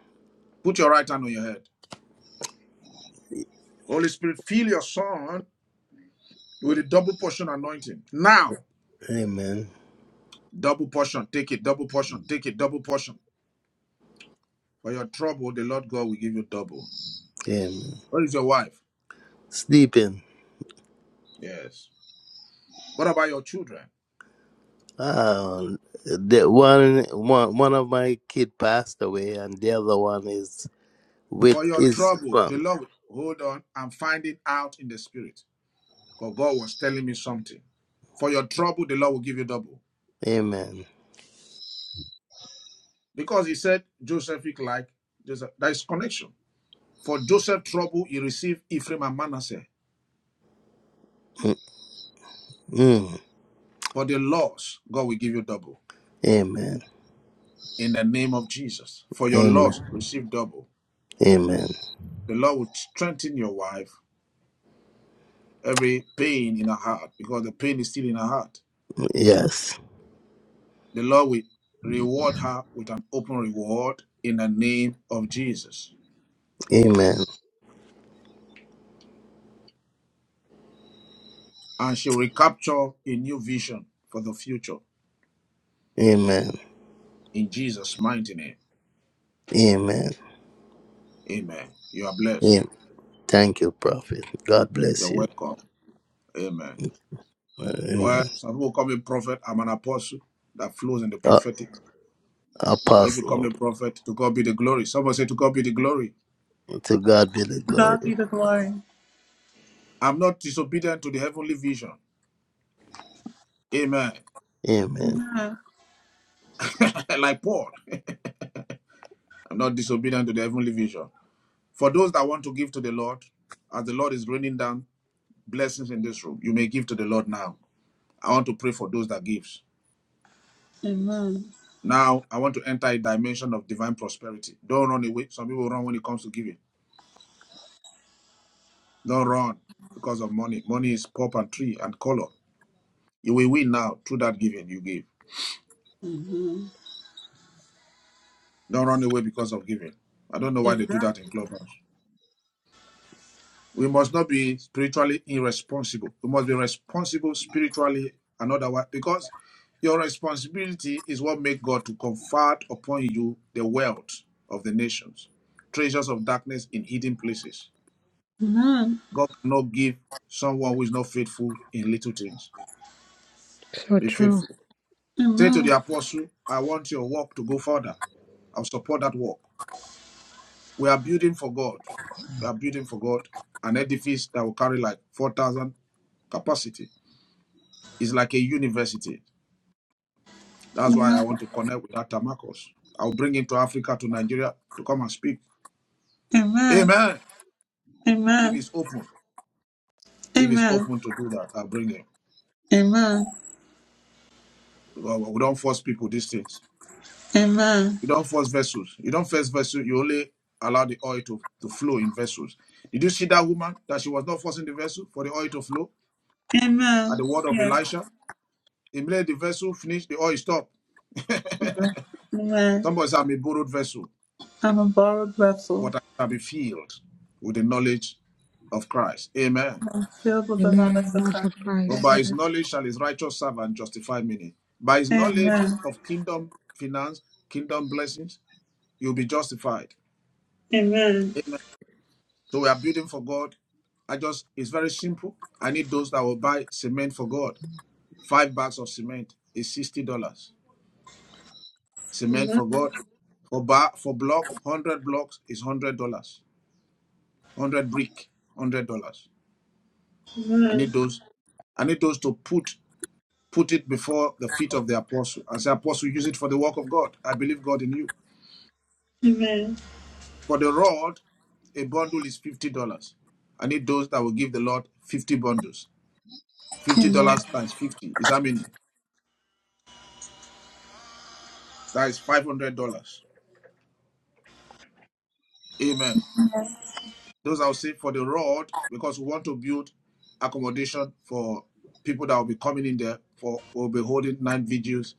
B: Put your right hand on your head. Holy Spirit, fill your son with a double portion anointing. Now,
G: Amen.
B: double portion, take it, double portion, take it, double portion. For your trouble, the Lord God will give you double.
G: Amen.
B: Where is your wife?
G: Sleeping.
B: Yes. What about your children?
G: Uh, the one, one, one of my kid passed away, and the other one is with
B: For your
G: his
B: trouble, the
G: mom.
B: Lord will hold on and find it out in the spirit. Because God was telling me something. For your trouble, the Lord will give you double.
G: Amen.
B: because he said Josephic like Joseph. There is connection. For Joseph trouble, he received Ephraim and Manasseh.
G: Mm. mm.
B: For the loss, God will give you double.
G: Amen.
B: In the name of Jesus. For your loss,
G: Amen.
B: receive double.
G: Amen.
B: The Lord will strengthen your wife, every pain in her heart, because the pain is still in her heart.
G: Yes.
B: The Lord will reward her with an open reward in the name of Jesus.
G: Amen.
B: And she will recapture a new vision for the future.
G: Amen.
B: In Jesus' mighty name.
G: Amen.
B: Amen. You are blessed.
G: Amen. Thank you, Prophet. God bless
B: You're
G: you.
B: welcome. Amen. Well,
G: Amen.
B: some people call me prophet. I'm an apostle that flows in the
G: Uh,
B: prophetic. But if you call me
G: apostle,
B: prophet, to God be the glory. Someone say, to God be the glory.
G: to God be the
A: of God
G: glory.
A: be the glory.
B: I'm not disobedient to the heavenly vision. Amen.
G: Amen.
A: Amen.
B: like Paul, I'm not disobedient to the heavenly vision. For those that want to give to the Lord, as the Lord is raining down blessings in this room, you may give to the Lord now. I want to pray for those that gives.
A: Amen.
B: Now, I want to enter a dimension of divine prosperity. Don't run away. Some people run when it comes to giving. Don't run because of money. Money is pop and tree and color. You will win now through that giving you give.
A: Amen.
B: Don't run away because of giving. I don't know why
A: Amen.
B: they do that in clubhouse. We must not be spiritually irresponsible. We must be responsible spiritually and otherwise because your responsibility is what makes God to convert upon you the wealth of the nations, treasures of darkness in hidden places.
A: Amen.
B: God cannot give someone who is not faithful in little things.
E: So
B: Be
E: true.
B: faithful. Say to the
A: Amen.
B: apostle, I want your work to go further. I'll support that work. We are building for God. We are building for God an edifice that will carry like 4,000 capacity. It's like a university. That's why I
A: Amen.
B: want to connect with Dr. Tamakos. I'll bring him to Africa, to Nigeria to come and speak.
A: Amen.
B: Amen. If
A: Amen.
B: he's open, if he's
A: Amen.
B: open to do that, I'll bring him.
A: Amen.
B: Because we don't force people these things.
A: Amen.
B: You don't force vessels. You don't force vessels. You only allow the oil to, to flow in vessels. Did you see that woman that she was not forcing the vessel for the oil to flow at
A: Amen.
B: the word of
A: Yeah.
B: Elisha? Immediately the vessel finished, the oil stopped.
A: Amen. Amen.
B: Somebody said, I'm a borrowed vessel,
A: I'm a borrowed vessel,
B: but I shall be filled with the knowledge of Christ. Amen.
A: filled with the knowledge
E: Amen.
A: of
E: Much
A: Christ.
E: of
B: But by
E: Christ.
B: his
A: Amen.
B: knowledge shall his righteous servant justify many. By his knowledge
A: Amen.
B: of kingdom finance, kingdom blessings, you'll be justified.
A: Amen.
B: Amen. So we are building for God. I just it's very simple. I need those that will buy cement for God. Five bags of cement is sixty dollars. Cement
A: Amen.
B: for God. For bar for block, one hundred blocks is one hundred dollars. one Hundred brick, one hundred dollars. I need those. I need those to put put it before the feet of the apostle. I say, apostle, use it for the work of God. I believe God in you.
A: Amen.
B: For the rod, a bundle is fifty dollars. I need those that will give the Lord fifty bundles. Fifty
A: Amen.
B: dollars times fifty is how many? That is $500. Amen. Those I'll say for the road because we want to build accommodation for people that will be coming in there for we'll be holding nine videos,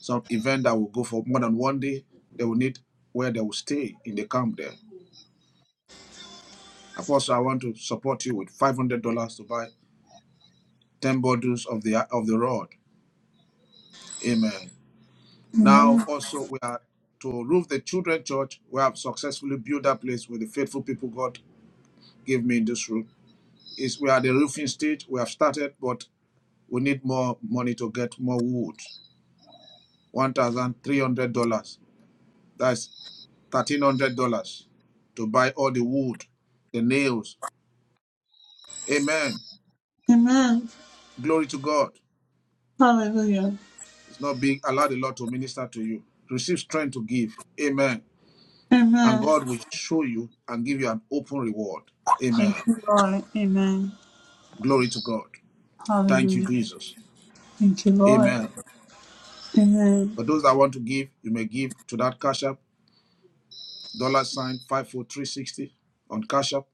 B: some event that will go for more than one day. They will need where they will stay in the camp there. Apostle, I want to support you with five hundred dollars to buy ten bottles of the of the road. Amen. Now
A: Amen.
B: also we are to roof the children church. We have successfully built that place with the faithful people God gave me in this room Is we are at the roofing stage. We have started, but we need more money to get more wood. One thousand three hundred dollars. That's thirteen hundred dollars to buy all the wood, the nails. Amen.
A: Amen.
B: Glory to God.
A: Hallelujah.
B: It's not being allowed the Lord to minister to you. Receive strength to give. Amen. And
A: Amen.
B: God will show you and give you an open reward.
A: Thank
B: Amen.
A: you, Lord. Amen.
B: Glory to God. Thank you,
A: Hallelujah.
B: Jesus.
A: Thank you, Lord.
B: Amen.
A: Amen.
B: For those that want to give, you may give to that cash app dollar sign 54360 on Cash App.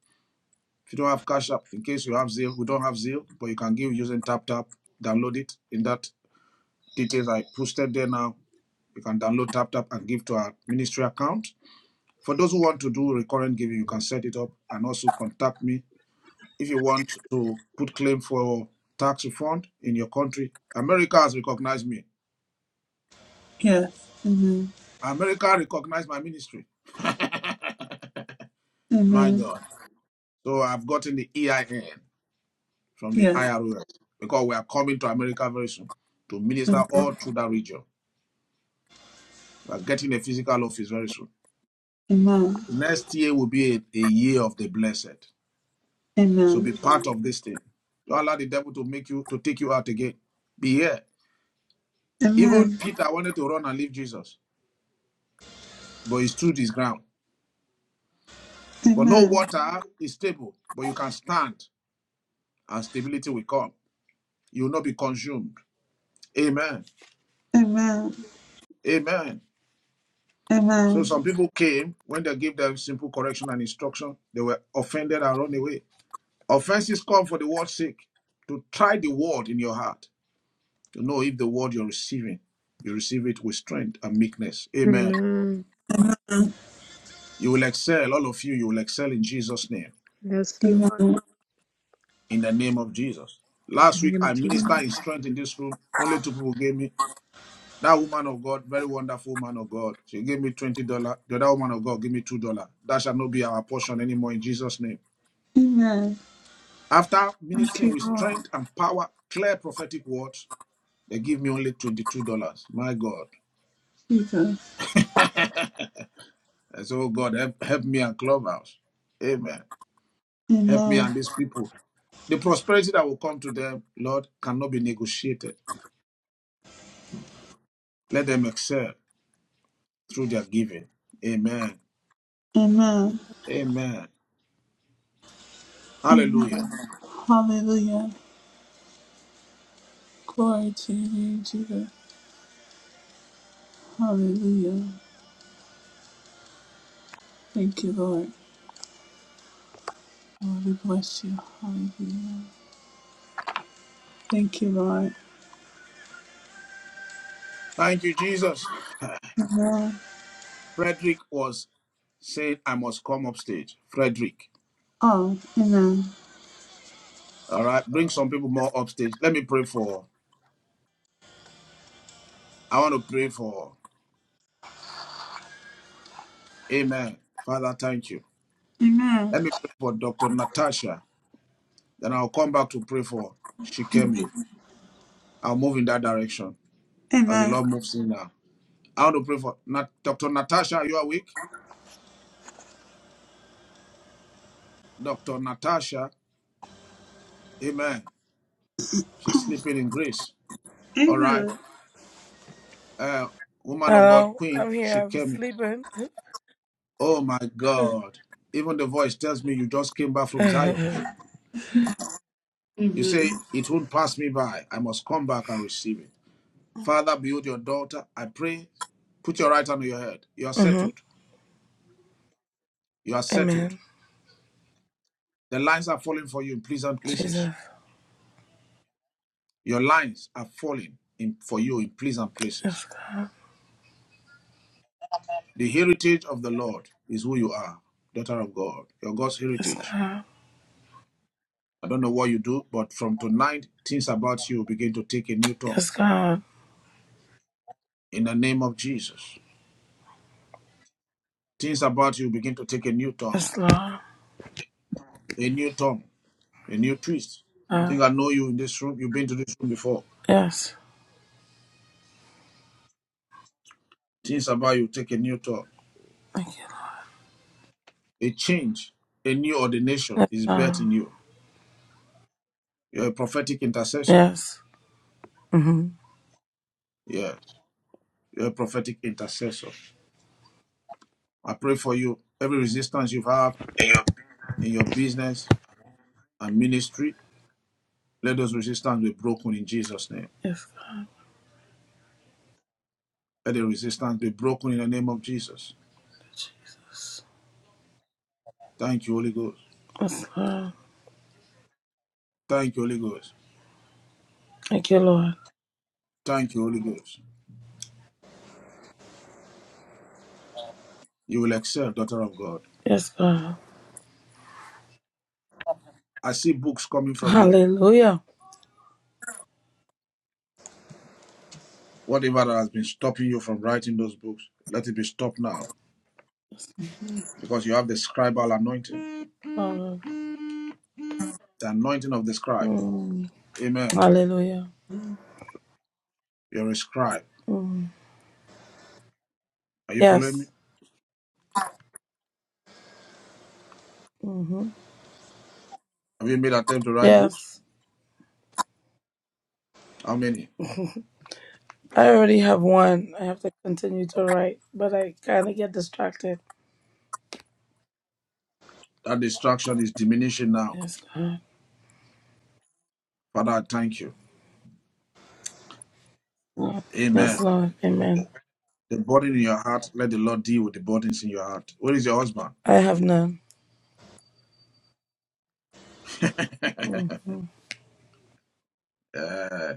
B: If you don't have Cash App, in case you have Zelle, we don't have Zelle, but you can give using Tap Tap. Download it in that details I posted there now. You can download Tap Tap and give to our ministry account. For those who want to do recurrent giving, you can set it up and also contact me if you want to put claim for tax refund in your country. America has recognized me.
A: Yes. Amen.
B: America recognized my ministry. My
A: Amen.
B: God. So I've gotten the EIN. from the
A: Yes.
B: IROS because we are coming to America very soon to minister all through that region. We are getting a physical office very soon.
A: Amen.
B: Next year will be a, a year of the blessed. So be
A: Amen.
B: part of this thing. Don't allow the devil to make you to take you out again. Be here. Even
A: Amen.
B: Peter wanted to run and leave Jesus, but he stood his ground. For no
A: Amen.
B: water is stable, but you can stand and stability will come. You will not be consumed. Amen.
A: Amen.
B: Amen. So
A: Amen.
B: some people came when they gave them simple correction and instruction, they were offended and run away. Offenses come for the word's sake. To try the word in your heart, to know if the word you're receiving, you receive it with strength and meekness. Amen.
E: Amen.
B: You will excel, all of you, you will excel in Jesus' name,
E: Yes, Lord.
A: Amen.
B: in the name of Jesus.
E: In
B: Last
E: the
B: week,
E: name
B: I
E: of
B: ministered in
E: Jesus.
B: strength in this room. Only two people gave me. That woman of God, very wonderful woman of God, she gave me $20. The other woman of God gave me $2. That shall not be our portion anymore in Jesus' name.
A: Amen.
B: After
A: Thank
B: ministering
A: you,
B: with
A: Lord
B: strength and power, clear prophetic words, they give me only $22. My God.
A: Jesus.
B: I said, oh God, help, help me and Clubhouse. Amen. Help me
A: Amen.
B: and these people. The prosperity that will come to them, Lord, cannot be negotiated. Let them excel through their giving. Amen.
A: Amen.
B: Amen. Hallelujah.
A: Hallelujah. Glory to your name, Jesus. Hallelujah. Thank you, Lord. Lord, we bless you. Hallelujah. Thank you, Lord.
B: Thank you, Jesus. Frederick was saying, I must come upstage. Frederick.
A: Oh, amen.
B: All right.
O: All
B: Bring some
O: right.
B: people more upstage. Let me pray for. I want to pray for. Amen. Father, thank you.
A: Amen.
B: Let me pray for Dr. Natasha. Then I'll come back to pray for Shikemi. I'll move in that direction as the
A: Amen.
B: Lord moves in now. I want to pray for Nat- Dr. Natasha. You are weak? Dr. Natasha. Amen. She's sleeping in grace. All right.
A: Amen.
B: Uh, woman of God,
P: Oh,
B: Queen
P: I'm here. I was
B: Shikemi.
P: sleeping.
B: Oh my God. Even the voice tells me you just came back from Zion.
P: mm-hmm.
B: You
A: Amen.
B: say, It won't pass me by. I must come back and receive it. Father, behold your daughter. I pray, put your right hand on your head. You are settled. You are settled.
P: Amen.
B: The lines are falling for you in pleasant places.
P: Jesus.
B: Your lines are falling in, for you in pleasant places.
P: Yes, God.
B: The heritage of the Lord is who you are, daughter of God. Your God's
P: Yes,
B: heritage.
P: God.
B: I don't know what you do, but from tonight, things about you begin to take a new turn.
P: Yes, God.
B: In the name of Jesus, things about you begin to take a new turn,
P: Yes, Lord.
B: a new turn, a new twist. I
P: Uh,
B: think I know you in this room. You've been to this room before.
P: yes.
B: Things about you take a new turn.
P: Thank you.
B: A change, a new ordination
P: Yes,
B: is birthed
P: God.
B: in you. You're a prophetic intercessor.
P: Yes. Mm-hmm.
B: Yeah, you're a prophetic intercessor. I pray for you. Every resistance you have in your business and ministry, let those resistance be broken in Jesus' name.
P: Yes, God.
B: Let the resistance be broken in the name of Jesus. Thank you, Holy Ghost.
P: Yes, God.
B: Thank you, Holy Ghost.
P: Thank you, Lord.
B: Thank you, Holy Ghost. You will excel, daughter of God.
P: Yes, God.
B: I see books coming from you.
P: Hallelujah.
B: Whatever that has been stopping you from writing those books, let it be stopped now
P: Yes,
B: because you have the scribal anointing,
P: Lord.
B: the anointing of the scribe.
P: Mm.
B: Amen.
P: Hallelujah.
B: You're a scribe.
P: Mm.
B: Are you following me?
P: Yes. Mm-hmm.
B: Have you made attempt to write books?
P: Yes.
B: How many?
P: I already have one. I have to continue to write, but I kind of get distracted.
B: That distraction is diminishing now.
P: Yes, God.
B: Father, I thank you.
P: Mm. Yes,
B: Amen.
P: Lord. Amen.
B: The burden in your heart, let the Lord deal with the burdens in your heart. Where is your husband?
P: I have none. hmm
B: Eh,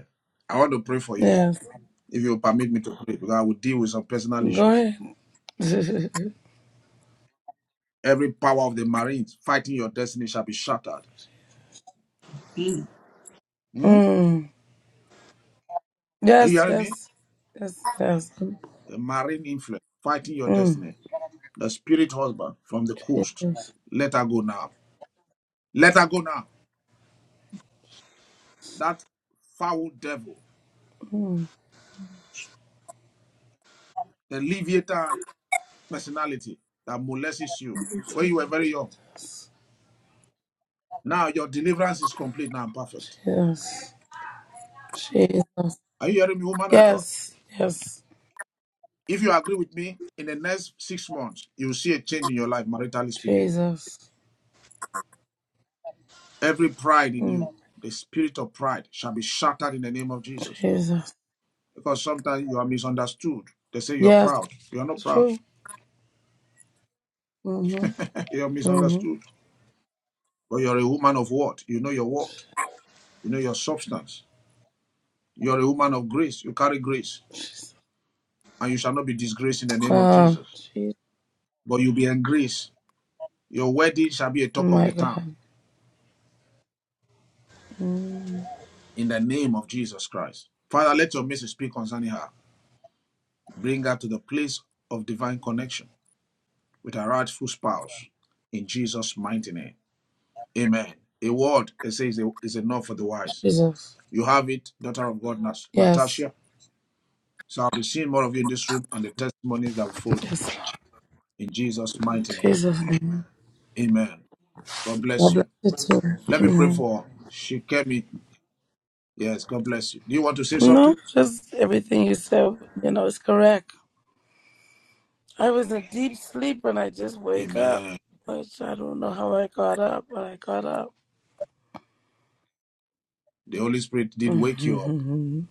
B: I want to pray for you,
P: Yes.
B: if you will permit me to pray, because I will deal with some personal
P: Go
B: issues.
P: ahead.
B: Every power of the Marines fighting your destiny shall be shattered. Hmm?
P: mm.
B: Are you
P: Yes,
B: hearing me?
P: yes. Yes, yes.
B: A Marine influence fighting your
P: Mm.
B: destiny. The spirit husband from the coast.
P: Jesus.
B: Let her go now. Let her go now. That foul devil,
P: Mm.
B: the Leviathan personality that molested you when you were very young. Now your deliverance is complete now and perfect.
P: Jesus. Jesus.
B: Are you hearing me, woman of God?
P: Yes, yes.
B: If you agree with me, in the next six months, you'll see a change in your life, maritally speaking.
P: Jesus.
B: Every pride in
P: Mm.
B: you, the spirit of pride, shall be shattered in the name of Jesus.
P: Jesus.
B: Because sometimes you are misunderstood. They say you're
P: Yes,
B: proud. You're not
P: it's
B: proud.
P: true. Mm-hmm.
B: you're
P: Mm-hmm.
B: misunderstood. But you're a woman of what? You know your what? You know your substance. You're a woman of grace. You carry grace.
P: Jesus.
B: And you shall not be disgraced in the name of
P: Ah,
B: Jesus.
P: Jesus.
B: But you'll be in grace. Your wedding shall be a talk of
P: My
B: the
P: God.
B: town
P: Mm,
B: in the name of Jesus Christ. Father, let your message speak concerning her. Bring her to the place of divine connection with her rightful spouse in Jesus' mighty name. Amen. A word, it says, is enough for the wise.
P: Jesus.
B: You have it, daughter of God,
P: Yes.
B: Natasha. So I'll be seeing more of you in this room and the testimonies that will follow.
P: Yes.
B: In Jesus' mighty name.
P: Jesus name.
B: Amen. God
P: God
B: bless
P: bless
B: you.
P: you too.
B: Let me pray
P: Amen.
B: for Shikemi. Yes, God bless you. Do you want to say
P: No,
B: something?
P: just everything you said, you know, is correct. I was in deep sleep and I just wake up.
B: Amen.
P: Which I don't know how I got up, but I got up.
B: The Holy Spirit did wake you up
P: hmm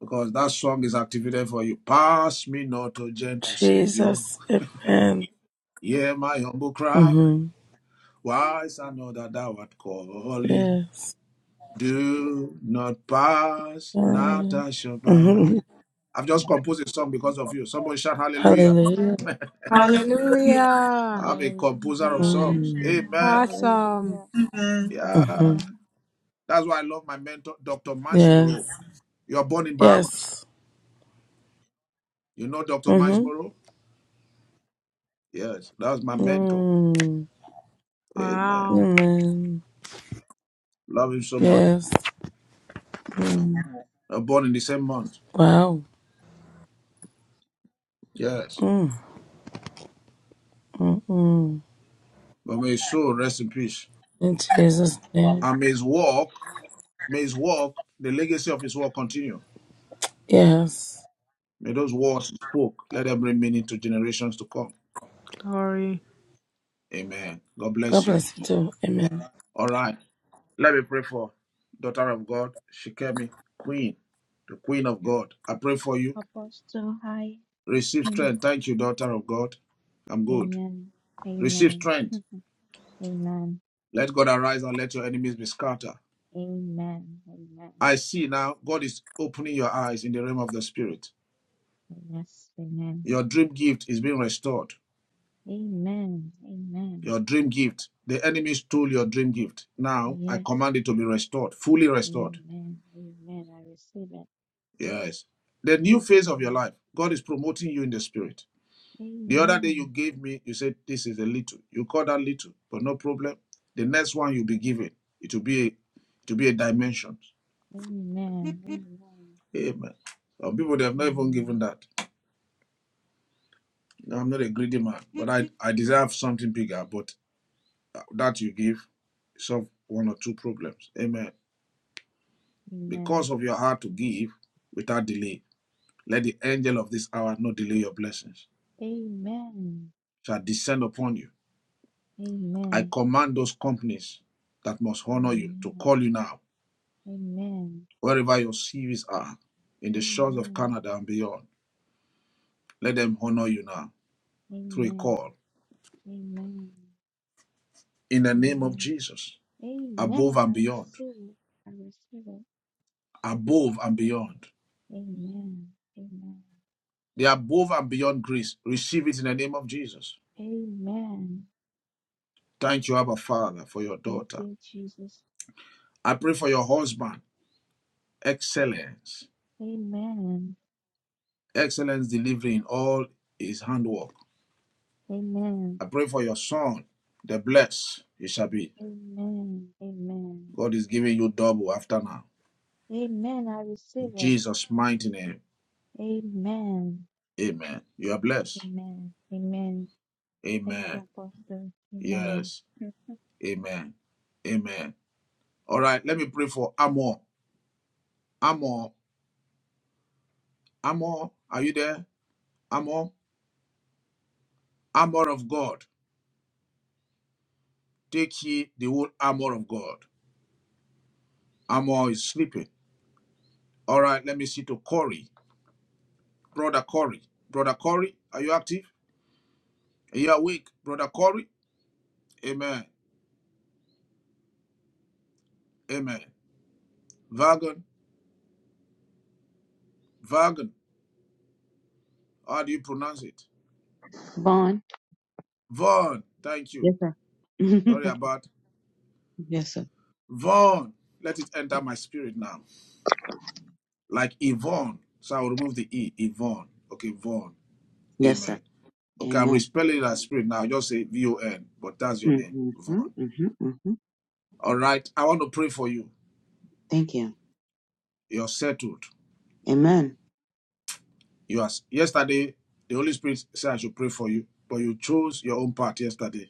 B: because that song is activated for you. Pass me not, O gentle Savior.
P: Jesus. Amen.
B: Hear my humble cry.
P: hmm
B: Why is another thou art calling?
P: Yes.
B: Do not pass, not I shall by.
P: Mm-hmm.
B: I've just composed a song because of you. Somebody shout hallelujah.
P: Hallelujah.
E: Hallelujah.
B: I'm a composer of
D: Hallelujah.
B: songs.
P: Mm-hmm.
B: Amen.
E: Awesome.
D: Hallelujah.
A: Hallelujah.
B: Yeah.
P: Mm-hmm.
D: Amen.
B: That's why I love my mentor, Dr. Miles Moreau.
P: Yes.
B: You're born in Bahamas.
P: Yes.
B: You know Dr. Miles
P: Mm-hmm.
B: Moreau? Yes, that was my mentor.
P: Mm.
B: Amen.
E: Wow.
P: Amen.
B: Love him so much.
P: Yes. Mm.
B: I was born in the same month.
P: Wow.
B: Yes.
P: Mm. Mm-mm.
B: But may his soul rest in peace.
P: In Jesus' name.
B: And may his work, may his work, the legacy of his work continue.
P: Yes.
B: May those words he spoke, let them bring meaning to generations to come.
E: Glory.
B: Amen. God
P: God
B: bless you.
P: bless you too. Amen.
B: All right. Let me pray for daughter of God, Shikemi, Queen, the Queen of God. I pray for you
D: Apostle, hi.
B: Receive
D: Mm.
B: strength. Thank you, daughter of God. I'm good.
D: Amen.
B: Receive
D: Amen.
B: strength.
D: Mm. Amen.
B: Let God arise and let your enemies be scattered.
D: Amen. Amen.
B: I see now God is opening your eyes in the realm of the spirit.
D: Yes. Amen.
B: Your dream gift is being restored.
D: Amen. Amen.
B: Your dream gift. The enemy stole your dream gift. Now I
D: Yes.
B: command it to be restored, fully restored.
D: Amen. Amen. I receive it.
B: Yes. The new phase of your
D: Amen.
B: life, God is promoting you in the spirit. The other day you
D: Amen.
B: gave me, you said this is a little. You call that little, but no problem. The next one you'll be given, it will be a, it will be a dimension.
D: Amen. Amen.
B: Amen. Some people they have not even
D: Amen.
B: given that. No, I'm not a greedy man, but I I deserve something bigger. But uh, that you give solve one or two problems. Amen.
D: Amen.
B: Because of your heart to give without delay, let the angel of this hour not delay your blessings.
D: Amen.
B: Shall descend upon you. I
D: Amen.
B: command those companies that must honor you to
D: Amen.
B: call you now
D: Amen.
B: wherever your CVs are, in the shores of
D: Amen.
B: Canada and beyond. Let them honor you now through a
D: Amen.
B: call
D: Amen.
B: in the name of
D: Amen.
B: Jesus, above
D: Amen.
B: and
D: I
B: beyond,
D: receive it. I receive it.
B: above and beyond.
D: Amen. Amen.
B: The above and beyond grace, receive it in the name of Jesus.
D: Amen.
B: Thank you, Abba Father, for your
D: Thank
B: daughter.
D: you, Jesus.
B: I pray for your husband, excellence,
D: Amen.
B: excellence delivering all his handwork.
D: Amen.
B: I pray for your son, the blessed he shall be.
D: Amen. Amen.
B: God is giving you double after now.
D: Amen. I
B: In
D: receive it.
B: Jesus' mighty name,
D: Amen.
B: amen. You are blessed.
D: Amen. Amen. Thank you,
B: Amen.
D: Apostle. Amen.
B: Yes. Amen. Amen. All right. Let me pray for Amor. Amor. Amor. Are you there? Amor. Amor of God. Take ye the whole armor of God. Amor is sleeping. All right. Let me see to Corey. Brother Corey. Brother Corey. Are you active? Are you awake? Brother Corey. Amen. Amen. Vagon. Vagon. How do you pronounce it?
Q: Vaughn.
B: Vaughn. Thank you.
Q: Yes, sir.
B: Sorry about
Q: yes, sir.
B: Vaughn. Let it enter my spirit now. like Yvonne. So I'll remove the E, Yvonne. Okay, Vaughn.
Q: Yes, sir.
B: Amen. Okay, I'm
Q: Amen.
B: respelling that spirit now. Just say V O N, but that's your name,
Q: Mm-hmm,
B: Vaughn.
Q: mm-hmm, mm-hmm.
B: All right. I want to pray for you.
Q: Thank you.
B: You're settled.
Q: Amen.
B: You are, yesterday, the Holy Spirit said I should pray for you, but you chose your own part yesterday.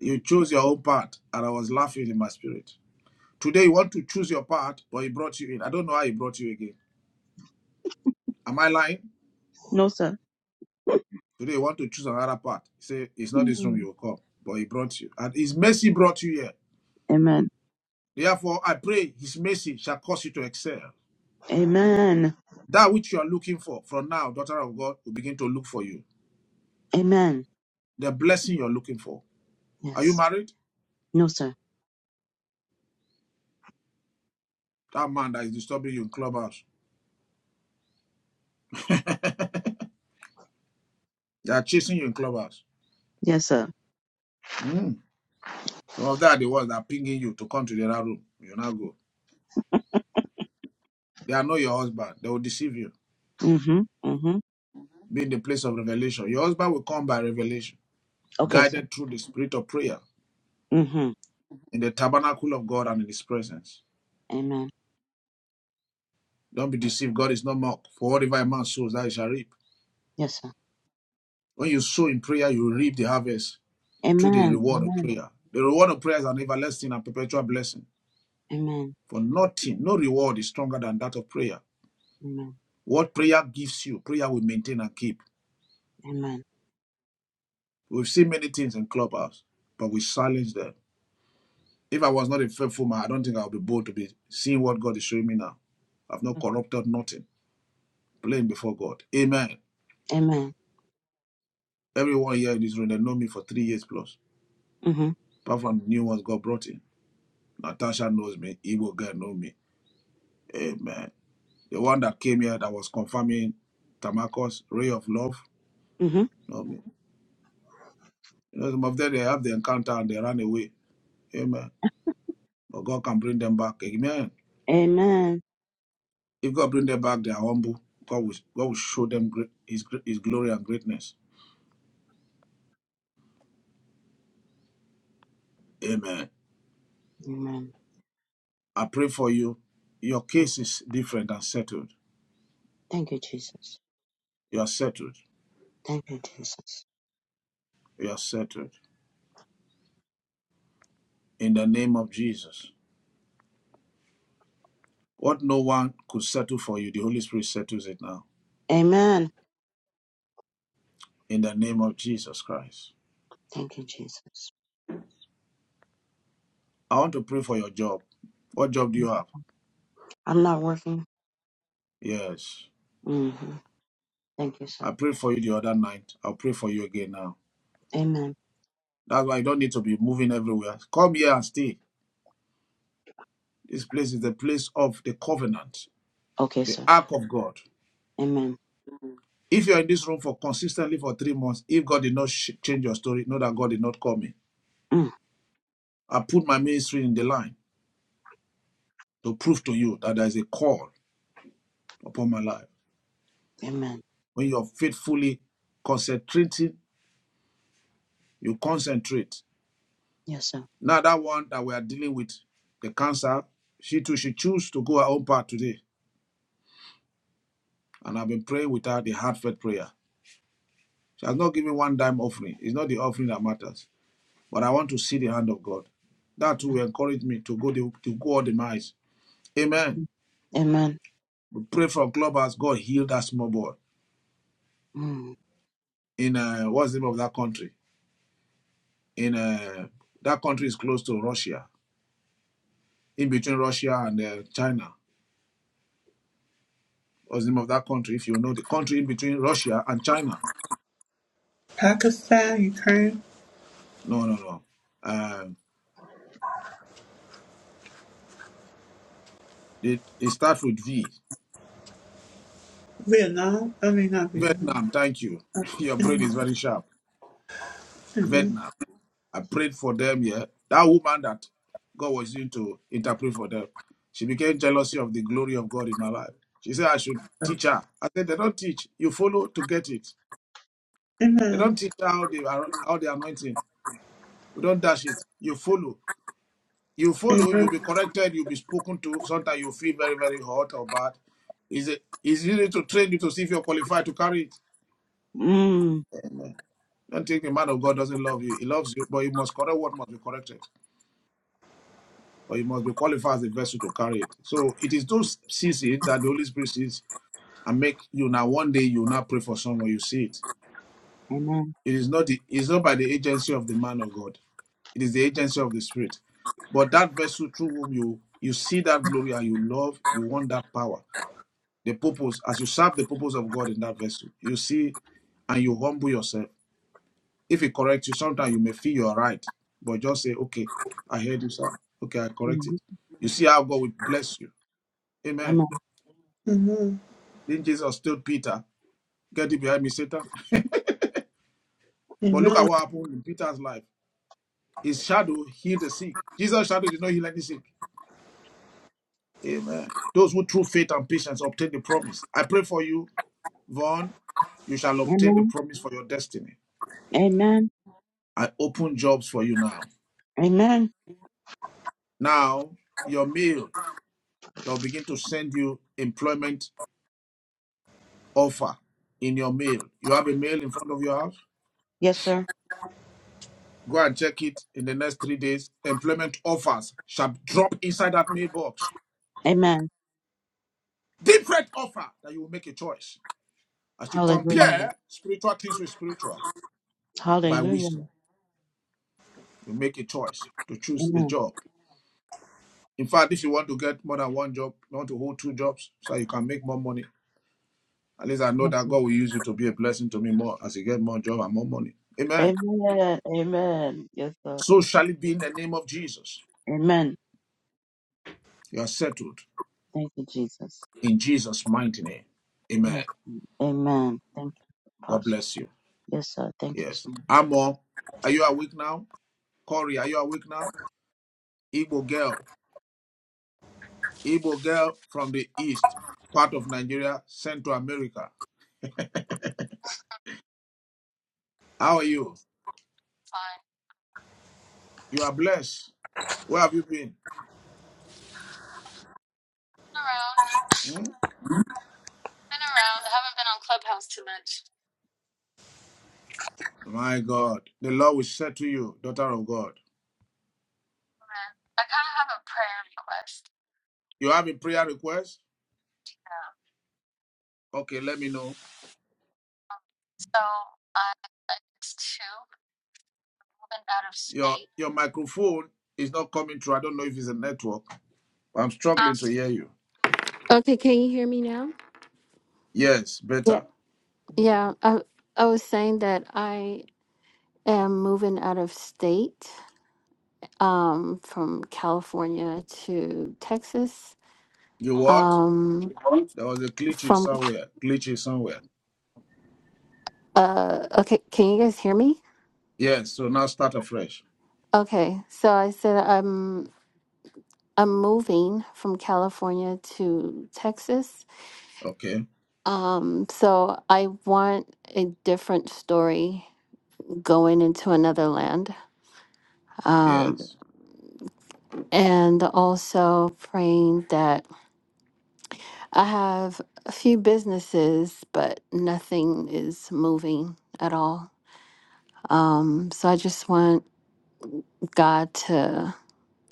B: You chose your own part, and I was laughing in my spirit. Today, you want to choose your part, but he brought you in. I don't know how he brought you again. Am I lying?
Q: No, sir.
B: Today, you want to choose another part. Say, it's not this room you
Q: Mm.
B: will come, but he brought you. And his mercy brought you here.
Q: Amen.
B: Therefore, I pray his mercy shall cause you to excel.
Q: Amen.
B: That which you are looking for from now, daughter of God, will begin to look for you.
Q: Amen.
B: The blessing you're looking for. Are you
Q: Yes.
B: married?
Q: No, sir.
B: That man that is disturbing you in clubhouse. They are chasing you in clubhouse.
Q: Yes, sir.
B: Mm. Some of that are the ones that are pinging you to come to the other room. You now go. They are not your husband. They will deceive you.
Q: Mm-hmm. Mm-hmm.
B: Be in the place of revelation. Your husband will come by revelation,
Q: Okay, sir.
B: guided through the spirit of prayer
Q: Mm-hmm.
B: in the tabernacle of God and in his presence.
Q: Amen.
B: Don't be deceived. God is not mocked. For whatever a man sows, that he shall reap.
Q: Yes, sir.
B: When you sow in prayer, you reap the harvest through the
Q: Amen.
B: reward of
Q: Amen.
B: prayer. The reward of prayer is an everlasting and perpetual blessing.
Q: Amen.
B: For nothing, no reward is stronger than that of prayer.
Q: Amen.
B: What prayer gives you, prayer will maintain and keep.
Q: Amen.
B: We've seen many things in clubhouse, but we silence them. If I was not a faithful man, I don't think I would be bold to be seeing what God is showing me now. I've not
Q: Okay.
B: corrupted nothing, playing before God. Amen.
Q: Amen.
B: Everyone here in this room, they know me for three years plus.
Q: Mm-hmm.
B: Apart from the new ones God brought in. Natasha knows me, Igbo girl knows me. Amen. the one that came here that was confirming Tamako's ray of love.
Q: Mm-hmm.
B: Amen. You know, some of them they have the encounter and they run away. Amen. But God can bring them back. Amen.
Q: Amen.
B: If God bring them back, they are humble. God will, God will show them great, his, his glory and greatness. Amen.
Q: Amen.
B: I pray for you. Your case is different and settled.
Q: Thank you, Jesus.
B: You are settled.
Q: Thank you, Jesus.
B: You are settled. In the name of Jesus. What no one could settle for you, the Holy Spirit settles it now.
Q: Amen.
B: In the name of Jesus Christ.
Q: Thank you, Jesus.
B: I want to pray for your job. What job do you have?
Q: I'm not working.
B: Yes.
Q: hmm Thank you, sir.
B: I prayed for you the other night. I'll pray for you again now.
Q: Amen.
B: That's why you don't need to be moving everywhere. Come here and stay. This place is the place of the covenant,
Q: Okay,
B: the
Q: sir.
B: ark of God.
Q: Amen.
B: If you're in this room for consistently for three months, if God did not sh- change your story, know that God did not call me.
Q: Mm.
B: I put my ministry in the line to prove to you that there is a call upon my life.
Q: Amen.
B: When you're faithfully concentrating, you concentrate.
Q: Yes, sir.
B: Now that one that we are dealing with, the cancer, she too, she choose to go her own path today. And I've been praying with her the heartfelt prayer. She has not given one dime offering. It's not the offering that matters. But I want to see the hand of God. That too
Q: Amen.
B: will encourage me to go the, to go all the miles. Amen.
Q: Mhm. Amen.
B: We pray for clubhouse. God heal that small boy
Q: Mm.
B: in uh, what's the name of that country? In uh, that country is close to Russia, in between Russia and uh, China. What's the name of that country? If you know the country in between Russia and China,
A: Pakistan, Ukraine,
B: no, no, no. Uh, It, it starts with V.
A: Vietnam. I mean, not Vietnam.
B: Vietnam, thank you. Your brain is very sharp.
A: Amen.
B: Vietnam. I prayed for them, yeah. That woman that God was using to interpret for them, she became jealousy of the glory of God in my life. She said I should teach her. I said, they don't teach. You follow to get it. They
A: Amen.
B: don't teach how they are how the anointing. We don't dash it. You follow. You follow, you'll be corrected, you'll be spoken to. Sometimes you feel very, very hot or bad. Is it is easy to train you to see if you're qualified to carry it.
Q: Mm.
B: Amen. Don't think a man of God doesn't love you. He loves you, but he must correct what must be corrected, or he must be qualified as a vessel to carry it. So it is those sees it that the Holy Spirit sees and make you now. One day you now pray for someone, you see it.
Q: Amen.
B: It is not the, it's not by the agency of the man of God. It is the agency of the Spirit. But that vessel through whom you you see that glory and you love, you want that power, the purpose. As you serve the purpose of God in that vessel, you see, and you humble yourself If he corrects you, sometimes you may feel you're right, but just say, okay, I heard you, sir. Okay, I correct it.
Q: Mhm.
B: You see how God will bless you. Amen.
Q: Amen.
A: Amen.
B: Then Jesus told Peter, get thee behind me, Satan. But look
A: Amen.
B: at what happened in Peter's life. His shadow healed the sick. Jesus' shadow did not heal any sick. Amen. Those who through faith and patience obtain the promise. I pray for you, Vaughn. You shall obtain the
Q: Amen.
B: promise for your destiny.
Q: Amen.
B: I open jobs for you now.
Q: Amen.
B: Now, your mail, they'll begin to send you employment offer in your mail. You have a mail in front of your house.
Q: Yes, sir.
B: Go and check it in the next three days. Employment offers shall drop inside that mailbox.
Q: Amen.
B: Different offer that you will make a choice. As you
Q: Hallelujah.
B: compare spiritual things with spiritual by
Q: Hallelujah.
B: wisdom, you make a choice to choose the
Q: Amen.
B: job. In fact, if you want to get more than one job, you want to hold two jobs so you can make more money. At least I know
Q: Yes,
B: that
Q: sir.
B: God will use you to be a blessing to me more as you get more job and more money. Amen.
Q: Amen. Amen. Yes, sir.
B: So shall it be in the name of Jesus.
Q: Amen.
B: You are settled.
Q: Thank you, Jesus.
B: in Jesus' mighty name. Amen.
Q: Yes. Amen. Thank you,
B: God
Q: Apostle.
B: bless you.
Q: Yes, sir. Thank you,
B: Yes.
Q: so much.
B: Amo, are you awake now? Corey, are you awake now? Igbo girl, Igbo girl from the east part of Nigeria, Central America. How are you?
R: Fine.
B: You are blessed. Where have you been?
R: Been around.
B: Hmm?
R: Been around. I haven't been on Clubhouse too much.
B: My God, the Lord will say to you, daughter of God.
R: I kind of have a prayer request.
B: You have a prayer request?
R: Yeah.
B: Okay, let me know.
R: Um, so I, I- it's two moving out of
B: Your
R: state.
B: your microphone is not coming through. I don't know if it's a network. I'm struggling to
R: Um,
B: hear you.
R: okay, can you hear me now?
B: Yes,
R: Yeah.
B: better.
R: Yeah. I, I was saying that I am moving out of state um, from California to Texas.
B: You what?
R: Um,
B: There was a glitch in
R: from,
B: somewhere. Glitch in somewhere.
R: uh, okay, can you guys hear me?
B: Yes. So now start afresh.
R: Okay, so I said I'm I'm moving from California to Texas.
B: Okay.
R: Um, so I want a different story going into another land. Um,
B: Yes.
R: and also praying that I have a few businesses, but nothing is moving at all. Um, so I just want God to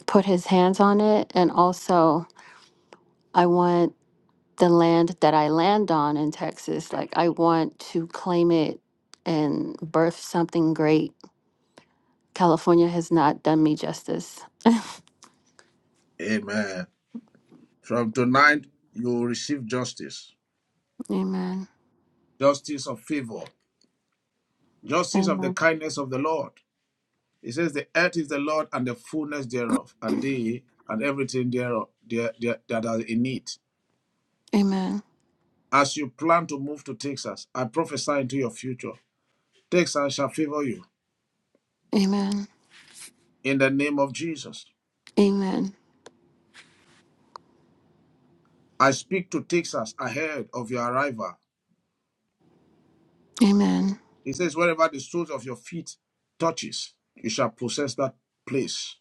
R: put his hands on it. And also, I want the land that I land on in Texas. Like, I want to claim it and birth something great. California has not done me justice.
B: Amen. From tonight, you will receive justice.
R: Amen.
B: Justice of favor. Justice of the
R: Amen.
B: kindness of the Lord. It says, The earth is the Lord and the fullness thereof, and
R: Amen.
B: they and everything thereof there, there, that are in it.
R: Amen.
B: As you plan to move to Texas, I prophesy into your future. Texas shall favor you
R: Amen.
B: in the name of Jesus.
R: Amen.
B: I speak to Texas ahead of your arrival. He says, Wherever the soles of your feet touches, you shall possess that place.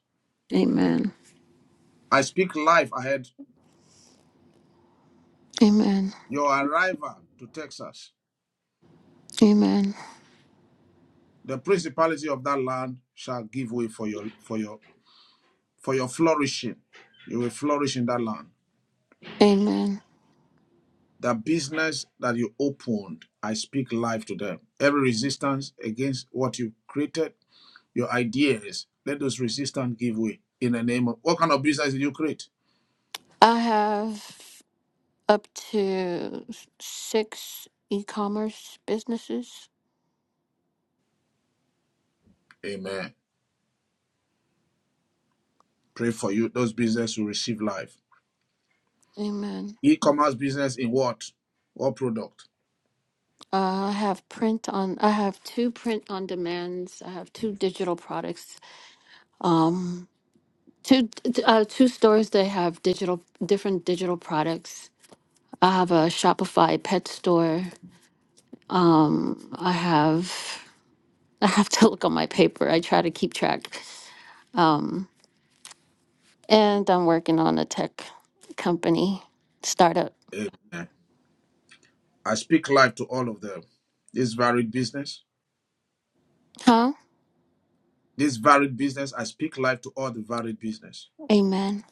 R: Amen.
B: I speak life ahead.
R: Amen.
B: Your arrival to Texas,
R: Amen.
B: the principality of that land shall give way for your for your for your flourishing. You will flourish in that land.
R: Amen.
B: The business that you opened, I speak life to them. Every resistance against what you created, your ideas, let those resistance give way. In the name of what kind of business did you create?
R: I have up to s- six e commerce businesses.
B: Amen. Pray for you. Those business will receive life
R: Amen.
B: E-commerce business in what? What product?
R: Uh, I have print on. I have two print on demands. I have two digital products. Um, two t- uh, two stores that have digital different digital products. I have a Shopify pet store. Um, I have. I have to look on my paper. I try to keep track. Um, and I'm working on a tech company startup.
B: Amen. I speak life to all of them. This varied business.
R: Huh?
B: This varied business. I speak life to all the varied business.
R: Amen.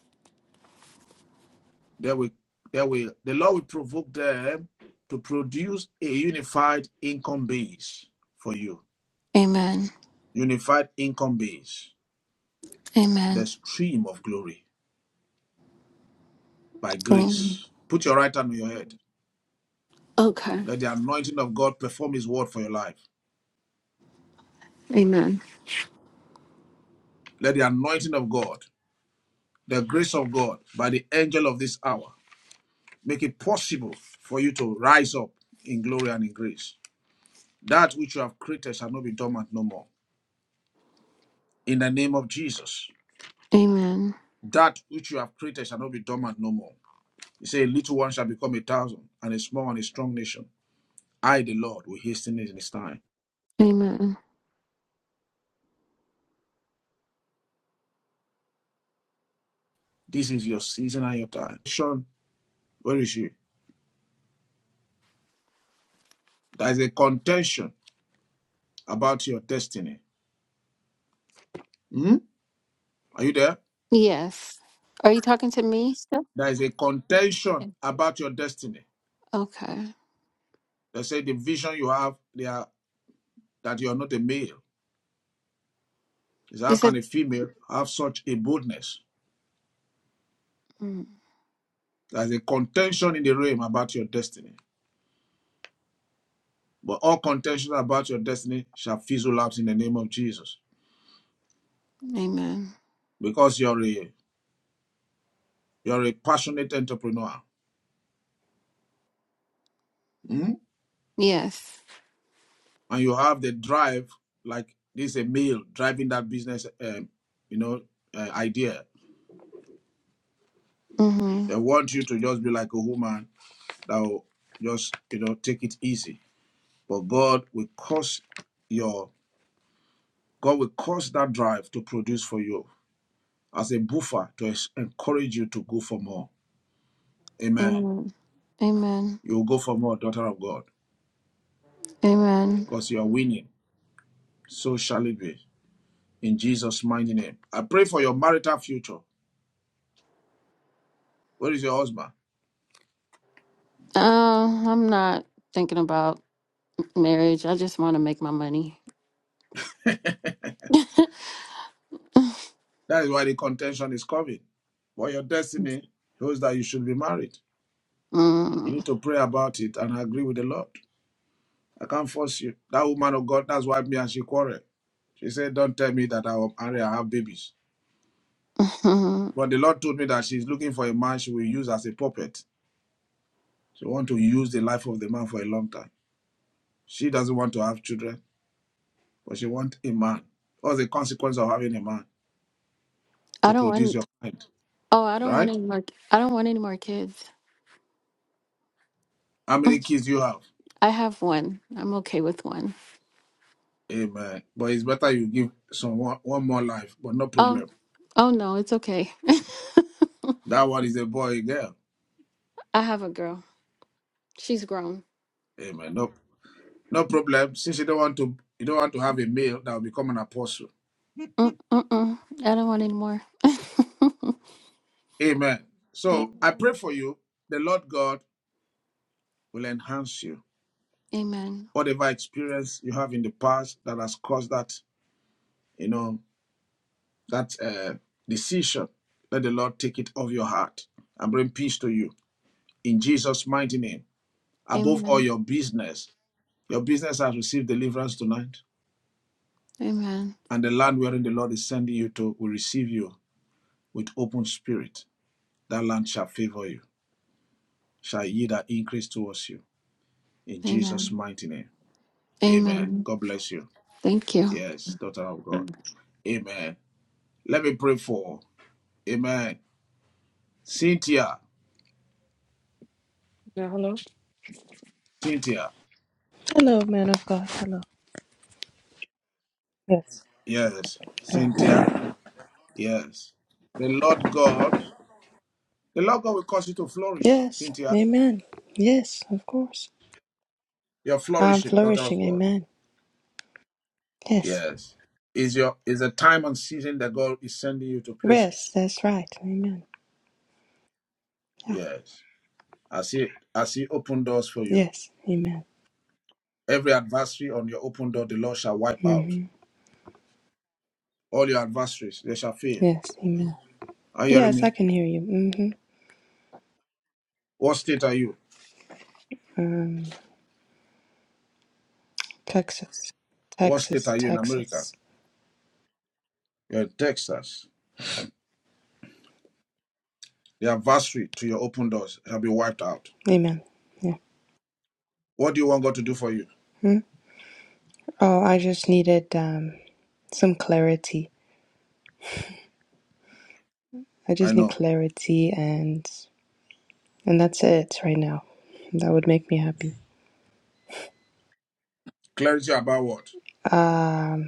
B: They will they will the Lord will provoke them to produce a unified income base for you.
R: Amen.
B: Unified income base. The
R: Amen.
B: stream of glory by
R: Amen.
B: grace. Put your right hand on your head.
R: Okay.
B: Let the anointing of God perform his word for your life.
R: Amen.
B: Let the anointing of God the grace of God by the angel of this hour make it possible for you to rise up in glory and in grace. That which you have created shall not be dormant no more. In the name of Jesus,
R: Amen.
B: that which you have created shall not be dormant no more. You say, a little one shall become a thousand, and a small and a strong nation. I, the Lord, will hasten it in his time.
R: Amen.
B: This is your season and your time. Sean, where is you? There is a contention about your destiny. Hmm? Are you there?
R: Yes. Are you talking to me still?
B: There is a contention
R: Yeah.
B: about your destiny.
R: Okay.
B: They say the vision you have, they are, that you are not a male. Is
R: You
B: how
R: said,
B: can a female have such a boldness?
R: mm,
B: There's a contention in the realm about your destiny. But all contention about your destiny shall fizzle out in the name of Jesus.
R: Amen.
B: Because you're a you're a passionate entrepreneur. Mm?
R: Yes.
B: And you have the drive, like this a male driving that business um, you know, uh, idea.
R: Mm-hmm.
B: They want you to just be like a woman that will just, you know, take it easy. But God will cause your God will cause that drive to produce for you as a buffer to encourage you to go for more. Amen.
R: Amen. Amen.
B: You will go for more, daughter of God,
R: Amen.
B: because you are winning. So shall it be. In Jesus' mighty name. I pray for your marital future. Where is your husband?
R: Um, I'm not thinking about marriage. I just want to make my money.
B: That is why the contention is coming. But your destiny shows that you should be married. You
R: Mm.
B: need to pray about it and agree with the Lord. I can't force you. That woman of God, that's why me and she quarreled. She said, Don't tell me that I will marry, I have babies.
R: I
B: But the Lord told me that she's looking for a man she will use as a puppet. She want to use the life of the man for a long time. She doesn't want to have children, but she want a man. What's the consequence of having a man to
R: don't
B: produce your
R: want.
B: kind,
R: Oh, I don't want
B: right?
R: any more. I don't want any more kids.
B: How many kids you have?
R: I have one. I'm okay with one.
B: Amen. But it's better you give someone one more life, but no
R: Oh,
B: problem.
R: oh no, it's okay.
B: That one is a boy, a girl.
R: I have a girl. She's grown.
B: Amen. No, no problem. Since you don't want to, you don't want to have a male that will become an apostle.
R: Mm-mm-mm. I don't want any more.
B: Amen.
R: Amen.
B: So I pray for you. The Lord God will enhance you
R: Amen.
B: whatever experience you have in the past that has caused that, you know, that uh, decision, let the Lord take it off your heart and bring peace to you. In Jesus' mighty name, above all
R: Amen.
B: your business, your business has received deliverance tonight,
R: Amen.
B: and the land wherein the Lord is sending you to will receive you with open spirit. That land shall favor you, shall yield an increase towards you. In Jesus'
R: Amen.
B: mighty name, amen.
R: Amen.
B: God bless you.
R: Thank you.
B: Yes, daughter of God. Amen. Let me pray for. Amen. Cynthia,
S: Yeah, hello.
B: Cynthia,
S: Hello, man of God. Hello. Yes.
B: yes,
S: Hello.
B: Cynthia, yes. The Lord God, the Lord God will cause you to flourish,
S: Yes.
B: Cynthia.
S: Amen. Yes, of course.
B: You're
S: I'm
B: flourishing, daughter
S: flourishing.
B: of God.
S: Amen. Yes.
B: Yes, is your is a time and season that God is sending you to places.
S: Rest. That's right. Amen. Yeah.
B: Yes, I see, I see open doors for you.
S: Yes. Amen.
B: Every adversary on your open door, the Lord shall wipe out.
S: Mm-hmm.
B: All your adversaries, they shall fail.
S: Yes. Amen.
B: Are you hearing
S: Yes, I
B: me?
S: can hear you. Mm-hmm.
B: What state are you?
S: Um, Texas.
B: What state
S: Texas.
B: are you in America?
S: Texas.
B: You're in Texas. The adversary to your open doors shall be wiped out.
S: Amen. Yeah.
B: What do you want God to do for you?
S: Hmm? Oh, I just needed um some clarity. I
B: I
S: just need
B: know.
S: clarity, and and that's it right now. That would make me happy.
B: Clarity about what?
S: Um.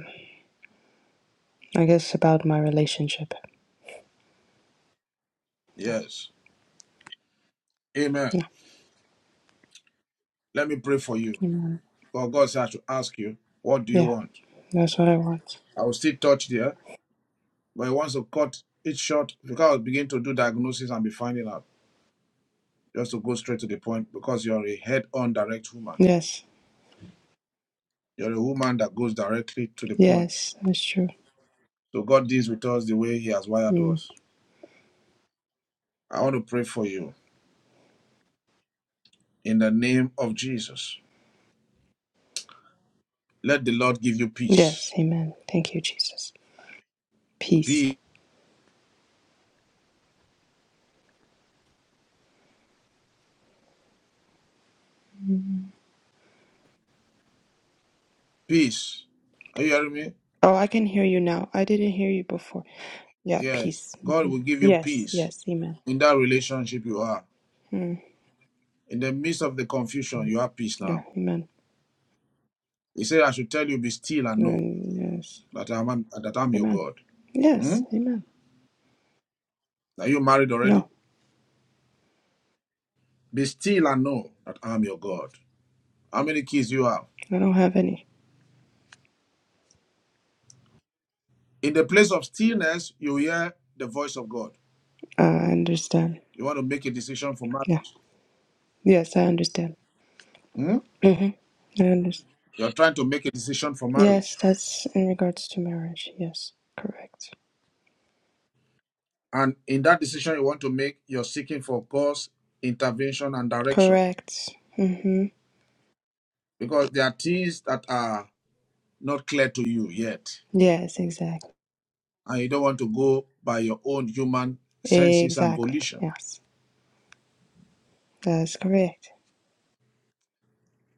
S: I guess about my relationship.
B: Yes. Amen.
S: Yeah.
B: Let me pray for you.
S: Mm.
B: God, God said I should ask you, what do you
S: Yeah,
B: want?
S: that's what I want.
B: I will still touch there, but he wants to cut it short because I'll begin to do diagnosis and be finding out. Just to go straight to the point because you're a head on direct woman.
S: Yes.
B: You're a woman that goes directly to the point.
S: Yes, that's true.
B: So God deals with us the way He has wired
S: Mm.
B: us. I want to pray for you in the name of Jesus. Let the Lord give you peace.
S: Yes, amen. Thank you, Jesus. Peace.
B: Peace.
S: Mm.
B: Peace. Are you hearing me?
S: Oh, I can hear you now. I didn't hear you before. Yeah,
B: Yes,
S: peace.
B: God
S: hmm
B: will give you
S: Yes,
B: peace
S: yes, amen.
B: in that relationship you are.
S: Mm.
B: In the midst of the confusion, you have peace
S: Yeah,
B: now.
S: amen.
B: He said, I should tell you, be still and know
S: Mm, yes,
B: that I'm, that I'm your
S: amen.
B: God. Hmm?
S: Yes, amen.
B: Are you married
S: No,
B: already? Be still and know that I'm your God. How many kids you have?
S: I don't have any.
B: In the place of stillness, you hear the voice of God.
S: Uh, I understand.
B: You want to make a decision for
S: Yeah.
B: marriage.
S: Yes, I understand.
B: Hmm?
S: hmm I understand.
B: You're trying to make a decision for
S: Yes,
B: marriage.
S: that's in regards to marriage. Yes, correct.
B: And in that decision you want to make, you're seeking for God's intervention and direction.
S: Correct. Mm-hmm.
B: because there are things that are not clear to you yet,
S: Yes, exactly.
B: and you don't want to go by your own human senses and
S: Exactly.
B: volition.
S: Yes, that's correct.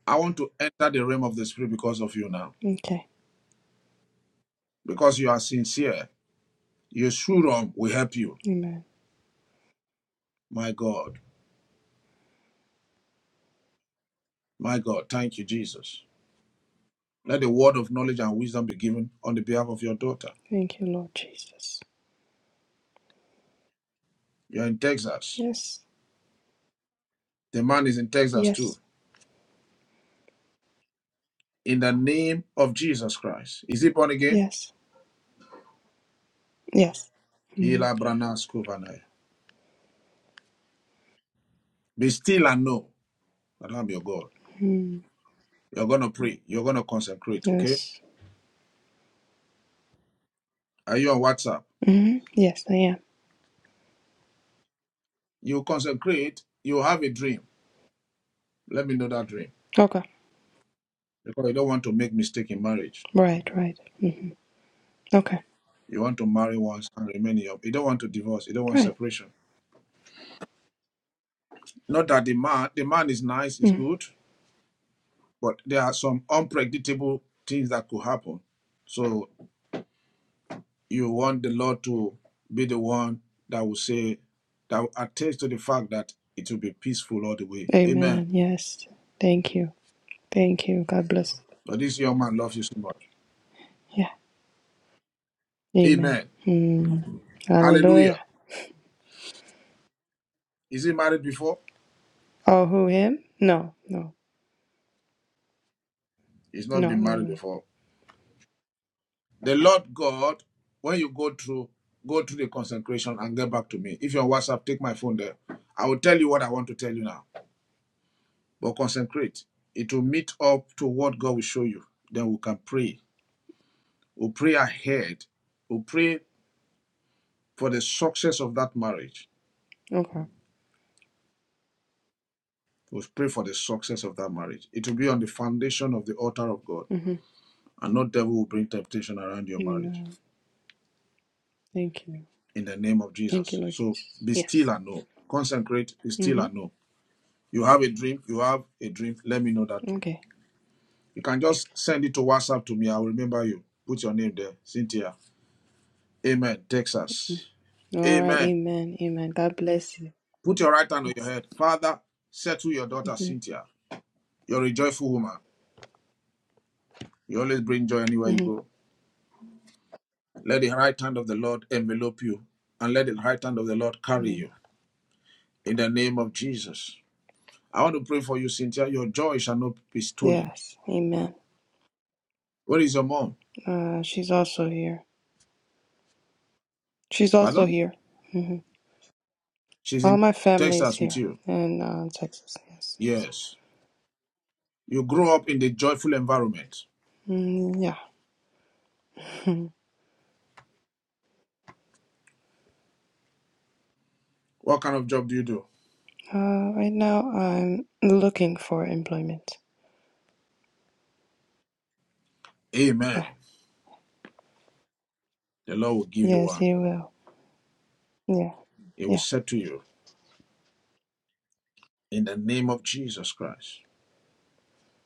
B: I want to enter the realm of the spirit because of you now,
S: Okay.
B: because you are sincere. Your shurum will help you.
S: Amen.
B: My God, my God, thank you, Jesus. Let the word of knowledge and wisdom be given on the behalf of your daughter.
S: Thank you, Lord Jesus.
B: You're in Texas.
S: Yes.
B: The man is in Texas too.
S: Yes.
B: In the name of Jesus Christ. Is he born again?
S: Yes. Yes.
B: Hila Branas Kovanaya. Be still and know that I'm your God.
S: Mm-hmm.
B: You're going to pray. You're going to consecrate, okay?
S: Yes.
B: Are you on WhatsApp?
S: Mm-hmm. Yes, I am.
B: You consecrate, you have a dream. Let me know that dream.
S: Okay.
B: Because you don't want to make mistake in marriage.
S: Right. Right. Mm-hmm. Okay.
B: You want to marry once and remain in You don't want to divorce. You don't want
S: Right.
B: separation. Not that the man, the man is nice, is
S: Mm.
B: good, but there are some unpredictable things that could happen. So you want the Lord to be the one that will say, that will attest to the fact that it will be peaceful all the way. Amen.
S: Amen. Yes. Thank you. Thank you. God bless.
B: But this young man loves you so much.
S: Yeah. Amen.
B: Amen.
S: Mm.
B: Hallelujah.
S: Hallelujah.
B: Is he married before?
S: Oh, who him? No. No.
B: He's not
S: No.
B: been
S: No.
B: married
S: No.
B: before. The Lord God, when you go through, go through the consecration and get back to me. If you're on WhatsApp, take my phone there. I will tell you what I want to tell you now. But consecrate. It will meet up to what God will show you. Then we can pray. We'll pray ahead. We'll pray for the success of that marriage.
S: Okay.
B: We'll pray for the success of that marriage. It will be on the foundation of the altar of God.
S: Mm-hmm.
B: And no devil will bring temptation around your marriage.
S: Amen. Thank you.
B: in the name of
S: Thank you,
B: Jesus.
S: Lord
B: So
S: Jesus.
B: be still
S: Yes.
B: and know. Consecrate, be still and
S: Mm-hmm.
B: know. You have a dream, you have a dream, let me know that dream.
S: Okay.
B: You can just send it to WhatsApp to me. I'll remember you. Put your name there, Cynthia. Amen.
S: Mm.
B: Texas.
S: All right.
B: Amen.
S: Amen. Amen. God bless you.
B: Put your right hand on your
S: Yes.
B: head. Father, settle your daughter,
S: Mm-hmm.
B: Cynthia. You're a joyful woman. You always bring joy anywhere you
S: Mm-hmm.
B: go. Let the right hand of the Lord envelop you and let the right hand of the Lord carry
S: mm
B: you in the name of Jesus. I want to pray for you, Cynthia. Your joy shall not be stolen
S: Yes. Amen.
B: Where is your mom?
S: Uh, she's also here. She's also
B: Pardon?
S: here. Mm-hmm.
B: She's
S: All
B: in
S: my family is
B: Texas with
S: here
B: you.
S: in uh, Texas. Yes. Yes.
B: Yes. You grow up in the joyful environment.
S: Mm, yeah. Hmm.
B: What kind of job do you do?
S: Uh, right now, I'm looking for employment.
B: Amen.
S: Yeah.
B: The Lord will give you
S: Yes,
B: one.
S: He will. Yeah.
B: He will
S: Yeah.
B: say to you, in the name of Jesus Christ,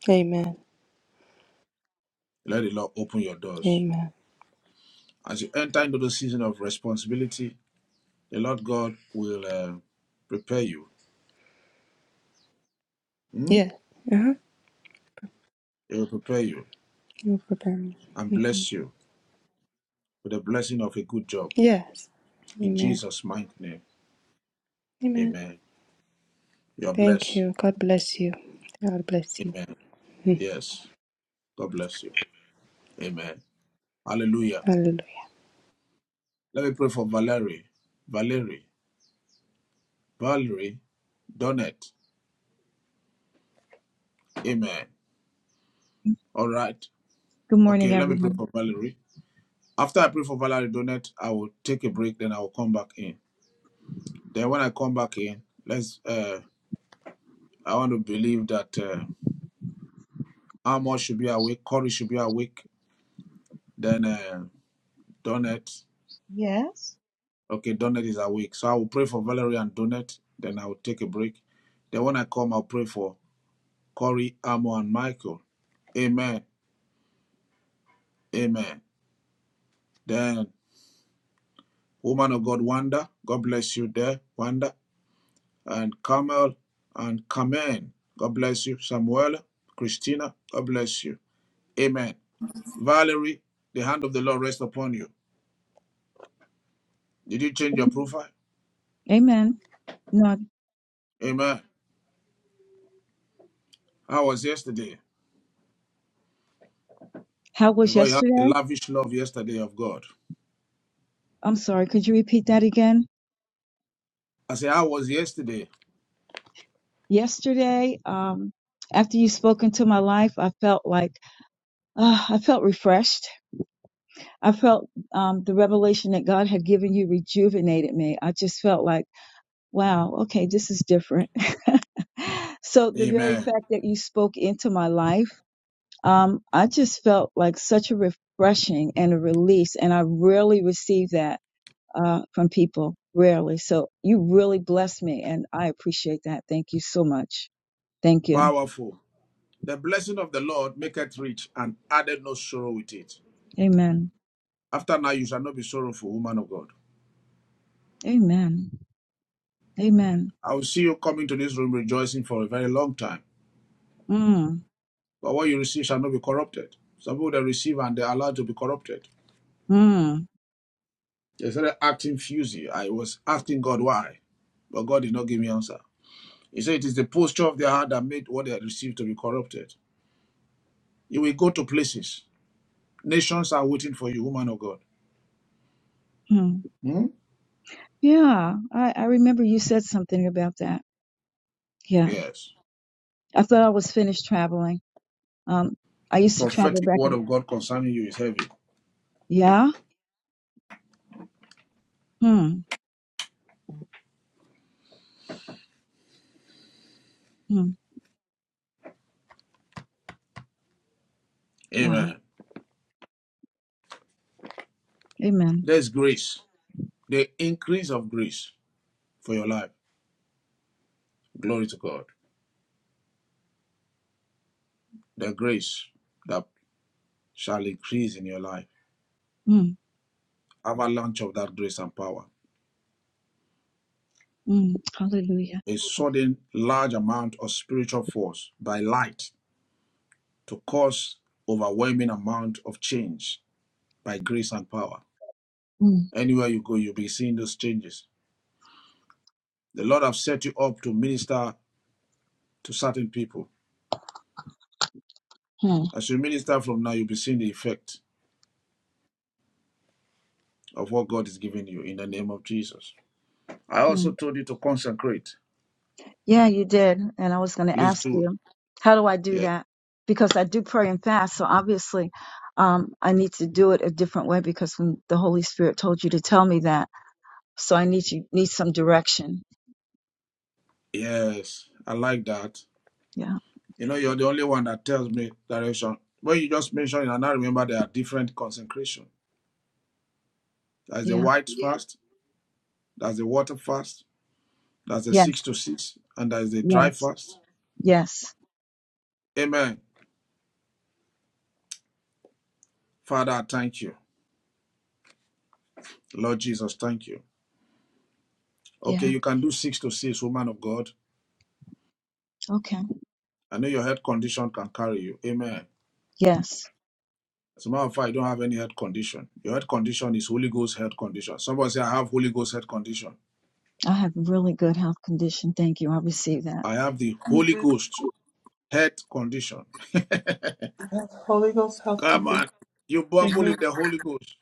S: Amen.
B: let the Lord open your doors.
S: Amen.
B: As you enter into the season of responsibility, the Lord God will uh, prepare you. Hmm?
S: Yeah. Uh-huh.
B: He will prepare you
S: You'll prepare
B: and
S: me.
B: bless you with the blessing of a good job.
S: Yes.
B: In
S: Amen.
B: Jesus' mighty name,
S: Amen.
B: amen. You are
S: Thank
B: blessed.
S: you. God bless you. God bless you.
B: Amen.
S: Hmm.
B: Yes. God bless you. Amen. Hallelujah.
S: Hallelujah.
B: Let me pray for Valerie. Valerie. Valerie Donette. Amen. All right.
M: Good morning,
B: Okay, let me pray
M: everyone.
B: for Valerie. After I pray for Valerie Donette, I will take a break, then I will come back in. Then when I come back in, let's uh I want to believe that uh Amor should be awake, Corey should be awake, then uh Donette.
T: Yes.
B: Okay, Donette is awake. So I will pray for Valerie and Donette, then I will take a break. Then when I come, I'll pray for Corey, Amo, and Michael. Amen. Amen. Then, woman of God, Wanda, God bless you there, Wanda. And Carmel and Carmen, God bless you. Samuel, Christina, God bless you. Amen. Valerie, the hand of the Lord rest upon you. Did you change your
M: Amen.
B: profile?
M: Amen. Now,
B: Amen. How was yesterday?
M: how was
B: Because you had the
M: yesterday?
B: lavish love yesterday of God.
M: I'm sorry. Could you repeat that again?
B: I say, how was yesterday?
M: Yesterday, um, after you spoke into my life, I felt like ah, I felt refreshed. I felt um, the revelation that God had given you rejuvenated me. I just felt like, wow, okay, this is different. so the very
B: Amen.
M: fact that you spoke into my life. um, I just felt like such a refreshing and a release, and I rarely receive that uh, from people, rarely. So you really blessed me, and I appreciate that. Thank you so much. Thank you.
B: Powerful. The blessing of the Lord maketh rich and added no sorrow with it.
M: Amen.
B: After now, you shall not be sorrowful, woman of God.
M: Amen. Amen.
B: I will see you coming to this room rejoicing for a very long time.
M: Mm,
B: But what you receive shall not be corrupted. Some people they receive and they're allowed to be corrupted.
M: mm,
B: They started acting fusy. I was asking God why, but God did not give me answer. He said it is the posture of their heart that made what they had received to be corrupted. You will go to places. Nations are waiting for you, woman of God.
M: mm.
B: Hmm?
M: Yeah, I, I remember you said something about that. Yeah,
B: Yes.
M: I thought I was finished traveling. Um, I used to travel
B: Prophetic
M: back.
B: word
M: And,
B: of God concerning you is heavy.
M: yeah. Hmm. Hmm. Wow.
B: Amen.
M: Amen.
B: There's grace. The increase of grace for your life. Glory to God. The grace that shall increase in your life.
M: Mm,
B: Avalanche of that grace and power.
M: mm. Hallelujah.
B: A sudden large amount of spiritual force by light to cause overwhelming amount of change by grace and power.
M: Mm.
B: Anywhere you go, you'll be seeing those changes. The Lord have set you up to minister to certain people.
M: Hmm,
B: As you minister from now, you'll be seeing the effect of what God is giving you in the name of Jesus. I
M: hmm.
B: also told you to consecrate.
M: Yeah, you did. And I was going to
B: Please
M: ask
B: do. it.
M: you, how do I
B: Yeah.
M: do that? Because I do pray and fast. So obviously, um, I need to do it a different way because when the Holy Spirit told you to tell me that. So I need you, need some direction.
B: Yes, I like that.
M: Yeah.
B: You know, you're the only one that tells me direction. When you just mentioned it, and I remember there are different consecration. There's the
M: Yeah.
B: white fast, there's the water fast, there's the six
M: Yes.
B: to six, and there's the dry
M: Yes.
B: fast.
M: Yes.
B: Amen. Father, I thank you. Lord Jesus, thank you. Okay,
M: Yeah.
B: you can do six to six, woman of God.
M: Okay.
B: I know your health condition can carry you. Amen.
M: Yes.
B: As a matter of fact, you don't have any health condition. Your health condition is Holy Ghost health condition. Somebody say, I have Holy Ghost health condition.
M: I have really good health condition. Thank you. I receive that.
B: I have the Holy Ghost health condition.
A: Holy Ghost health
B: Come
A: condition.
B: on. You bubble
A: Amen.
B: in the Holy Ghost.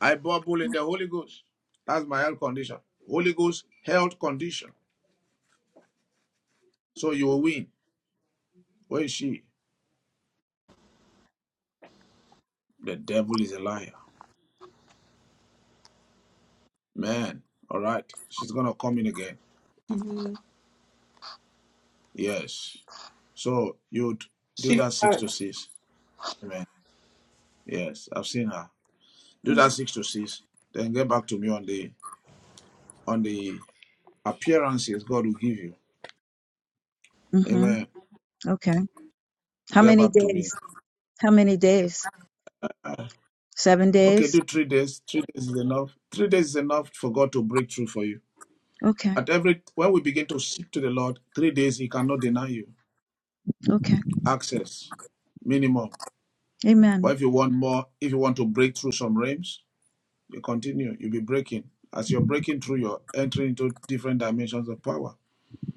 B: I bubble in the Holy Ghost. That's my health condition. Holy Ghost health condition. So you will win. Where is she? The devil is a liar. Man. All right. She's gonna come in again. Yes. So you'd do
A: She
B: that six to six. Amen. Yes, I've seen her. Do that six to six. Then get back to me on the on the appearances God will give you.
M: Mm-hmm.
B: Amen.
M: Okay. How
B: Get
M: many
B: back to me.
M: days? How many days? Seven
B: Okay,
M: days?
B: do three days. Three days is enough. Three days is enough for God to break through for you.
M: Okay.
B: At every when we begin to seek to the Lord, three days He cannot deny you
M: Okay.
B: access, minimum.
M: Amen.
B: But if you want more, if you want to break through some realms, you continue. You'll be breaking. As you're breaking through, you're entering into different dimensions of power.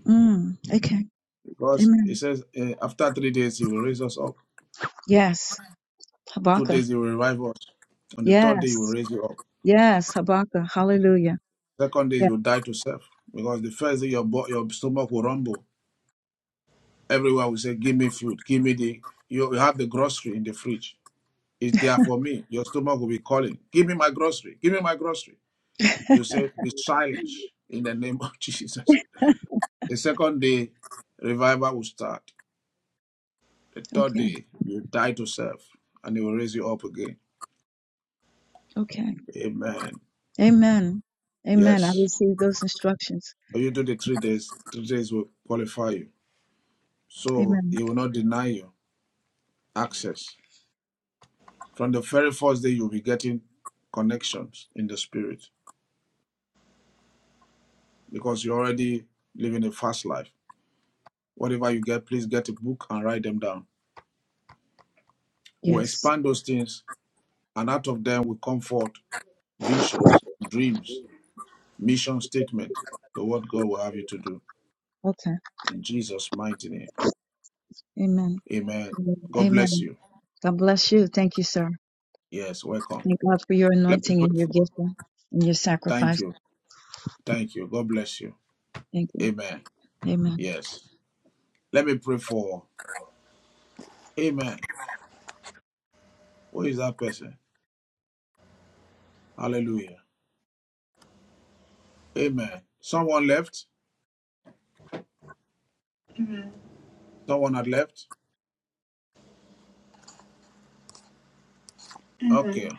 M: Mm. Okay.
B: Because it
M: Amen.
B: says eh, after three days He will raise us up.
M: Yes.
B: Two
M: Habakkuk.
B: days He will revive us. On the third day He will
M: Yes.
B: raise you up.
M: Yes. Habakkuk. Hallelujah.
B: Second day
M: Yeah.
B: you will die to self because the first day your bo- your stomach will rumble. Everyone will say, Give me food, give me the you you have the grocery in the fridge. It's there for me. Your stomach will be calling, Give me my grocery, give me my grocery. You say, Be silent in the name of Jesus. The second day, revival will start. The third
M: okay.
B: day, you die to self and it will raise you up again.
M: Okay.
B: Amen.
M: Amen. Amen. I
B: Yes.
M: receive those instructions.
B: So you do the three days, three days will qualify you. So
M: Amen.
B: it will not deny you access. From the very first day, you'll be getting connections in the spirit. because you're already living a fast life. Whatever you get, please get a book and write them down. We'll
M: Yes.
B: expand those things, and out of them will come forth visions, dreams, mission statement, the what God will have you to do.
M: Okay.
B: In Jesus' mighty name.
M: Amen.
B: Amen. God bless
M: Amen.
B: you.
M: God bless you. Thank you, sir.
B: Yes, welcome.
M: Thank God for your
B: Let me
M: anointing
B: pray
M: and your
B: for.
M: gifting and your
B: Thank
M: sacrifice.
B: you. Thank you. God bless you.
M: Thank you.
B: Amen.
M: Amen.
B: Yes. Let me pray for. Amen. Who is that person? Hallelujah. Amen. Someone left? Someone had left?
A: Amen.
B: Okay.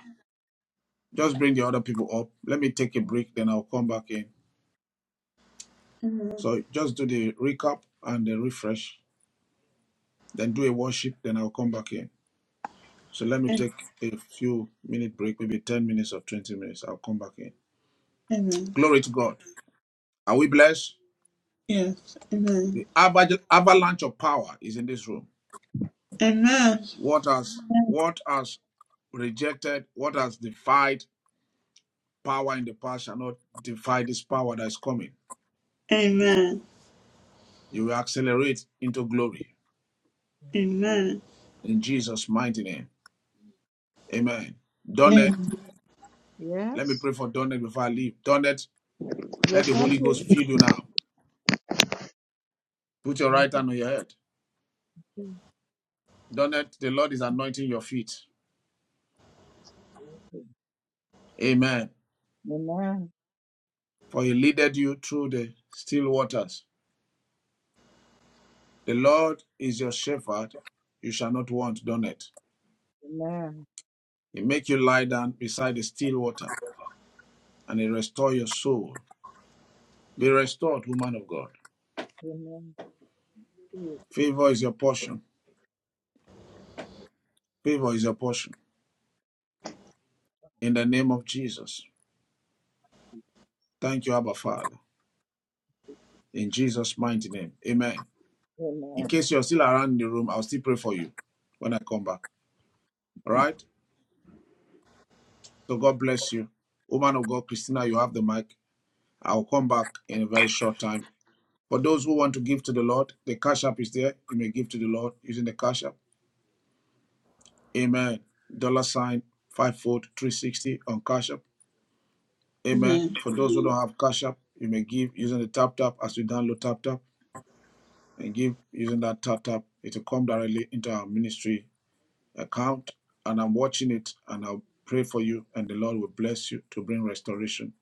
B: Just bring the other people up. Let me take a break, then I'll come back in.
A: Amen.
B: So just do the recap and the refresh, then do a worship, then I'll come back in. So let me
A: Amen.
B: take a few minute break, maybe 10 minutes or 20 minutes. I'll come back in.
A: Amen.
B: Glory to God. Are we blessed?
A: Yes. Amen.
B: The aval- avalanche of power is in this room.
A: Amen.
B: What has
M: Amen.
B: what has rejected, what has defied power in the past shall not defy this power that is coming.
A: Amen.
B: You will accelerate into glory
A: Amen.
B: in Jesus' mighty name. Amen. Donnet,
A: Amen.
M: Amen.
B: let me
T: Yes.
B: pray for Donnet before I leave. Donnet, let
T: Yes,
B: the
T: I'm
B: Holy
T: here.
B: Ghost fill you now. Put your
T: I'm
B: right
T: here
B: hand on your head.
T: too.
B: Donnet, the Lord is anointing your feet. Amen.
T: Amen.
B: For he leaded you through the still waters. The Lord is your shepherd. You shall not want, Donnet.
T: Amen.
B: He make you lie down beside the still water and he restore your soul. Be restored, woman of God.
T: Amen.
B: Favor is your portion. Favor is your portion. In the name of Jesus. Thank you, Abba Father. In Jesus' mighty name. Amen. In
T: Amen.
B: case you're still around in the room, I'll still pray for you when I come back. All right? So God bless you. Woman of God, Christina, you have the mic. I'll come back in a very short time. For those who want to give to the Lord, the cash app is there. You may give to the Lord using the cash app. Amen. Dollar sign five foot 360 on cash app. Amen.
A: Amen.
B: For those who don't have cash app, you may give using the tap tap as you download tap tap and give using that tap tap. It will come directly into our ministry account and I'm watching it and I'll pray for you and the Lord will bless you to bring restoration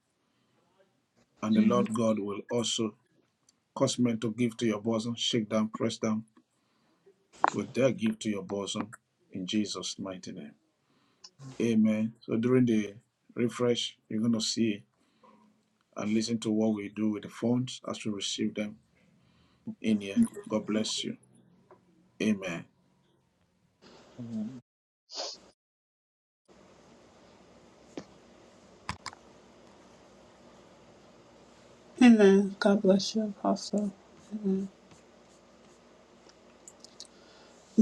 B: and the Lord God will also cause men to give to your bosom, shake down, press down will dare give to your bosom in Jesus' mighty name. Amen. So during the refresh, you're going to see and listen to what we do with the phones as we receive them in here. God bless you. Amen.
T: Amen.
A: Amen. God bless you, Apostle.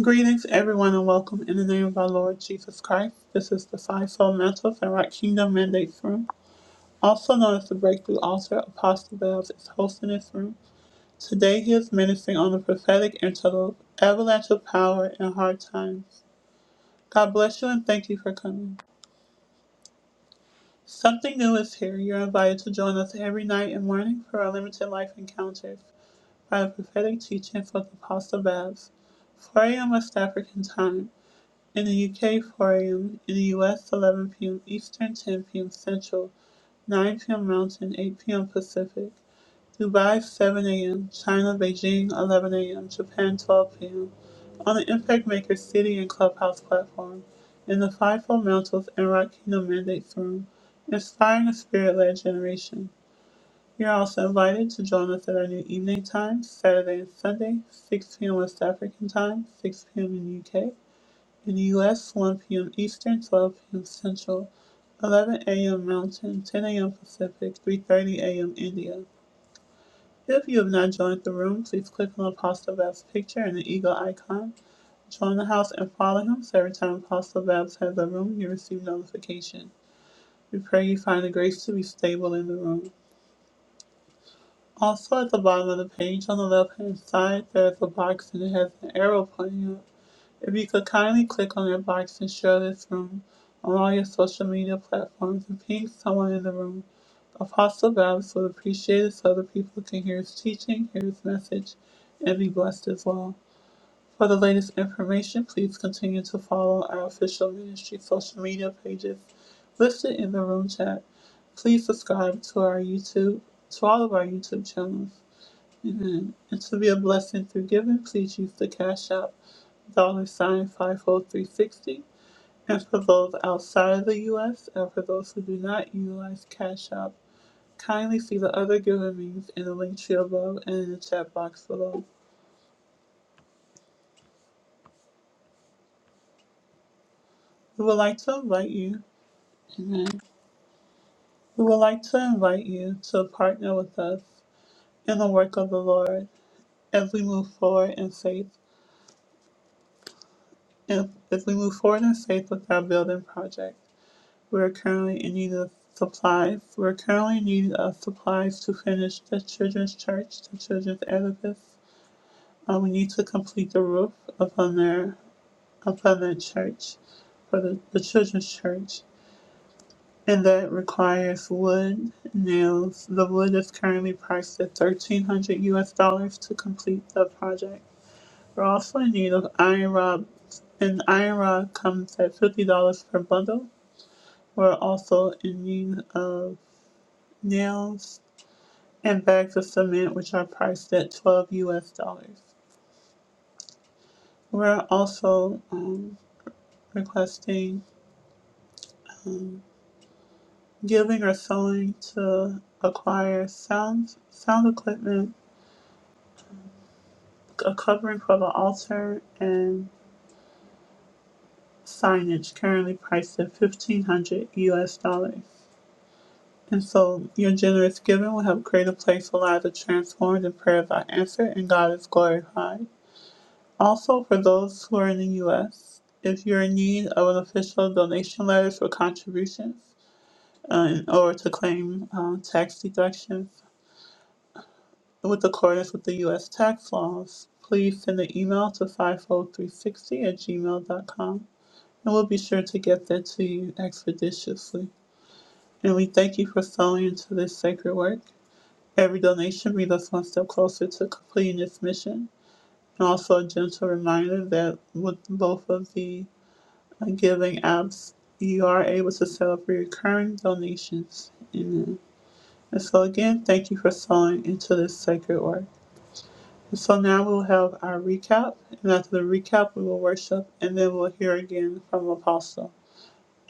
A: Greetings, everyone, and welcome in the name of our Lord Jesus Christ. This is the Fivefold Mantles and Rock Kingdom Mandates Room, also known as the Breakthrough Altar. Apostle Bells is hosting this room. Today, he is ministering on the prophetic interlude, Avalanche of Power in Hard Times. God bless you and thank you for coming. Something new is here. You're invited to join us every night and morning for our limited life encounters by the prophetic teachings of Apostle Babs. 4 a.m. West African time. In the UK, 4 a.m. In the US, 11 p.m. Eastern, 10 p.m. Central, 9 p.m. Mountain, 8 p.m. Pacific. Dubai, 7 a.m. China, Beijing, 11 a.m. Japan, 12 p.m on the Impact Maker City and Clubhouse platform, in the Fivefold Mantles and Rock Kingdom Mandates Room, inspiring a spirit led generation. You're also invited to join us at our new evening time, Saturday and Sunday, 6 p.m. West African time, 6 p.m. in the UK. In the US, 1 p.m. Eastern, 12 p.m. Central, 11 a.m. Mountain, 10 a.m. Pacific, 3.30 a.m. India. If you have not joined the room, please click on the Apostle Babs' picture and the eagle icon Join the house and follow him. So every time Apostle Babs has a room, you receive notification. We pray you find the grace to be stable in the room. Also, at the bottom of the page on the left hand side, there's a box and it has an arrow pointing up. If you could kindly click on that box and share this room on all your social media platforms and ping someone in the room, Apostle Babs would appreciate it so other people can hear his teaching, hear his message, and be blessed as well. For the latest information, please continue to follow our official ministry social media pages listed in the room chat. Please subscribe to our YouTube, to all of our YouTube channels. Amen. And to be a blessing through giving, please use the Cash App dollar sign 50360. And for those outside of the U.S. and for those who do not utilize Cash App, kindly see the other giving means in the link tree above and in the chat box below. We would like to invite you. amen, We would like to invite you to partner with us in the work of the Lord as we move forward in faith. And as we move forward in faith with our building project, we are currently in need of supplies. We are currently in need of supplies to finish the children's church, the children's edifice. Uh, we need to complete the roof upon their upon that church for the, the children's church. and that requires wood nails. The wood is currently priced at thirteen hundred US dollars to complete the project. We're also in need of iron rod and iron rod comes at fifty dollars per bundle. We're also in need of nails and bags of cement which are priced at twelve US dollars. We're also um, requesting giving or sewing to acquire sound sound equipment a covering for the altar and signage currently priced at 1500 US dollars. And so your generous giving will help create a place where lives are transformed and prayers are answered and God is glorified. Also, for those who are in the U.S., if you're in need of an official donation letter for contributions uh, in order to claim um, tax deductions with accordance with the U.S. tax laws, please send an email to fivefold three hundred sixty at gmail dot com. and we'll be sure to get that to you expeditiously. And we thank you for sowing into this sacred work. Every donation brings us one step closer to completing this mission. And also a gentle reminder that with both of the uh, giving apps, you are able to set up recurring donations. Amen. And so again, thank you for sowing into this sacred work. And so now we'll have our recap, and after the recap, we will worship, and then we'll hear again from Apostle.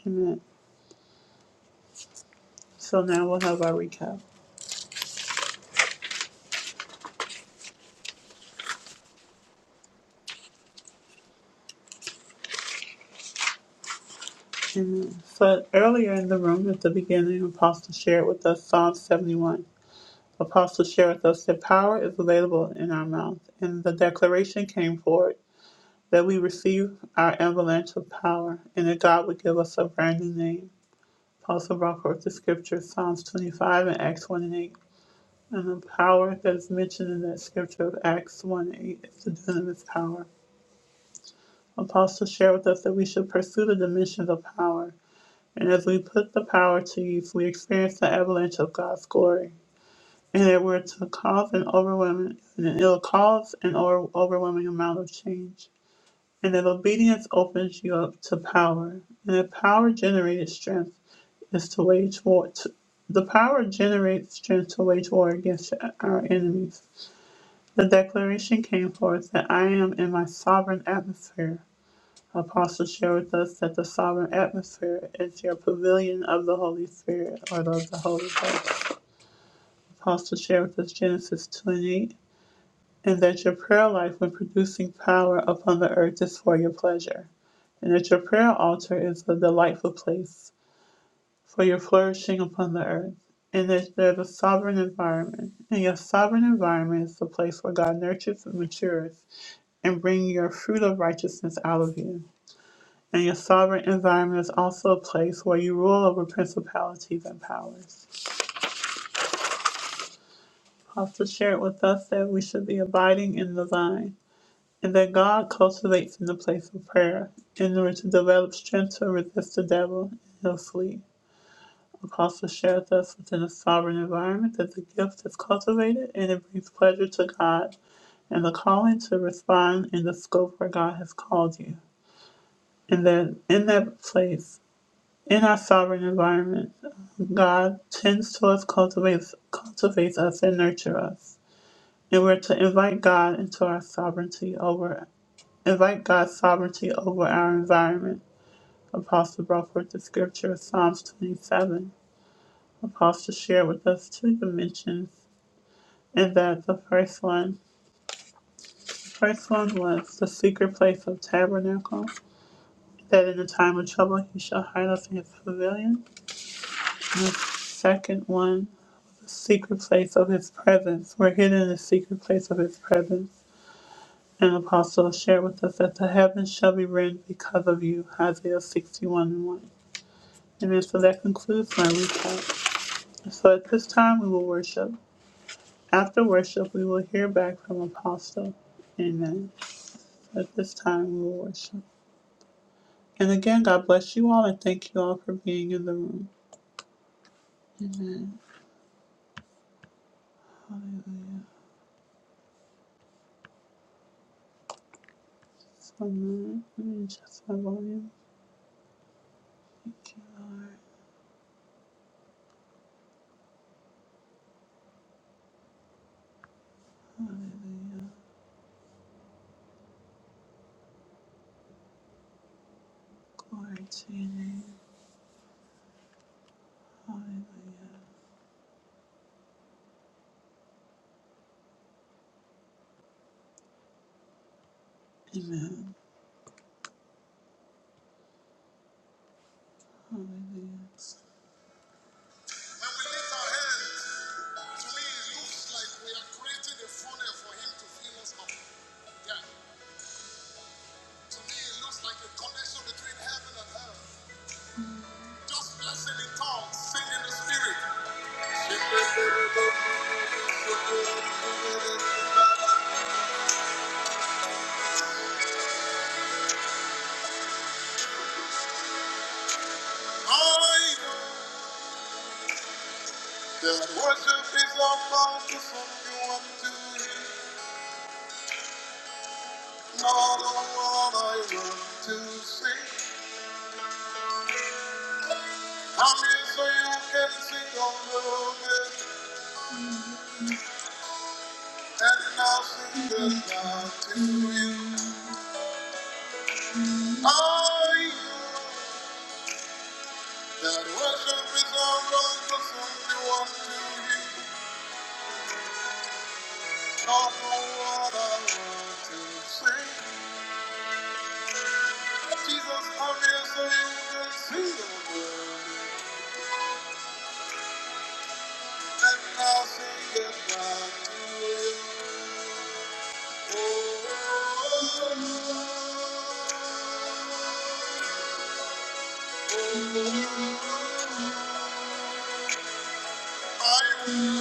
A: Amen. So now we'll have our recap. So earlier in the room at the beginning, Apostle shared with us Psalm 71. Apostle shared with us that power is available in our mouth, and the declaration came forward that we receive our avalanche of power and that God would give us a brand new name. Apostle brought forth the scripture Psalms 25 and Acts 1 and 8. And the power that is mentioned in that scripture of Acts 1 and 8 is the dunamis power. Apostle shared with us that we should pursue the dimensions of power And as we put the power to use, we experience the avalanche of God's glory. And it were to cause an overwhelming, and it'll cause an over- overwhelming amount of change. And that obedience opens you up to power. And the power generated strength is to wage war. To, the power generates strength to wage war against our enemies. The declaration came forth that I am in my sovereign atmosphere. Apostle, share with us that the sovereign atmosphere is your pavilion of the Holy Spirit or of the Holy Ghost. Apostle, share with us Genesis 28, and that your prayer life when producing power upon the earth is for your pleasure, and that your prayer altar is a delightful place for your flourishing upon the earth, and that there's a sovereign environment, and your sovereign environment is the place where God nurtures and matures and brings your fruit of righteousness out of you. And your sovereign environment is also a place where you rule over principalities and powers. Also shared with us that we should be abiding in the vine, and that God cultivates in the place of prayer, in order to develop strength to resist the devil, and he'll flee. Apostle shared with us within a sovereign environment that the gift is cultivated and it brings pleasure to God, and the calling to respond in the scope where God has called you. And that in that place, in our sovereign environment, God tends to us, cultivates, cultivates us, and nurture us. And we're to invite God into our sovereignty over, invite God's sovereignty over our environment. Apostle brought forth the scripture, of Psalms 27. Apostle shared with us two dimensions, and that the first one, the first one was the secret place of tabernacle, that in the time of trouble he shall hide us in his pavilion. And the second one, the secret place of his presence. We're hidden in the secret place of his presence And Apostle, share with us that the heavens shall be rent because of you. Isaiah 61 and 1. Amen. So that concludes my recap. So at this time, we will worship. After worship, we will hear back from Apostle. Amen. So At this time, we will worship. And again, God bless you all and thank you all for being in the room. So now, let me adjust my volume. Thank you, Lord. Glory to your name. Hallelujah. Amen. Hallelujah. When we lift our hands, to me it looks like we are creating a funnel for Him to fill us up. Yeah. To me it looks like a connection between heaven and hell. Just blessing in tongues, singing in the spirit. I know that worship is not bound to something you want to hear. Not the one I want to sing. I'm here so you can sing on the and nothing but God to you. Are you that worship is all wrong for someone to you? All for what I want to sing. Jesus, I'm here so you can see the world, and nothing but God to you. oh. oh, oh, oh. I know.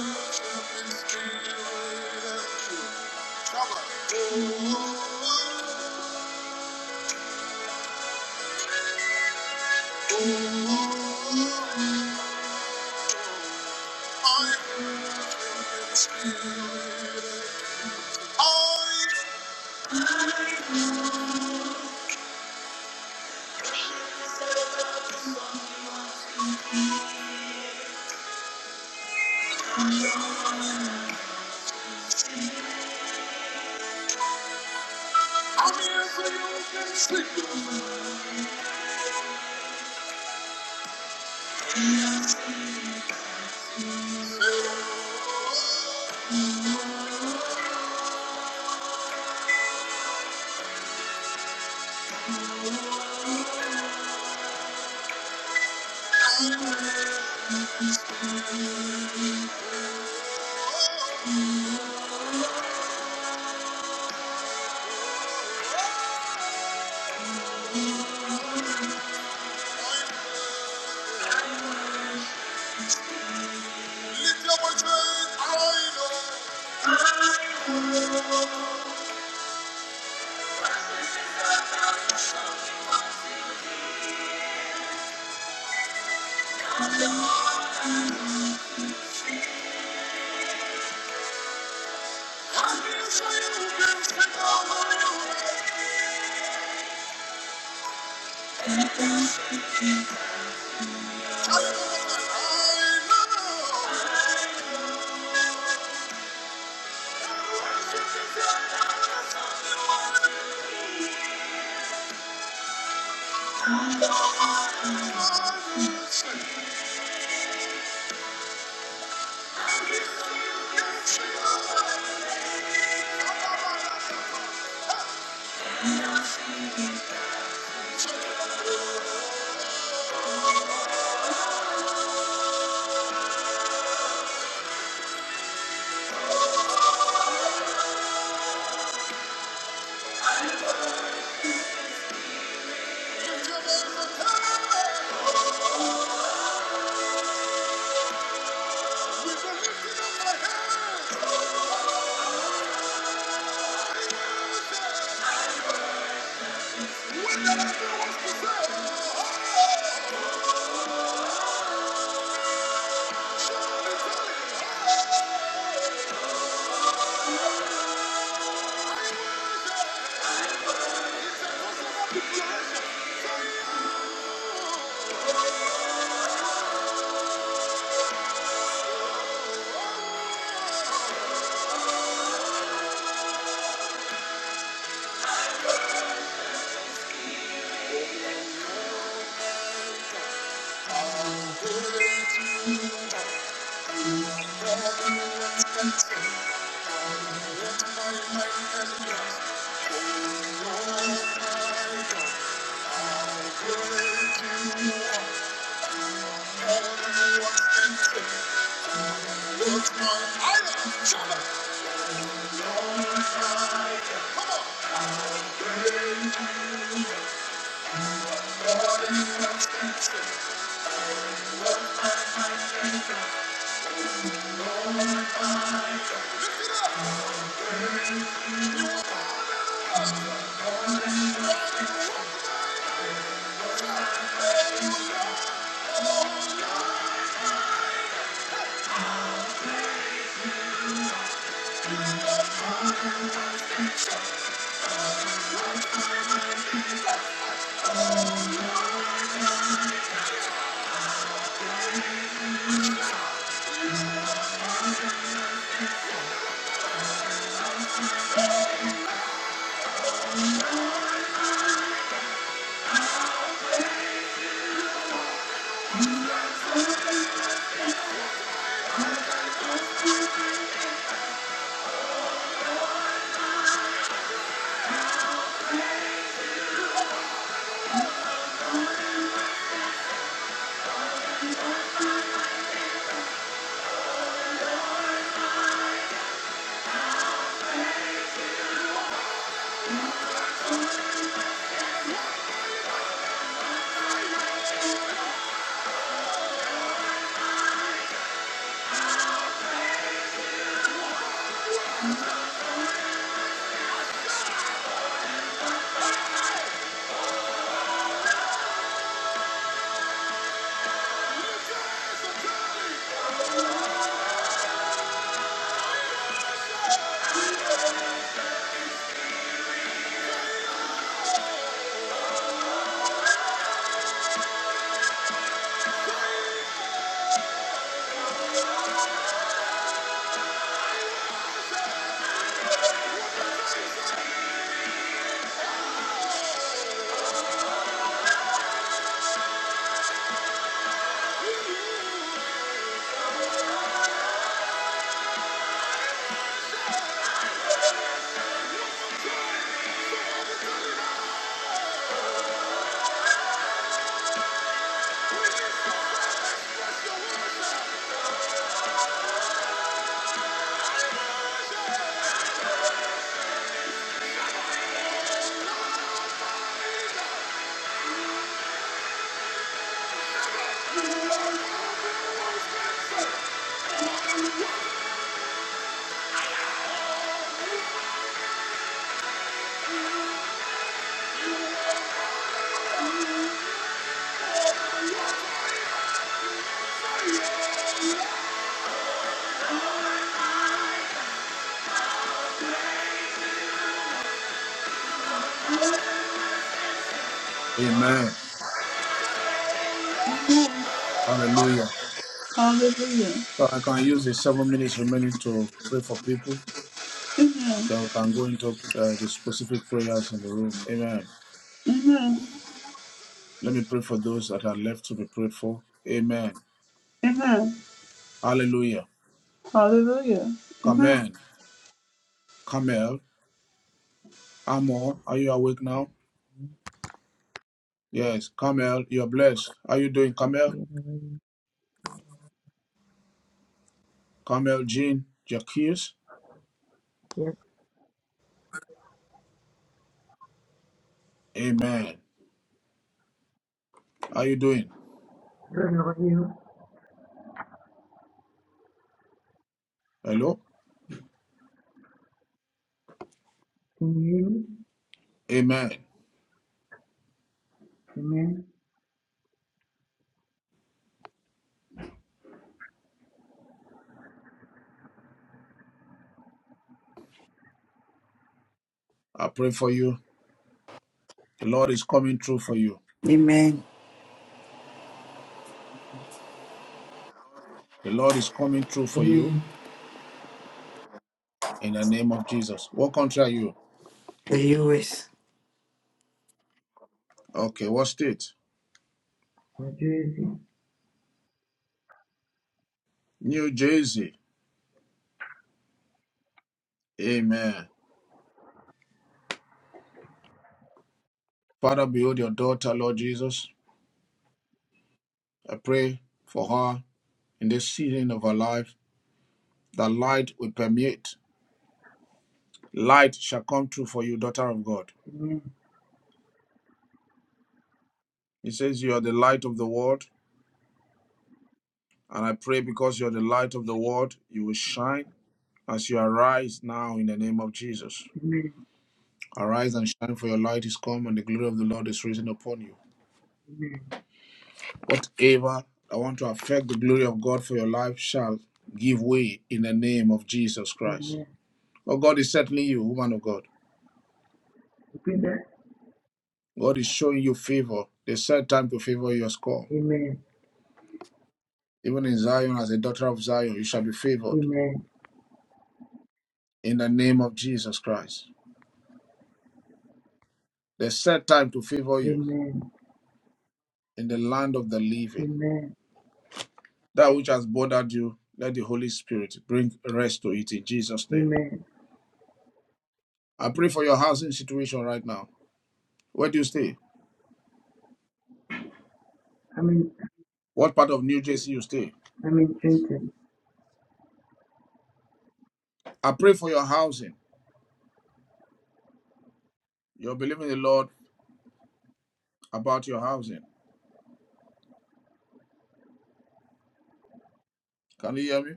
B: Amen. Hallelujah.
A: Hallelujah.
B: So I can use the seven minutes remaining to pray for people
A: Amen.
B: Then we can go into uh, the specific prayers in the room. Amen.
A: Amen.
B: Let me pray for those that are left to be prayed for. Amen.
A: Amen.
B: Hallelujah.
A: Hallelujah. Amen.
B: Amen. Carmel, Amor, are you awake now? Yes, Carmel, you're blessed. How are you doing, Carmel?
U: Good, how are you?
B: Carmel, Jean, Jacques.
U: Yes,
B: Amen. How are you doing?
U: good, how are you?
B: Hello?
U: Can you
B: Amen.
U: hear me? Amen.
B: I pray for you. The Lord is coming through for you.
U: Amen.
B: The Lord is coming through for you
U: Amen.
B: in the name of Jesus. What country are you?
U: The U.S.
B: Okay, what state?
U: New Jersey.
B: New Jersey. Amen. Father, behold your daughter, Lord Jesus. I pray for her in this season of her life that light will permeate. Light shall come through for you, daughter of God.
U: Amen.
B: He says, You are the light of the world. And I pray because you are the light of the world, you will shine as you arise now in the name of Jesus.
U: Amen.
B: Arise and shine, for your light is come, and the glory of the Lord is risen upon you.
U: Amen.
B: Whatever I want to affect the glory of God for your life shall give way in the name of Jesus Christ.
U: Amen.
B: For God is settling you, woman of God.
U: Repeat that.
B: God is showing you favor. The set time to favor your score.
U: Amen.
B: Even in Zion, as a daughter of Zion, you shall be favored
U: Amen.
B: in the name of Jesus Christ. The set time to favor you
U: Amen.
B: in the land of the living.
U: Amen.
B: That which has bothered you, let the Holy Spirit bring rest to it in Jesus' name.
U: Amen.
B: I pray for your housing situation right now. Where do you stay?
U: I mean,
B: What part of New Jersey you stay?
U: I mean, Trenton.
B: I pray for your housing. You're believing the Lord about your housing. Can you hear me?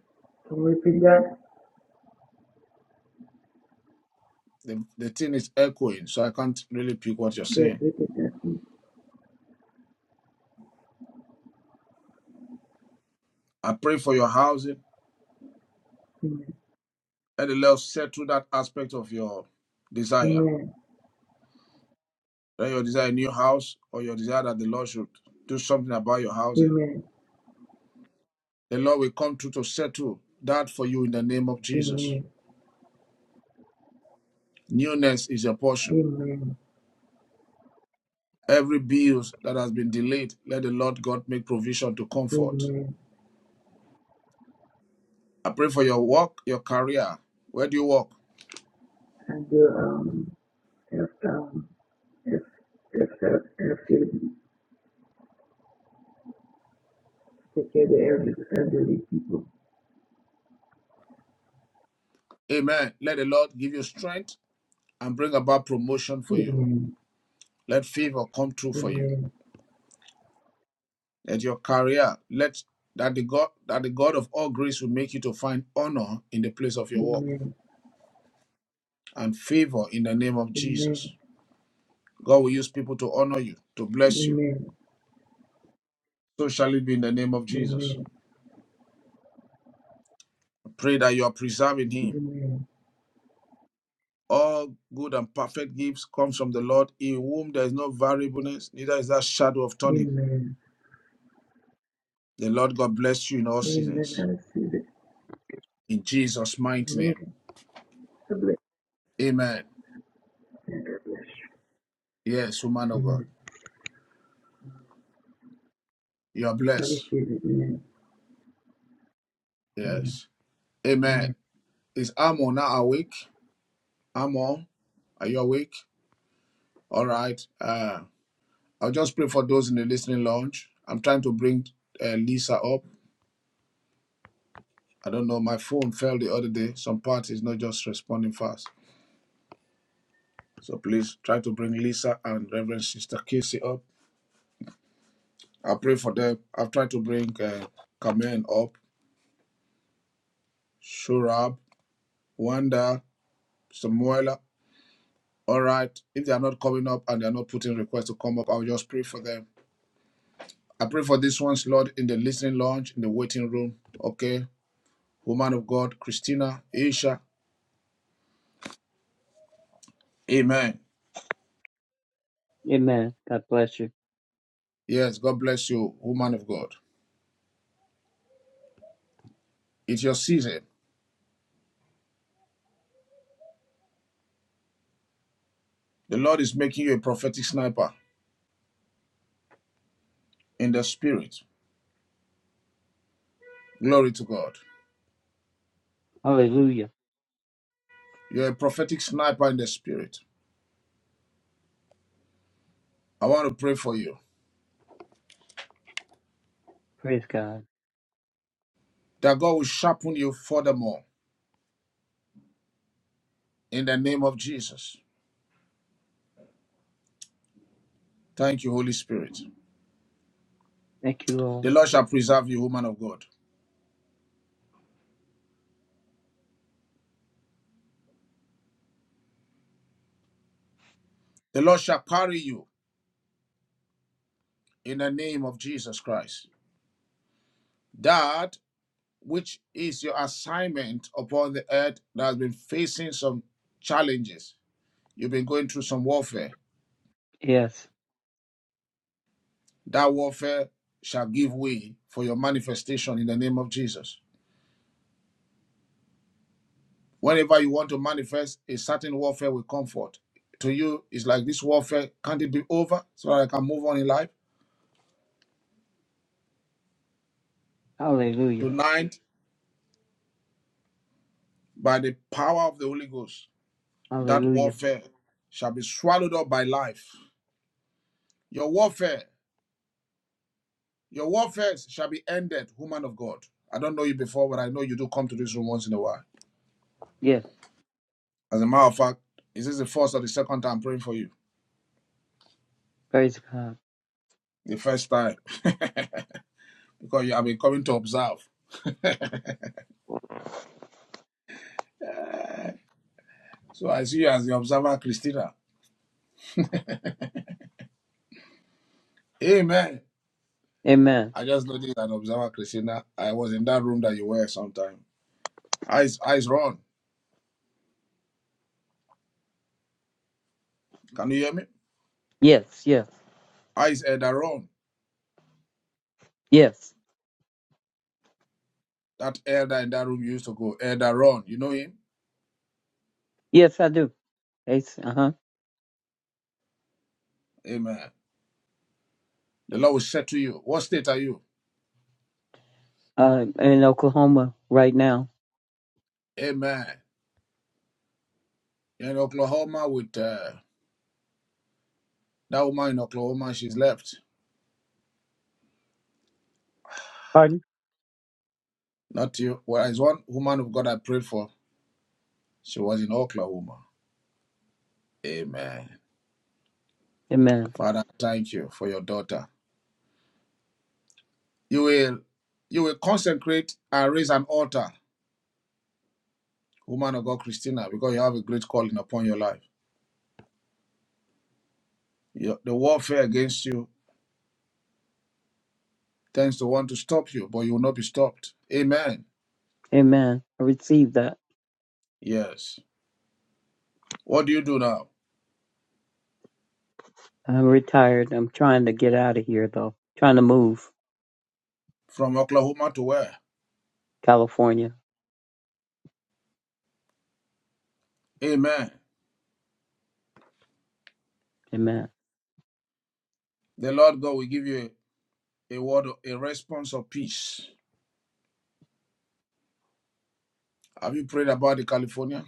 U: Can we repeat that?
B: The, the thing is echoing, so I can't really pick what you're
U: Yes,
B: saying.
U: repeat that. please.
B: I pray for your housing.
U: Amen.
B: Let the Lord settle that aspect of your desire.
U: Amen.
B: Let your desire a new house or your desire that the Lord should do something about your housing.
U: Amen.
B: The Lord will come through to settle that for you in the name of Jesus.
U: Amen.
B: Newness is your portion.
U: Amen.
B: Every bill that has been delayed, let the Lord God make provision to comfort.
U: Amen.
B: I pray for your work, your career. Where do you work?
U: And the um, if, um, If, if that activity take care of the average elderly people.
B: Amen. Let the Lord give you strength and bring about promotion for you.
U: Amen.
B: Let favor come true for you.
U: Amen.
B: that your career let that the god that the god of all grace will make you to find honor in the place of your work
U: Amen.
B: and favor in the name of jesus
U: Amen.
B: god will use people to honor you to bless you
U: Amen.
B: so shall it be in the name of jesus
U: Amen.
B: pray that you are preserving him
U: Amen.
B: all good and perfect gifts comes from the lord in whom there is no variableness neither is there shadow of turning
U: Amen.
B: the lord god bless you in all
U: Amen. I
B: seasons
U: receive it.
B: in jesus mighty
U: Amen.
B: name
U: I
B: amen
U: bless
B: yes woman
U: you.
B: of god
U: Amen.
B: you are
U: I
B: blessed
U: receive it. Amen.
B: yes
U: Amen.
B: amen Is Amo now awake? Amo, are you awake? All right. Uh, I'll just pray for those in the listening lounge. I'm trying to bring uh, Lisa up. I don't know. My phone fell the other day. Some part is not just responding fast. So please try to bring Lisa and Reverend Sister Casey up. I'll pray for them. I've tried to bring uh, Carmen up, Shurab, Wanda, Samuela. All right. If they are not coming up and they are not putting requests to come up, I'll just pray for them I pray for this ones, Lord, in the listening lounge, in the waiting room. Okay. Woman of God, Christina, Aisha. Amen.
V: Amen. God bless you.
B: Yes, God bless you, woman of God. It's your season. The Lord is making you a prophetic sniper in the spirit. Glory to God.
V: Hallelujah.
B: You're a prophetic sniper in the spirit. I want to pray for you
V: Praise God.
B: that God will sharpen you furthermore in the name of Jesus. Thank you, Holy Spirit.
V: Thank you,
B: The
V: Lord.
B: Lord shall preserve you, woman of God. The Lord shall carry you in the name of Jesus Christ. That which is your assignment upon the earth that has been facing some challenges. You've been going through some warfare.
V: Yes.
B: That warfare shall give way for your manifestation in the name of Jesus. Whenever you want to manifest, a certain warfare will comfort. To you, it's like this warfare, can't it be over so that I can move on in life?
V: Hallelujah.
B: Tonight, by the power of the Holy Ghost, that
V: Hallelujah.
B: warfare shall be swallowed up by life. Your warfare Your warfare shall be ended, woman of God. I don't know you before, but I know you do come to this room once in a while.
V: Yes.
B: As a matter of fact, is this the first or the second time I'm praying for you?
V: Praise God.
B: The first time. because you have been coming to observe. Eh, So I see you as the observer, Christina. Amen.
V: Amen.
B: I just noticed an observer, Christina. I was in that room that you were sometime. Eyes, eyes, Ron. Can you hear me?
V: Yes. Yes.
B: Eyes, Elder Ron.
V: Yes.
B: That elder in that room you used to go. Elder Ron. You know him?
V: Yes, I do. It's, uh-huh.
B: Amen. The Lord will say to you, What state are you?
V: Uh, in Oklahoma right now.
B: Amen. in Oklahoma with uh, that woman in Oklahoma. She's left.
V: Pardon?
B: Not you. Well, it's one woman of God I prayed for. She was in Oklahoma. Amen.
V: Amen.
B: Father, thank you for your daughter. You will, you will consecrate and raise an altar, woman of God, Christina, because you have a great calling upon your life. Your, the warfare against you tends to want to stop you, but you will not be stopped. Amen.
V: Amen. I received that.
B: Yes. What do you do now?
V: I'm retired. I'm trying to get out of here, though. Trying to move.
B: From Oklahoma to where?
V: California.
B: Amen.
V: Amen.
B: The Lord God will give you a word, a response of peace. Have you prayed about the California?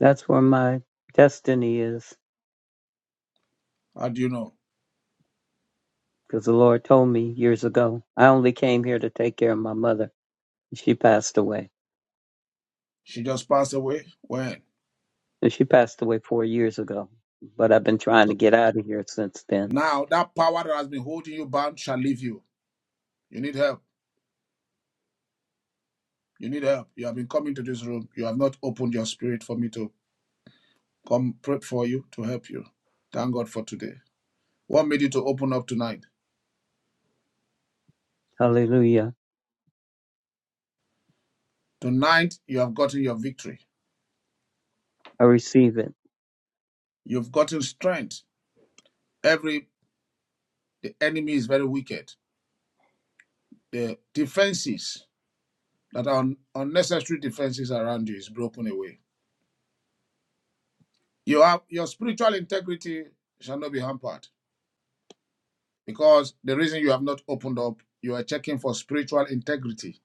V: That's where my destiny is.
B: How do you know?
V: Because the Lord told me years ago. I only came here to take care of my mother She passed away.
B: She just passed away. When?
V: And She passed away four years ago. But I've been trying
B: So
V: to get out of here since then.
B: now that power that has been holding you bound shall leave you. You need help. You need help. You have been coming to this room. You have not opened your spirit for me to come pray for you to help you. Thank God for today. What made you to open up tonight?
V: Hallelujah.
B: Tonight you have gotten your victory.
V: I receive it.
B: You've gotten strength. Every the enemy is very wicked. The defenses that un, unnecessary defenses around you is broken away. You have your spiritual integrity shall not be hampered because the reason you have not opened up, you are checking for spiritual integrity.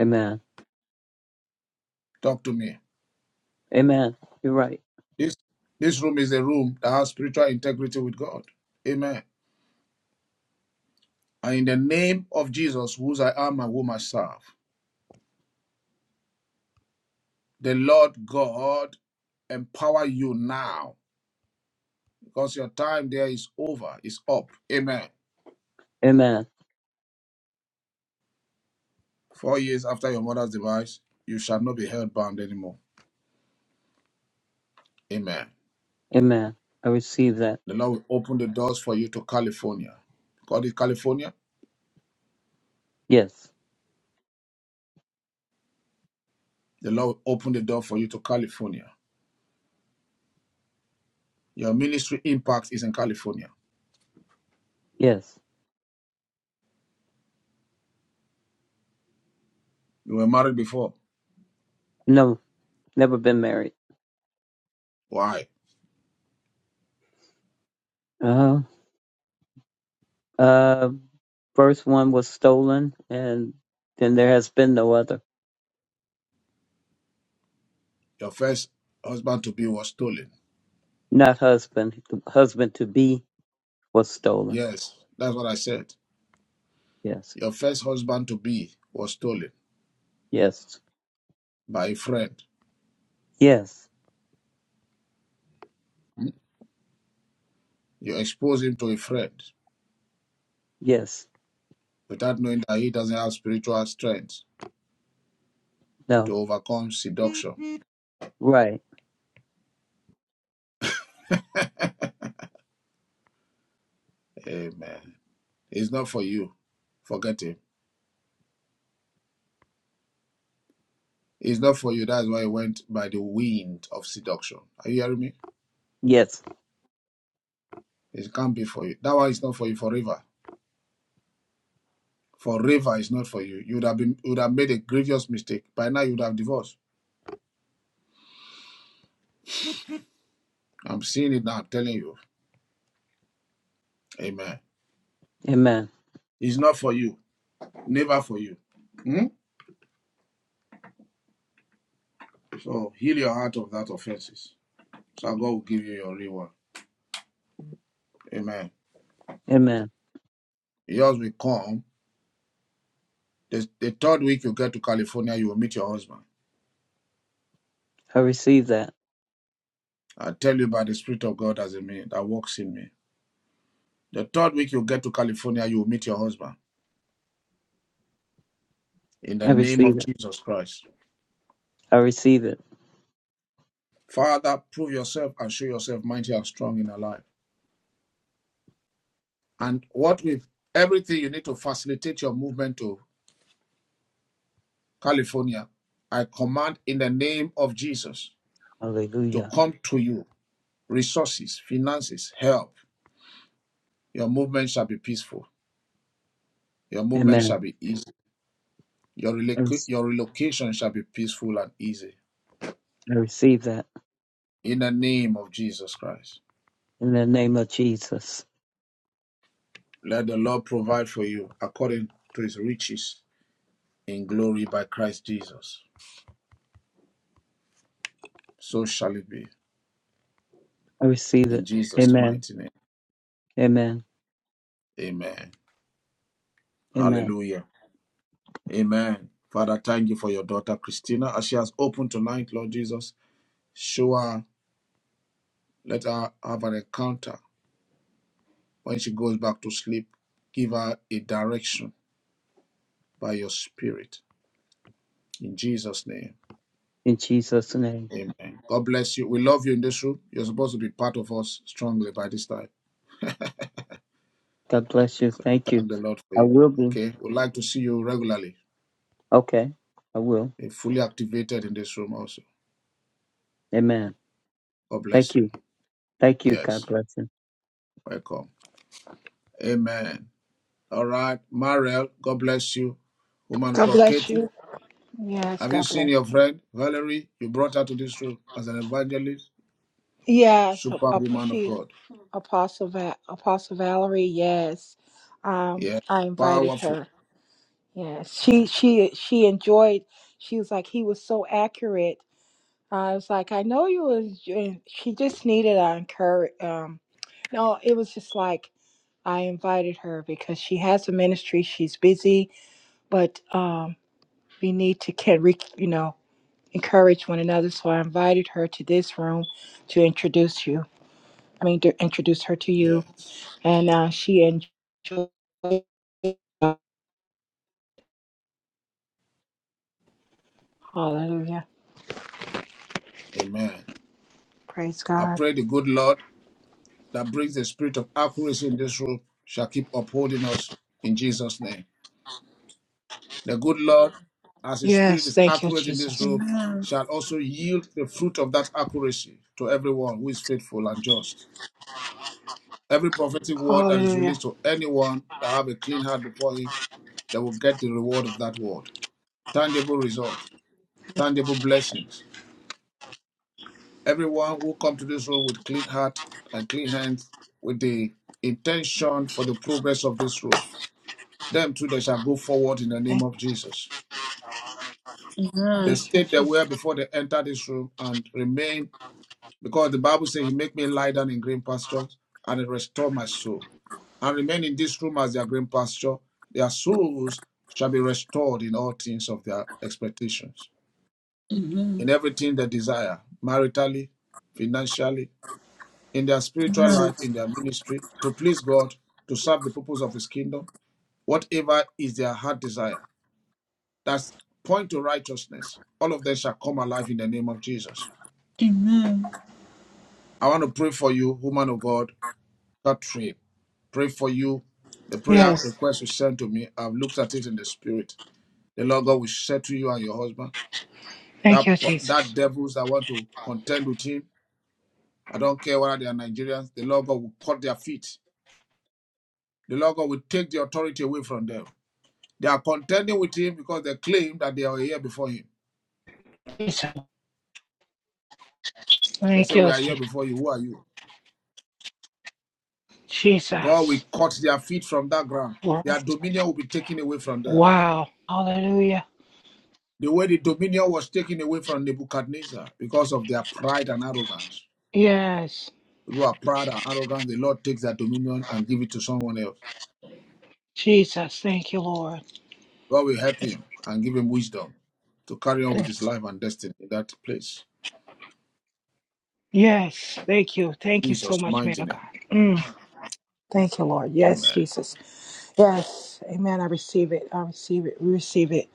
V: Amen.
B: Talk to me.
V: Amen. You're right.
B: This this room is a room that has spiritual integrity with God. Amen. And in the name of Jesus, whose I am and whom I serve, the Lord God empower you now because your time there is over, is up. Amen.
V: Amen.
B: Four years after your mother's demise, you shall not be held bound anymore. Amen.
V: Amen. I receive that.
B: The Lord will open the doors for you to California. God is California.
V: Yes.
B: The Lord will open the door for you to California. Your ministry impact is in California.
V: Yes.
B: You were married before.
V: No, never been married.
B: Why?
V: Uh-huh. Uh, first one was stolen, and then there has been no other.
B: Your first husband to be was stolen.
V: Not husband. The husband to be was stolen.
B: Yes, that's what I said.
V: Yes.
B: Your first husband to be was stolen
V: Yes.
B: by a friend.
V: Yes.
B: Hmm? You expose him to a friend
V: Yes.
B: without knowing that he doesn't have spiritual strength to
V: No.
B: overcome seduction.
V: Right.
B: Amen. It's not for you. Forget him. It's not for you. That's why it went by the wind of seduction. Are you hearing me?
V: Yes.
B: It can't be for you. That one is not for you forever. Forever is not for you. You would have been you would have made a grievous mistake. By now you would have divorced. I'm seeing it now, I'm telling you. Amen.
V: Amen.
B: It's not for you. Never for you. Hmm? So heal your heart of that offenses. So God will give you your reward. Amen.
V: Amen.
B: Yours will come. The, the third week you get to California, you will meet your husband.
V: I receive that.
B: I tell you by the Spirit of God as a man that walks in me. The third week you get to California, you will meet your husband. In the
V: I
B: name
V: receive
B: of
V: it.
B: Jesus Christ.
V: I receive it.
B: Father, prove yourself and show yourself mighty and strong in our life. And what with everything you need to facilitate your movement to California, I command in the name of Jesus to
V: Hallelujah.
B: come to you. Resources, finances, help. Your movement shall be peaceful. Your movement
V: Amen.
B: shall be easy. Your,
V: I, rec-
B: reloc- your relocation shall be peaceful and easy.
V: I receive that
B: In the name of Jesus Christ.
V: in the name of Jesus.
B: Let the Lord provide for you according to his riches in glory by Christ Jesus. So shall it be.
V: I receive
B: In
V: it.
B: Jesus'
V: Amen.
B: mighty name.
V: Amen.
B: Amen.
V: Amen.
B: Hallelujah. Amen. Father, thank you for your daughter Christina. As she has opened tonight, Lord Jesus, show her, let her have an encounter. When she goes back to sleep, give her a direction by your spirit. In Jesus' name.
V: In Jesus' name.
B: Amen. God bless you. We love you in this room. You're supposed to be part of us strongly by this time.
V: God bless you.
B: So we
V: Thank you.
B: thank the Lord for
V: I
B: you.
V: will be.
B: Okay. We'd like to see you regularly,
V: Okay. I will.
B: eh, fully activated in this room also.
V: Amen.
B: God bless
V: Thank
B: you.
V: you. Thank you. God
B: Yes.
V: bless you.
B: Welcome. Amen. All right. Mariel, God bless you. Woman of
W: God
B: God,
W: bless
B: Katie.
W: you. Yes,
B: Have you
W: God
B: seen
W: bless.
B: your friend Valerie? You brought her to this room as an evangelist,
W: Yes,
B: Super
W: ap-
B: woman of
W: she
B: God.
W: Apostle Va- Apostle Valerie. Yes, um,
B: Yeah.
W: I invited
B: Powerful.
W: her. Yes, she she she enjoyed. She was like he was so accurate. I was like, I know you was. She just needed a encourage. Um, no, it was just like I invited her because she has a ministry. She's busy, but um, we need to can re, you know. encourage one another. So I invited her to this room to introduce you. I mean, to introduce her to you.
B: Yes.
W: And uh, she enjoyed. Hallelujah.
B: Amen.
W: Praise
B: I
W: God.
B: pray the good Lord that brings the spirit of accuracy in this room shall keep upholding us in Jesus' name. The good Lord, as his spirit
W: Yes.
B: is
W: Thank you,
B: accurate in this
W: Jesus.
B: room,
A: Amen.
B: shall also yield the fruit of that accuracy to everyone who is faithful and just. Every prophetic word that is
W: Hallelujah.
B: released to anyone that have a clean heart before him, they will get the reward of that word. Tangible result, tangible blessings. Everyone who come to this room with clean heart and clean hands, with the intention for the progress of this room, them too they shall go forward in the name
W: Thank,
B: of Jesus. The
A: Amen.
W: thank you,
B: state they were
W: Jesus.
B: before they entered this room and remain Because the Bible says, He make me lie down in green pastures and He restore my soul. And remain in this room as their green pasture. Their souls shall be restored in all things of their expectations, in
A: Amen.
B: everything they desire, maritally, financially, in their spiritual
A: Amen.
B: life, in their ministry, to please God, to serve the purpose of His kingdom, whatever is their heart desire. That's point to righteousness. All of them shall come alive in the name of Jesus.
A: Amen. amen,
B: I want to pray for you, woman of God, Catherine. pray for you. The prayer
W: Yes.
B: request you sent to me, I've looked at it in the spirit. The Lord God will settle you and your husband.
W: Thank
B: That
W: you, Jesus.
B: that devils that want to contend with him, I don't care whether they are Nigerians, the Lord God will cut their feet. The Lord God will take the authority away from them. They are contending with him because they claim that they are here before him.
W: Jesus.
B: They
W: Thank
B: say, We
W: you,
B: are here
W: Je-
B: before you. Who are you? God will
W: Jesus.
B: cut their feet from that ground. Their
W: Yes.
B: dominion will be taken away from them.
W: Wow. Hallelujah.
B: The way the dominion was taken away from Nebuchadnezzar because of their pride and arrogance.
W: Yes.
B: who are proud and arrogant, the Lord takes that dominion and give it to someone else.
W: Jesus. Thank you, Lord.
B: God will help him and give him wisdom to carry on with his life and destiny in that place.
W: Yes. Thank you. Thank you so
B: Jesus'
W: much, man
B: mighty
W: of God.
B: name.
W: Mm. Thank you, Lord. Yes,
B: Amen.
W: Jesus. Yes, Amen. I receive it. I receive it. We receive it,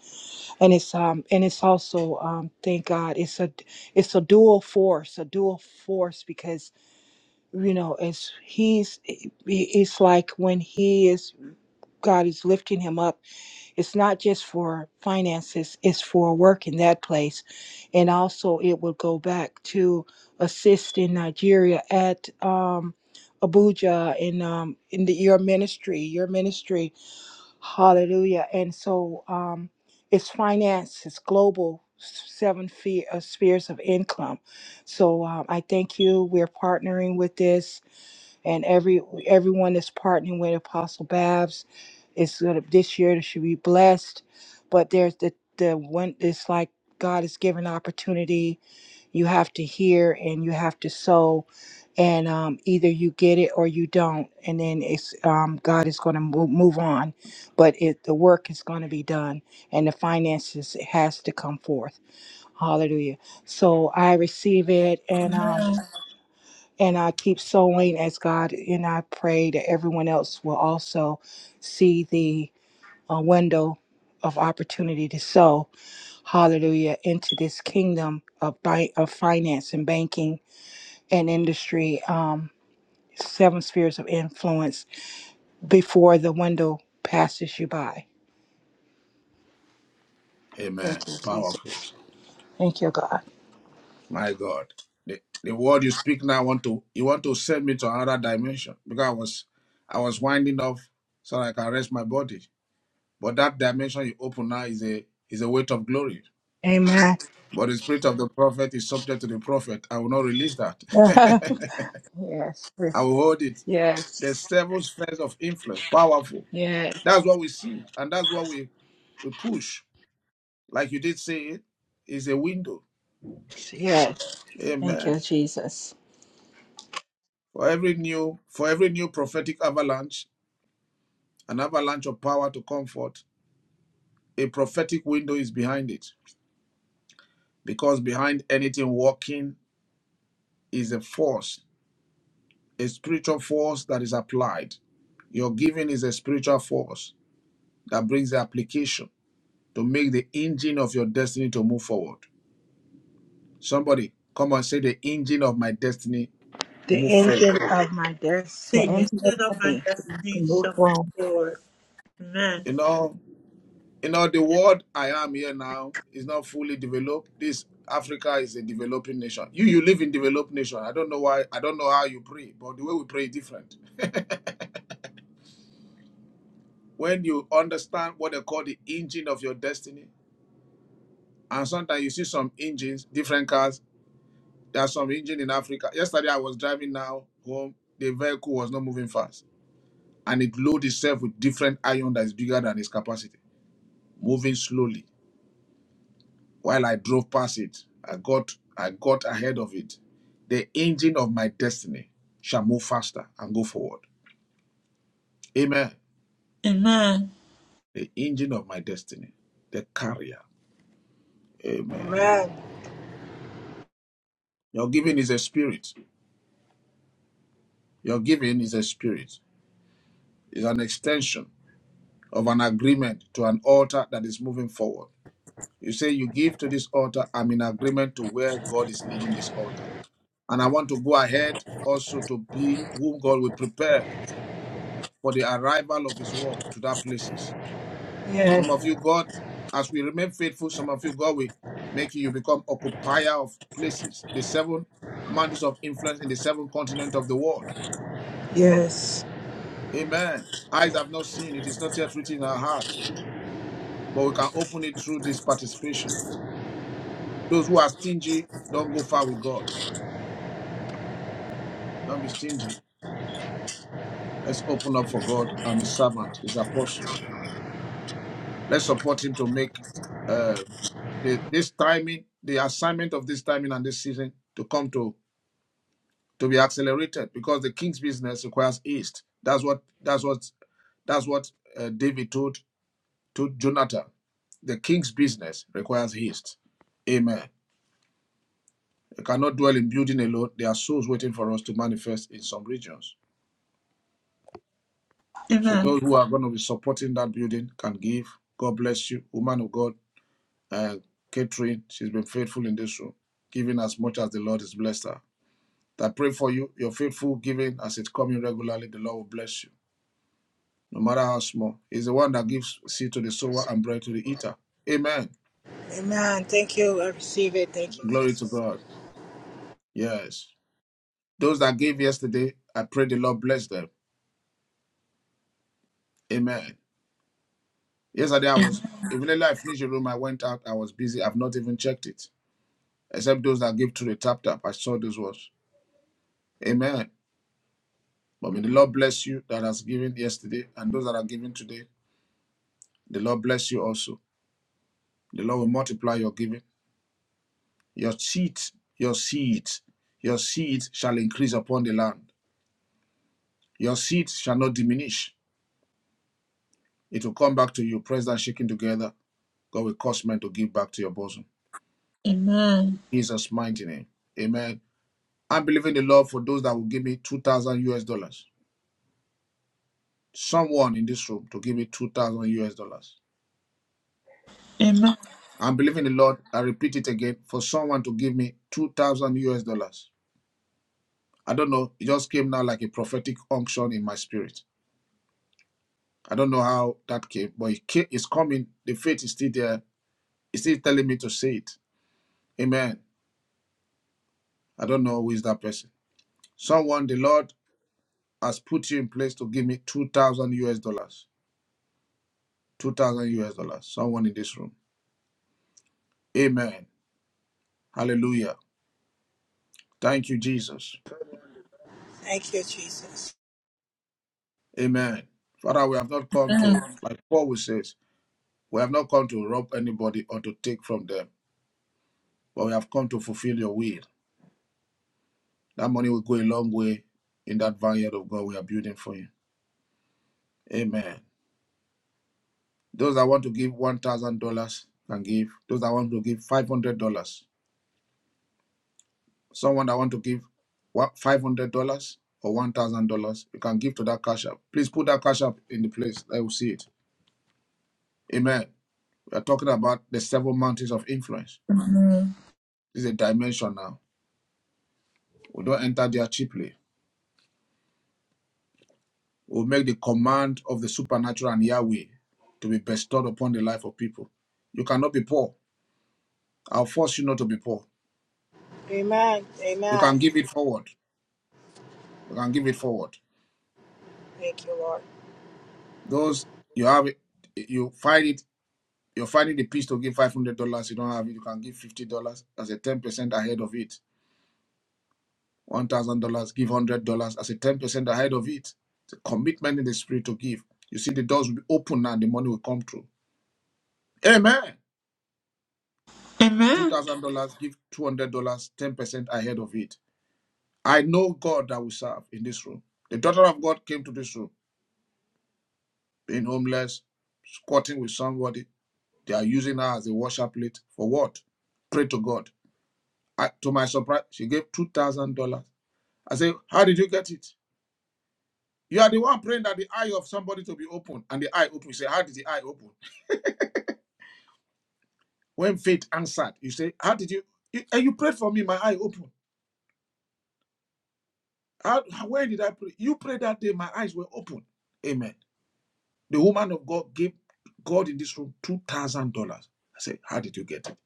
W: and it's um and it's also um thank God. It's a it's a dual force, a dual force because you know as he's it- it's like when he is God is lifting him up it's not just for finances, it's for work in that place. And also, it will go back to assist in Nigeria at um, Abuja in, um, in the, your ministry, your ministry. Hallelujah. And so, um, it's finance, it's global. Seven feet of spheres of income. So um, I thank you. We're partnering with this and every everyone that's partnering with Apostle Babs is gonna this year they should be blessed. But there's the the one it's like God is giving opportunity. You have to hear and you have to sow, and um, either you get it or you don't, and then it's um, God is going to move, move on, but it the work is going to be done, and the finances has to come forth. Hallelujah! So I receive it, and um, and I keep sowing as God, and I pray that everyone else will also see the uh, window of opportunity to sow, hallelujah, into this kingdom of, bi- of finance and banking and industry, um, seven spheres of influence before the window passes you by.
B: Amen.
W: Thank you, Jesus.
B: Powerful.
W: Thank you, God.
B: My God. The, the word you speak now want to you want to send me to another dimension because I was I was winding up so I can rest my body. But that dimension you open now is a is a weight of glory.
W: Amen.
B: But the spirit of the prophet is subject to the prophet. I will not release that.
W: yes.
B: I will hold it. the
W: Yes.
B: seven spheres of influence. Powerful.
W: Yes.
B: That's what we see, and that's what we, we push. Like you did say, it is a window.
W: Yes. Thank
B: Amen.
W: you, Jesus.
B: For every new for every new prophetic avalanche, an avalanche of power to comfort, a prophetic window is behind it. Because behind anything walking is a force, a spiritual force that is applied. Your giving is a spiritual force that brings the application to make the engine of your destiny to move forward. Somebody come and say the engine of my destiny
W: the
B: move
W: angel
B: forward.
W: of my
M: The
W: destiny.
M: answer of
A: up
M: God
A: my
M: is
A: destiny.
M: to move forward.
B: You know, you know the world I am here now is not fully developed. This Africa is a developing nation. You you live in developed nation. I don't know why. I don't know how you pray, but the way we pray is different. When you understand what they call the engine of your destiny, and sometimes you see some engines, different cars. There are some engine in Africa. Yesterday I was driving now home. The vehicle was not moving fast, and it loaded itself with different iron that is bigger than its capacity moving slowly. While I drove past it, I got I got ahead of it. The engine of my destiny shall move faster and go forward. Amen.
A: Amen.
B: The engine of my destiny, the carrier. Amen.
W: Amen.
B: Your giving is a spirit. Your giving is a spirit. It's an extension of an agreement to an altar that is moving forward. You say you give to this altar, I'm in agreement to where God is leading this altar. And I want to go ahead also to be whom God will prepare for the arrival of his work to that places. Some of
W: Yes,
B: you, God, as we remain faithful, some of you, God will make you become occupier of places, the seven mountains of influence in the seven continent of the world.
W: yes.
B: Amen. Eyes have not seen, it is not yet written in our heart, but we can open it through this participation. Those who are stingy, don't go far with God. Don't be stingy. Let's open up for God and his servant, his apostle. Let's support him to make uh, the, this timing, the assignment of this timing and this season to come to to be accelerated because the king's business requires haste. That's what that's what that's what uh, David told to Jonathan. The king's business requires haste. Amen. They cannot dwell in building alone. There are souls waiting for us to manifest in some regions. So
A: Amen.
B: those who are going to be supporting that building can give. God bless you, woman of God. uh, Catherine, she's been faithful in this room, giving as much as the Lord has blessed her. I pray for you, your faithful giving as it's coming regularly, the Lord will bless you, no matter how small. He's the one that gives seed to the sower and bread to the eater. Amen.
W: Amen. Thank you. I receive it. Thank you,
B: Glory to
W: Jesus.
B: God. Yes. Those that gave yesterday, I pray the Lord bless them. Amen. Yesterday, I was, even though I finished the room, I went out, I was busy, I've not even checked it. Except those that give to the tap tap, I saw those ones. Amen. But may the Lord bless you that has given yesterday and those that are giving today. The Lord bless you also. The Lord will multiply your giving. Your seed, your seed, your seed shall increase upon the land. Your seed shall not diminish. It will come back to you, pressed and shaken together. God will cause men to give back to your bosom.
A: Amen.
B: Jesus' mighty name. Amen. I'm believing the Lord for those that will give me 2,000 US dollars. Someone in this room to give me 2,000 US dollars.
A: Amen.
B: I'm believing the Lord. I repeat it again for someone to give me 2,000 US dollars. I don't know. It just came now like a prophetic unction in my spirit. I don't know how that came, but it came, it's coming. The faith is still there. It's still telling me to say it. Amen. I don't know who is that person. Someone, the Lord has put you in place to give me 2,000 US dollars. 2,000 US dollars. Someone in this room. Amen. Hallelujah. Thank you, Jesus.
W: Thank you, Jesus.
B: Amen. Father, we have not come to, like Paul says. We have not come to rob anybody or to take from them, but we have come to fulfill your will. That money will go a long way in that vineyard of God we are building for you. Amen. Those that want to give $1,000 can give. Those that want to give $500. Someone that want to give $500 or $1,000, you can give to that cash app. Please put that cash app in the place. I will see it. Amen. We are talking about the seven mountains of influence. This is a dimension now. We don't enter there cheaply will make the command of the supernatural and Yahweh to be bestowed upon the life of people. You cannot be poor. I'll force you not to be poor.
W: Amen.
B: You
W: Amen.
B: can give it forward. You can give it forward.
W: Thank you, Lord.
B: Those you have, it, you find it. You're finding the piece to give five hundred dollars. You don't have it. You can give fifty dollars as a ten percent ahead of it. One thousand dollars. Give hundred dollars as a ten percent ahead of it. It's a commitment in the spirit to give. You see, the doors will be open now. The money will come through. Amen. Two
A: Amen.
B: thousand dollars. Give two hundred dollars. Ten percent ahead of it I know God that we serve in this room. The daughter of God came to this room, being homeless, squatting with somebody. They are using her as a washer plate. For what? Pray to God. I, to my surprise, she gave $2,000. I said, How did you get it? You are the one praying that the eye of somebody to be open, and the eye open. You say, How did the eye open? When faith answered, you say, How did you? you and you prayed for me, my eye open. How, where did I pray? You prayed that day, my eyes were open. Amen. The woman of God gave God in this room two thousand dollars. I said, How did you get it?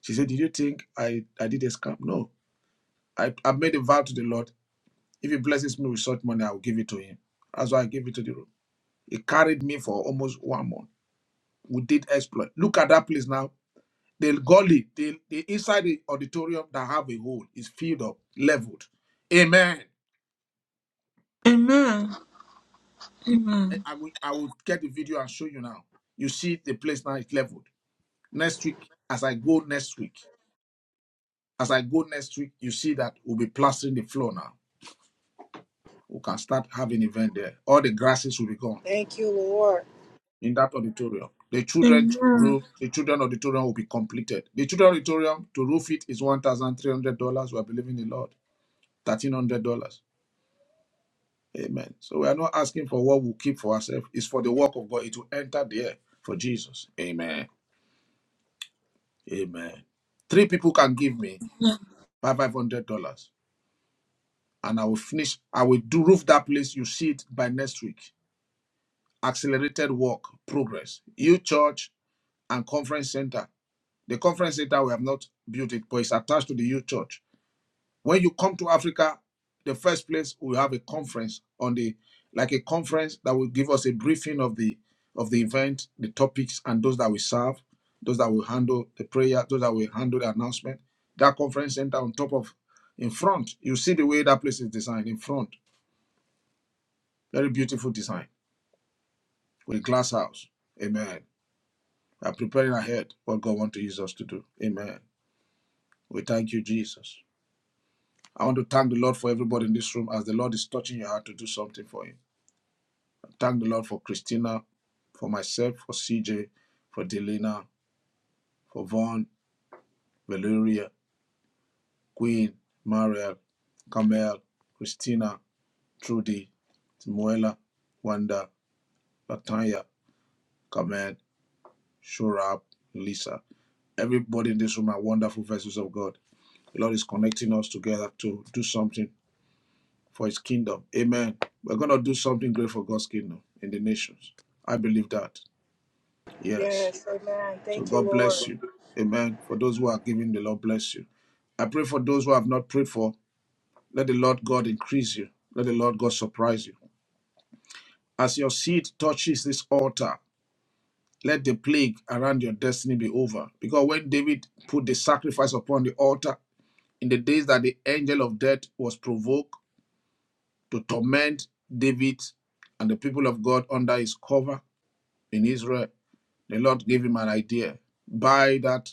B: She said, Did you think I, I did a scam? No. I, I made a vow to the Lord. If he blesses me with such money, I will give it to him. That's why I gave it to the room. It carried me for almost one month. We did exploit. Look at that place now. The gully, the, the inside the auditorium that have a hole is filled up, leveled. Amen. I I will, I will get the video and show you now. You see the place now is leveled. Next week, as I go next week. As I go next week, you see that we'll be plastering the floor now. We can start having event there. All the grasses will be gone
W: Thank you, Lord.
B: in that auditorium. The children
A: Amen.
B: room, the children auditorium will be completed. The children auditorium to roof it is one thousand three hundred dollars. We are believing the Lord, thirteen hundred dollars. Amen. So we are not asking for what we keep for ourselves. It's for the work of God. It will enter there for Jesus. Amen. Amen. Three people can give me five five hundred dollars, and I will finish. I will do roof that place. You see it by next week. accelerated work progress. Youth church and conference center. The conference center we have not built it, but it's attached to the youth church. When you come to Africa, the first place we have a conference on the like a conference that will give us a briefing of the of the event, the topics, and those that we serve, those that will handle the prayer, those that will handle the announcement. That conference center on top of in front, you see the way that place is designed in front. Very beautiful design with a glass house. Amen. We are preparing ahead what God wants to use us to do. Amen. We thank you, Jesus. I want to thank the Lord for everybody in this room as the Lord is touching your heart to do something for you. I Thank the Lord for Christina, for myself, for CJ, for Delina, for Vaughn, Valeria, Queen, Mariel, Camille, Christina, Trudy, Timuela, Wanda, Latanya, Kamen, Shurab, Lisa. Everybody in this room are wonderful vessels of God. The Lord is connecting us together to do something for his kingdom. Amen. We're going to do something great for God's kingdom in the nations. I believe that. Yes.
W: Yes. Amen.
B: So
W: Thank you,
B: God
W: Lord.
B: bless you. Amen. For those who are giving, the Lord bless you. I pray for those who have not prayed for. Let the Lord God increase you. Let the Lord God surprise you. As your seed touches this altar, let the plague around your destiny be over. Because when David put the sacrifice upon the altar, in the days that the angel of death was provoked, to torment David and the people of God under his cover in Israel. The Lord gave him an idea buy that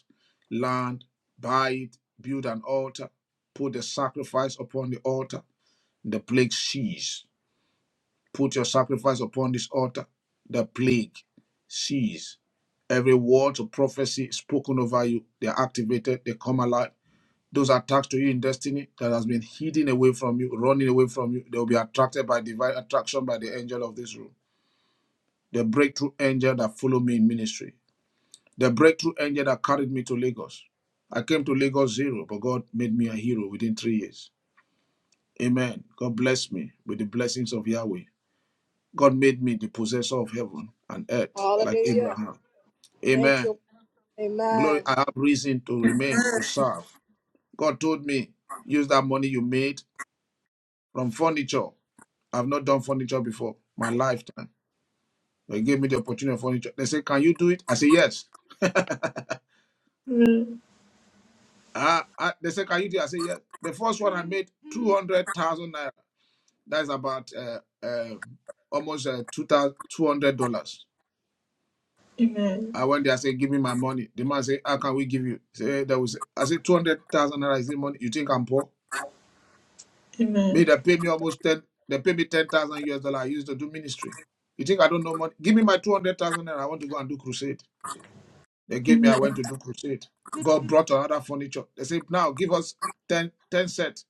B: land, buy it, build an altar, put the sacrifice upon the altar, the plague cease. Put your sacrifice upon this altar, the plague cease. Every word of prophecy spoken over you, they are activated, they come alive those attacks to you in destiny that has been hidden away from you, running away from you, they'll be attracted by divine attraction by the angel of this room. The breakthrough angel that followed me in ministry. The breakthrough angel that carried me to Lagos. I came to Lagos zero, but God made me a hero within three years. Amen. God bless me with the blessings of Yahweh. God made me the possessor of heaven and earth, like
W: Hallelujah.
B: Abraham.
W: Thank
B: Amen.
W: you.
B: Glory,
W: Amen.
B: I have reason to remain, to serve. God told me, use that money you made from furniture. I've not done furniture before, my lifetime. They gave me the opportunity of furniture. They said, Can you do it? I said, Yes.
A: Amen.
B: Uh, I, they said, Can you do it? I said, Yes. The first one I made 200,000 naira. That's about uh, uh, almost uh, $2,000
A: Amen.
B: I went there, I said, Give me my money. The man said, How can we give you? Say "Eh, that was I said, 200,000 naira is the money. You think I'm poor? Me,
A: Amen.
B: they pay me almost 10, they pay me 10,000 US dollar I used to do ministry. You think I don't know money? Give me my 200,000 naira. I want to go and do crusade. They gave me, I
A: Amen.
B: went to do crusade. God brought another furniture. They said, now give us 10 10 sets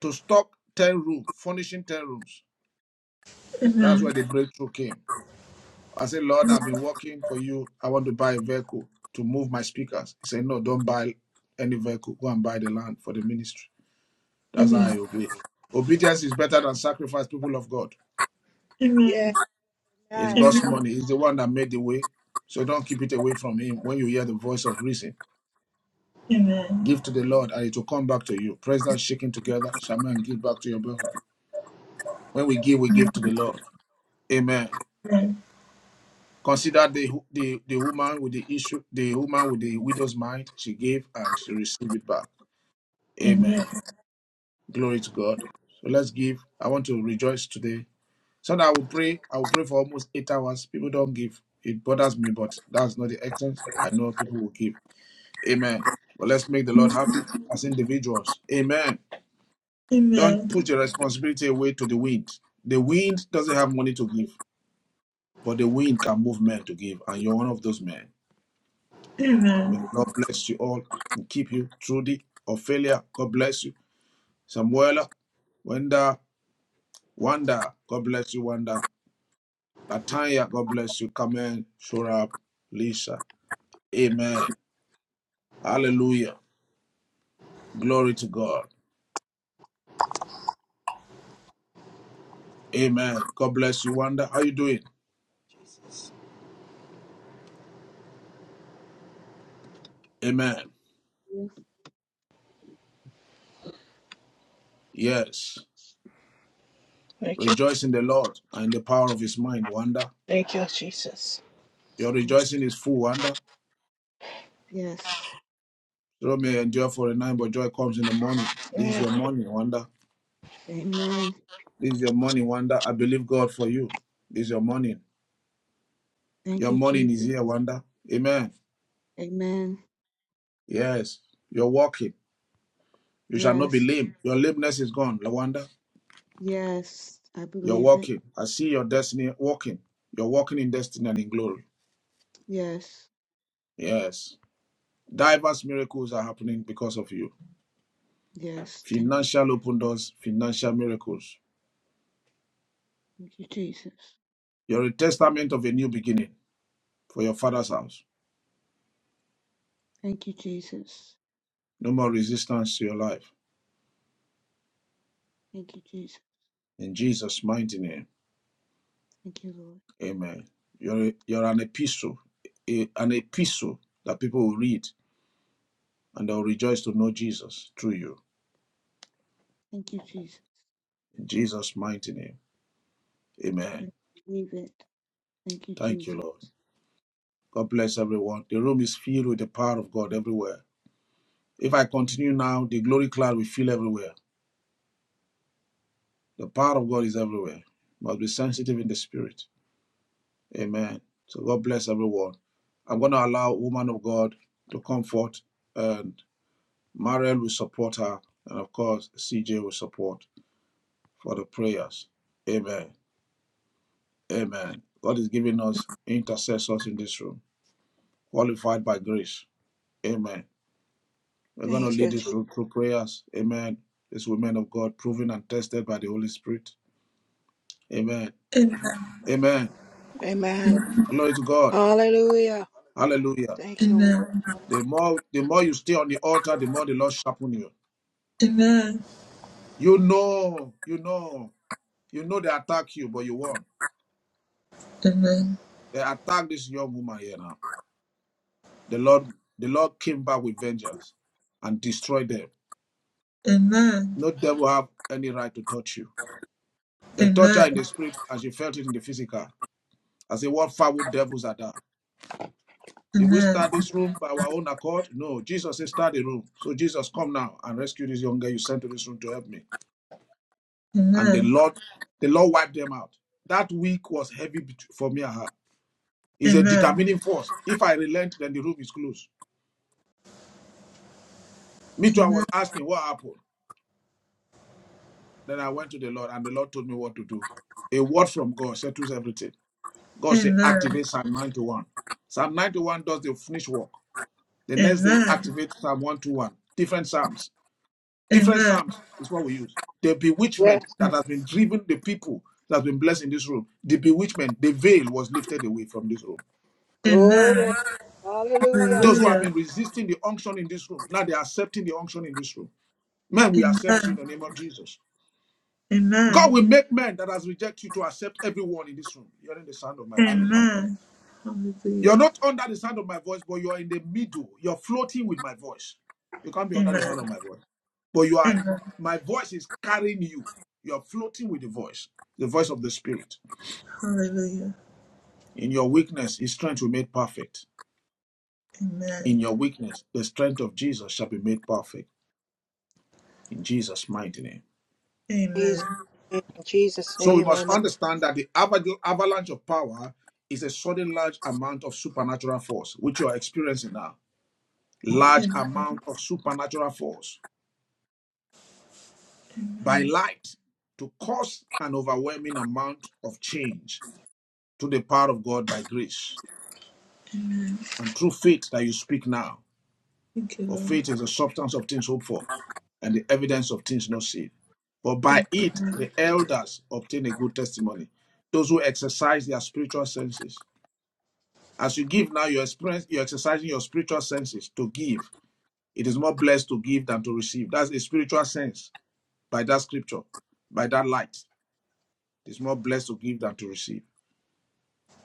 B: to stock 10 rooms, furnishing 10 rooms. That's where the breakthrough came. I said, Lord, I've been working for you. I want to buy a vehicle to move my speakers. He said, no, don't buy any vehicle. Go and buy the land for the ministry. That's how I obey. Obedience is better than sacrifice, people of God.
W: Yeah.
B: It's
W: Amen.
B: God's money. He's the one that made the way. So don't keep it away from him when you hear the voice of reason Give to the Lord and it will come back to you. Press that shaking together. Shaman, and give back to your brother. When we give, we give to the Lord. Amen. Consider the, the the woman with the issue, the woman with the widow's mind. She gave and she received it back. Amen. Glory to God. So let's give. I want to rejoice today. So that I will pray. I will pray for almost eight hours. People don't give. It bothers me, but that's not the extent. I know people will give. Amen. But let's make the Lord happy as individuals. Amen. Don't
A: Amen.
B: put your responsibility away to the wind. The wind doesn't have money to give, but the wind can move men to give, and you're one of those men.
A: Amen. Amen.
B: May the
A: Amen.
B: Lord bless you all and keep you. Trudy, Ophelia, God bless you. Samuela, Wanda, Wanda, God bless you, Wanda. Latanya, God bless you. Carmen, Shurab, Lisa. Amen. Hallelujah. Glory to God. Amen. God bless you, Wanda. How you doing? Amen.
X: you.
B: Yes.
W: Thank you.
B: Rejoice in the Lord and in the power of his mind, Wanda.
W: Thank you, Jesus.
B: Your
X: Thank you.
B: rejoicing
X: Jesus.
B: is full, Wanda.
X: Yes.
B: Sorrow may endure for a night, but joy comes in the morning. This is
W: Yeah.
B: your morning, Wanda.
X: Amen.
B: This is your morning, Wanda. I believe God for you. This is your morning.
X: Thank
B: Your
X: you,
B: morning is
X: Jesus.
B: here, Wanda. Amen.
X: Amen.
B: Yes. You're walking. You shall not be
X: Yes.
B: lame. Your lameness is gone, Lawanda.
X: Yes. I
B: You're
X: believe it.
B: walking. I see your destiny walking. You're walking in destiny and in glory.
X: Yes.
B: Yes. Diverse miracles are happening because of you.
X: Yes. Thank you.
B: Financial open doors, financial miracles.
X: Thank you, Jesus.
B: You're a testament of a new beginning for your father's house.
X: Thank you, Jesus.
B: No more resistance to your life.
X: Thank you, Jesus.
B: In Jesus' mighty name,
X: Thank you, Lord.
B: amen. You're, you're an epistle, a- an epistle that people will read and they'll rejoice to know Jesus through you.
X: Thank you, Jesus.
B: In Jesus' mighty name,
X: I
B: amen.
X: believe it. Thank you,
B: Thank you, Lord.
X: Jesus.
B: God bless everyone. The room is filled with the power of God everywhere. If I continue now, the glory cloud will fill everywhere. The power of God is everywhere. Must be sensitive in the spirit. Amen. So God bless everyone. I'm going to allow woman of God to comfort. and Mariel will support her, and of course, CJ will support for the prayers. Amen. Amen. God is giving us intercessors in this room, qualified by grace. Amen. We're going to
W: Thank you,
B: lead this
W: Jesus.
B: through, through prayers. Amen. These women of God, proven and tested by the Holy Spirit. Amen. Amen.
W: Amen.
B: Glory to God.
W: Hallelujah.
B: Hallelujah.
W: Thank
A: Amen.
W: you.
A: Amen.
B: The more the more you stay on the altar, the more the Lord sharpen you. You know, you know, you know they attack you, but you won. They attack this young woman here now. The Lord, the Lord came back with vengeance and destroyed them. No devil have any right to touch you. They touch her in the
A: Amen.
B: spirit and she felt it in the physical. I say, what foul devils are that?
A: Amen.
B: Did we
A: Amen.
B: start this room by our own accord? No, Jesus said, start the room. So Jesus, come now and rescue this young girl you sent to this room to help me. And the
A: Amen.
B: Lord, the Lord wiped them out. That week was heavy for me and her. It's a
A: Amen.
B: determining force. If I relent, then the room is closed. Me too, I was asking what happened. Then I went to the Lord, and the Lord told me what to do. A word from God settles everything. God said,
A: Amen.
B: activate Psalm 91. Psalm 91 does the finished work. The next day,
A: Amen.
B: activate Psalm 121. Different Psalms. Different
A: Amen.
B: Psalms is what we use. The bewitchment
W: Yes.
B: that has been driven the people that has been blessed in this room, the bewitchment, the veil was lifted away from this room.
W: Glory.
A: Amen.
W: Hallelujah.
B: Those who have
A: Hallelujah.
B: been resisting the unction in this room, now they are accepting the unction in this room. Man, we accept you
A: Amen.
B: in the name of Jesus. God will
A: Amen.
B: make men that has rejected you to accept everyone in this room. You're in the sound of my voice.
A: Amen.
B: You're
A: Hallelujah.
B: not under the sound of my voice, but you're in the middle. You're floating with my voice. You can't be under the
A: Amen.
B: sound of my voice. But you are
A: Amen.
B: my voice is carrying you. You're floating with the voice, the voice of the spirit. In your weakness, his strength will be made perfect. In your weakness, the strength of Jesus shall be made perfect. In Jesus' mighty name.
A: Amen.
W: Jesus, in Jesus'
B: So we
W: name,
B: must
W: amen.
B: understand that the avag- avalanche of power is a sudden large amount of supernatural force, which you are experiencing now. Large
A: Amen.
B: amount of supernatural force by light to cause an overwhelming amount of change to the power of God by grace and through faith that you speak now. For faith is the substance of things hoped for and the evidence of things not seen. For by it, the elders obtain a good testimony, those who exercise their spiritual senses. As you give now, you're, experience, you're exercising your spiritual senses to give. It is more blessed to give than to receive. That's a spiritual sense by that scripture, by that light. It's more blessed to give than to receive.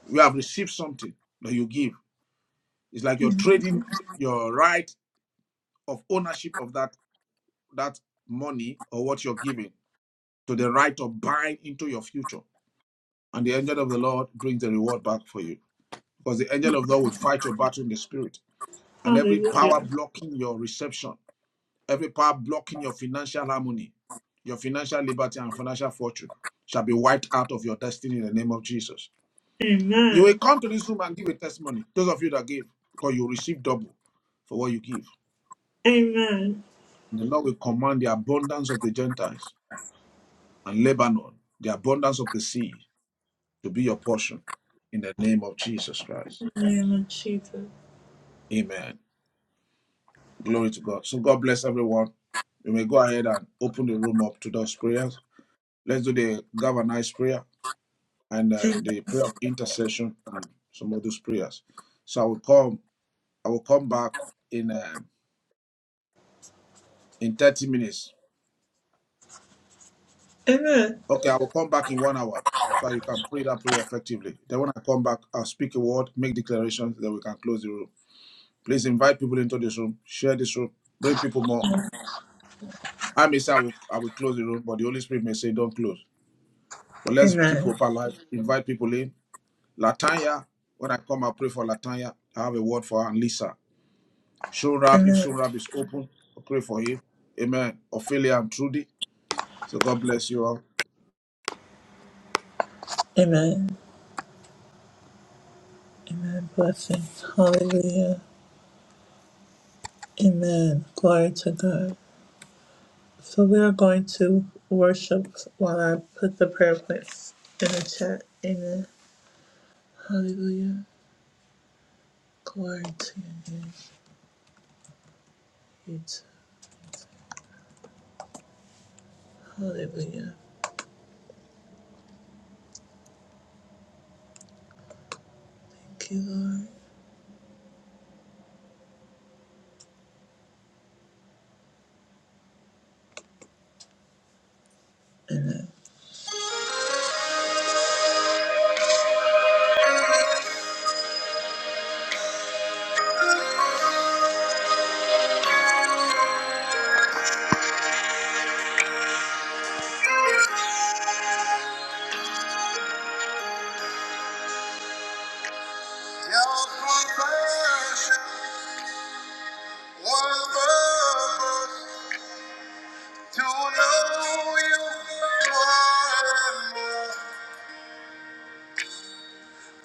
B: You have received something that you give. It's like you're trading your right of ownership of that that money or what you're giving to the right of buying into your future. And the angel of the Lord brings the reward back for you. Because the angel of the Lord will fight your battle in the spirit. And every power
A: Hallelujah.
B: blocking your reception Every power blocking your financial harmony, your financial liberty, and financial fortune shall be wiped out of your destiny in the name of Jesus. You will
A: Amen.
B: come to this room and give a testimony. Those of you that give, because you receive double for what you give.
A: Amen.
B: And the Lord will command the abundance of the Gentiles and Lebanon, the abundance of the sea, to be your portion in the name of Jesus Christ. Amen. Glory to God. So God bless everyone. You may go ahead and open the room up to those prayers. Let's do the galvanized prayer. and uh, the prayer of intercession and some of those prayers. So I will come. I will come back in uh, in thirty minutes.
A: Amen.
B: Okay, I will come back in one hour so you can pray that prayer effectively. Then when I come back, I'll speak a word, make declarations, then we can close the room. Please invite people into this room, share this room, bring people more. I may say I will, I will close the room, but the Holy Spirit may say don't close. But let's keep
A: Amen. Amen.
B: hope alive. Invite people in. Latanya, when I come, I'll pray for Latanya. I have a word for her and Lisa. Show up if
A: Amen.
B: show up is open, I pray for him. Amen. Ophelia and Trudy. So God bless you all.
A: Glory to one glory to to know you more and more.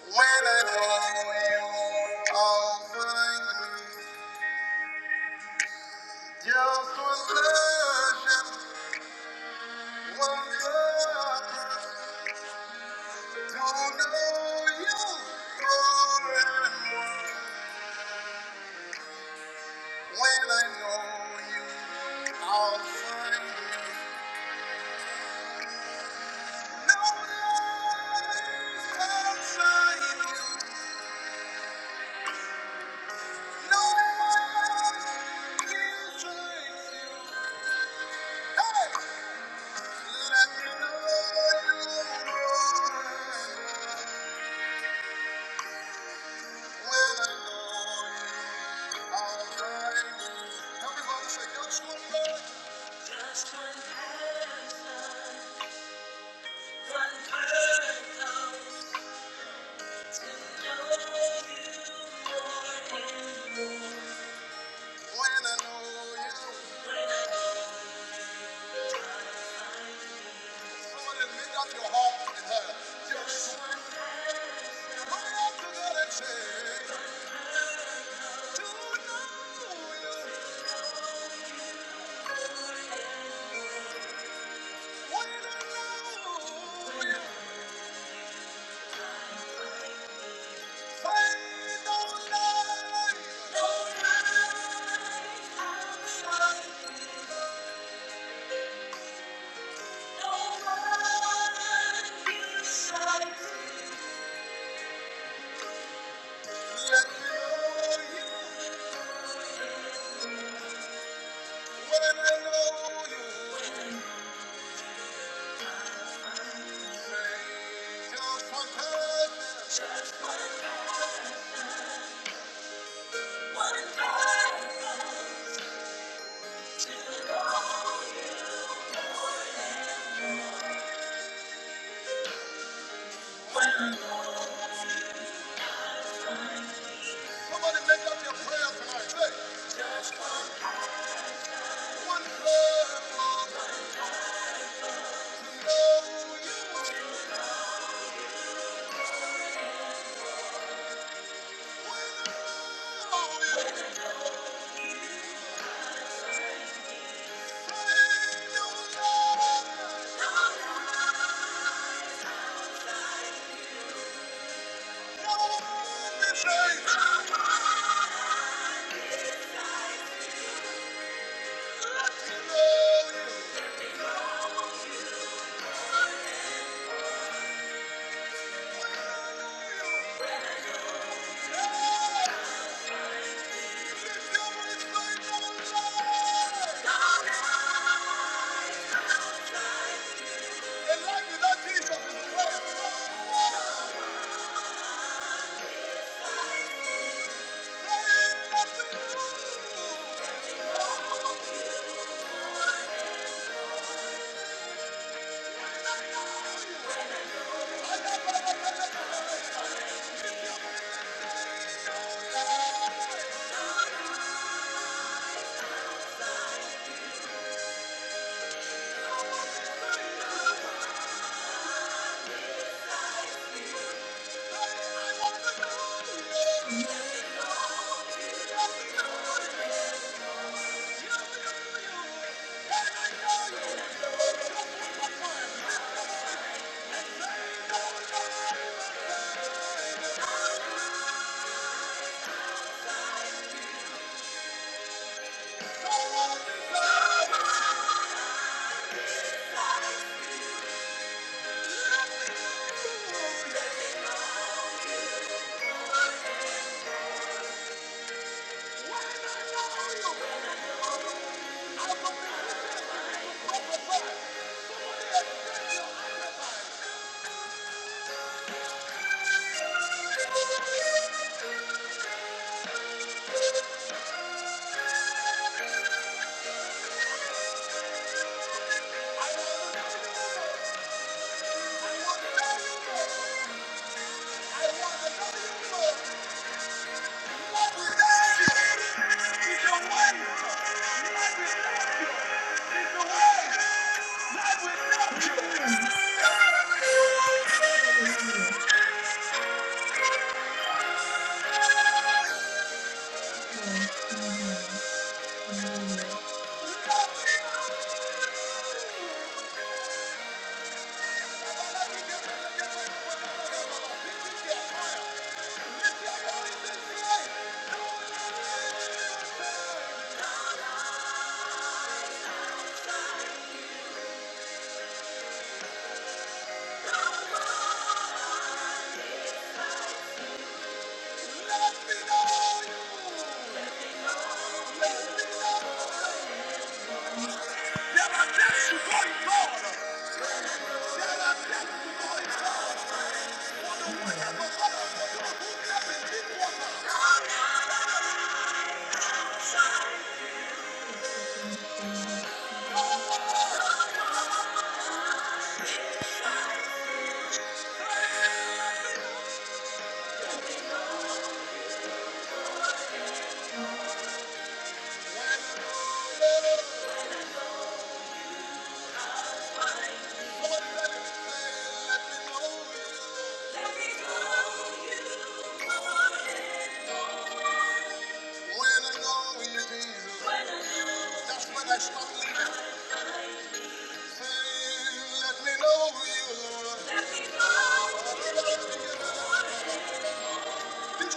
A: When I know it all find things just was such one lover to know you more and more. When I know you, all things no lies outside you, no lies inside you. Hey! Say, to know you. Somebody make up your prayer tonight. Say, just one one love, one love, you. know you. Oh, yeah. Thank you. Thank you. This is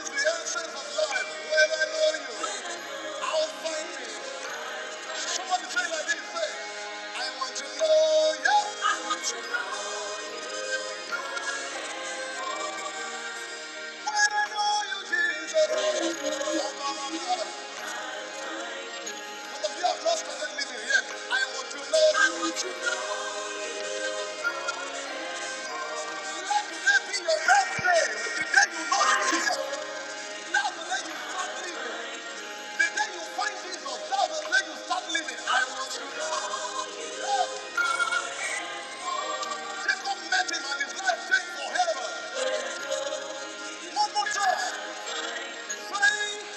A: the essence of life. When I know you, I'll find you. Somebody say like this, say, I want to know you. I want to know. When I know you, Jesus. Oh, no, no, no. Some of you have not started living yet. I want to know. you. I want to know. Let today be your best day. The day you know Jesus. That's the day you start living. The day you find Jesus. That's the day you start living. I want to know. Yes. Jacob met him and his life changed forever. One more time. Say,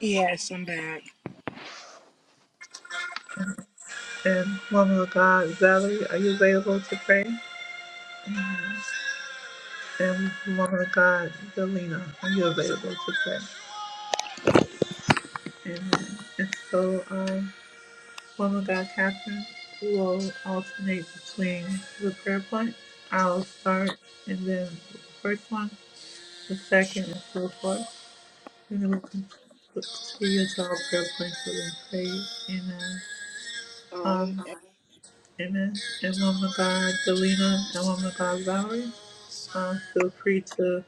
W: Yes, I'm back.
A: Valerie, are you available to pray? Amen. And woman of God, Delina, are you available to pray? Amen. And so, um, woman of God, Catherine, we will alternate between the prayer points. I'll start, and then the first one, the second, and so forth. And then we'll continue to our prayer points that we prayed. Amen.
W: All right.
A: Um, Amen. And woman of God, Delina, and woman of God, Valerie, uh, feel free to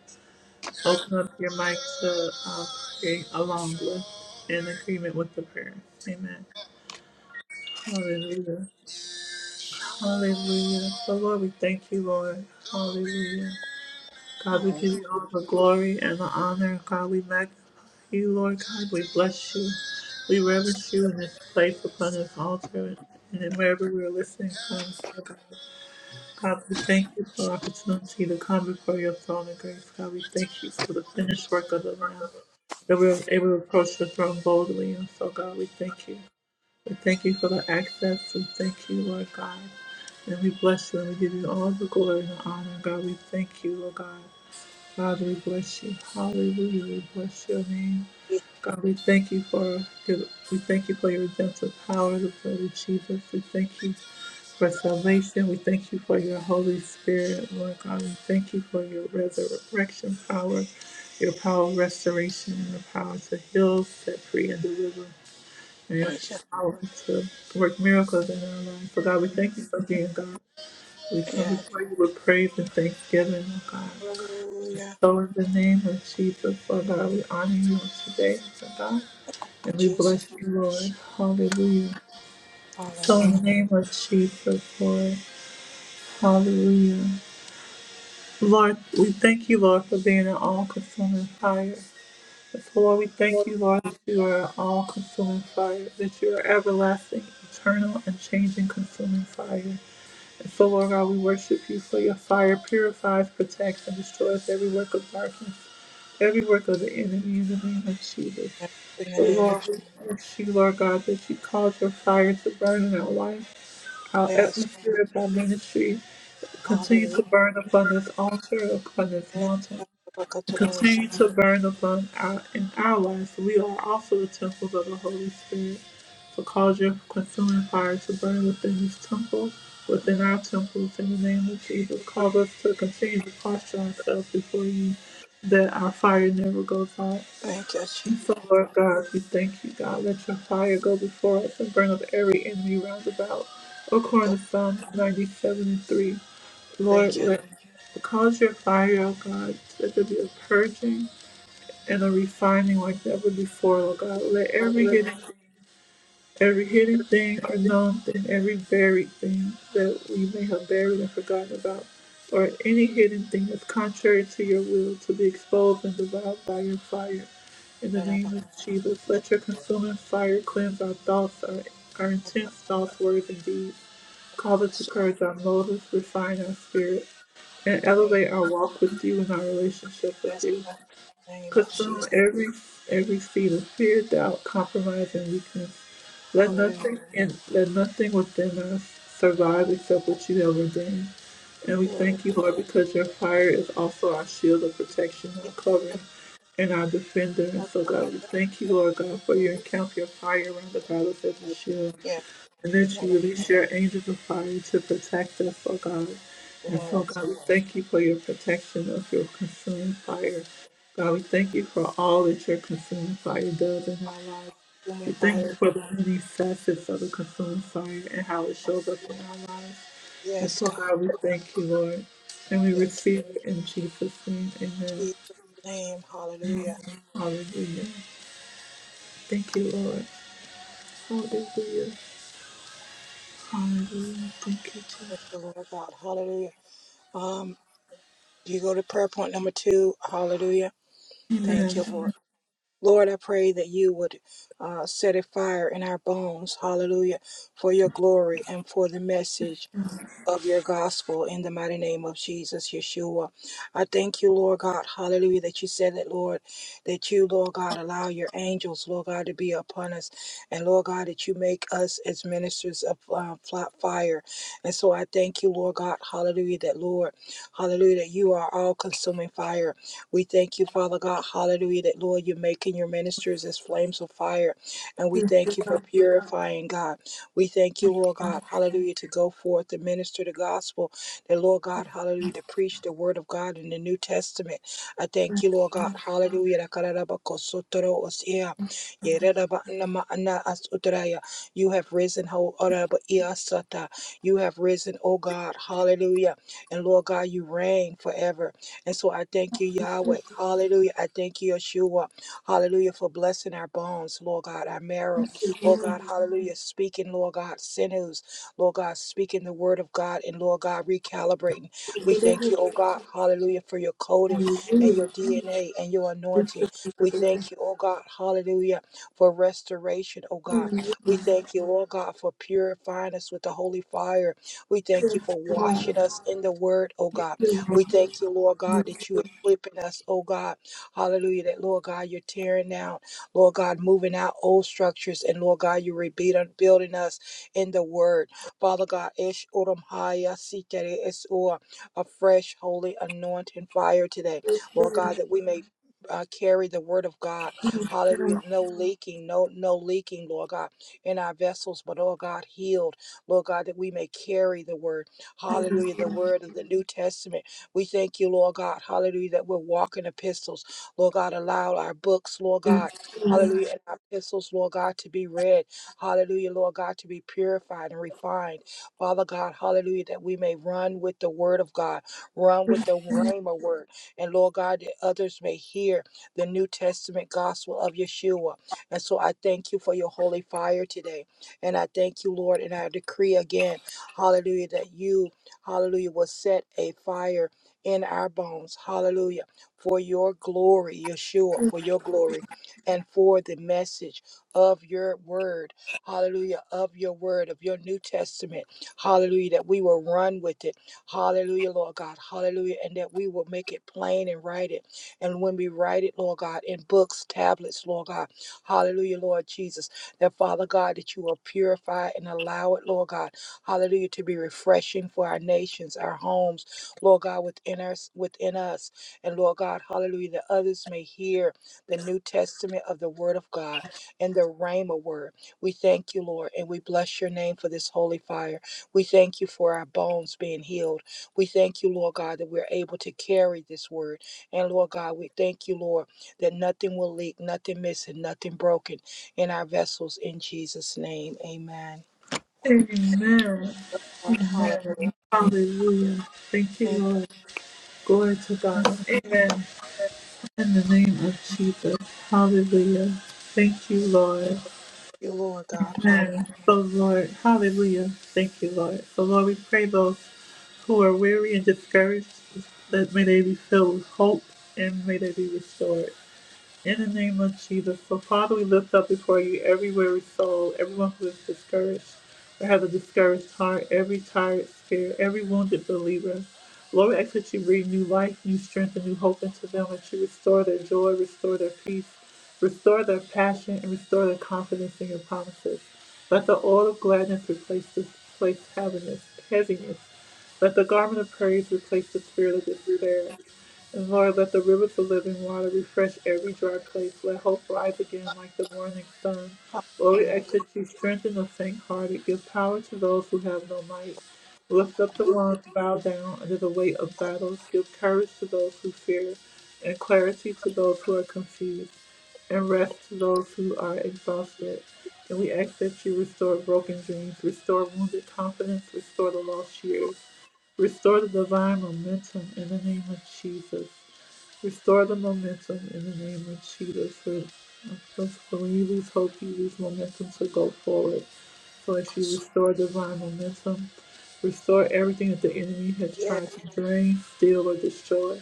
A: open up your mic to uh, pray along with in agreement with the prayer. Amen. Hallelujah. Hallelujah. So, Lord, we thank you, Lord. Hallelujah. God, we
W: Oh,
A: give you all the glory and the honor. God, we magnify you, Lord God. We bless you. We reverence you in this place upon this altar and in wherever we're listening from. God, we thank you for the opportunity to come before your throne of grace. God, we thank you for the finished work of the Lamb, that we are able to approach the throne boldly. And so, God, we thank you. We thank you for the access. We thank you, Lord God. And we bless you and we give you all the glory and the honor. God, we thank you, Lord God. God, we bless you. Hallelujah. We bless your name.
W: Jesus,
A: God, we thank you for your, we thank you for your redemptive power, the blood of Jesus. We thank you for salvation. We thank you for your Holy Spirit, Lord God. We thank you for your resurrection power, your power of restoration, your power to heal, set free, and deliver, and your
W: Jesus,
A: power to work miracles in our lives. For God, we thank you for being God. We come
W: yeah.
A: before you with praise and thanksgiving, oh God.
W: Hallelujah.
A: So, in the name of Jesus, Lord God, we honor you on today, Lord God. And we
W: Jesus,
A: bless you, Lord. Hallelujah. So
W: hallelujah.
A: in the name of Jesus, Lord. Hallelujah. Lord, we thank you, Lord, for being an all consuming fire. So, Lord, we thank you,
W: Yes,
A: Lord, that you are an all consuming fire, that you are everlasting, eternal, and changing consuming fire. And so, Lord God, we worship you for your fire purifies, protects, and destroys every work of darkness, every work of the enemy in the name of Jesus.
W: In the
A: So,
W: name
A: Lord,
W: of
A: we ask you, Lord God, that you cause your fire to burn in our life, our
W: yes,
A: atmosphere, our ministry, Continue
W: hallelujah.
A: to burn upon this altar, upon this
W: Yes.
A: mountain
W: Rabakatros.
A: continue to burn above our in our lives. We are also the temples of the Holy Spirit. So cause your consuming fire to burn within this temple, within our temples, in the name of Jesus. Cause us to continue to posture ourselves before you, that our fire never goes out.
W: Thank you, Jesus.
A: And so, Lord God, we thank you, God. Let your fire go before us and burn up every enemy round about.
W: God.
A: According to Psalm 97 and 3, Lord,
W: Thank you.
A: let cause your fire, oh God, let there be a purging and a refining like never before, Lord God. Let every
W: Hallelujah.
A: hidden, every hidden thing or known thing, every buried thing that we may have buried and forgotten about, or any hidden thing that's contrary to your will, to be exposed and devoured by your fire. In the
W: Rabakatros.
A: name of Jesus, let your consuming fire cleanse our thoughts, our, our intense thoughts, words, and deeds. Cause it to purge our motives, refine our spirit, and
W: Thank you.
A: elevate our walk with you and our relationship with
W: Yes,
A: you.
W: God. In the name of
A: Consume
W: Jesus.
A: every every seed of fear, doubt, compromise, and weakness. Let
W: Hallelujah.
A: nothing and let nothing within us survive except what you have ordained. And we
W: Rabakatros.
A: thank you, Lord, because your fire is also our shield of protection, our
W: Yes,
A: covering,
W: God.
A: and our defender. And so, God, we
W: Rabakatros.
A: thank you, Lord God, for your encamp your fire around about us as a shield,
W: Yes,
A: and
W: in the
A: that
W: name.
A: you release your angels of fire to protect us, oh God. And so,
W: Yes.
A: God, we thank you for your protection of your consuming
W: God.
A: fire. God, we thank you for all that your consuming fire does in our lives. We
W: Consuming
A: thank you
W: fire.
A: for the many facets of the consuming fire and how it shows up in our lives. And
W: Yes,
A: so,
W: God.
A: God, we thank you, Lord. And we
W: Thank
A: receive it in Jesus' name.
W: you,
A: Amen.
W: Jesus' name. Hallelujah.
A: Hallelujah. Thank you, Lord. Hallelujah. Hallelujah. Thank you,
W: Thank
A: Jesus.
W: you, Lord God. Hallelujah. Um, you go to prayer point number two. Hallelujah. Thank you, Lord. Lord, I pray that you would uh, set a fire in our bones. Hallelujah. For your glory and for the message. of your gospel in the mighty name of Jesus, Yeshua. I thank you, Lord God, hallelujah, that you said that, Lord, that you, Lord God, allow your angels, Lord God, to be upon us. And Lord God, that you make us as ministers of uh, flat fire. And so I thank you, Lord God, hallelujah, that, Lord, hallelujah, that you are all consuming fire. We thank you, Father God, hallelujah, that, Lord, you're making your ministers as flames of fire. And we thank you for purifying, God. We thank you, Lord God, hallelujah, to go forth and minister the gospel, that Lord God, hallelujah, to preach the word of God in the New Testament. I thank you, Lord God, hallelujah. that karabakosotoro osia, yereraba nama ana asutraya. You have risen, ho oraba iasata. you have risen, oh God, hallelujah. And Lord God, you reign forever. And so I thank you, Yahweh, hallelujah. I thank you, Yeshua, hallelujah, for blessing our bones, Lord God, our marrow. Lord God, hallelujah, speaking, Lord God, sinews, Lord God, speaking the word of God, and Lord God, recalibrating. We thank you, oh God, hallelujah, for your coding and your DNA and your anointing. We thank you, oh God, hallelujah, for restoration, oh God. We thank you, oh God, for purifying us with the holy fire. We thank you for washing us in the word, oh God. We thank you, Lord God, that you equipping us, oh God. Hallelujah. That Lord God, you're tearing down. Lord God, moving out old structures. And Lord God, you're rebuilding building us in the word. Father God, Ish Uram Haya Sitere is or a fresh, holy, anointing fire today. Lord God, that we may uh, carry the word of God. Hallelujah. No leaking, no, no leaking, Lord God, in our vessels, but Lord God, healed. Lord God, that we may carry the word. Hallelujah. The word of the New Testament. We thank you, Lord God. Hallelujah. That we're walking epistles. Lord God, allow our books, Lord God. Hallelujah. And our epistles, Lord God, to be read. Hallelujah, Lord God, to be purified and refined. Father God, hallelujah, that we may run with the word of God, run with the Rhema word. And Lord God, that others may hear the New Testament gospel of Yeshua. And so I thank you for your holy fire today. And I thank you, Lord. And I decree again, hallelujah, that you, hallelujah, will set a fire in our bones. Hallelujah. For your glory, Yeshua, for your glory and for the message of your word. Hallelujah. Of your word, of your New Testament. Hallelujah. That we will run with it. Hallelujah, Lord God. Hallelujah. And that we will make it plain and write it. And when we write it, Lord God, in books, tablets, Lord God. Hallelujah, Lord Jesus. That Father God, that you will purify and allow it, Lord God. Hallelujah. To be refreshing for our nations, our homes, Lord God, within us, within us. And Lord God, hallelujah, that others may hear the New Testament of the Word of God and the Rhema Word. We thank you, Lord, and we bless your name for this holy fire. We thank you for our bones being healed. We thank you, Lord God, that we're able to carry this word. And Lord God, we thank you, Lord, that nothing will leak, nothing missing, nothing broken in our vessels in Jesus' name. Amen.
A: Amen.
W: Lord,
A: Amen.
W: hallelujah.
A: Hallelujah. Thank you,
W: Thank
A: Lord. Glory to God. Amen. In the name of Jesus. Hallelujah. Thank you, Lord.
W: you, Lord God. Hallelujah.
A: Amen. Oh Lord, hallelujah. Thank you, Lord. So, Lord, we pray those who are weary and discouraged that may they be filled with hope and may they be restored. In the name of Jesus. So, Father, we lift up before you every weary soul, everyone who is discouraged or has a discouraged heart, every tired spirit, every wounded believer. Lord, we ask that you breathe new life, new strength, and new hope into them, that you restore their joy, restore their peace, restore their passion, and restore their confidence in your promises. Let the oil of gladness replace this place heaviness, heaviness. Let the garment of praise replace the spirit of despair. Lord, let the rivers of living water refresh every dry place. Let hope rise again like the morning sun. Lord, we ask
W: Hallelujah.
A: that you strengthen the faint-hearted. Give power to those who have no might. Lift up the ones bowed down under the weight of battles. Give courage to those who fear, and clarity to those who are confused, and rest to those who are exhausted. And we ask that you restore broken dreams, restore wounded confidence, restore the lost years, restore the divine momentum in the name of Jesus. Restore the momentum in the name of Cheetah. So when you lose hope, you lose momentum to go forward. So as you restore divine momentum, restore everything that the enemy has tried to drain, steal, or destroy.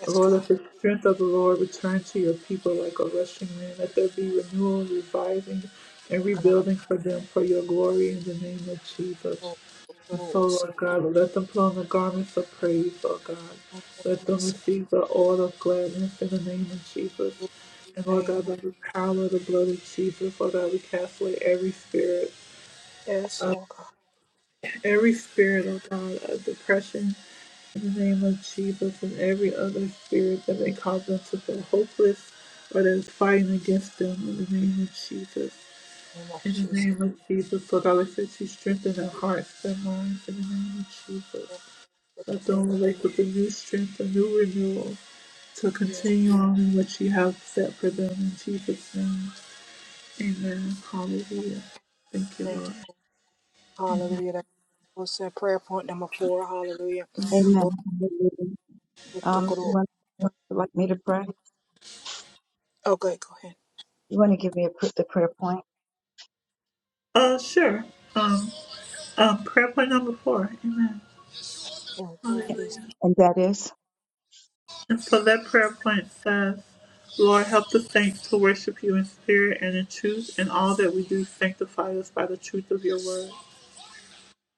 W: Yes,
A: Lord, let the strength of the Lord return to your people like a rushing wind. Let there be renewal, reviving, and rebuilding for them for your glory in the name of Jesus. And so,
W: God.
A: Lord God, let them put on the garments of praise, Lord God.
W: Thank you,
A: Let them
W: Jesus.
A: receive the oil of gladness in the name of Jesus.
W: In
A: And
W: the
A: Lord God,
W: name of
A: by the power of the blood of Jesus, Lord God, we cast away every spirit,
W: yes,
A: of
W: oh God,
A: every spirit, oh God, of depression in the name of Jesus and every other spirit that may cause them to feel hopeless or that is fighting against them in the name of Jesus.
W: in the name of
A: In the
W: Jesus.
A: name of Jesus, Lord God, I said you strengthen their hearts, their minds, in the name of Jesus.
W: Thank you,
A: Let the awake with a new strength, a new renewal to
W: Yeah.
A: continue on in what you have set for them in Jesus' name. Amen. Hallelujah. Thank you, Lord.
W: Hallelujah. That was uh, prayer point number four. Hallelujah.
M: Amen.
W: Lord,
M: Hallelujah. Um, you want, would like me to pray?
W: Okay, go ahead.
M: You want to give me a, pr- the prayer point,
A: Uh, sure. Um, um, prayer point number four. Amen.
W: Oh, oh, peace.
A: Hallelujah.
M: and that is?
A: And so that prayer point says, Lord, help the saints to worship you in spirit and all that we do, thank your word.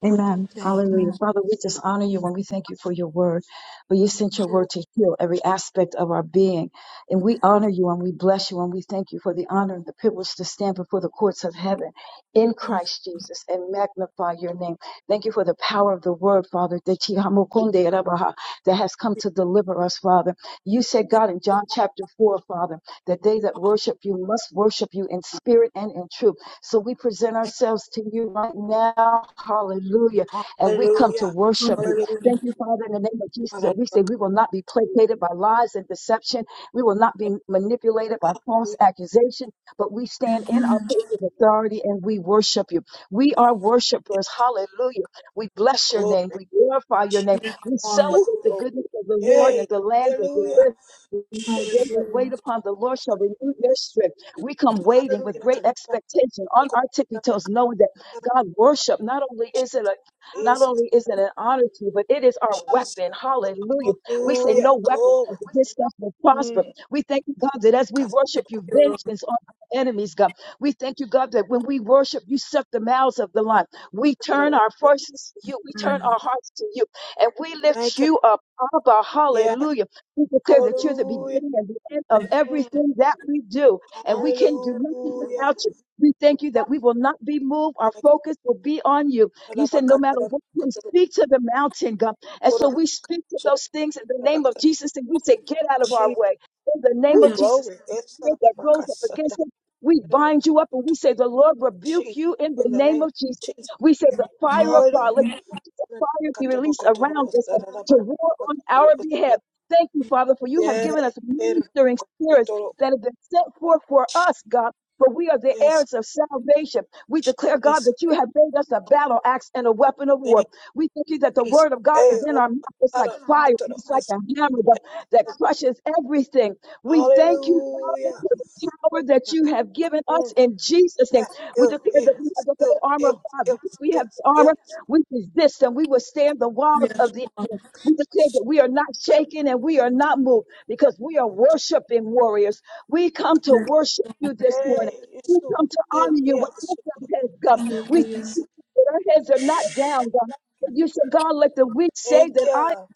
M: Amen.
W: Thank
M: Hallelujah.
W: you.
M: Father, we just honor you and we thank you for your word. For you sent your
W: Lord.
M: word to heal every aspect of our being. And we honor you and we bless you and we thank you for the honor and the privilege to stand before the courts of heaven in Christ Jesus and magnify your name. Thank you for the power of the word, Father, that you- Hamukunde Rabaha, that has come to deliver us, Father. You said,
W: Thank
M: God, in John chapter 4, Father, that they that
W: God.
M: worship you must worship you in spirit and in truth. So we present
W: Thank
M: ourselves to you right now. Hallelujah.
W: you.
M: And we come to
W: Hallelujah.
M: worship you.
W: Hallelujah.
M: Thank you, Father, in the name of Jesus.
W: Hallelujah.
M: And we say we will not be placated by lies and deception. We will not be manipulated by false
W: Hallelujah.
M: accusation, but we stand in our place of authority and we worship you. We are worshipers. Hallelujah. We bless your
W: Glory.
M: name. We glorify your
W: Jesus.
M: name. We
W: Woo.
M: celebrate the
W: Glory.
M: goodness of the Lord and
W: Yay.
M: the land that we
W: Hallelujah.
M: live. The day
W: Shh.
M: that wait
A: Hallelujah.
M: upon the Lord shall renew their strength. We come waiting with great
W: Hallelujah.
M: expectation on our tippy toes, knowing that God worship not only is it a not
W: Jesus.
M: only is it an honor to you, but it is our weapon. Hallelujah. We say
W: Hallelujah.
M: no weapon
W: Glory.
M: against us will prosper.
W: Mm.
M: We thank you, God, that as we worship you, vengeance on our enemies, God. We thank you, God, that when we worship, you shut the mouths of the lion. We turn our forces to you. We turn our hearts to you. And we lift
W: Thank you.
M: you up, Abba.
W: Yeah.
M: Hallelujah. We declare that you're the
W: Hallelujah.
M: beginning and the end of
W: Mm.
M: everything that we do and we can do nothing
W: Hallelujah.
M: without you. We thank you that we will not be moved. Our focus will be on you. You said, no matter what, you speak to the mountain, God. And so we speak to those things in the name of Jesus and we say, get out of our
W: Jesus.
M: way. In the name
W: Ooh,
M: of Jesus,
W: glory.
M: every spirit that rose up against us, we bind you up and we say, the Lord rebuke
W: Jesus.
M: you in the
W: In the
M: name
W: name of
M: of Jesus.
W: Jesus.
M: We say, the fire of God, let
W: Hallelujah.
M: the fire be released around us to war on our behalf. Thank you, Father, for you have
W: Yeah.
M: given us ministering spirits that have been set forth for us, God. For we are the
W: Yes,
M: heirs of salvation. We declare, God,
W: please.
M: that you have made us a battle axe and a weapon of war. We thank you that the
W: Jesus.
M: word of God
W: Hey,
M: is in
W: Rob,
M: our mouth. It's like
W: para,
M: fire. It's
W: para,
M: like
W: as-
M: a hammer that, that crushes everything. We thank you, Father,
W: Hallelujah.
M: for the power that
W: Yes,
M: you have given us
W: mm,
M: in Jesus' name.
W: yes,
M: We
W: yes,
M: declare
W: yes,
M: that we have the whole armor
W: yes,
M: of God because
W: yes,
M: we have
W: yes,
M: the armor.
W: yes.
M: We resist and we withstand the walls of the enemy. We declare that we are not shaken and we are not moved because we are worshiping warriors. We come to worship you this morning.
W: Yay, yes,
M: We come
W: Rob.
M: to
W: Yes,
M: honor you with
W: yes,
M: lifted
W: Rob.
M: heads, God.
W: Para,
M: We thank
W: as-
M: you that our heads are not down, God. But you said, God, let the weak say
W: Thank
M: that I
W: you.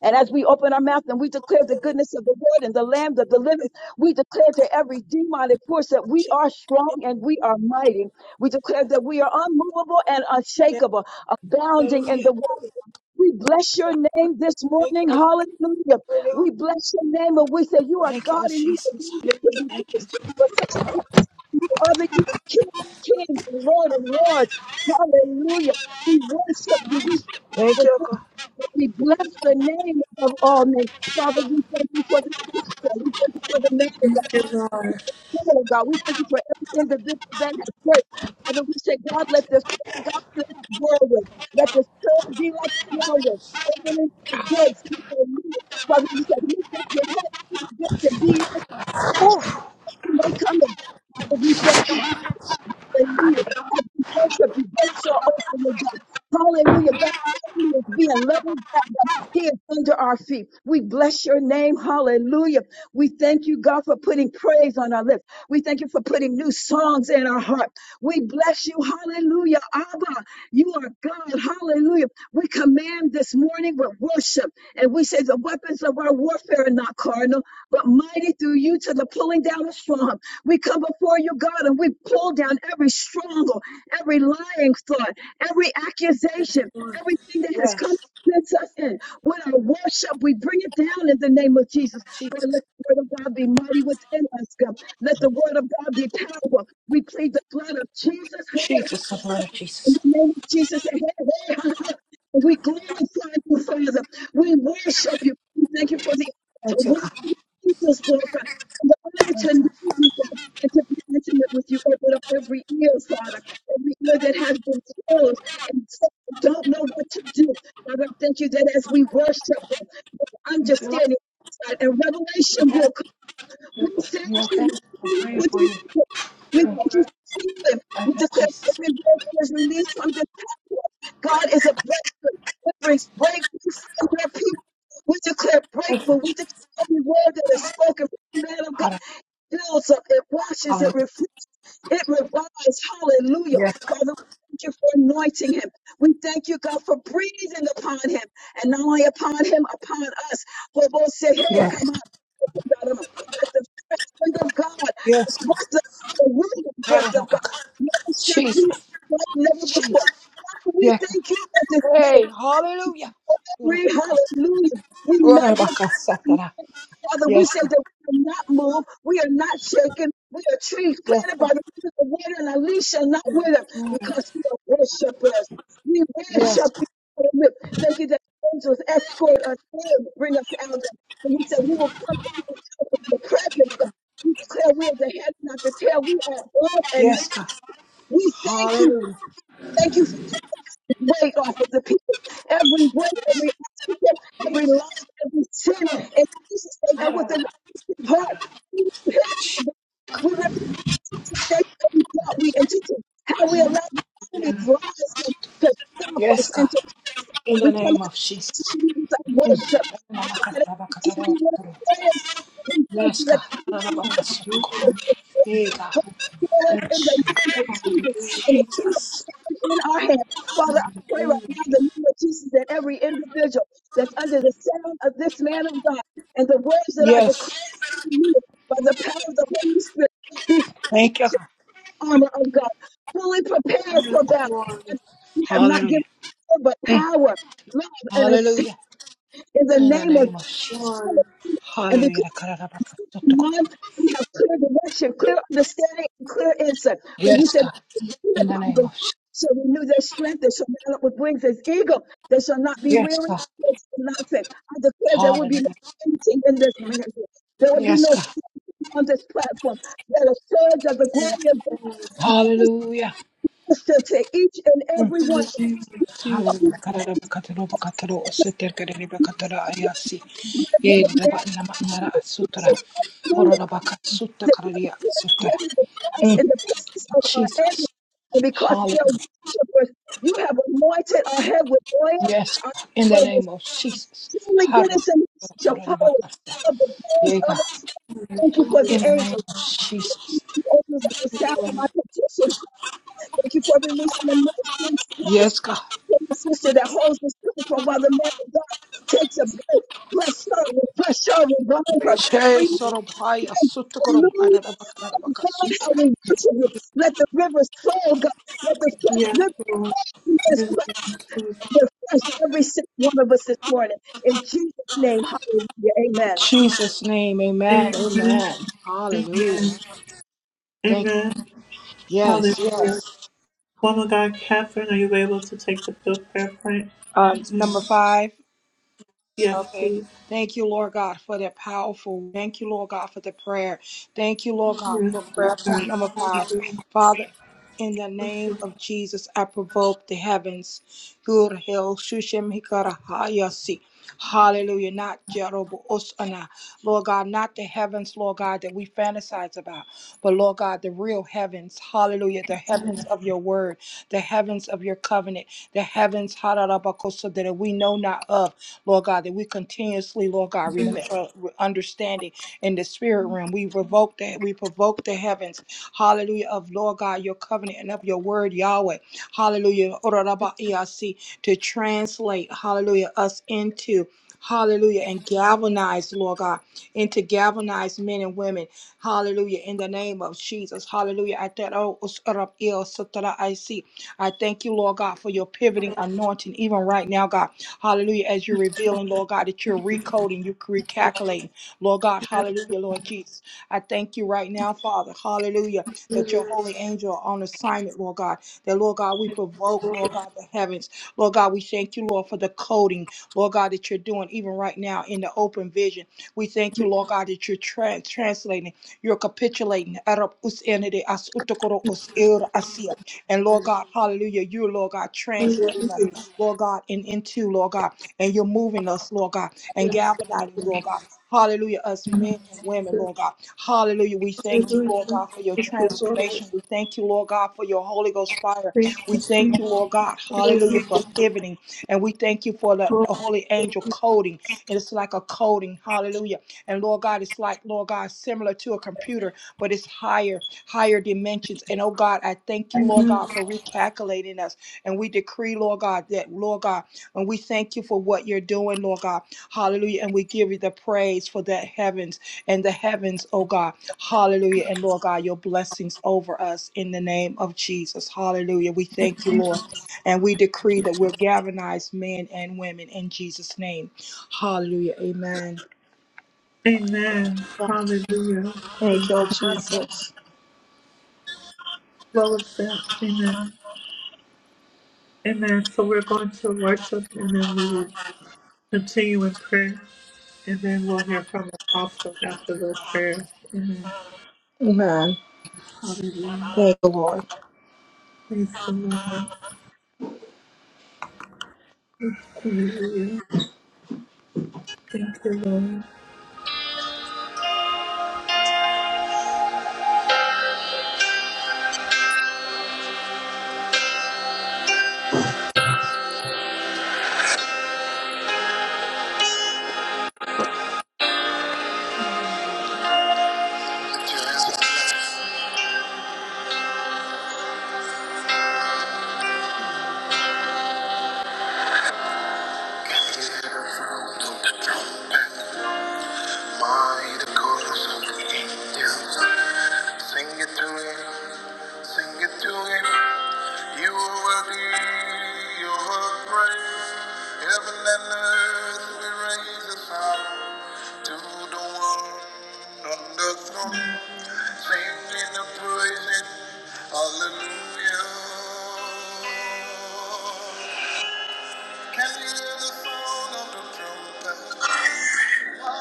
M: and as we open our mouth and we declare the
W: Hallelujah.
M: goodness of the Lord and the land of the living,
W: Yes,
M: we
W: I
M: declare to
W: can
M: every demonic force that we
W: see
M: are strong and we are mighty. We declare that we are unmovable and
W: Yes,
M: unshakable, abounding in
W: Hallelujah.
M: the word. We bless your name this
W: Thank
M: morning.
W: you.
M: Hallelujah.
W: Hallelujah.
M: We bless your name and we say you are
W: Thank
M: God
W: you,
M: and you are
W: Jesus.
M: worthy
W: Hallelujah.
M: to be
W: Thank you.
M: praised. Besides you, other you are King of kings and Lord of lords. Hallelujah. We worship you.
W: Thank
M: We
W: you, God.
M: we bless the name of all names. Father, we thank you for this platform. We thank you for the man of God, woman of God. We thank you for every individual that has worked. Father, we say, God, let this prayer, God, be like a whirlwind. Let this prayer be like a whirlwind. Opening the gates. We say, "Lord," Father, you said, lift up your head to the gates and be in. they come in. Father, we thank you Hallelujah. As we worship you, gates are open with God. Hallelujah. God, the enemy is being leveled back up. He is under our feet. We bless your name. Hallelujah. We thank you, God, for putting praise on our lips. We thank you for putting new songs in our heart. We bless you. Hallelujah. Abba, you are God. Hallelujah. We command this morning with worship. And we say the weapons of our warfare are not carnal but mighty through you to the pulling down of strong. We come before you, God, and we pull down every stronghold, every lying thought, every accusation, everything that has
W: Yes,
M: come against us in. With our worship, we bring it down in the name of Jesus. Lord,
W: Jesus.
M: let the word of God be mighty within us, God. Let the word of God be powerful. We plead the blood of Jesus' hand
W: Jesus, the blood of
M: in
W: Jesus.
M: the name of Jesus, we glorify you, Father. We worship you. We thank you for the to walk in Jesus walk, God. and the honor to know you, God, and to be intimate with you. Open up every ear, Father, every ear that has been closed and some don't know what to do. Father, I thank you that as we worship them, understanding and revelation will come.
W: You
M: We thank
W: okay?
M: you.
W: I'm praying
M: We
W: for
M: thank
W: you.
M: you. We
W: I
M: thank you for healing. We
W: got
M: declare
W: Jesus.
M: every word that is released from this platform. God is a breakthrough. It brings breakthrough from your people. We declare
W: Thank you,
M: breakthrough. We declare every word that is spoken from the man of God
W: Father.
M: builds up, it washes, it
W: Hallelujah.
M: refreshes. It revives. Hallelujah.
W: Yes,
M: Father, we thank you for anointing him. We thank you, God, for breathing upon him. And not only upon him, upon us. For both say, hey, come
W: yes,
M: on. Let the fresh wind of God,
W: yes.
M: the breath of the wind the breath
W: Hallelujah.
M: of God, minister to
W: Jesus.
M: you like never before. Father, we
W: Yeah.
M: thank you for this
W: Hey,
M: day.
W: hallelujah.
M: Glory, hallelujah. We magnify.
W: Urabakasatara.
M: Father, we
W: Yes,
M: say
W: God.
M: that we are not moved, we are not shaken, we are trees
W: Yes, God.
M: planted by the river of water, and our leaves shall not wither, because you are worshipers. We
W: yes,
M: worship
W: God.
M: you. Father. We Thank you that angels escort us in, bring us out. And you said we will come into the presence of we declare we are the head, not the tail. We are above and not-
W: yes, God.
M: we thank you.
W: Hallelujah.
M: Thank you for the weight off of the people. Every weight, every obstacle, every loss, every sin. And Jesus' name, and with the heart. We repent, Abba. We repent today how we thought we and teach how we allow the enemy's lies to, to stop
W: Yes,
M: us
W: God.
M: and to
W: In
M: we
W: the
M: come
W: name of
M: out
W: Jesus.
M: to you with our
W: Mm.
M: worship. We come out to you with our prayers. We thank
W: Yes,
M: you
W: God.
M: that
W: Urabakasatara. Hey, God. Thank
M: in the
W: you,
M: name of Jesus and the kingdom
W: Jesus.
M: suffered in our hands. Father, I pray right now in the name of Jesus that every individual that's under the sound of this man of God and the words that I
W: Yes.
M: declare to you by the power of the Holy Spirit be full
W: Thank you, God.
M: armor of God, fully prepared for battle. And You have not given
W: Hallelujah.
M: us but power, love, and a
W: Hallelujah.
M: in the
W: In the
M: name of
W: name of
M: Jesus And because
W: Hallelujah.
M: Lord, we have clear direction, clear understanding, and clear insight. When you
W: Yes,
M: said,
W: God.
M: "Lean
W: In the
M: upon the
W: name
M: Lord
W: of Jesus.
M: shall renew their strength, they shall mount up with wings as eagle, they shall not be
W: Yes,
M: weary,
W: God.
M: they shall not faint. I declare there will be no
W: Hallelujah.
M: fainting in this ministry. There will be no
W: Yes, God.
M: fear on this platform. Let a surge of the glory of God
W: Hallelujah.
M: minister to each and every
W: Mm.
A: In
M: one.
A: the name of Jesus.
W: Hallelujah. Karadabakataro, bakataro, oseter, karadabakatara, ayasi.
M: Right
W: Yedaba,
M: now,
W: inama,
M: in
W: inara, asutra.
M: Jesus' name.
W: Horadabaka, sutta,
M: that you
W: kararia,
M: have prepared a
W: sutra.
M: table before us
W: Mm.
M: in the presence of our
W: Jesus.
M: enemies. And because we are
W: Hallelujah.
M: worshipers, you have anointed our head with oil.
W: Yes,
M: Our
W: God. In the
M: oil with
W: name of
M: peace.
W: Jesus.
M: truly
W: Harro,
M: goodness and mercy shall follow us
W: koradabakasta.
M: of the praise
W: Yeah,
M: of
W: God.
M: our thank you for the
W: In the name
M: angels.
W: of
M: The
W: Jesus.
M: angels at the sound of my petition. Thank you for releasing the ministering spirit
W: Yes, God.
M: from the sister that holds the sister from while the man of God takes a break. Bless her, bless her, revive her.
W: Che
M: Renew
W: sorobaya sutukurum adadabakadabaka
M: Lord, I
W: sutura.
M: will worship you. Let the rivers flow, God. Let the fresh
A: Yes,
M: rivers
A: Lord.
M: just
A: Amen.
M: flow refresh every single one of us this morning. In Jesus' name, hallelujah.
W: In
M: Amen.
W: Jesus' name, amen, amen.
A: Amen.
W: Hallelujah. Thank
A: Amen.
W: you. Yes,
A: Hallelujah.
W: yes.
A: Woman God, Catherine, are you able to take the bill prayer point?
W: Um, number
A: Mm.
W: five.
A: Yes,
W: Okay.
A: please.
W: Thank you, Lord God, for that powerful. Thank you, Lord God, for the prayer. Thank you, Lord God, for prayer point number five. Father, in the name of Jesus, I provoke the heavens. Good hell, Shushem Hikara Hayasi. Hallelujah. Not Jerobo Osana. Lord God, not the heavens, Lord God, that we fantasize about, but Lord God, the real heavens. Hallelujah. The heavens of your word, the heavens of your covenant, the heavens, Hararabakosa, that we know not of. Lord God, that we continuously, Lord God, rem- uh, re- understanding in the spirit realm. We revoke that, we provoke the heavens, hallelujah, of Lord God, your covenant and of your word, Yahweh, hallelujah, Orarabaiyasi, to translate, hallelujah, us into. Hallelujah. And galvanize, Lord God, into galvanize men and women. Hallelujah. In the name of Jesus. Hallelujah. I thank oh, Orarabaiyasi. I thank you, Lord God, for your pivoting anointing, even right now, God. Hallelujah. As you're revealing, Lord God, that you're recoding, you're recalculating. Lord God, hallelujah, Lord Jesus. I thank you right now, Father. Hallelujah. That your holy angel are on assignment, Lord God. That, Lord God, we provoke, Lord God, the heavens. Lord God, we thank you, Lord, for the coding, Lord God, that you're doing even right now in the open vision. We thank you, Lord God, that you're tra- translating, you're capitulating. Arab us enede as utokoro us ir asia. And Lord God, hallelujah, you, Lord God, translating us. Lord God, and into, Lord God. And you're moving us, Lord God, and galvanizing, Lord God. Hallelujah, us men and women, Lord God. Hallelujah. We thank you,
A: Hallelujah.
W: Lord God, for your
A: Thank you, Lord.
W: transformation. We thank you, Lord God, for your Holy Ghost fire.
A: Thank
W: We
A: you,
W: thank
A: sweet
W: you, Lord God. Hallelujah, for pivoting. And we thank you for the
A: Lord.
W: the Holy Angel coding. And it's like a coding. Hallelujah. And Lord God, it's like, Lord God, similar to a computer, but it's higher, higher dimensions. And oh God, I thank you, Lord God, for recalculating us. And we decree, Lord God, that, Lord God, and we thank you for what you're doing, Lord God. Hallelujah. And we give you the praise for the heavens and the heavens, oh God. Hallelujah. And Lord God, your blessings over us in the name of Jesus. Hallelujah. We thank you, Lord. And we decree that we're galvanized men and women in Jesus' name. Hallelujah. Amen.
A: Amen. Hallelujah.
W: Thank
A: Mm.
W: you, Jesus.
A: Flow us that. Amen. Amen. So we're going to worship and then we will continue in prayer and then we'll hear from the apostle after the prayer. Amen.
W: Amen.
A: Hallelujah.
W: Thank you, Lord.
A: Praise the Lord. Hallelujah. Thank you, Lord. My the chorus of the angels sing it to him, sing it to him. You are worthy, you are praise. Heaven and earth we raise a sound to the one on the throne, singing and praising, Hallelujah. Can you hear the sound of the trumpet? Hallelujah.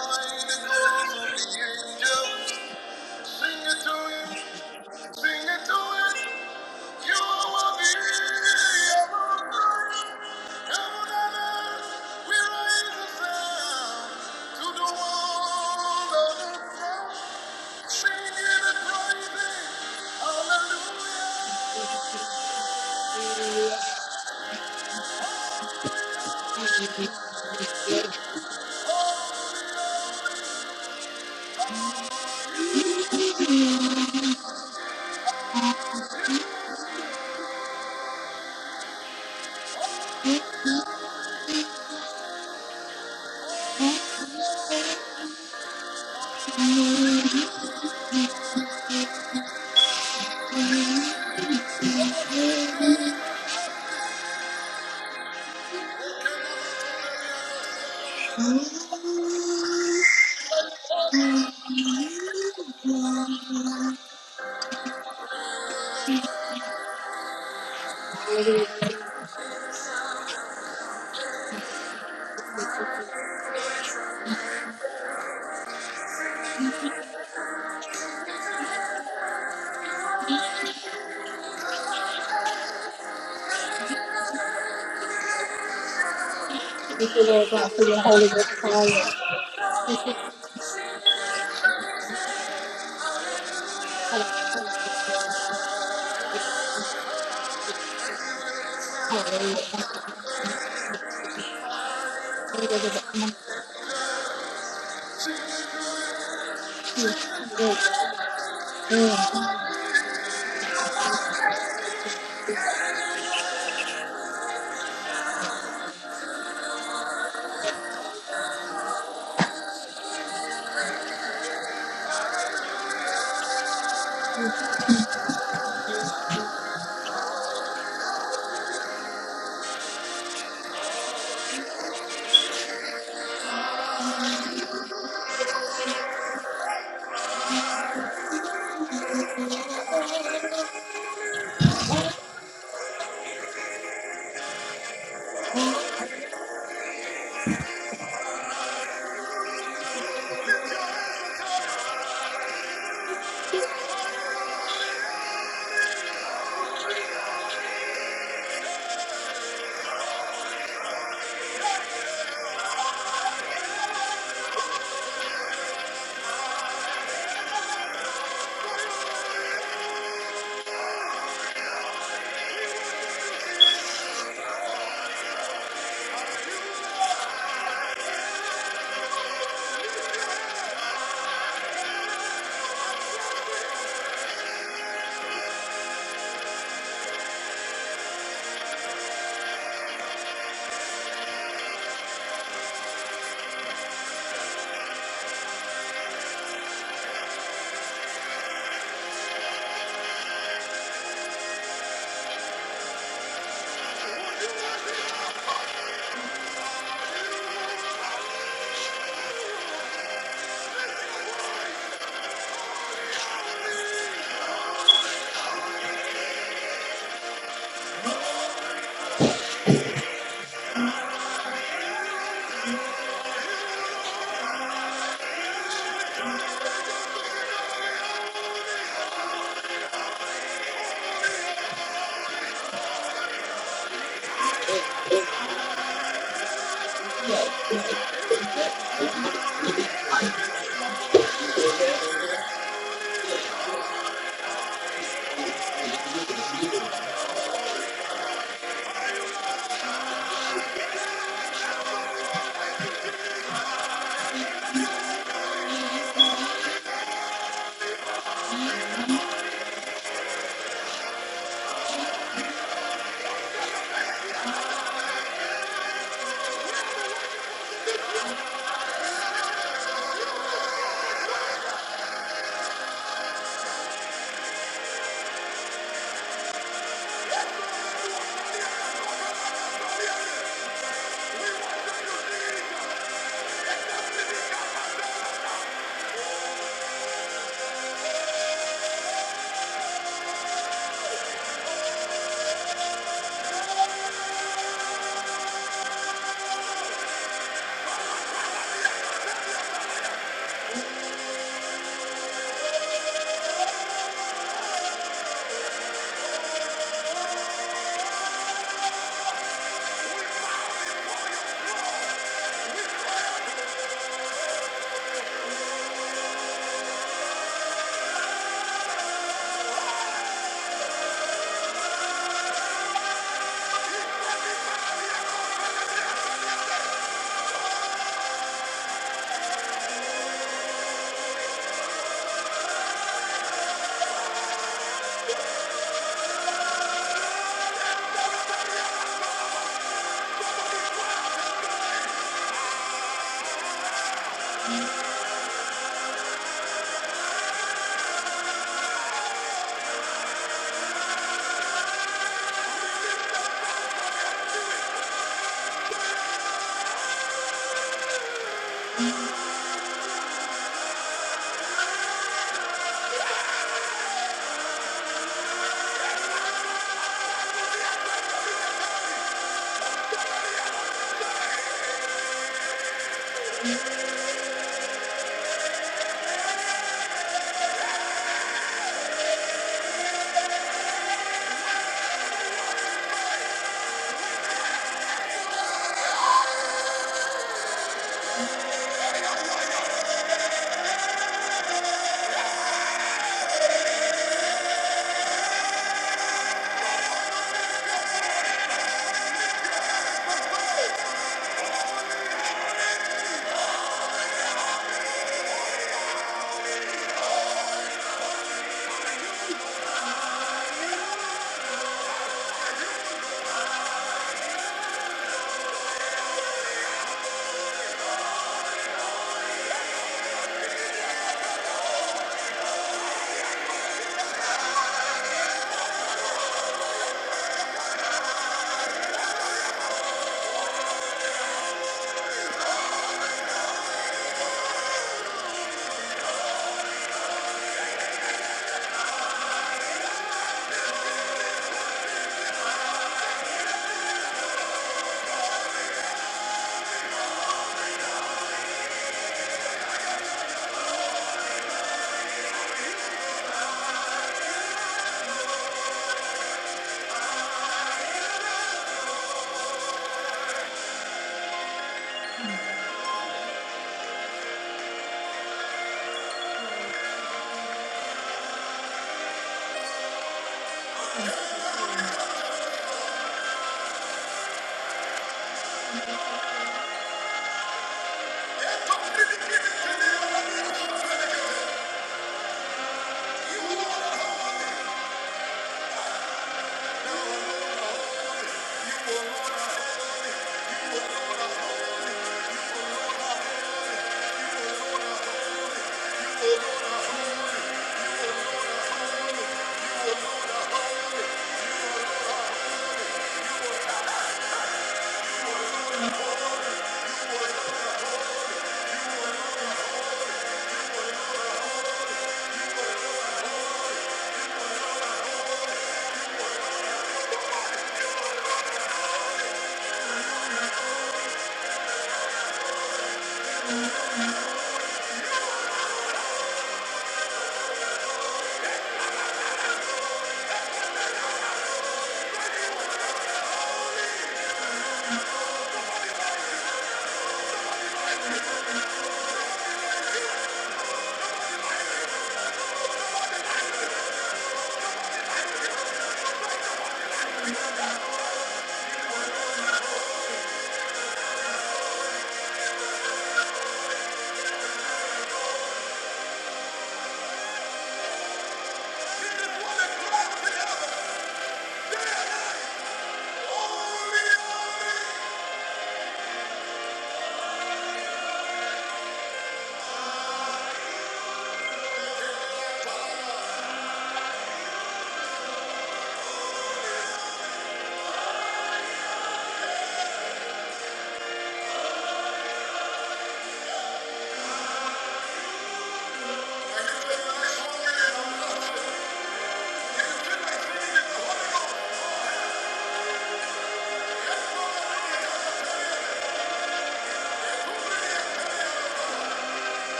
W: Thank you, Lord God, for your Holy Ghost fire.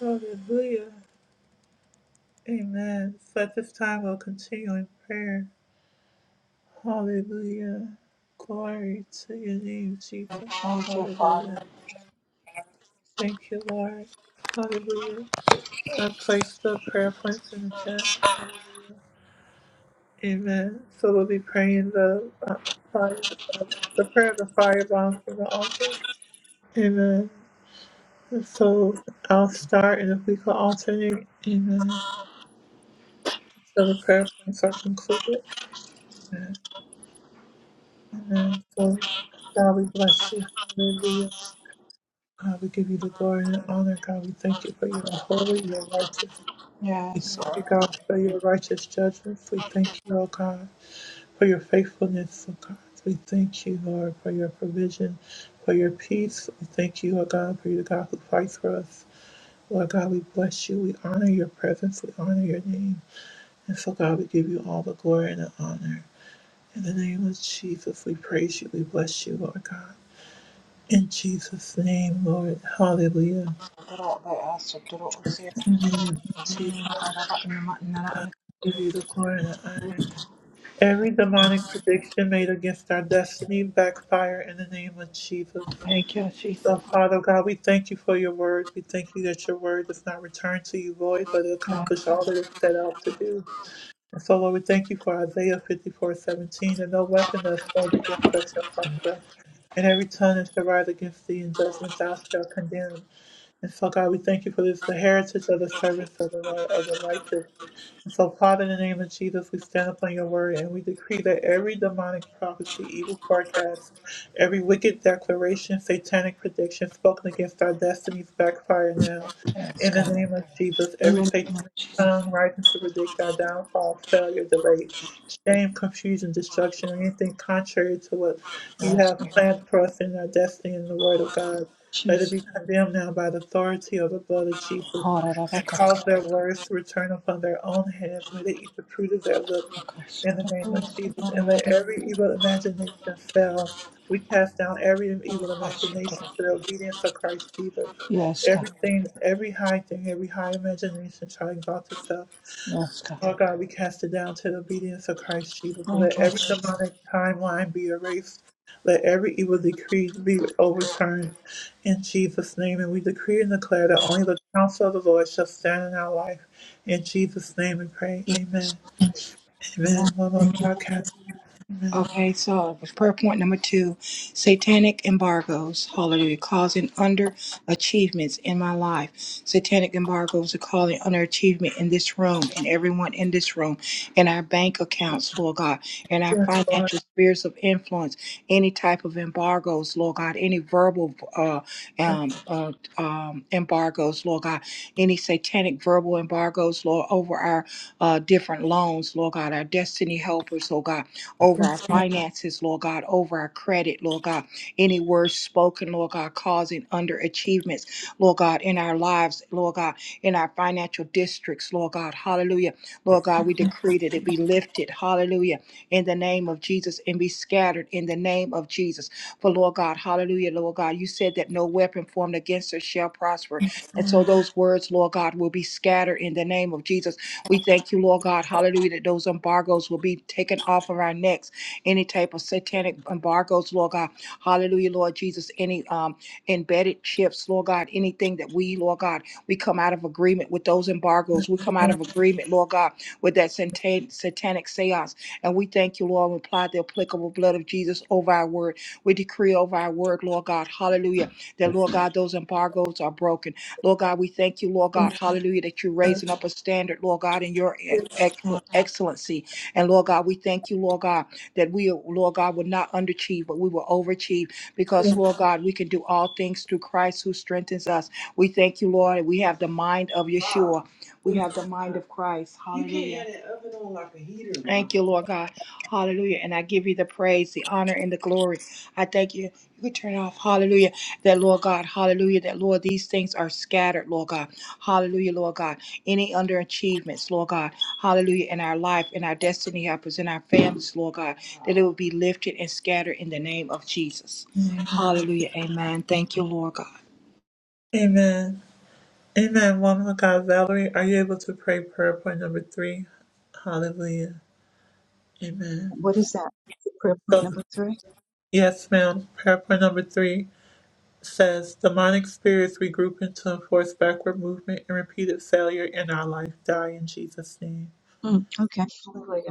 A: Hallelujah. Amen. So at this time, we'll continue in prayer. Hallelujah. Glory to your name, Jesus.
W: Thank you, Father.
A: Hallelujah. Thank you, Lord. Hallelujah. I placed the prayer points in the chat. Amen. So we'll be praying the uh, fire, uh, the prayer of the firebomb from the altar. Amen. So I'll start, and if we could alternate, Amen. So the prayer points are concluded. Amen. So God, we bless you. Hallelujah. God, we give you the glory and the honor. God, we thank you for your holy, your righteous. We
W: Yes,
A: thank
W: Lord.
A: you, God, for your righteous judgments. We thank you, oh God. for your faithfulness, oh God. We thank you, Lord, for your provision, for your peace. We thank you, Lord God, for you, the God who fights for us. Lord God, we bless you. We honor your presence. We honor your name. And so, God, we give you all the glory and the honor. In the name of Jesus, we praise you. We bless you, Lord God. In Jesus' name, Lord. Hallelujah. Jesus, we give you the glory and the honor. Every demonic prediction made against our destiny backfire in the name of Jesus.
W: Jesus.
A: So, Father God, we thank you for your word. We thank you that your word does not return to you void, but it accomplishes all that it's set out to do. And so, Lord, we thank you for Isaiah fifty-four seventeen, and no weapon that's formed against us shall prosper. And every tongue that shall rise against thee in judgment thou shalt condemn. And so, God, we thank you for this, the heritage of the servants of the, Lord, of the righteous. So, Father, in the name of Jesus, we stand upon your word and we decree that every demonic prophecy, evil forecast, every wicked declaration, satanic prediction spoken against our destinies backfire now. In the name of Jesus, every satanic
W: Jesus.
A: tongue rising to predict our downfall, failure, delay, shame, confusion, destruction, and anything contrary to what you have planned for us in our destiny in the word of God. Let it be condemned now by the authority of the blood of Jesus and cause their words to return upon their own heads. May they eat the fruit of their lips in the name of Jesus, and let every evil imagination fail. We cast down every evil imagination to the obedience of Christ Jesus.
W: Yes, God.
A: Everything, every high thing, every high imagination shall exalt itself
W: Yes, God.
A: Lord God, we cast it down to the obedience of Christ Jesus. Let
W: Thank you.
A: every demonic timeline be erased. Let every evil decree be overturned in Jesus' name. And we decree and declare that only the counsel of the Lord shall stand in our life. In Jesus' name we pray. Amen. Woman of God, Kat-
W: Okay, so with prayer point number two satanic embargoes, hallelujah, causing underachievements in my life. Satanic embargoes are causing underachievement in this room and everyone in this room, in our bank accounts, Lord God, in our financial spheres of influence, any type of embargoes, Lord God, any verbal uh, um, uh, um, embargoes, Lord God, any satanic verbal embargoes, Lord, over our uh, different loans, Lord God, our destiny helpers, Lord God over our finances, Lord God, over our credit, Lord God. Any words spoken, Lord God, causing underachievements, Lord God, in our lives, Lord God, in our financial districts, Lord God. Hallelujah. Lord God, we decree that it be lifted. Hallelujah. In the name of Jesus and be scattered in the name of Jesus. For Lord God, hallelujah, Lord God, you said that no weapon formed against us shall prosper. And so those words, Lord God, will be scattered in the name of Jesus. We thank you, Lord God, hallelujah, that those embargoes will be taken off of our necks. Any type of satanic embargoes, Lord God, hallelujah, Lord Jesus, any um, embedded chips, Lord God, anything that we, Lord God, we come out of agreement with those embargoes. We come out of agreement, Lord God, with that satan- satanic seance. And we thank you, Lord, we apply the applicable blood of Jesus over our word. We decree over our word, Lord God, hallelujah, that, Lord God, those embargoes are broken. Lord God, we thank you, Lord God, hallelujah, that you're raising up a standard, Lord God, in your e- ex- excellency. And Lord God, we thank you, Lord God, that we, Lord God, will not underachieve, but we will overachieve because, Lord God, we can do all things through Christ who strengthens us. We thank you, Lord, and we have the mind of Yeshua. We have the mind of Christ. Hallelujah. Thank you, Lord God. Hallelujah. And I give you the praise, the honor, and the glory. I thank you. You can turn it off. Hallelujah. That, Lord God, hallelujah. That, Lord, these things are scattered, Lord God. Hallelujah, Lord God. Any underachievements, Lord God. Hallelujah. In our life, in our destiny helpers, in our families, Lord God. That it will be lifted and scattered in the name of Jesus. Hallelujah. Amen. Thank you, Lord God.
A: Amen. Woman of God, Valerie, are you able to pray prayer point number three? Hallelujah. Amen.
M: What is that? Prayer point
A: So,
M: number three?
A: yes, ma'am. Prayer point number three. says demonic spirits regroup into enforce backward movement and repeated failure in our life. Die in Jesus' name.
M: Mm, okay.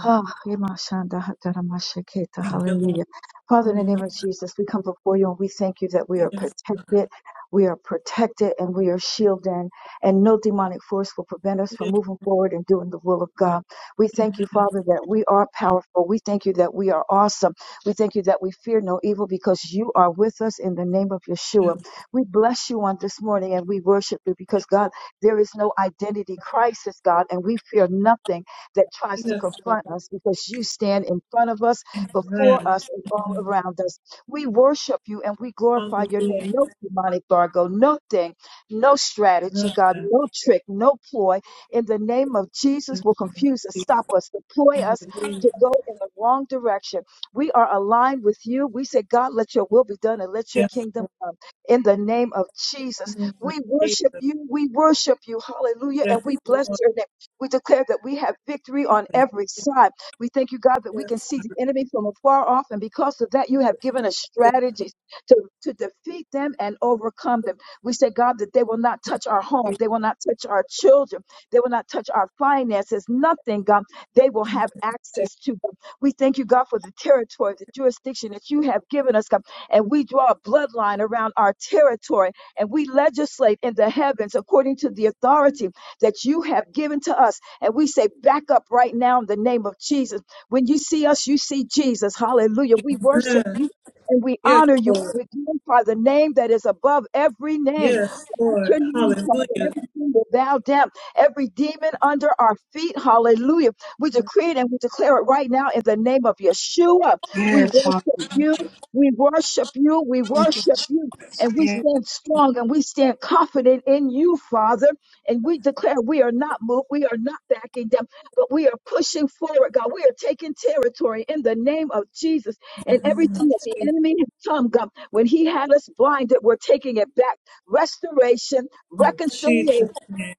M: Ah, Emashanda Hataramashaketa,
A: Thank you,
M: Hallelujah. Father, in the name of Jesus, we come before you and we thank you that we are protected. We are protected and we are shielded, and no demonic force will prevent us from moving forward and doing the will of God. We thank you, Father, that we are powerful. We thank you that we are awesome. We thank you that we fear no evil because you are with us in the name of Yeshua. We bless you on this morning and we worship you because, God, there is no identity crisis, God, and we fear nothing that tries to confront us because you stand in front of us, before us, and all around us. We worship you and we
A: Lord.
M: glorify your name.
A: Hallelujah.
M: No demonic bargo, no thing, no strategy, God, no trick, no ploy. In the name of Jesus, will confuse us, stop us, deploy us to go in the wrong direction. We are aligned with you. We say, God, let your will be done and let your
A: Yes,
M: kingdom come. In the name of Jesus,
A: Lord.
M: we worship
A: Jesus.
M: you. We worship you. Hallelujah. And
A: Yes,
M: we bless your name. We declare that we have victory on every side. We thank you, God, that we can see the enemy from afar off. And because of that, you have given us strategies to, to defeat them and overcome them. We say, God, that they will not touch our home. They will not touch our children. They will not touch our finances. Nothing, God, they will have access to. God. We thank you, God, for the territory, the jurisdiction that you have given us, God. And we draw a bloodline around our territory and we legislate in the heavens according to the authority that you have given to us. And we say, back up right now in the name of Jesus. When you see us, you see Jesus. Hallelujah. We worship
A: Lord.
M: you. And we
A: Yes,
M: honor you.
A: Lord.
M: We glorify the name that is above every name
A: Yes, Lord.
M: your name, Father.
A: Hallelujah.
M: Every single bow down, every demon under our feet. Hallelujah. We decree it and we declare it right now in the name of Yeshua. We
W: Yes.
M: worship you. We worship you. We worship you. And we
W: Hallelujah.
M: stand strong and we stand confident in you, Father. And we declare we are not moved. We are not backing down, but we are pushing forward, God. We are taking territory in the name of Jesus. And everything that the enemy has come, God, when he had us blinded, we're taking it back restoration, reconciliation
A: Jesus.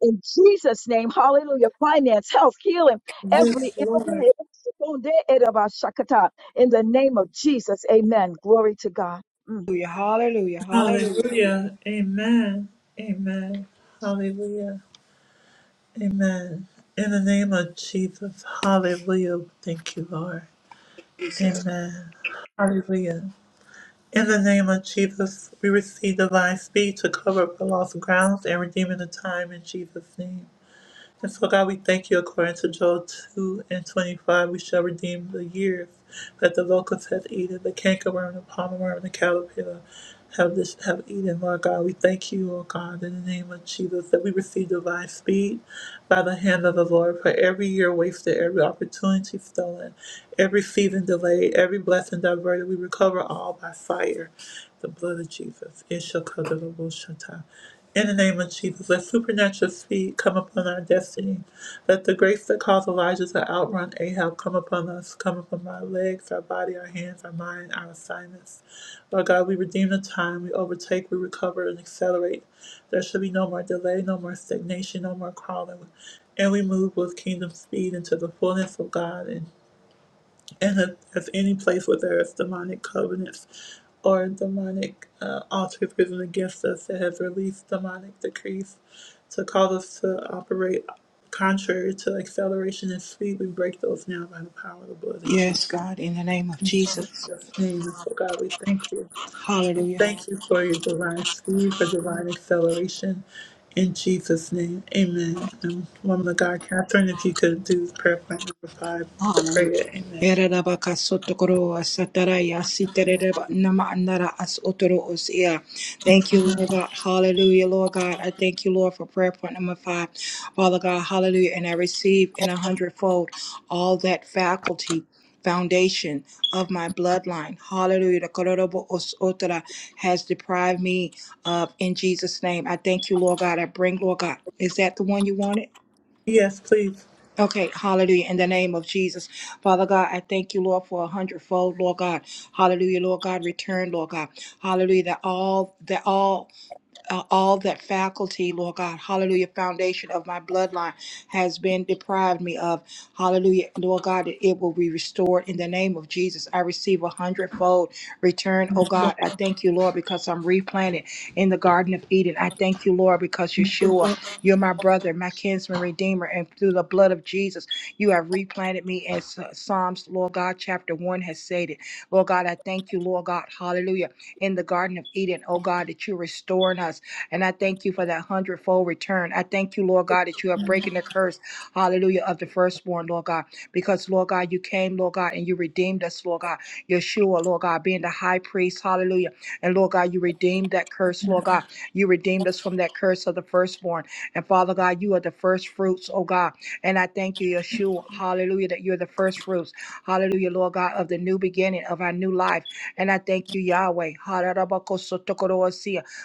M: in Jesus' name. Hallelujah. Finance, health, healing, every area. In the name of Jesus. Amen. Glory to God. Mm.
W: Hallelujah. Hallelujah.
A: Hallelujah. Amen. Amen. Hallelujah. Amen. In the name of Jesus. Hallelujah. Thank you, Lord.
W: Jesus.
A: Amen. Hallelujah. In the name of Jesus, we receive divine speed to cover up the lost grounds and redeeming the time in Jesus' name. And so, God, we thank you according to Joel 2 and 25. We shall redeem the years that the locust hath eaten, the cankerworm, the palmerworm, and the caterpillar have this have eaten. Lord God, we thank you, oh God, in the name of Jesus, that I speed, by the hand wasted, every opportunity stolen, every season delayed, every blessing diverted. We recover all by fire, the blood of Jesus. It shall cover the bullshit. In the name of Jesus, let supernatural speed come upon our destiny. Let the grace that caused Elijah to outrun Ahab come upon us, come upon our legs, our body, our hands, our mind, our assignments. Lord God, we redeem the time, we overtake, we recover, and accelerate. There should be no more delay, no more stagnation, no more crawling. And we move with kingdom speed into the fullness of God. And
W: Yes, God. In the name of Jesus. Hallelujah. Hallelujah. Ereraba kasotokoro asataraya siterereba nama anara as otoro osia. Thank you, Lord God. Hallelujah, Lord God. I thank you, Lord, for prayer point number five. Father God, hallelujah. And I receive in a hundredfold all that faculty. Foundation of my bloodline, hallelujah. The Kororobo Os Otora has deprived me of in Jesus' name. I thank you, Lord God. I bring, Lord God. Is that the one you wanted?
A: yes, please.
W: Okay, hallelujah. In the name of Jesus. Father God, I thank you, Lord, for a hundredfold, Lord God. Hallelujah, Lord God. Return, Lord God. Hallelujah. That all that all uh, all that faculty, Lord God, hallelujah, foundation of my bloodline has been deprived me of. Hallelujah, Lord God, that it will be restored in the name of Jesus. I receive a hundredfold return, oh God. I thank you, Lord, because I'm replanted in the Garden of Eden. I thank you, Lord, because Yeshua, you're my brother, my kinsman, redeemer, and through the blood of Jesus, you have replanted me as uh, Psalms, Lord God, chapter 1 has stated. Lord God, I thank you, Lord God, hallelujah, in the Garden of Eden, oh God, that you're restoring us. And I thank you for that hundredfold return. I thank you, Lord God, that you are breaking the curse, hallelujah, of the firstborn, Lord God, because, Lord God, you came, Lord God, and you redeemed us, Lord God. Yeshua, Lord God, being the high priest, hallelujah. And, Lord God, you redeemed that curse, Lord God. You redeemed us from that curse of the firstborn. And, Father God, you are the first fruits, oh God. And I thank you, Yeshua, hallelujah, that you're the first fruits, hallelujah, Lord God, of the new beginning of our new life. And I thank you, Yahweh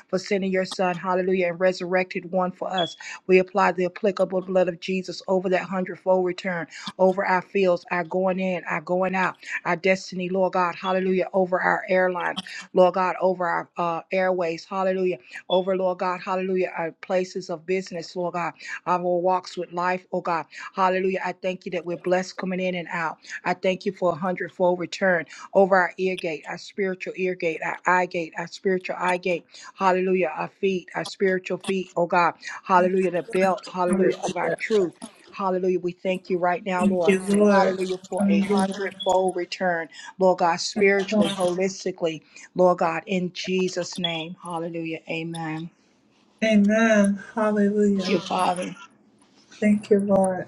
W: for sending your Son, hallelujah, and resurrected one for us. We apply the applicable blood of Jesus over that hundredfold return, over our fields, our going in, our going out, our destiny, Lord God, hallelujah, over our airlines, Lord God, over our uh, airways, hallelujah, over, Lord God, hallelujah, our places of business, Lord God, our walks with life, oh God, hallelujah. I thank you that we're blessed coming in and out. I thank you for a hundredfold return over our ear gate, our spiritual ear gate, our eye gate, our spiritual eye gate. Hallelujah. Our feet, our spiritual feet, oh God. Hallelujah. The belt, hallelujah, of our truth. Hallelujah. We thank you right now,
A: Thank
W: Lord.
A: you, Lord.
W: Hallelujah. For a
A: Hallelujah.
W: hundredfold return, Lord God, spiritually, holistically, Lord God, in Jesus' name. Hallelujah. Amen.
A: Amen.
W: Thank you,
A: Hallelujah.
W: Father.
A: Thank you, Lord.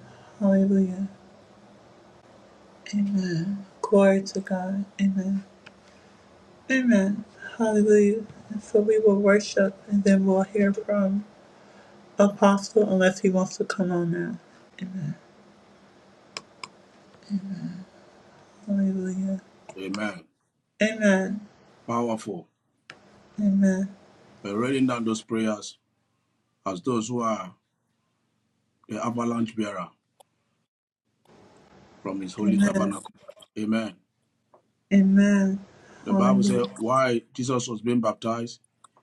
B: Amen. Powerful. We're writing down those prayers as those who are the avalanche bearer from his holy
A: Amen.
B: tabernacle. Amen.
A: Amen.
B: The Bible says
A: Hallelujah.
B: why Jesus was being baptized,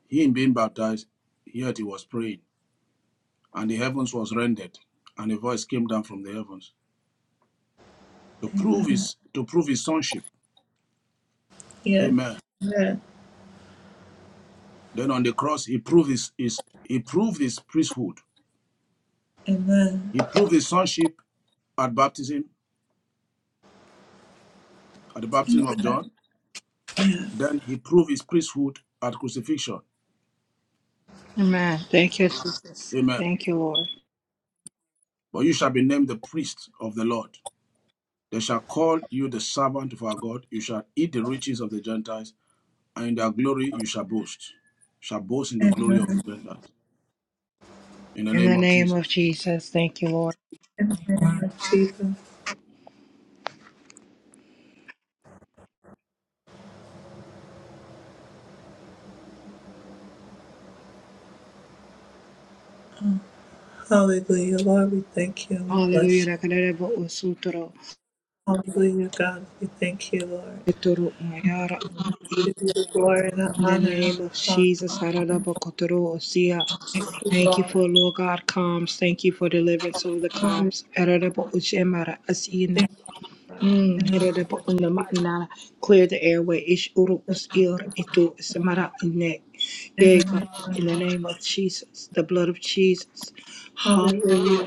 B: he in being baptized, yet he was praying, and the heavens was rendered, and a voice came down from the heavens to prove his to prove his sonship. Amen.
A: Amen.
B: Then on the cross he proved his, his he proved his priesthood He proved his sonship at baptism, at the baptism of John. Then he proved his priesthood at crucifixion.
W: Amen. Thank you, Jesus.
B: Amen.
W: Thank you, Lord.
B: But you shall be named the priest of the Lord. They shall call you the servant of our God. You shall eat the riches of the Gentiles, and in their glory you shall boast. Shall boast in the glory of the Gentiles. In the
W: In
B: name
W: the
B: of
W: name of
B: Jesus.
W: Jesus, thank you, Lord.
A: Lord Jesus. Hallelujah. Lord, we thank you and we bless you.
W: Hallelujah.
A: Hallelujah, God. We thank you. We give you the glory and the
W: In the
A: honor.
W: name of
A: Hallelujah.
W: Jesus, Hararabakotoro Osia.
A: Thank you,
W: Thank you
A: Lord.
W: for Lord God calms. Thank you for deliverance of the calms. Hararabo Ushemara Asina. Mm,
A: In
W: Hararabo Unamanana. Clear the airway. Ish uru us ir itu Samara Ine. Yea, God, in the name of Jesus, the blood of Jesus. Hallelujah.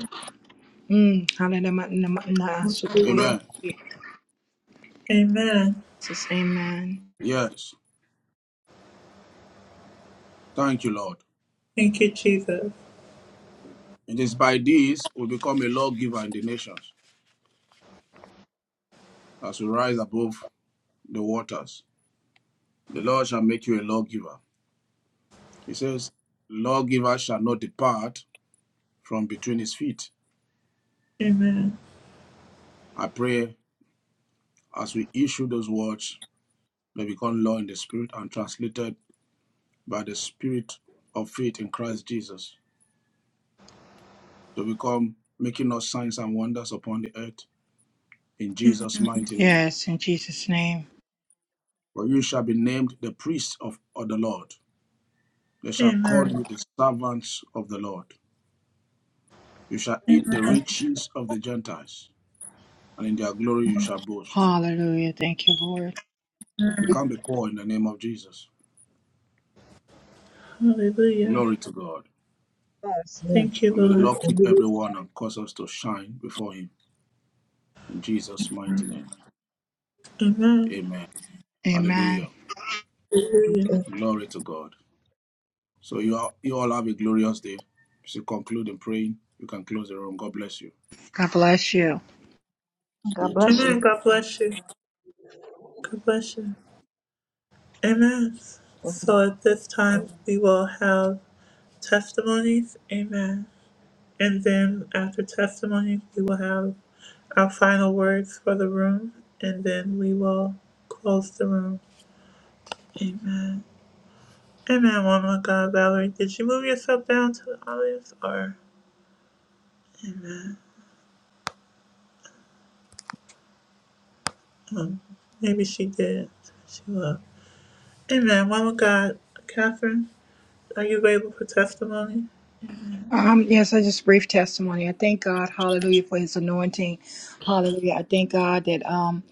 W: Mm, Hararamanamana Sotukoro.
B: Amen.
W: Jesus, amen.
B: Yes. Thank you, Lord. It is by this we become a lawgiver in the nations as we rise above the waters. The Lord shall make you a lawgiver He says, Lawgiver shall not depart from between his feet.
A: Amen.
B: I pray as we issue those words, they become law in the spirit and translated by the spirit of faith in Christ Jesus to become making us signs and wonders upon the earth in Jesus' mighty name.
W: Yes, in Jesus' name.
B: For you shall be named the priests of, of the Lord. They shall call
A: Amen.
B: you the servants of the Lord. You shall eat the
A: Amen.
B: riches of the Gentiles, and in their glory you shall boast.
W: Hallelujah. Thank you, Lord.
B: You can't be poor in the name of Jesus.
A: Hallelujah.
B: Glory to God.
M: Yes,
A: Thank
M: yes.
A: you,
B: And may the
M: Hallelujah.
A: Lord.
B: Lord
M: And
B: keep
M: it
B: everyone and cause us to shine before Him. In Jesus' mighty name.
A: Amen.
B: Amen.
W: Amen.
B: Hallelujah.
M: is-
B: Glory to God. So you all, you all have a glorious day. If you conclude in praying, you can close the room. God bless you.
W: God bless you.
B: See
M: God
B: you
M: bless
B: tomorrow.
A: Amen. God bless you. God bless you. Amen.
M: you.
A: So at this time, we will have testimonies. Amen. And then after testimonies, we will have our final words for the room, and then we will.
W: Um, yes, I just brief testimony. I thank God, hallelujah, for his anointing. Hallelujah. I thank God that um,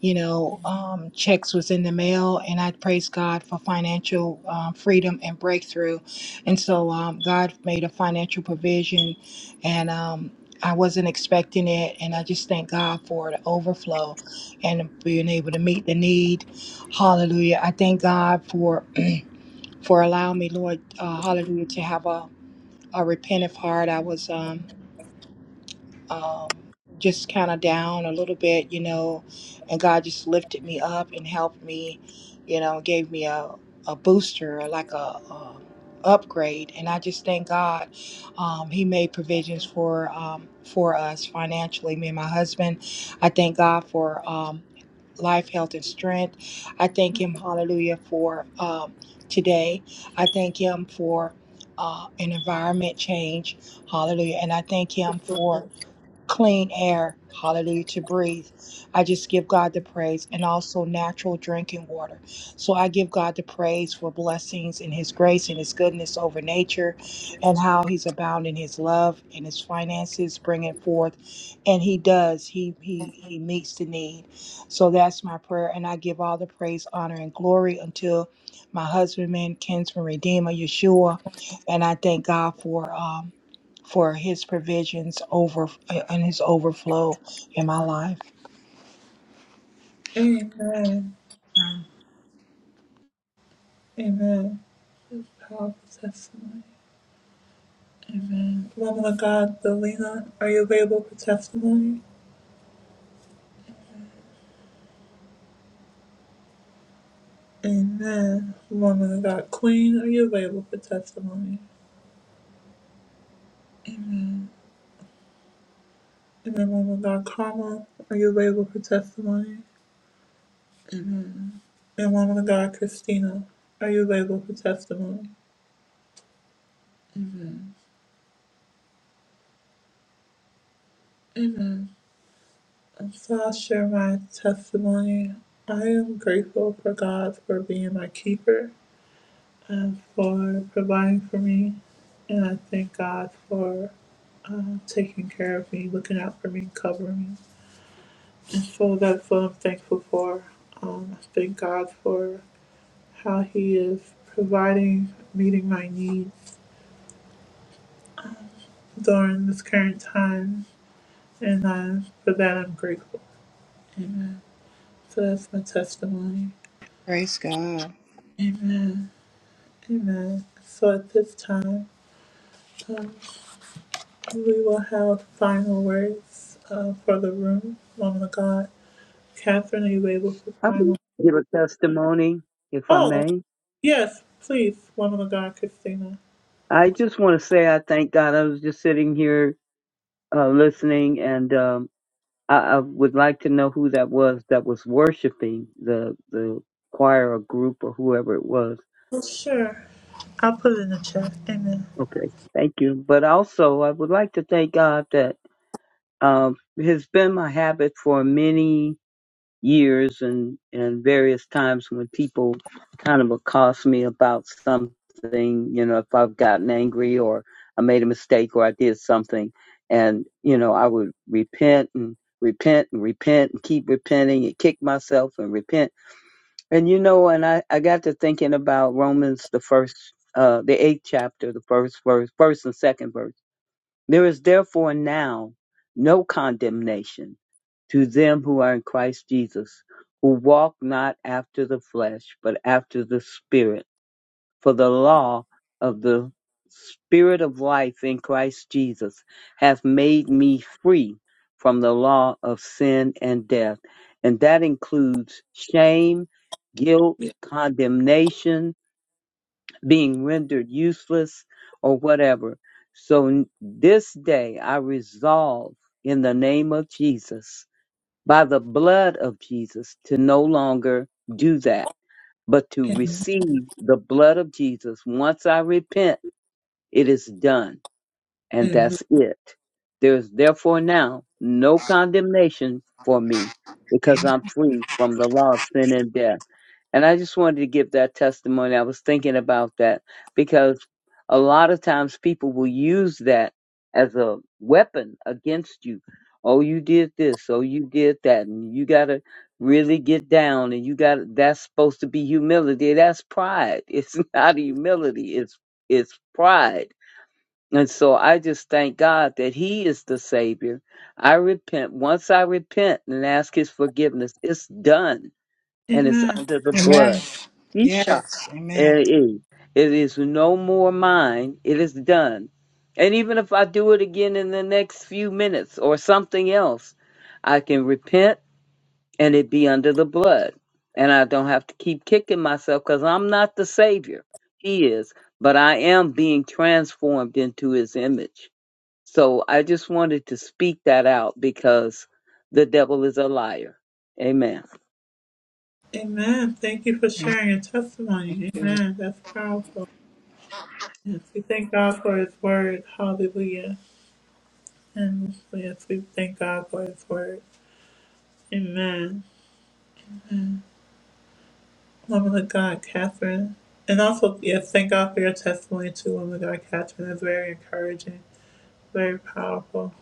W: you know, um checks was in the mail and I praise God for financial um, freedom and breakthrough. And so um God made a financial provision and um I wasn't expecting it, and I just thank God for the overflow and being able to meet the need. Hallelujah! I thank God for for allowing me, Lord, uh, Hallelujah, to have a I repented hard. I was um, um, just kind of down a little bit, you know, and God just lifted me up and helped me, you know, gave me a, a booster, or like a, a upgrade. And I just thank God um, He made provisions for um, for us financially, me and my husband. I thank God for. Um, life, health, and strength. I thank Him, hallelujah, for um, today. I thank Him for uh, an environment change, hallelujah. And I thank Him for clean air, hallelujah, to breathe. I just give God the praise and also natural drinking water. So I give God the praise for blessings and His grace and His goodness over nature and how He's abounding His love and His finances, bringing forth. And He does, He, he, he meets the need. So that's my prayer. And I give all the praise, honor, and glory until my husbandman, kinsman, redeemer, Yeshua. And I thank God for. Um, for his provisions over and his overflow in my life.
A: Amen. Amen. Powerful testimony. Amen. Woman of God, Delina, are you available for testimony? Amen. Woman of God, Queen, are you available for testimony? And then woman of God, Carmel, are you available for testimony? And woman of God, Christina, are you available for testimony? Amen. And so I'll share my testimony. I am grateful for God for being my keeper. and for providing for me. And I thank God for uh, taking care of me, looking out for me, covering me. And so that's what I'm thankful for. Um, I thank God for how He is providing, meeting my needs during this current time. And I for that, I'm grateful. So that's my testimony.
W: Praise God.
A: Amen. Amen. So at this time, um, we will have final words uh, for the room, woman of God. Catherine, are you able for
V: I
A: final?
V: will give a testimony if I
A: Oh,
V: may.
A: yes, please, woman of God, Christina.
V: I just want to say I thank God. I was just sitting here uh, listening, and um, I, I would like to know who that was that was worshiping the the choir or group or whoever it was. Okay, thank you. But also, I would like to thank God that um, it has been my habit for many years and, and various times when people kind of accost me about something, you know, if I've gotten angry or I made a mistake or I did something and, you know, I would repent and repent and repent and keep repenting and kick myself and repent. And you know, and I, I got to thinking about Romans the first uh the eighth chapter, the first verse, first and second verse there is therefore now no condemnation to them who are in Christ Jesus, who walk not after the flesh, but after the Spirit. For the law of the Spirit of life in Christ Jesus hath made me free from the law of sin and death. And that includes shame, guilt, condemnation, being rendered useless or whatever. So n- this day I resolve in the name of Jesus, by the blood of Jesus, to no longer do that, but to receive the blood of Jesus. Once I repent, it is done, and that's it. There is therefore now no condemnation for me because
W: Amen.
V: I'm free from the law of sin and death. And I just wanted to give that testimony. I was thinking about that because a lot of times people will use that as a weapon against you. Oh, you did this. Oh, you did that. And you got to really get down and you got to that's supposed to be humility. That's pride. It's not humility. It's it's pride. And so I just thank God that he is the savior. I repent. Once I repent and ask his forgiveness, it's done and it's
A: Amen.
V: under the blood.
W: Amen.
V: Isha.
W: Yes.
V: Eh,
W: Amen.
V: eh. It is no more mine. It is done. And even if I do it again in the next few minutes or something else, I can repent and it be under the blood. And I don't have to keep kicking myself because I'm not the Savior. He is. But I am being transformed into His image. So I just wanted to speak that out because the devil is a liar. Amen.
A: Amen. Thank you for
W: Thank
A: sharing your testimony.
W: you.
A: Amen. That's powerful. Yes, we thank God for His word. Hallelujah. And yes, we thank God for His word. Amen. Woman of God, Catherine. And also, yes, thank God for your testimony too, woman of God, Catherine. It's very encouraging, very powerful.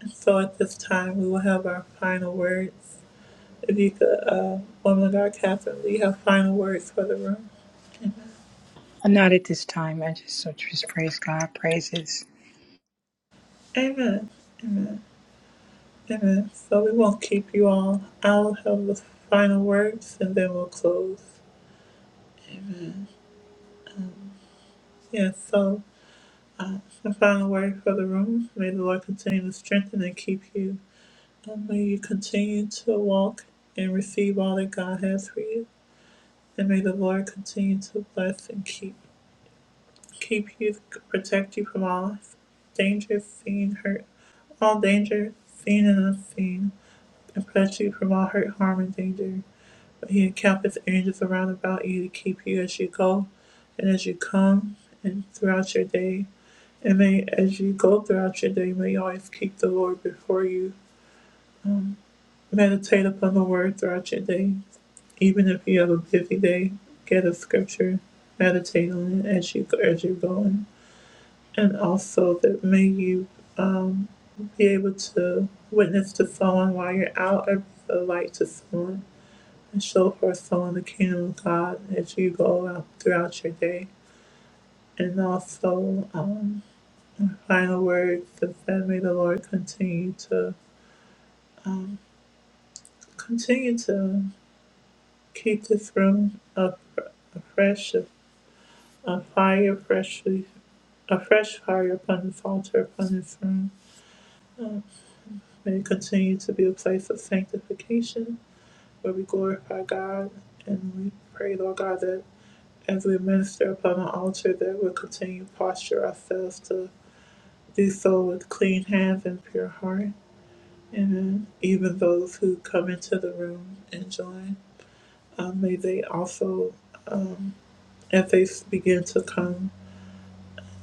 A: And so at this time, we will have our final words. beneath the uh, woman of God, Catherine Lee, have final words for the room.
W: Uh, Not at this time. I just so just praise God. Praises
A: Amen. Amen. So we won't keep you all. I'll have the final words and then we'll close. Yes, yeah, so uh, the final word for the room. May the Lord continue to strengthen and keep you. And may you continue to walk and receive all that God has for you. And may the Lord continue to bless and keep keep you, protect you from all danger, seen, hurt, all danger, seen and unseen. and protect you from all hurt, harm, and danger. But he encampeth angels around about you to keep you as you go and as you come and throughout your day. And may, as you go throughout your day, may you always keep the Lord before you. Meditate upon the word throughout your day. Even if you have a busy day, get a scripture, meditate on it as you as you're going. And also that may you um, be able to witness to someone while you're out or be a light to someone and show her soul in the kingdom of God as you go out throughout your day. And also, um, final words is that may the Lord continue to continue to keep this room up a fresh a fire freshly a fresh fire upon this altar upon this room. May it continue to be a place of sanctification where we glorify God and we pray, Lord God, that as we minister upon the altar that we'll continue to posture ourselves to. Do so with clean hands and pure heart. Amen. Even those who come into the room and join, um, may they also, as they begin to come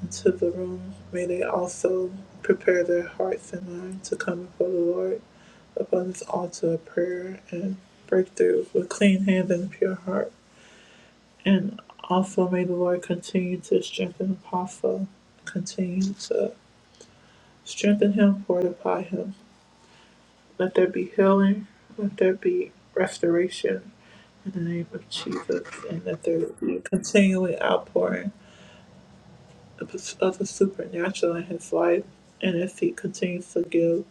A: into the room, may they also prepare their hearts and minds to come before the Lord upon this altar of prayer and breakthrough with clean hands and pure heart. And also may the Lord continue to strengthen the Apostle, continue to strengthen him, fortify him, Let there be healing. Let there be restoration in the name of Jesus. And let there be a continuing outpouring of the, of the supernatural in his life. And as he continues to give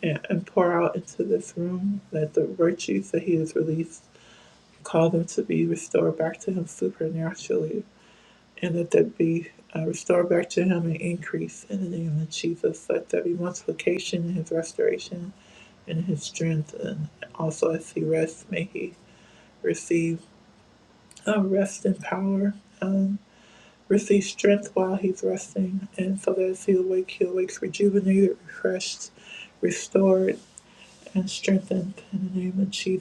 A: and, and pour out into this room, let the virtues that he has released cause them to be restored back to him supernaturally. And let there be uh, restored back to him an increase in the name of Jesus. Let there be multiplication in his restoration, his strength, and also as he rests. Strengthened in the name of Jesus.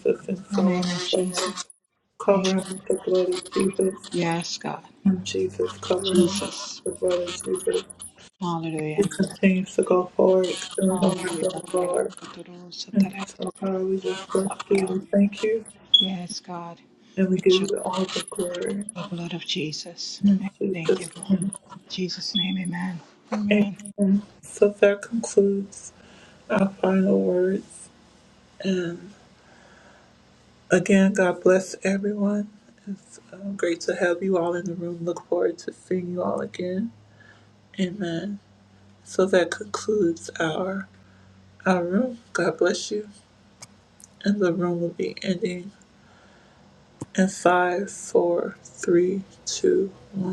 W: in the name of Jesus. Thank
A: Cover him with the blood of Jesus.
W: you. Yes, God.
A: And Jesus, cover him with the
W: Jesus.
A: blood of Jesus.
W: Hallelujah.
A: Things to go forward through the work of
W: Hallelujah.
A: the Lord. So, God, we just bless you and thank you.
W: Yes, God.
A: And we
W: It's
A: give
W: your
A: you all the glory.
W: the blood of Jesus.
A: Jesus.
W: Thank you, Lord. In Jesus' name, Amen. amen.
A: So that concludes our final words. And again, God bless everyone. Um, great to have you all in the room. Look forward to seeing you all again. Amen. So that concludes our our room. God bless you. and the room will be ending in five, four, three, two, one.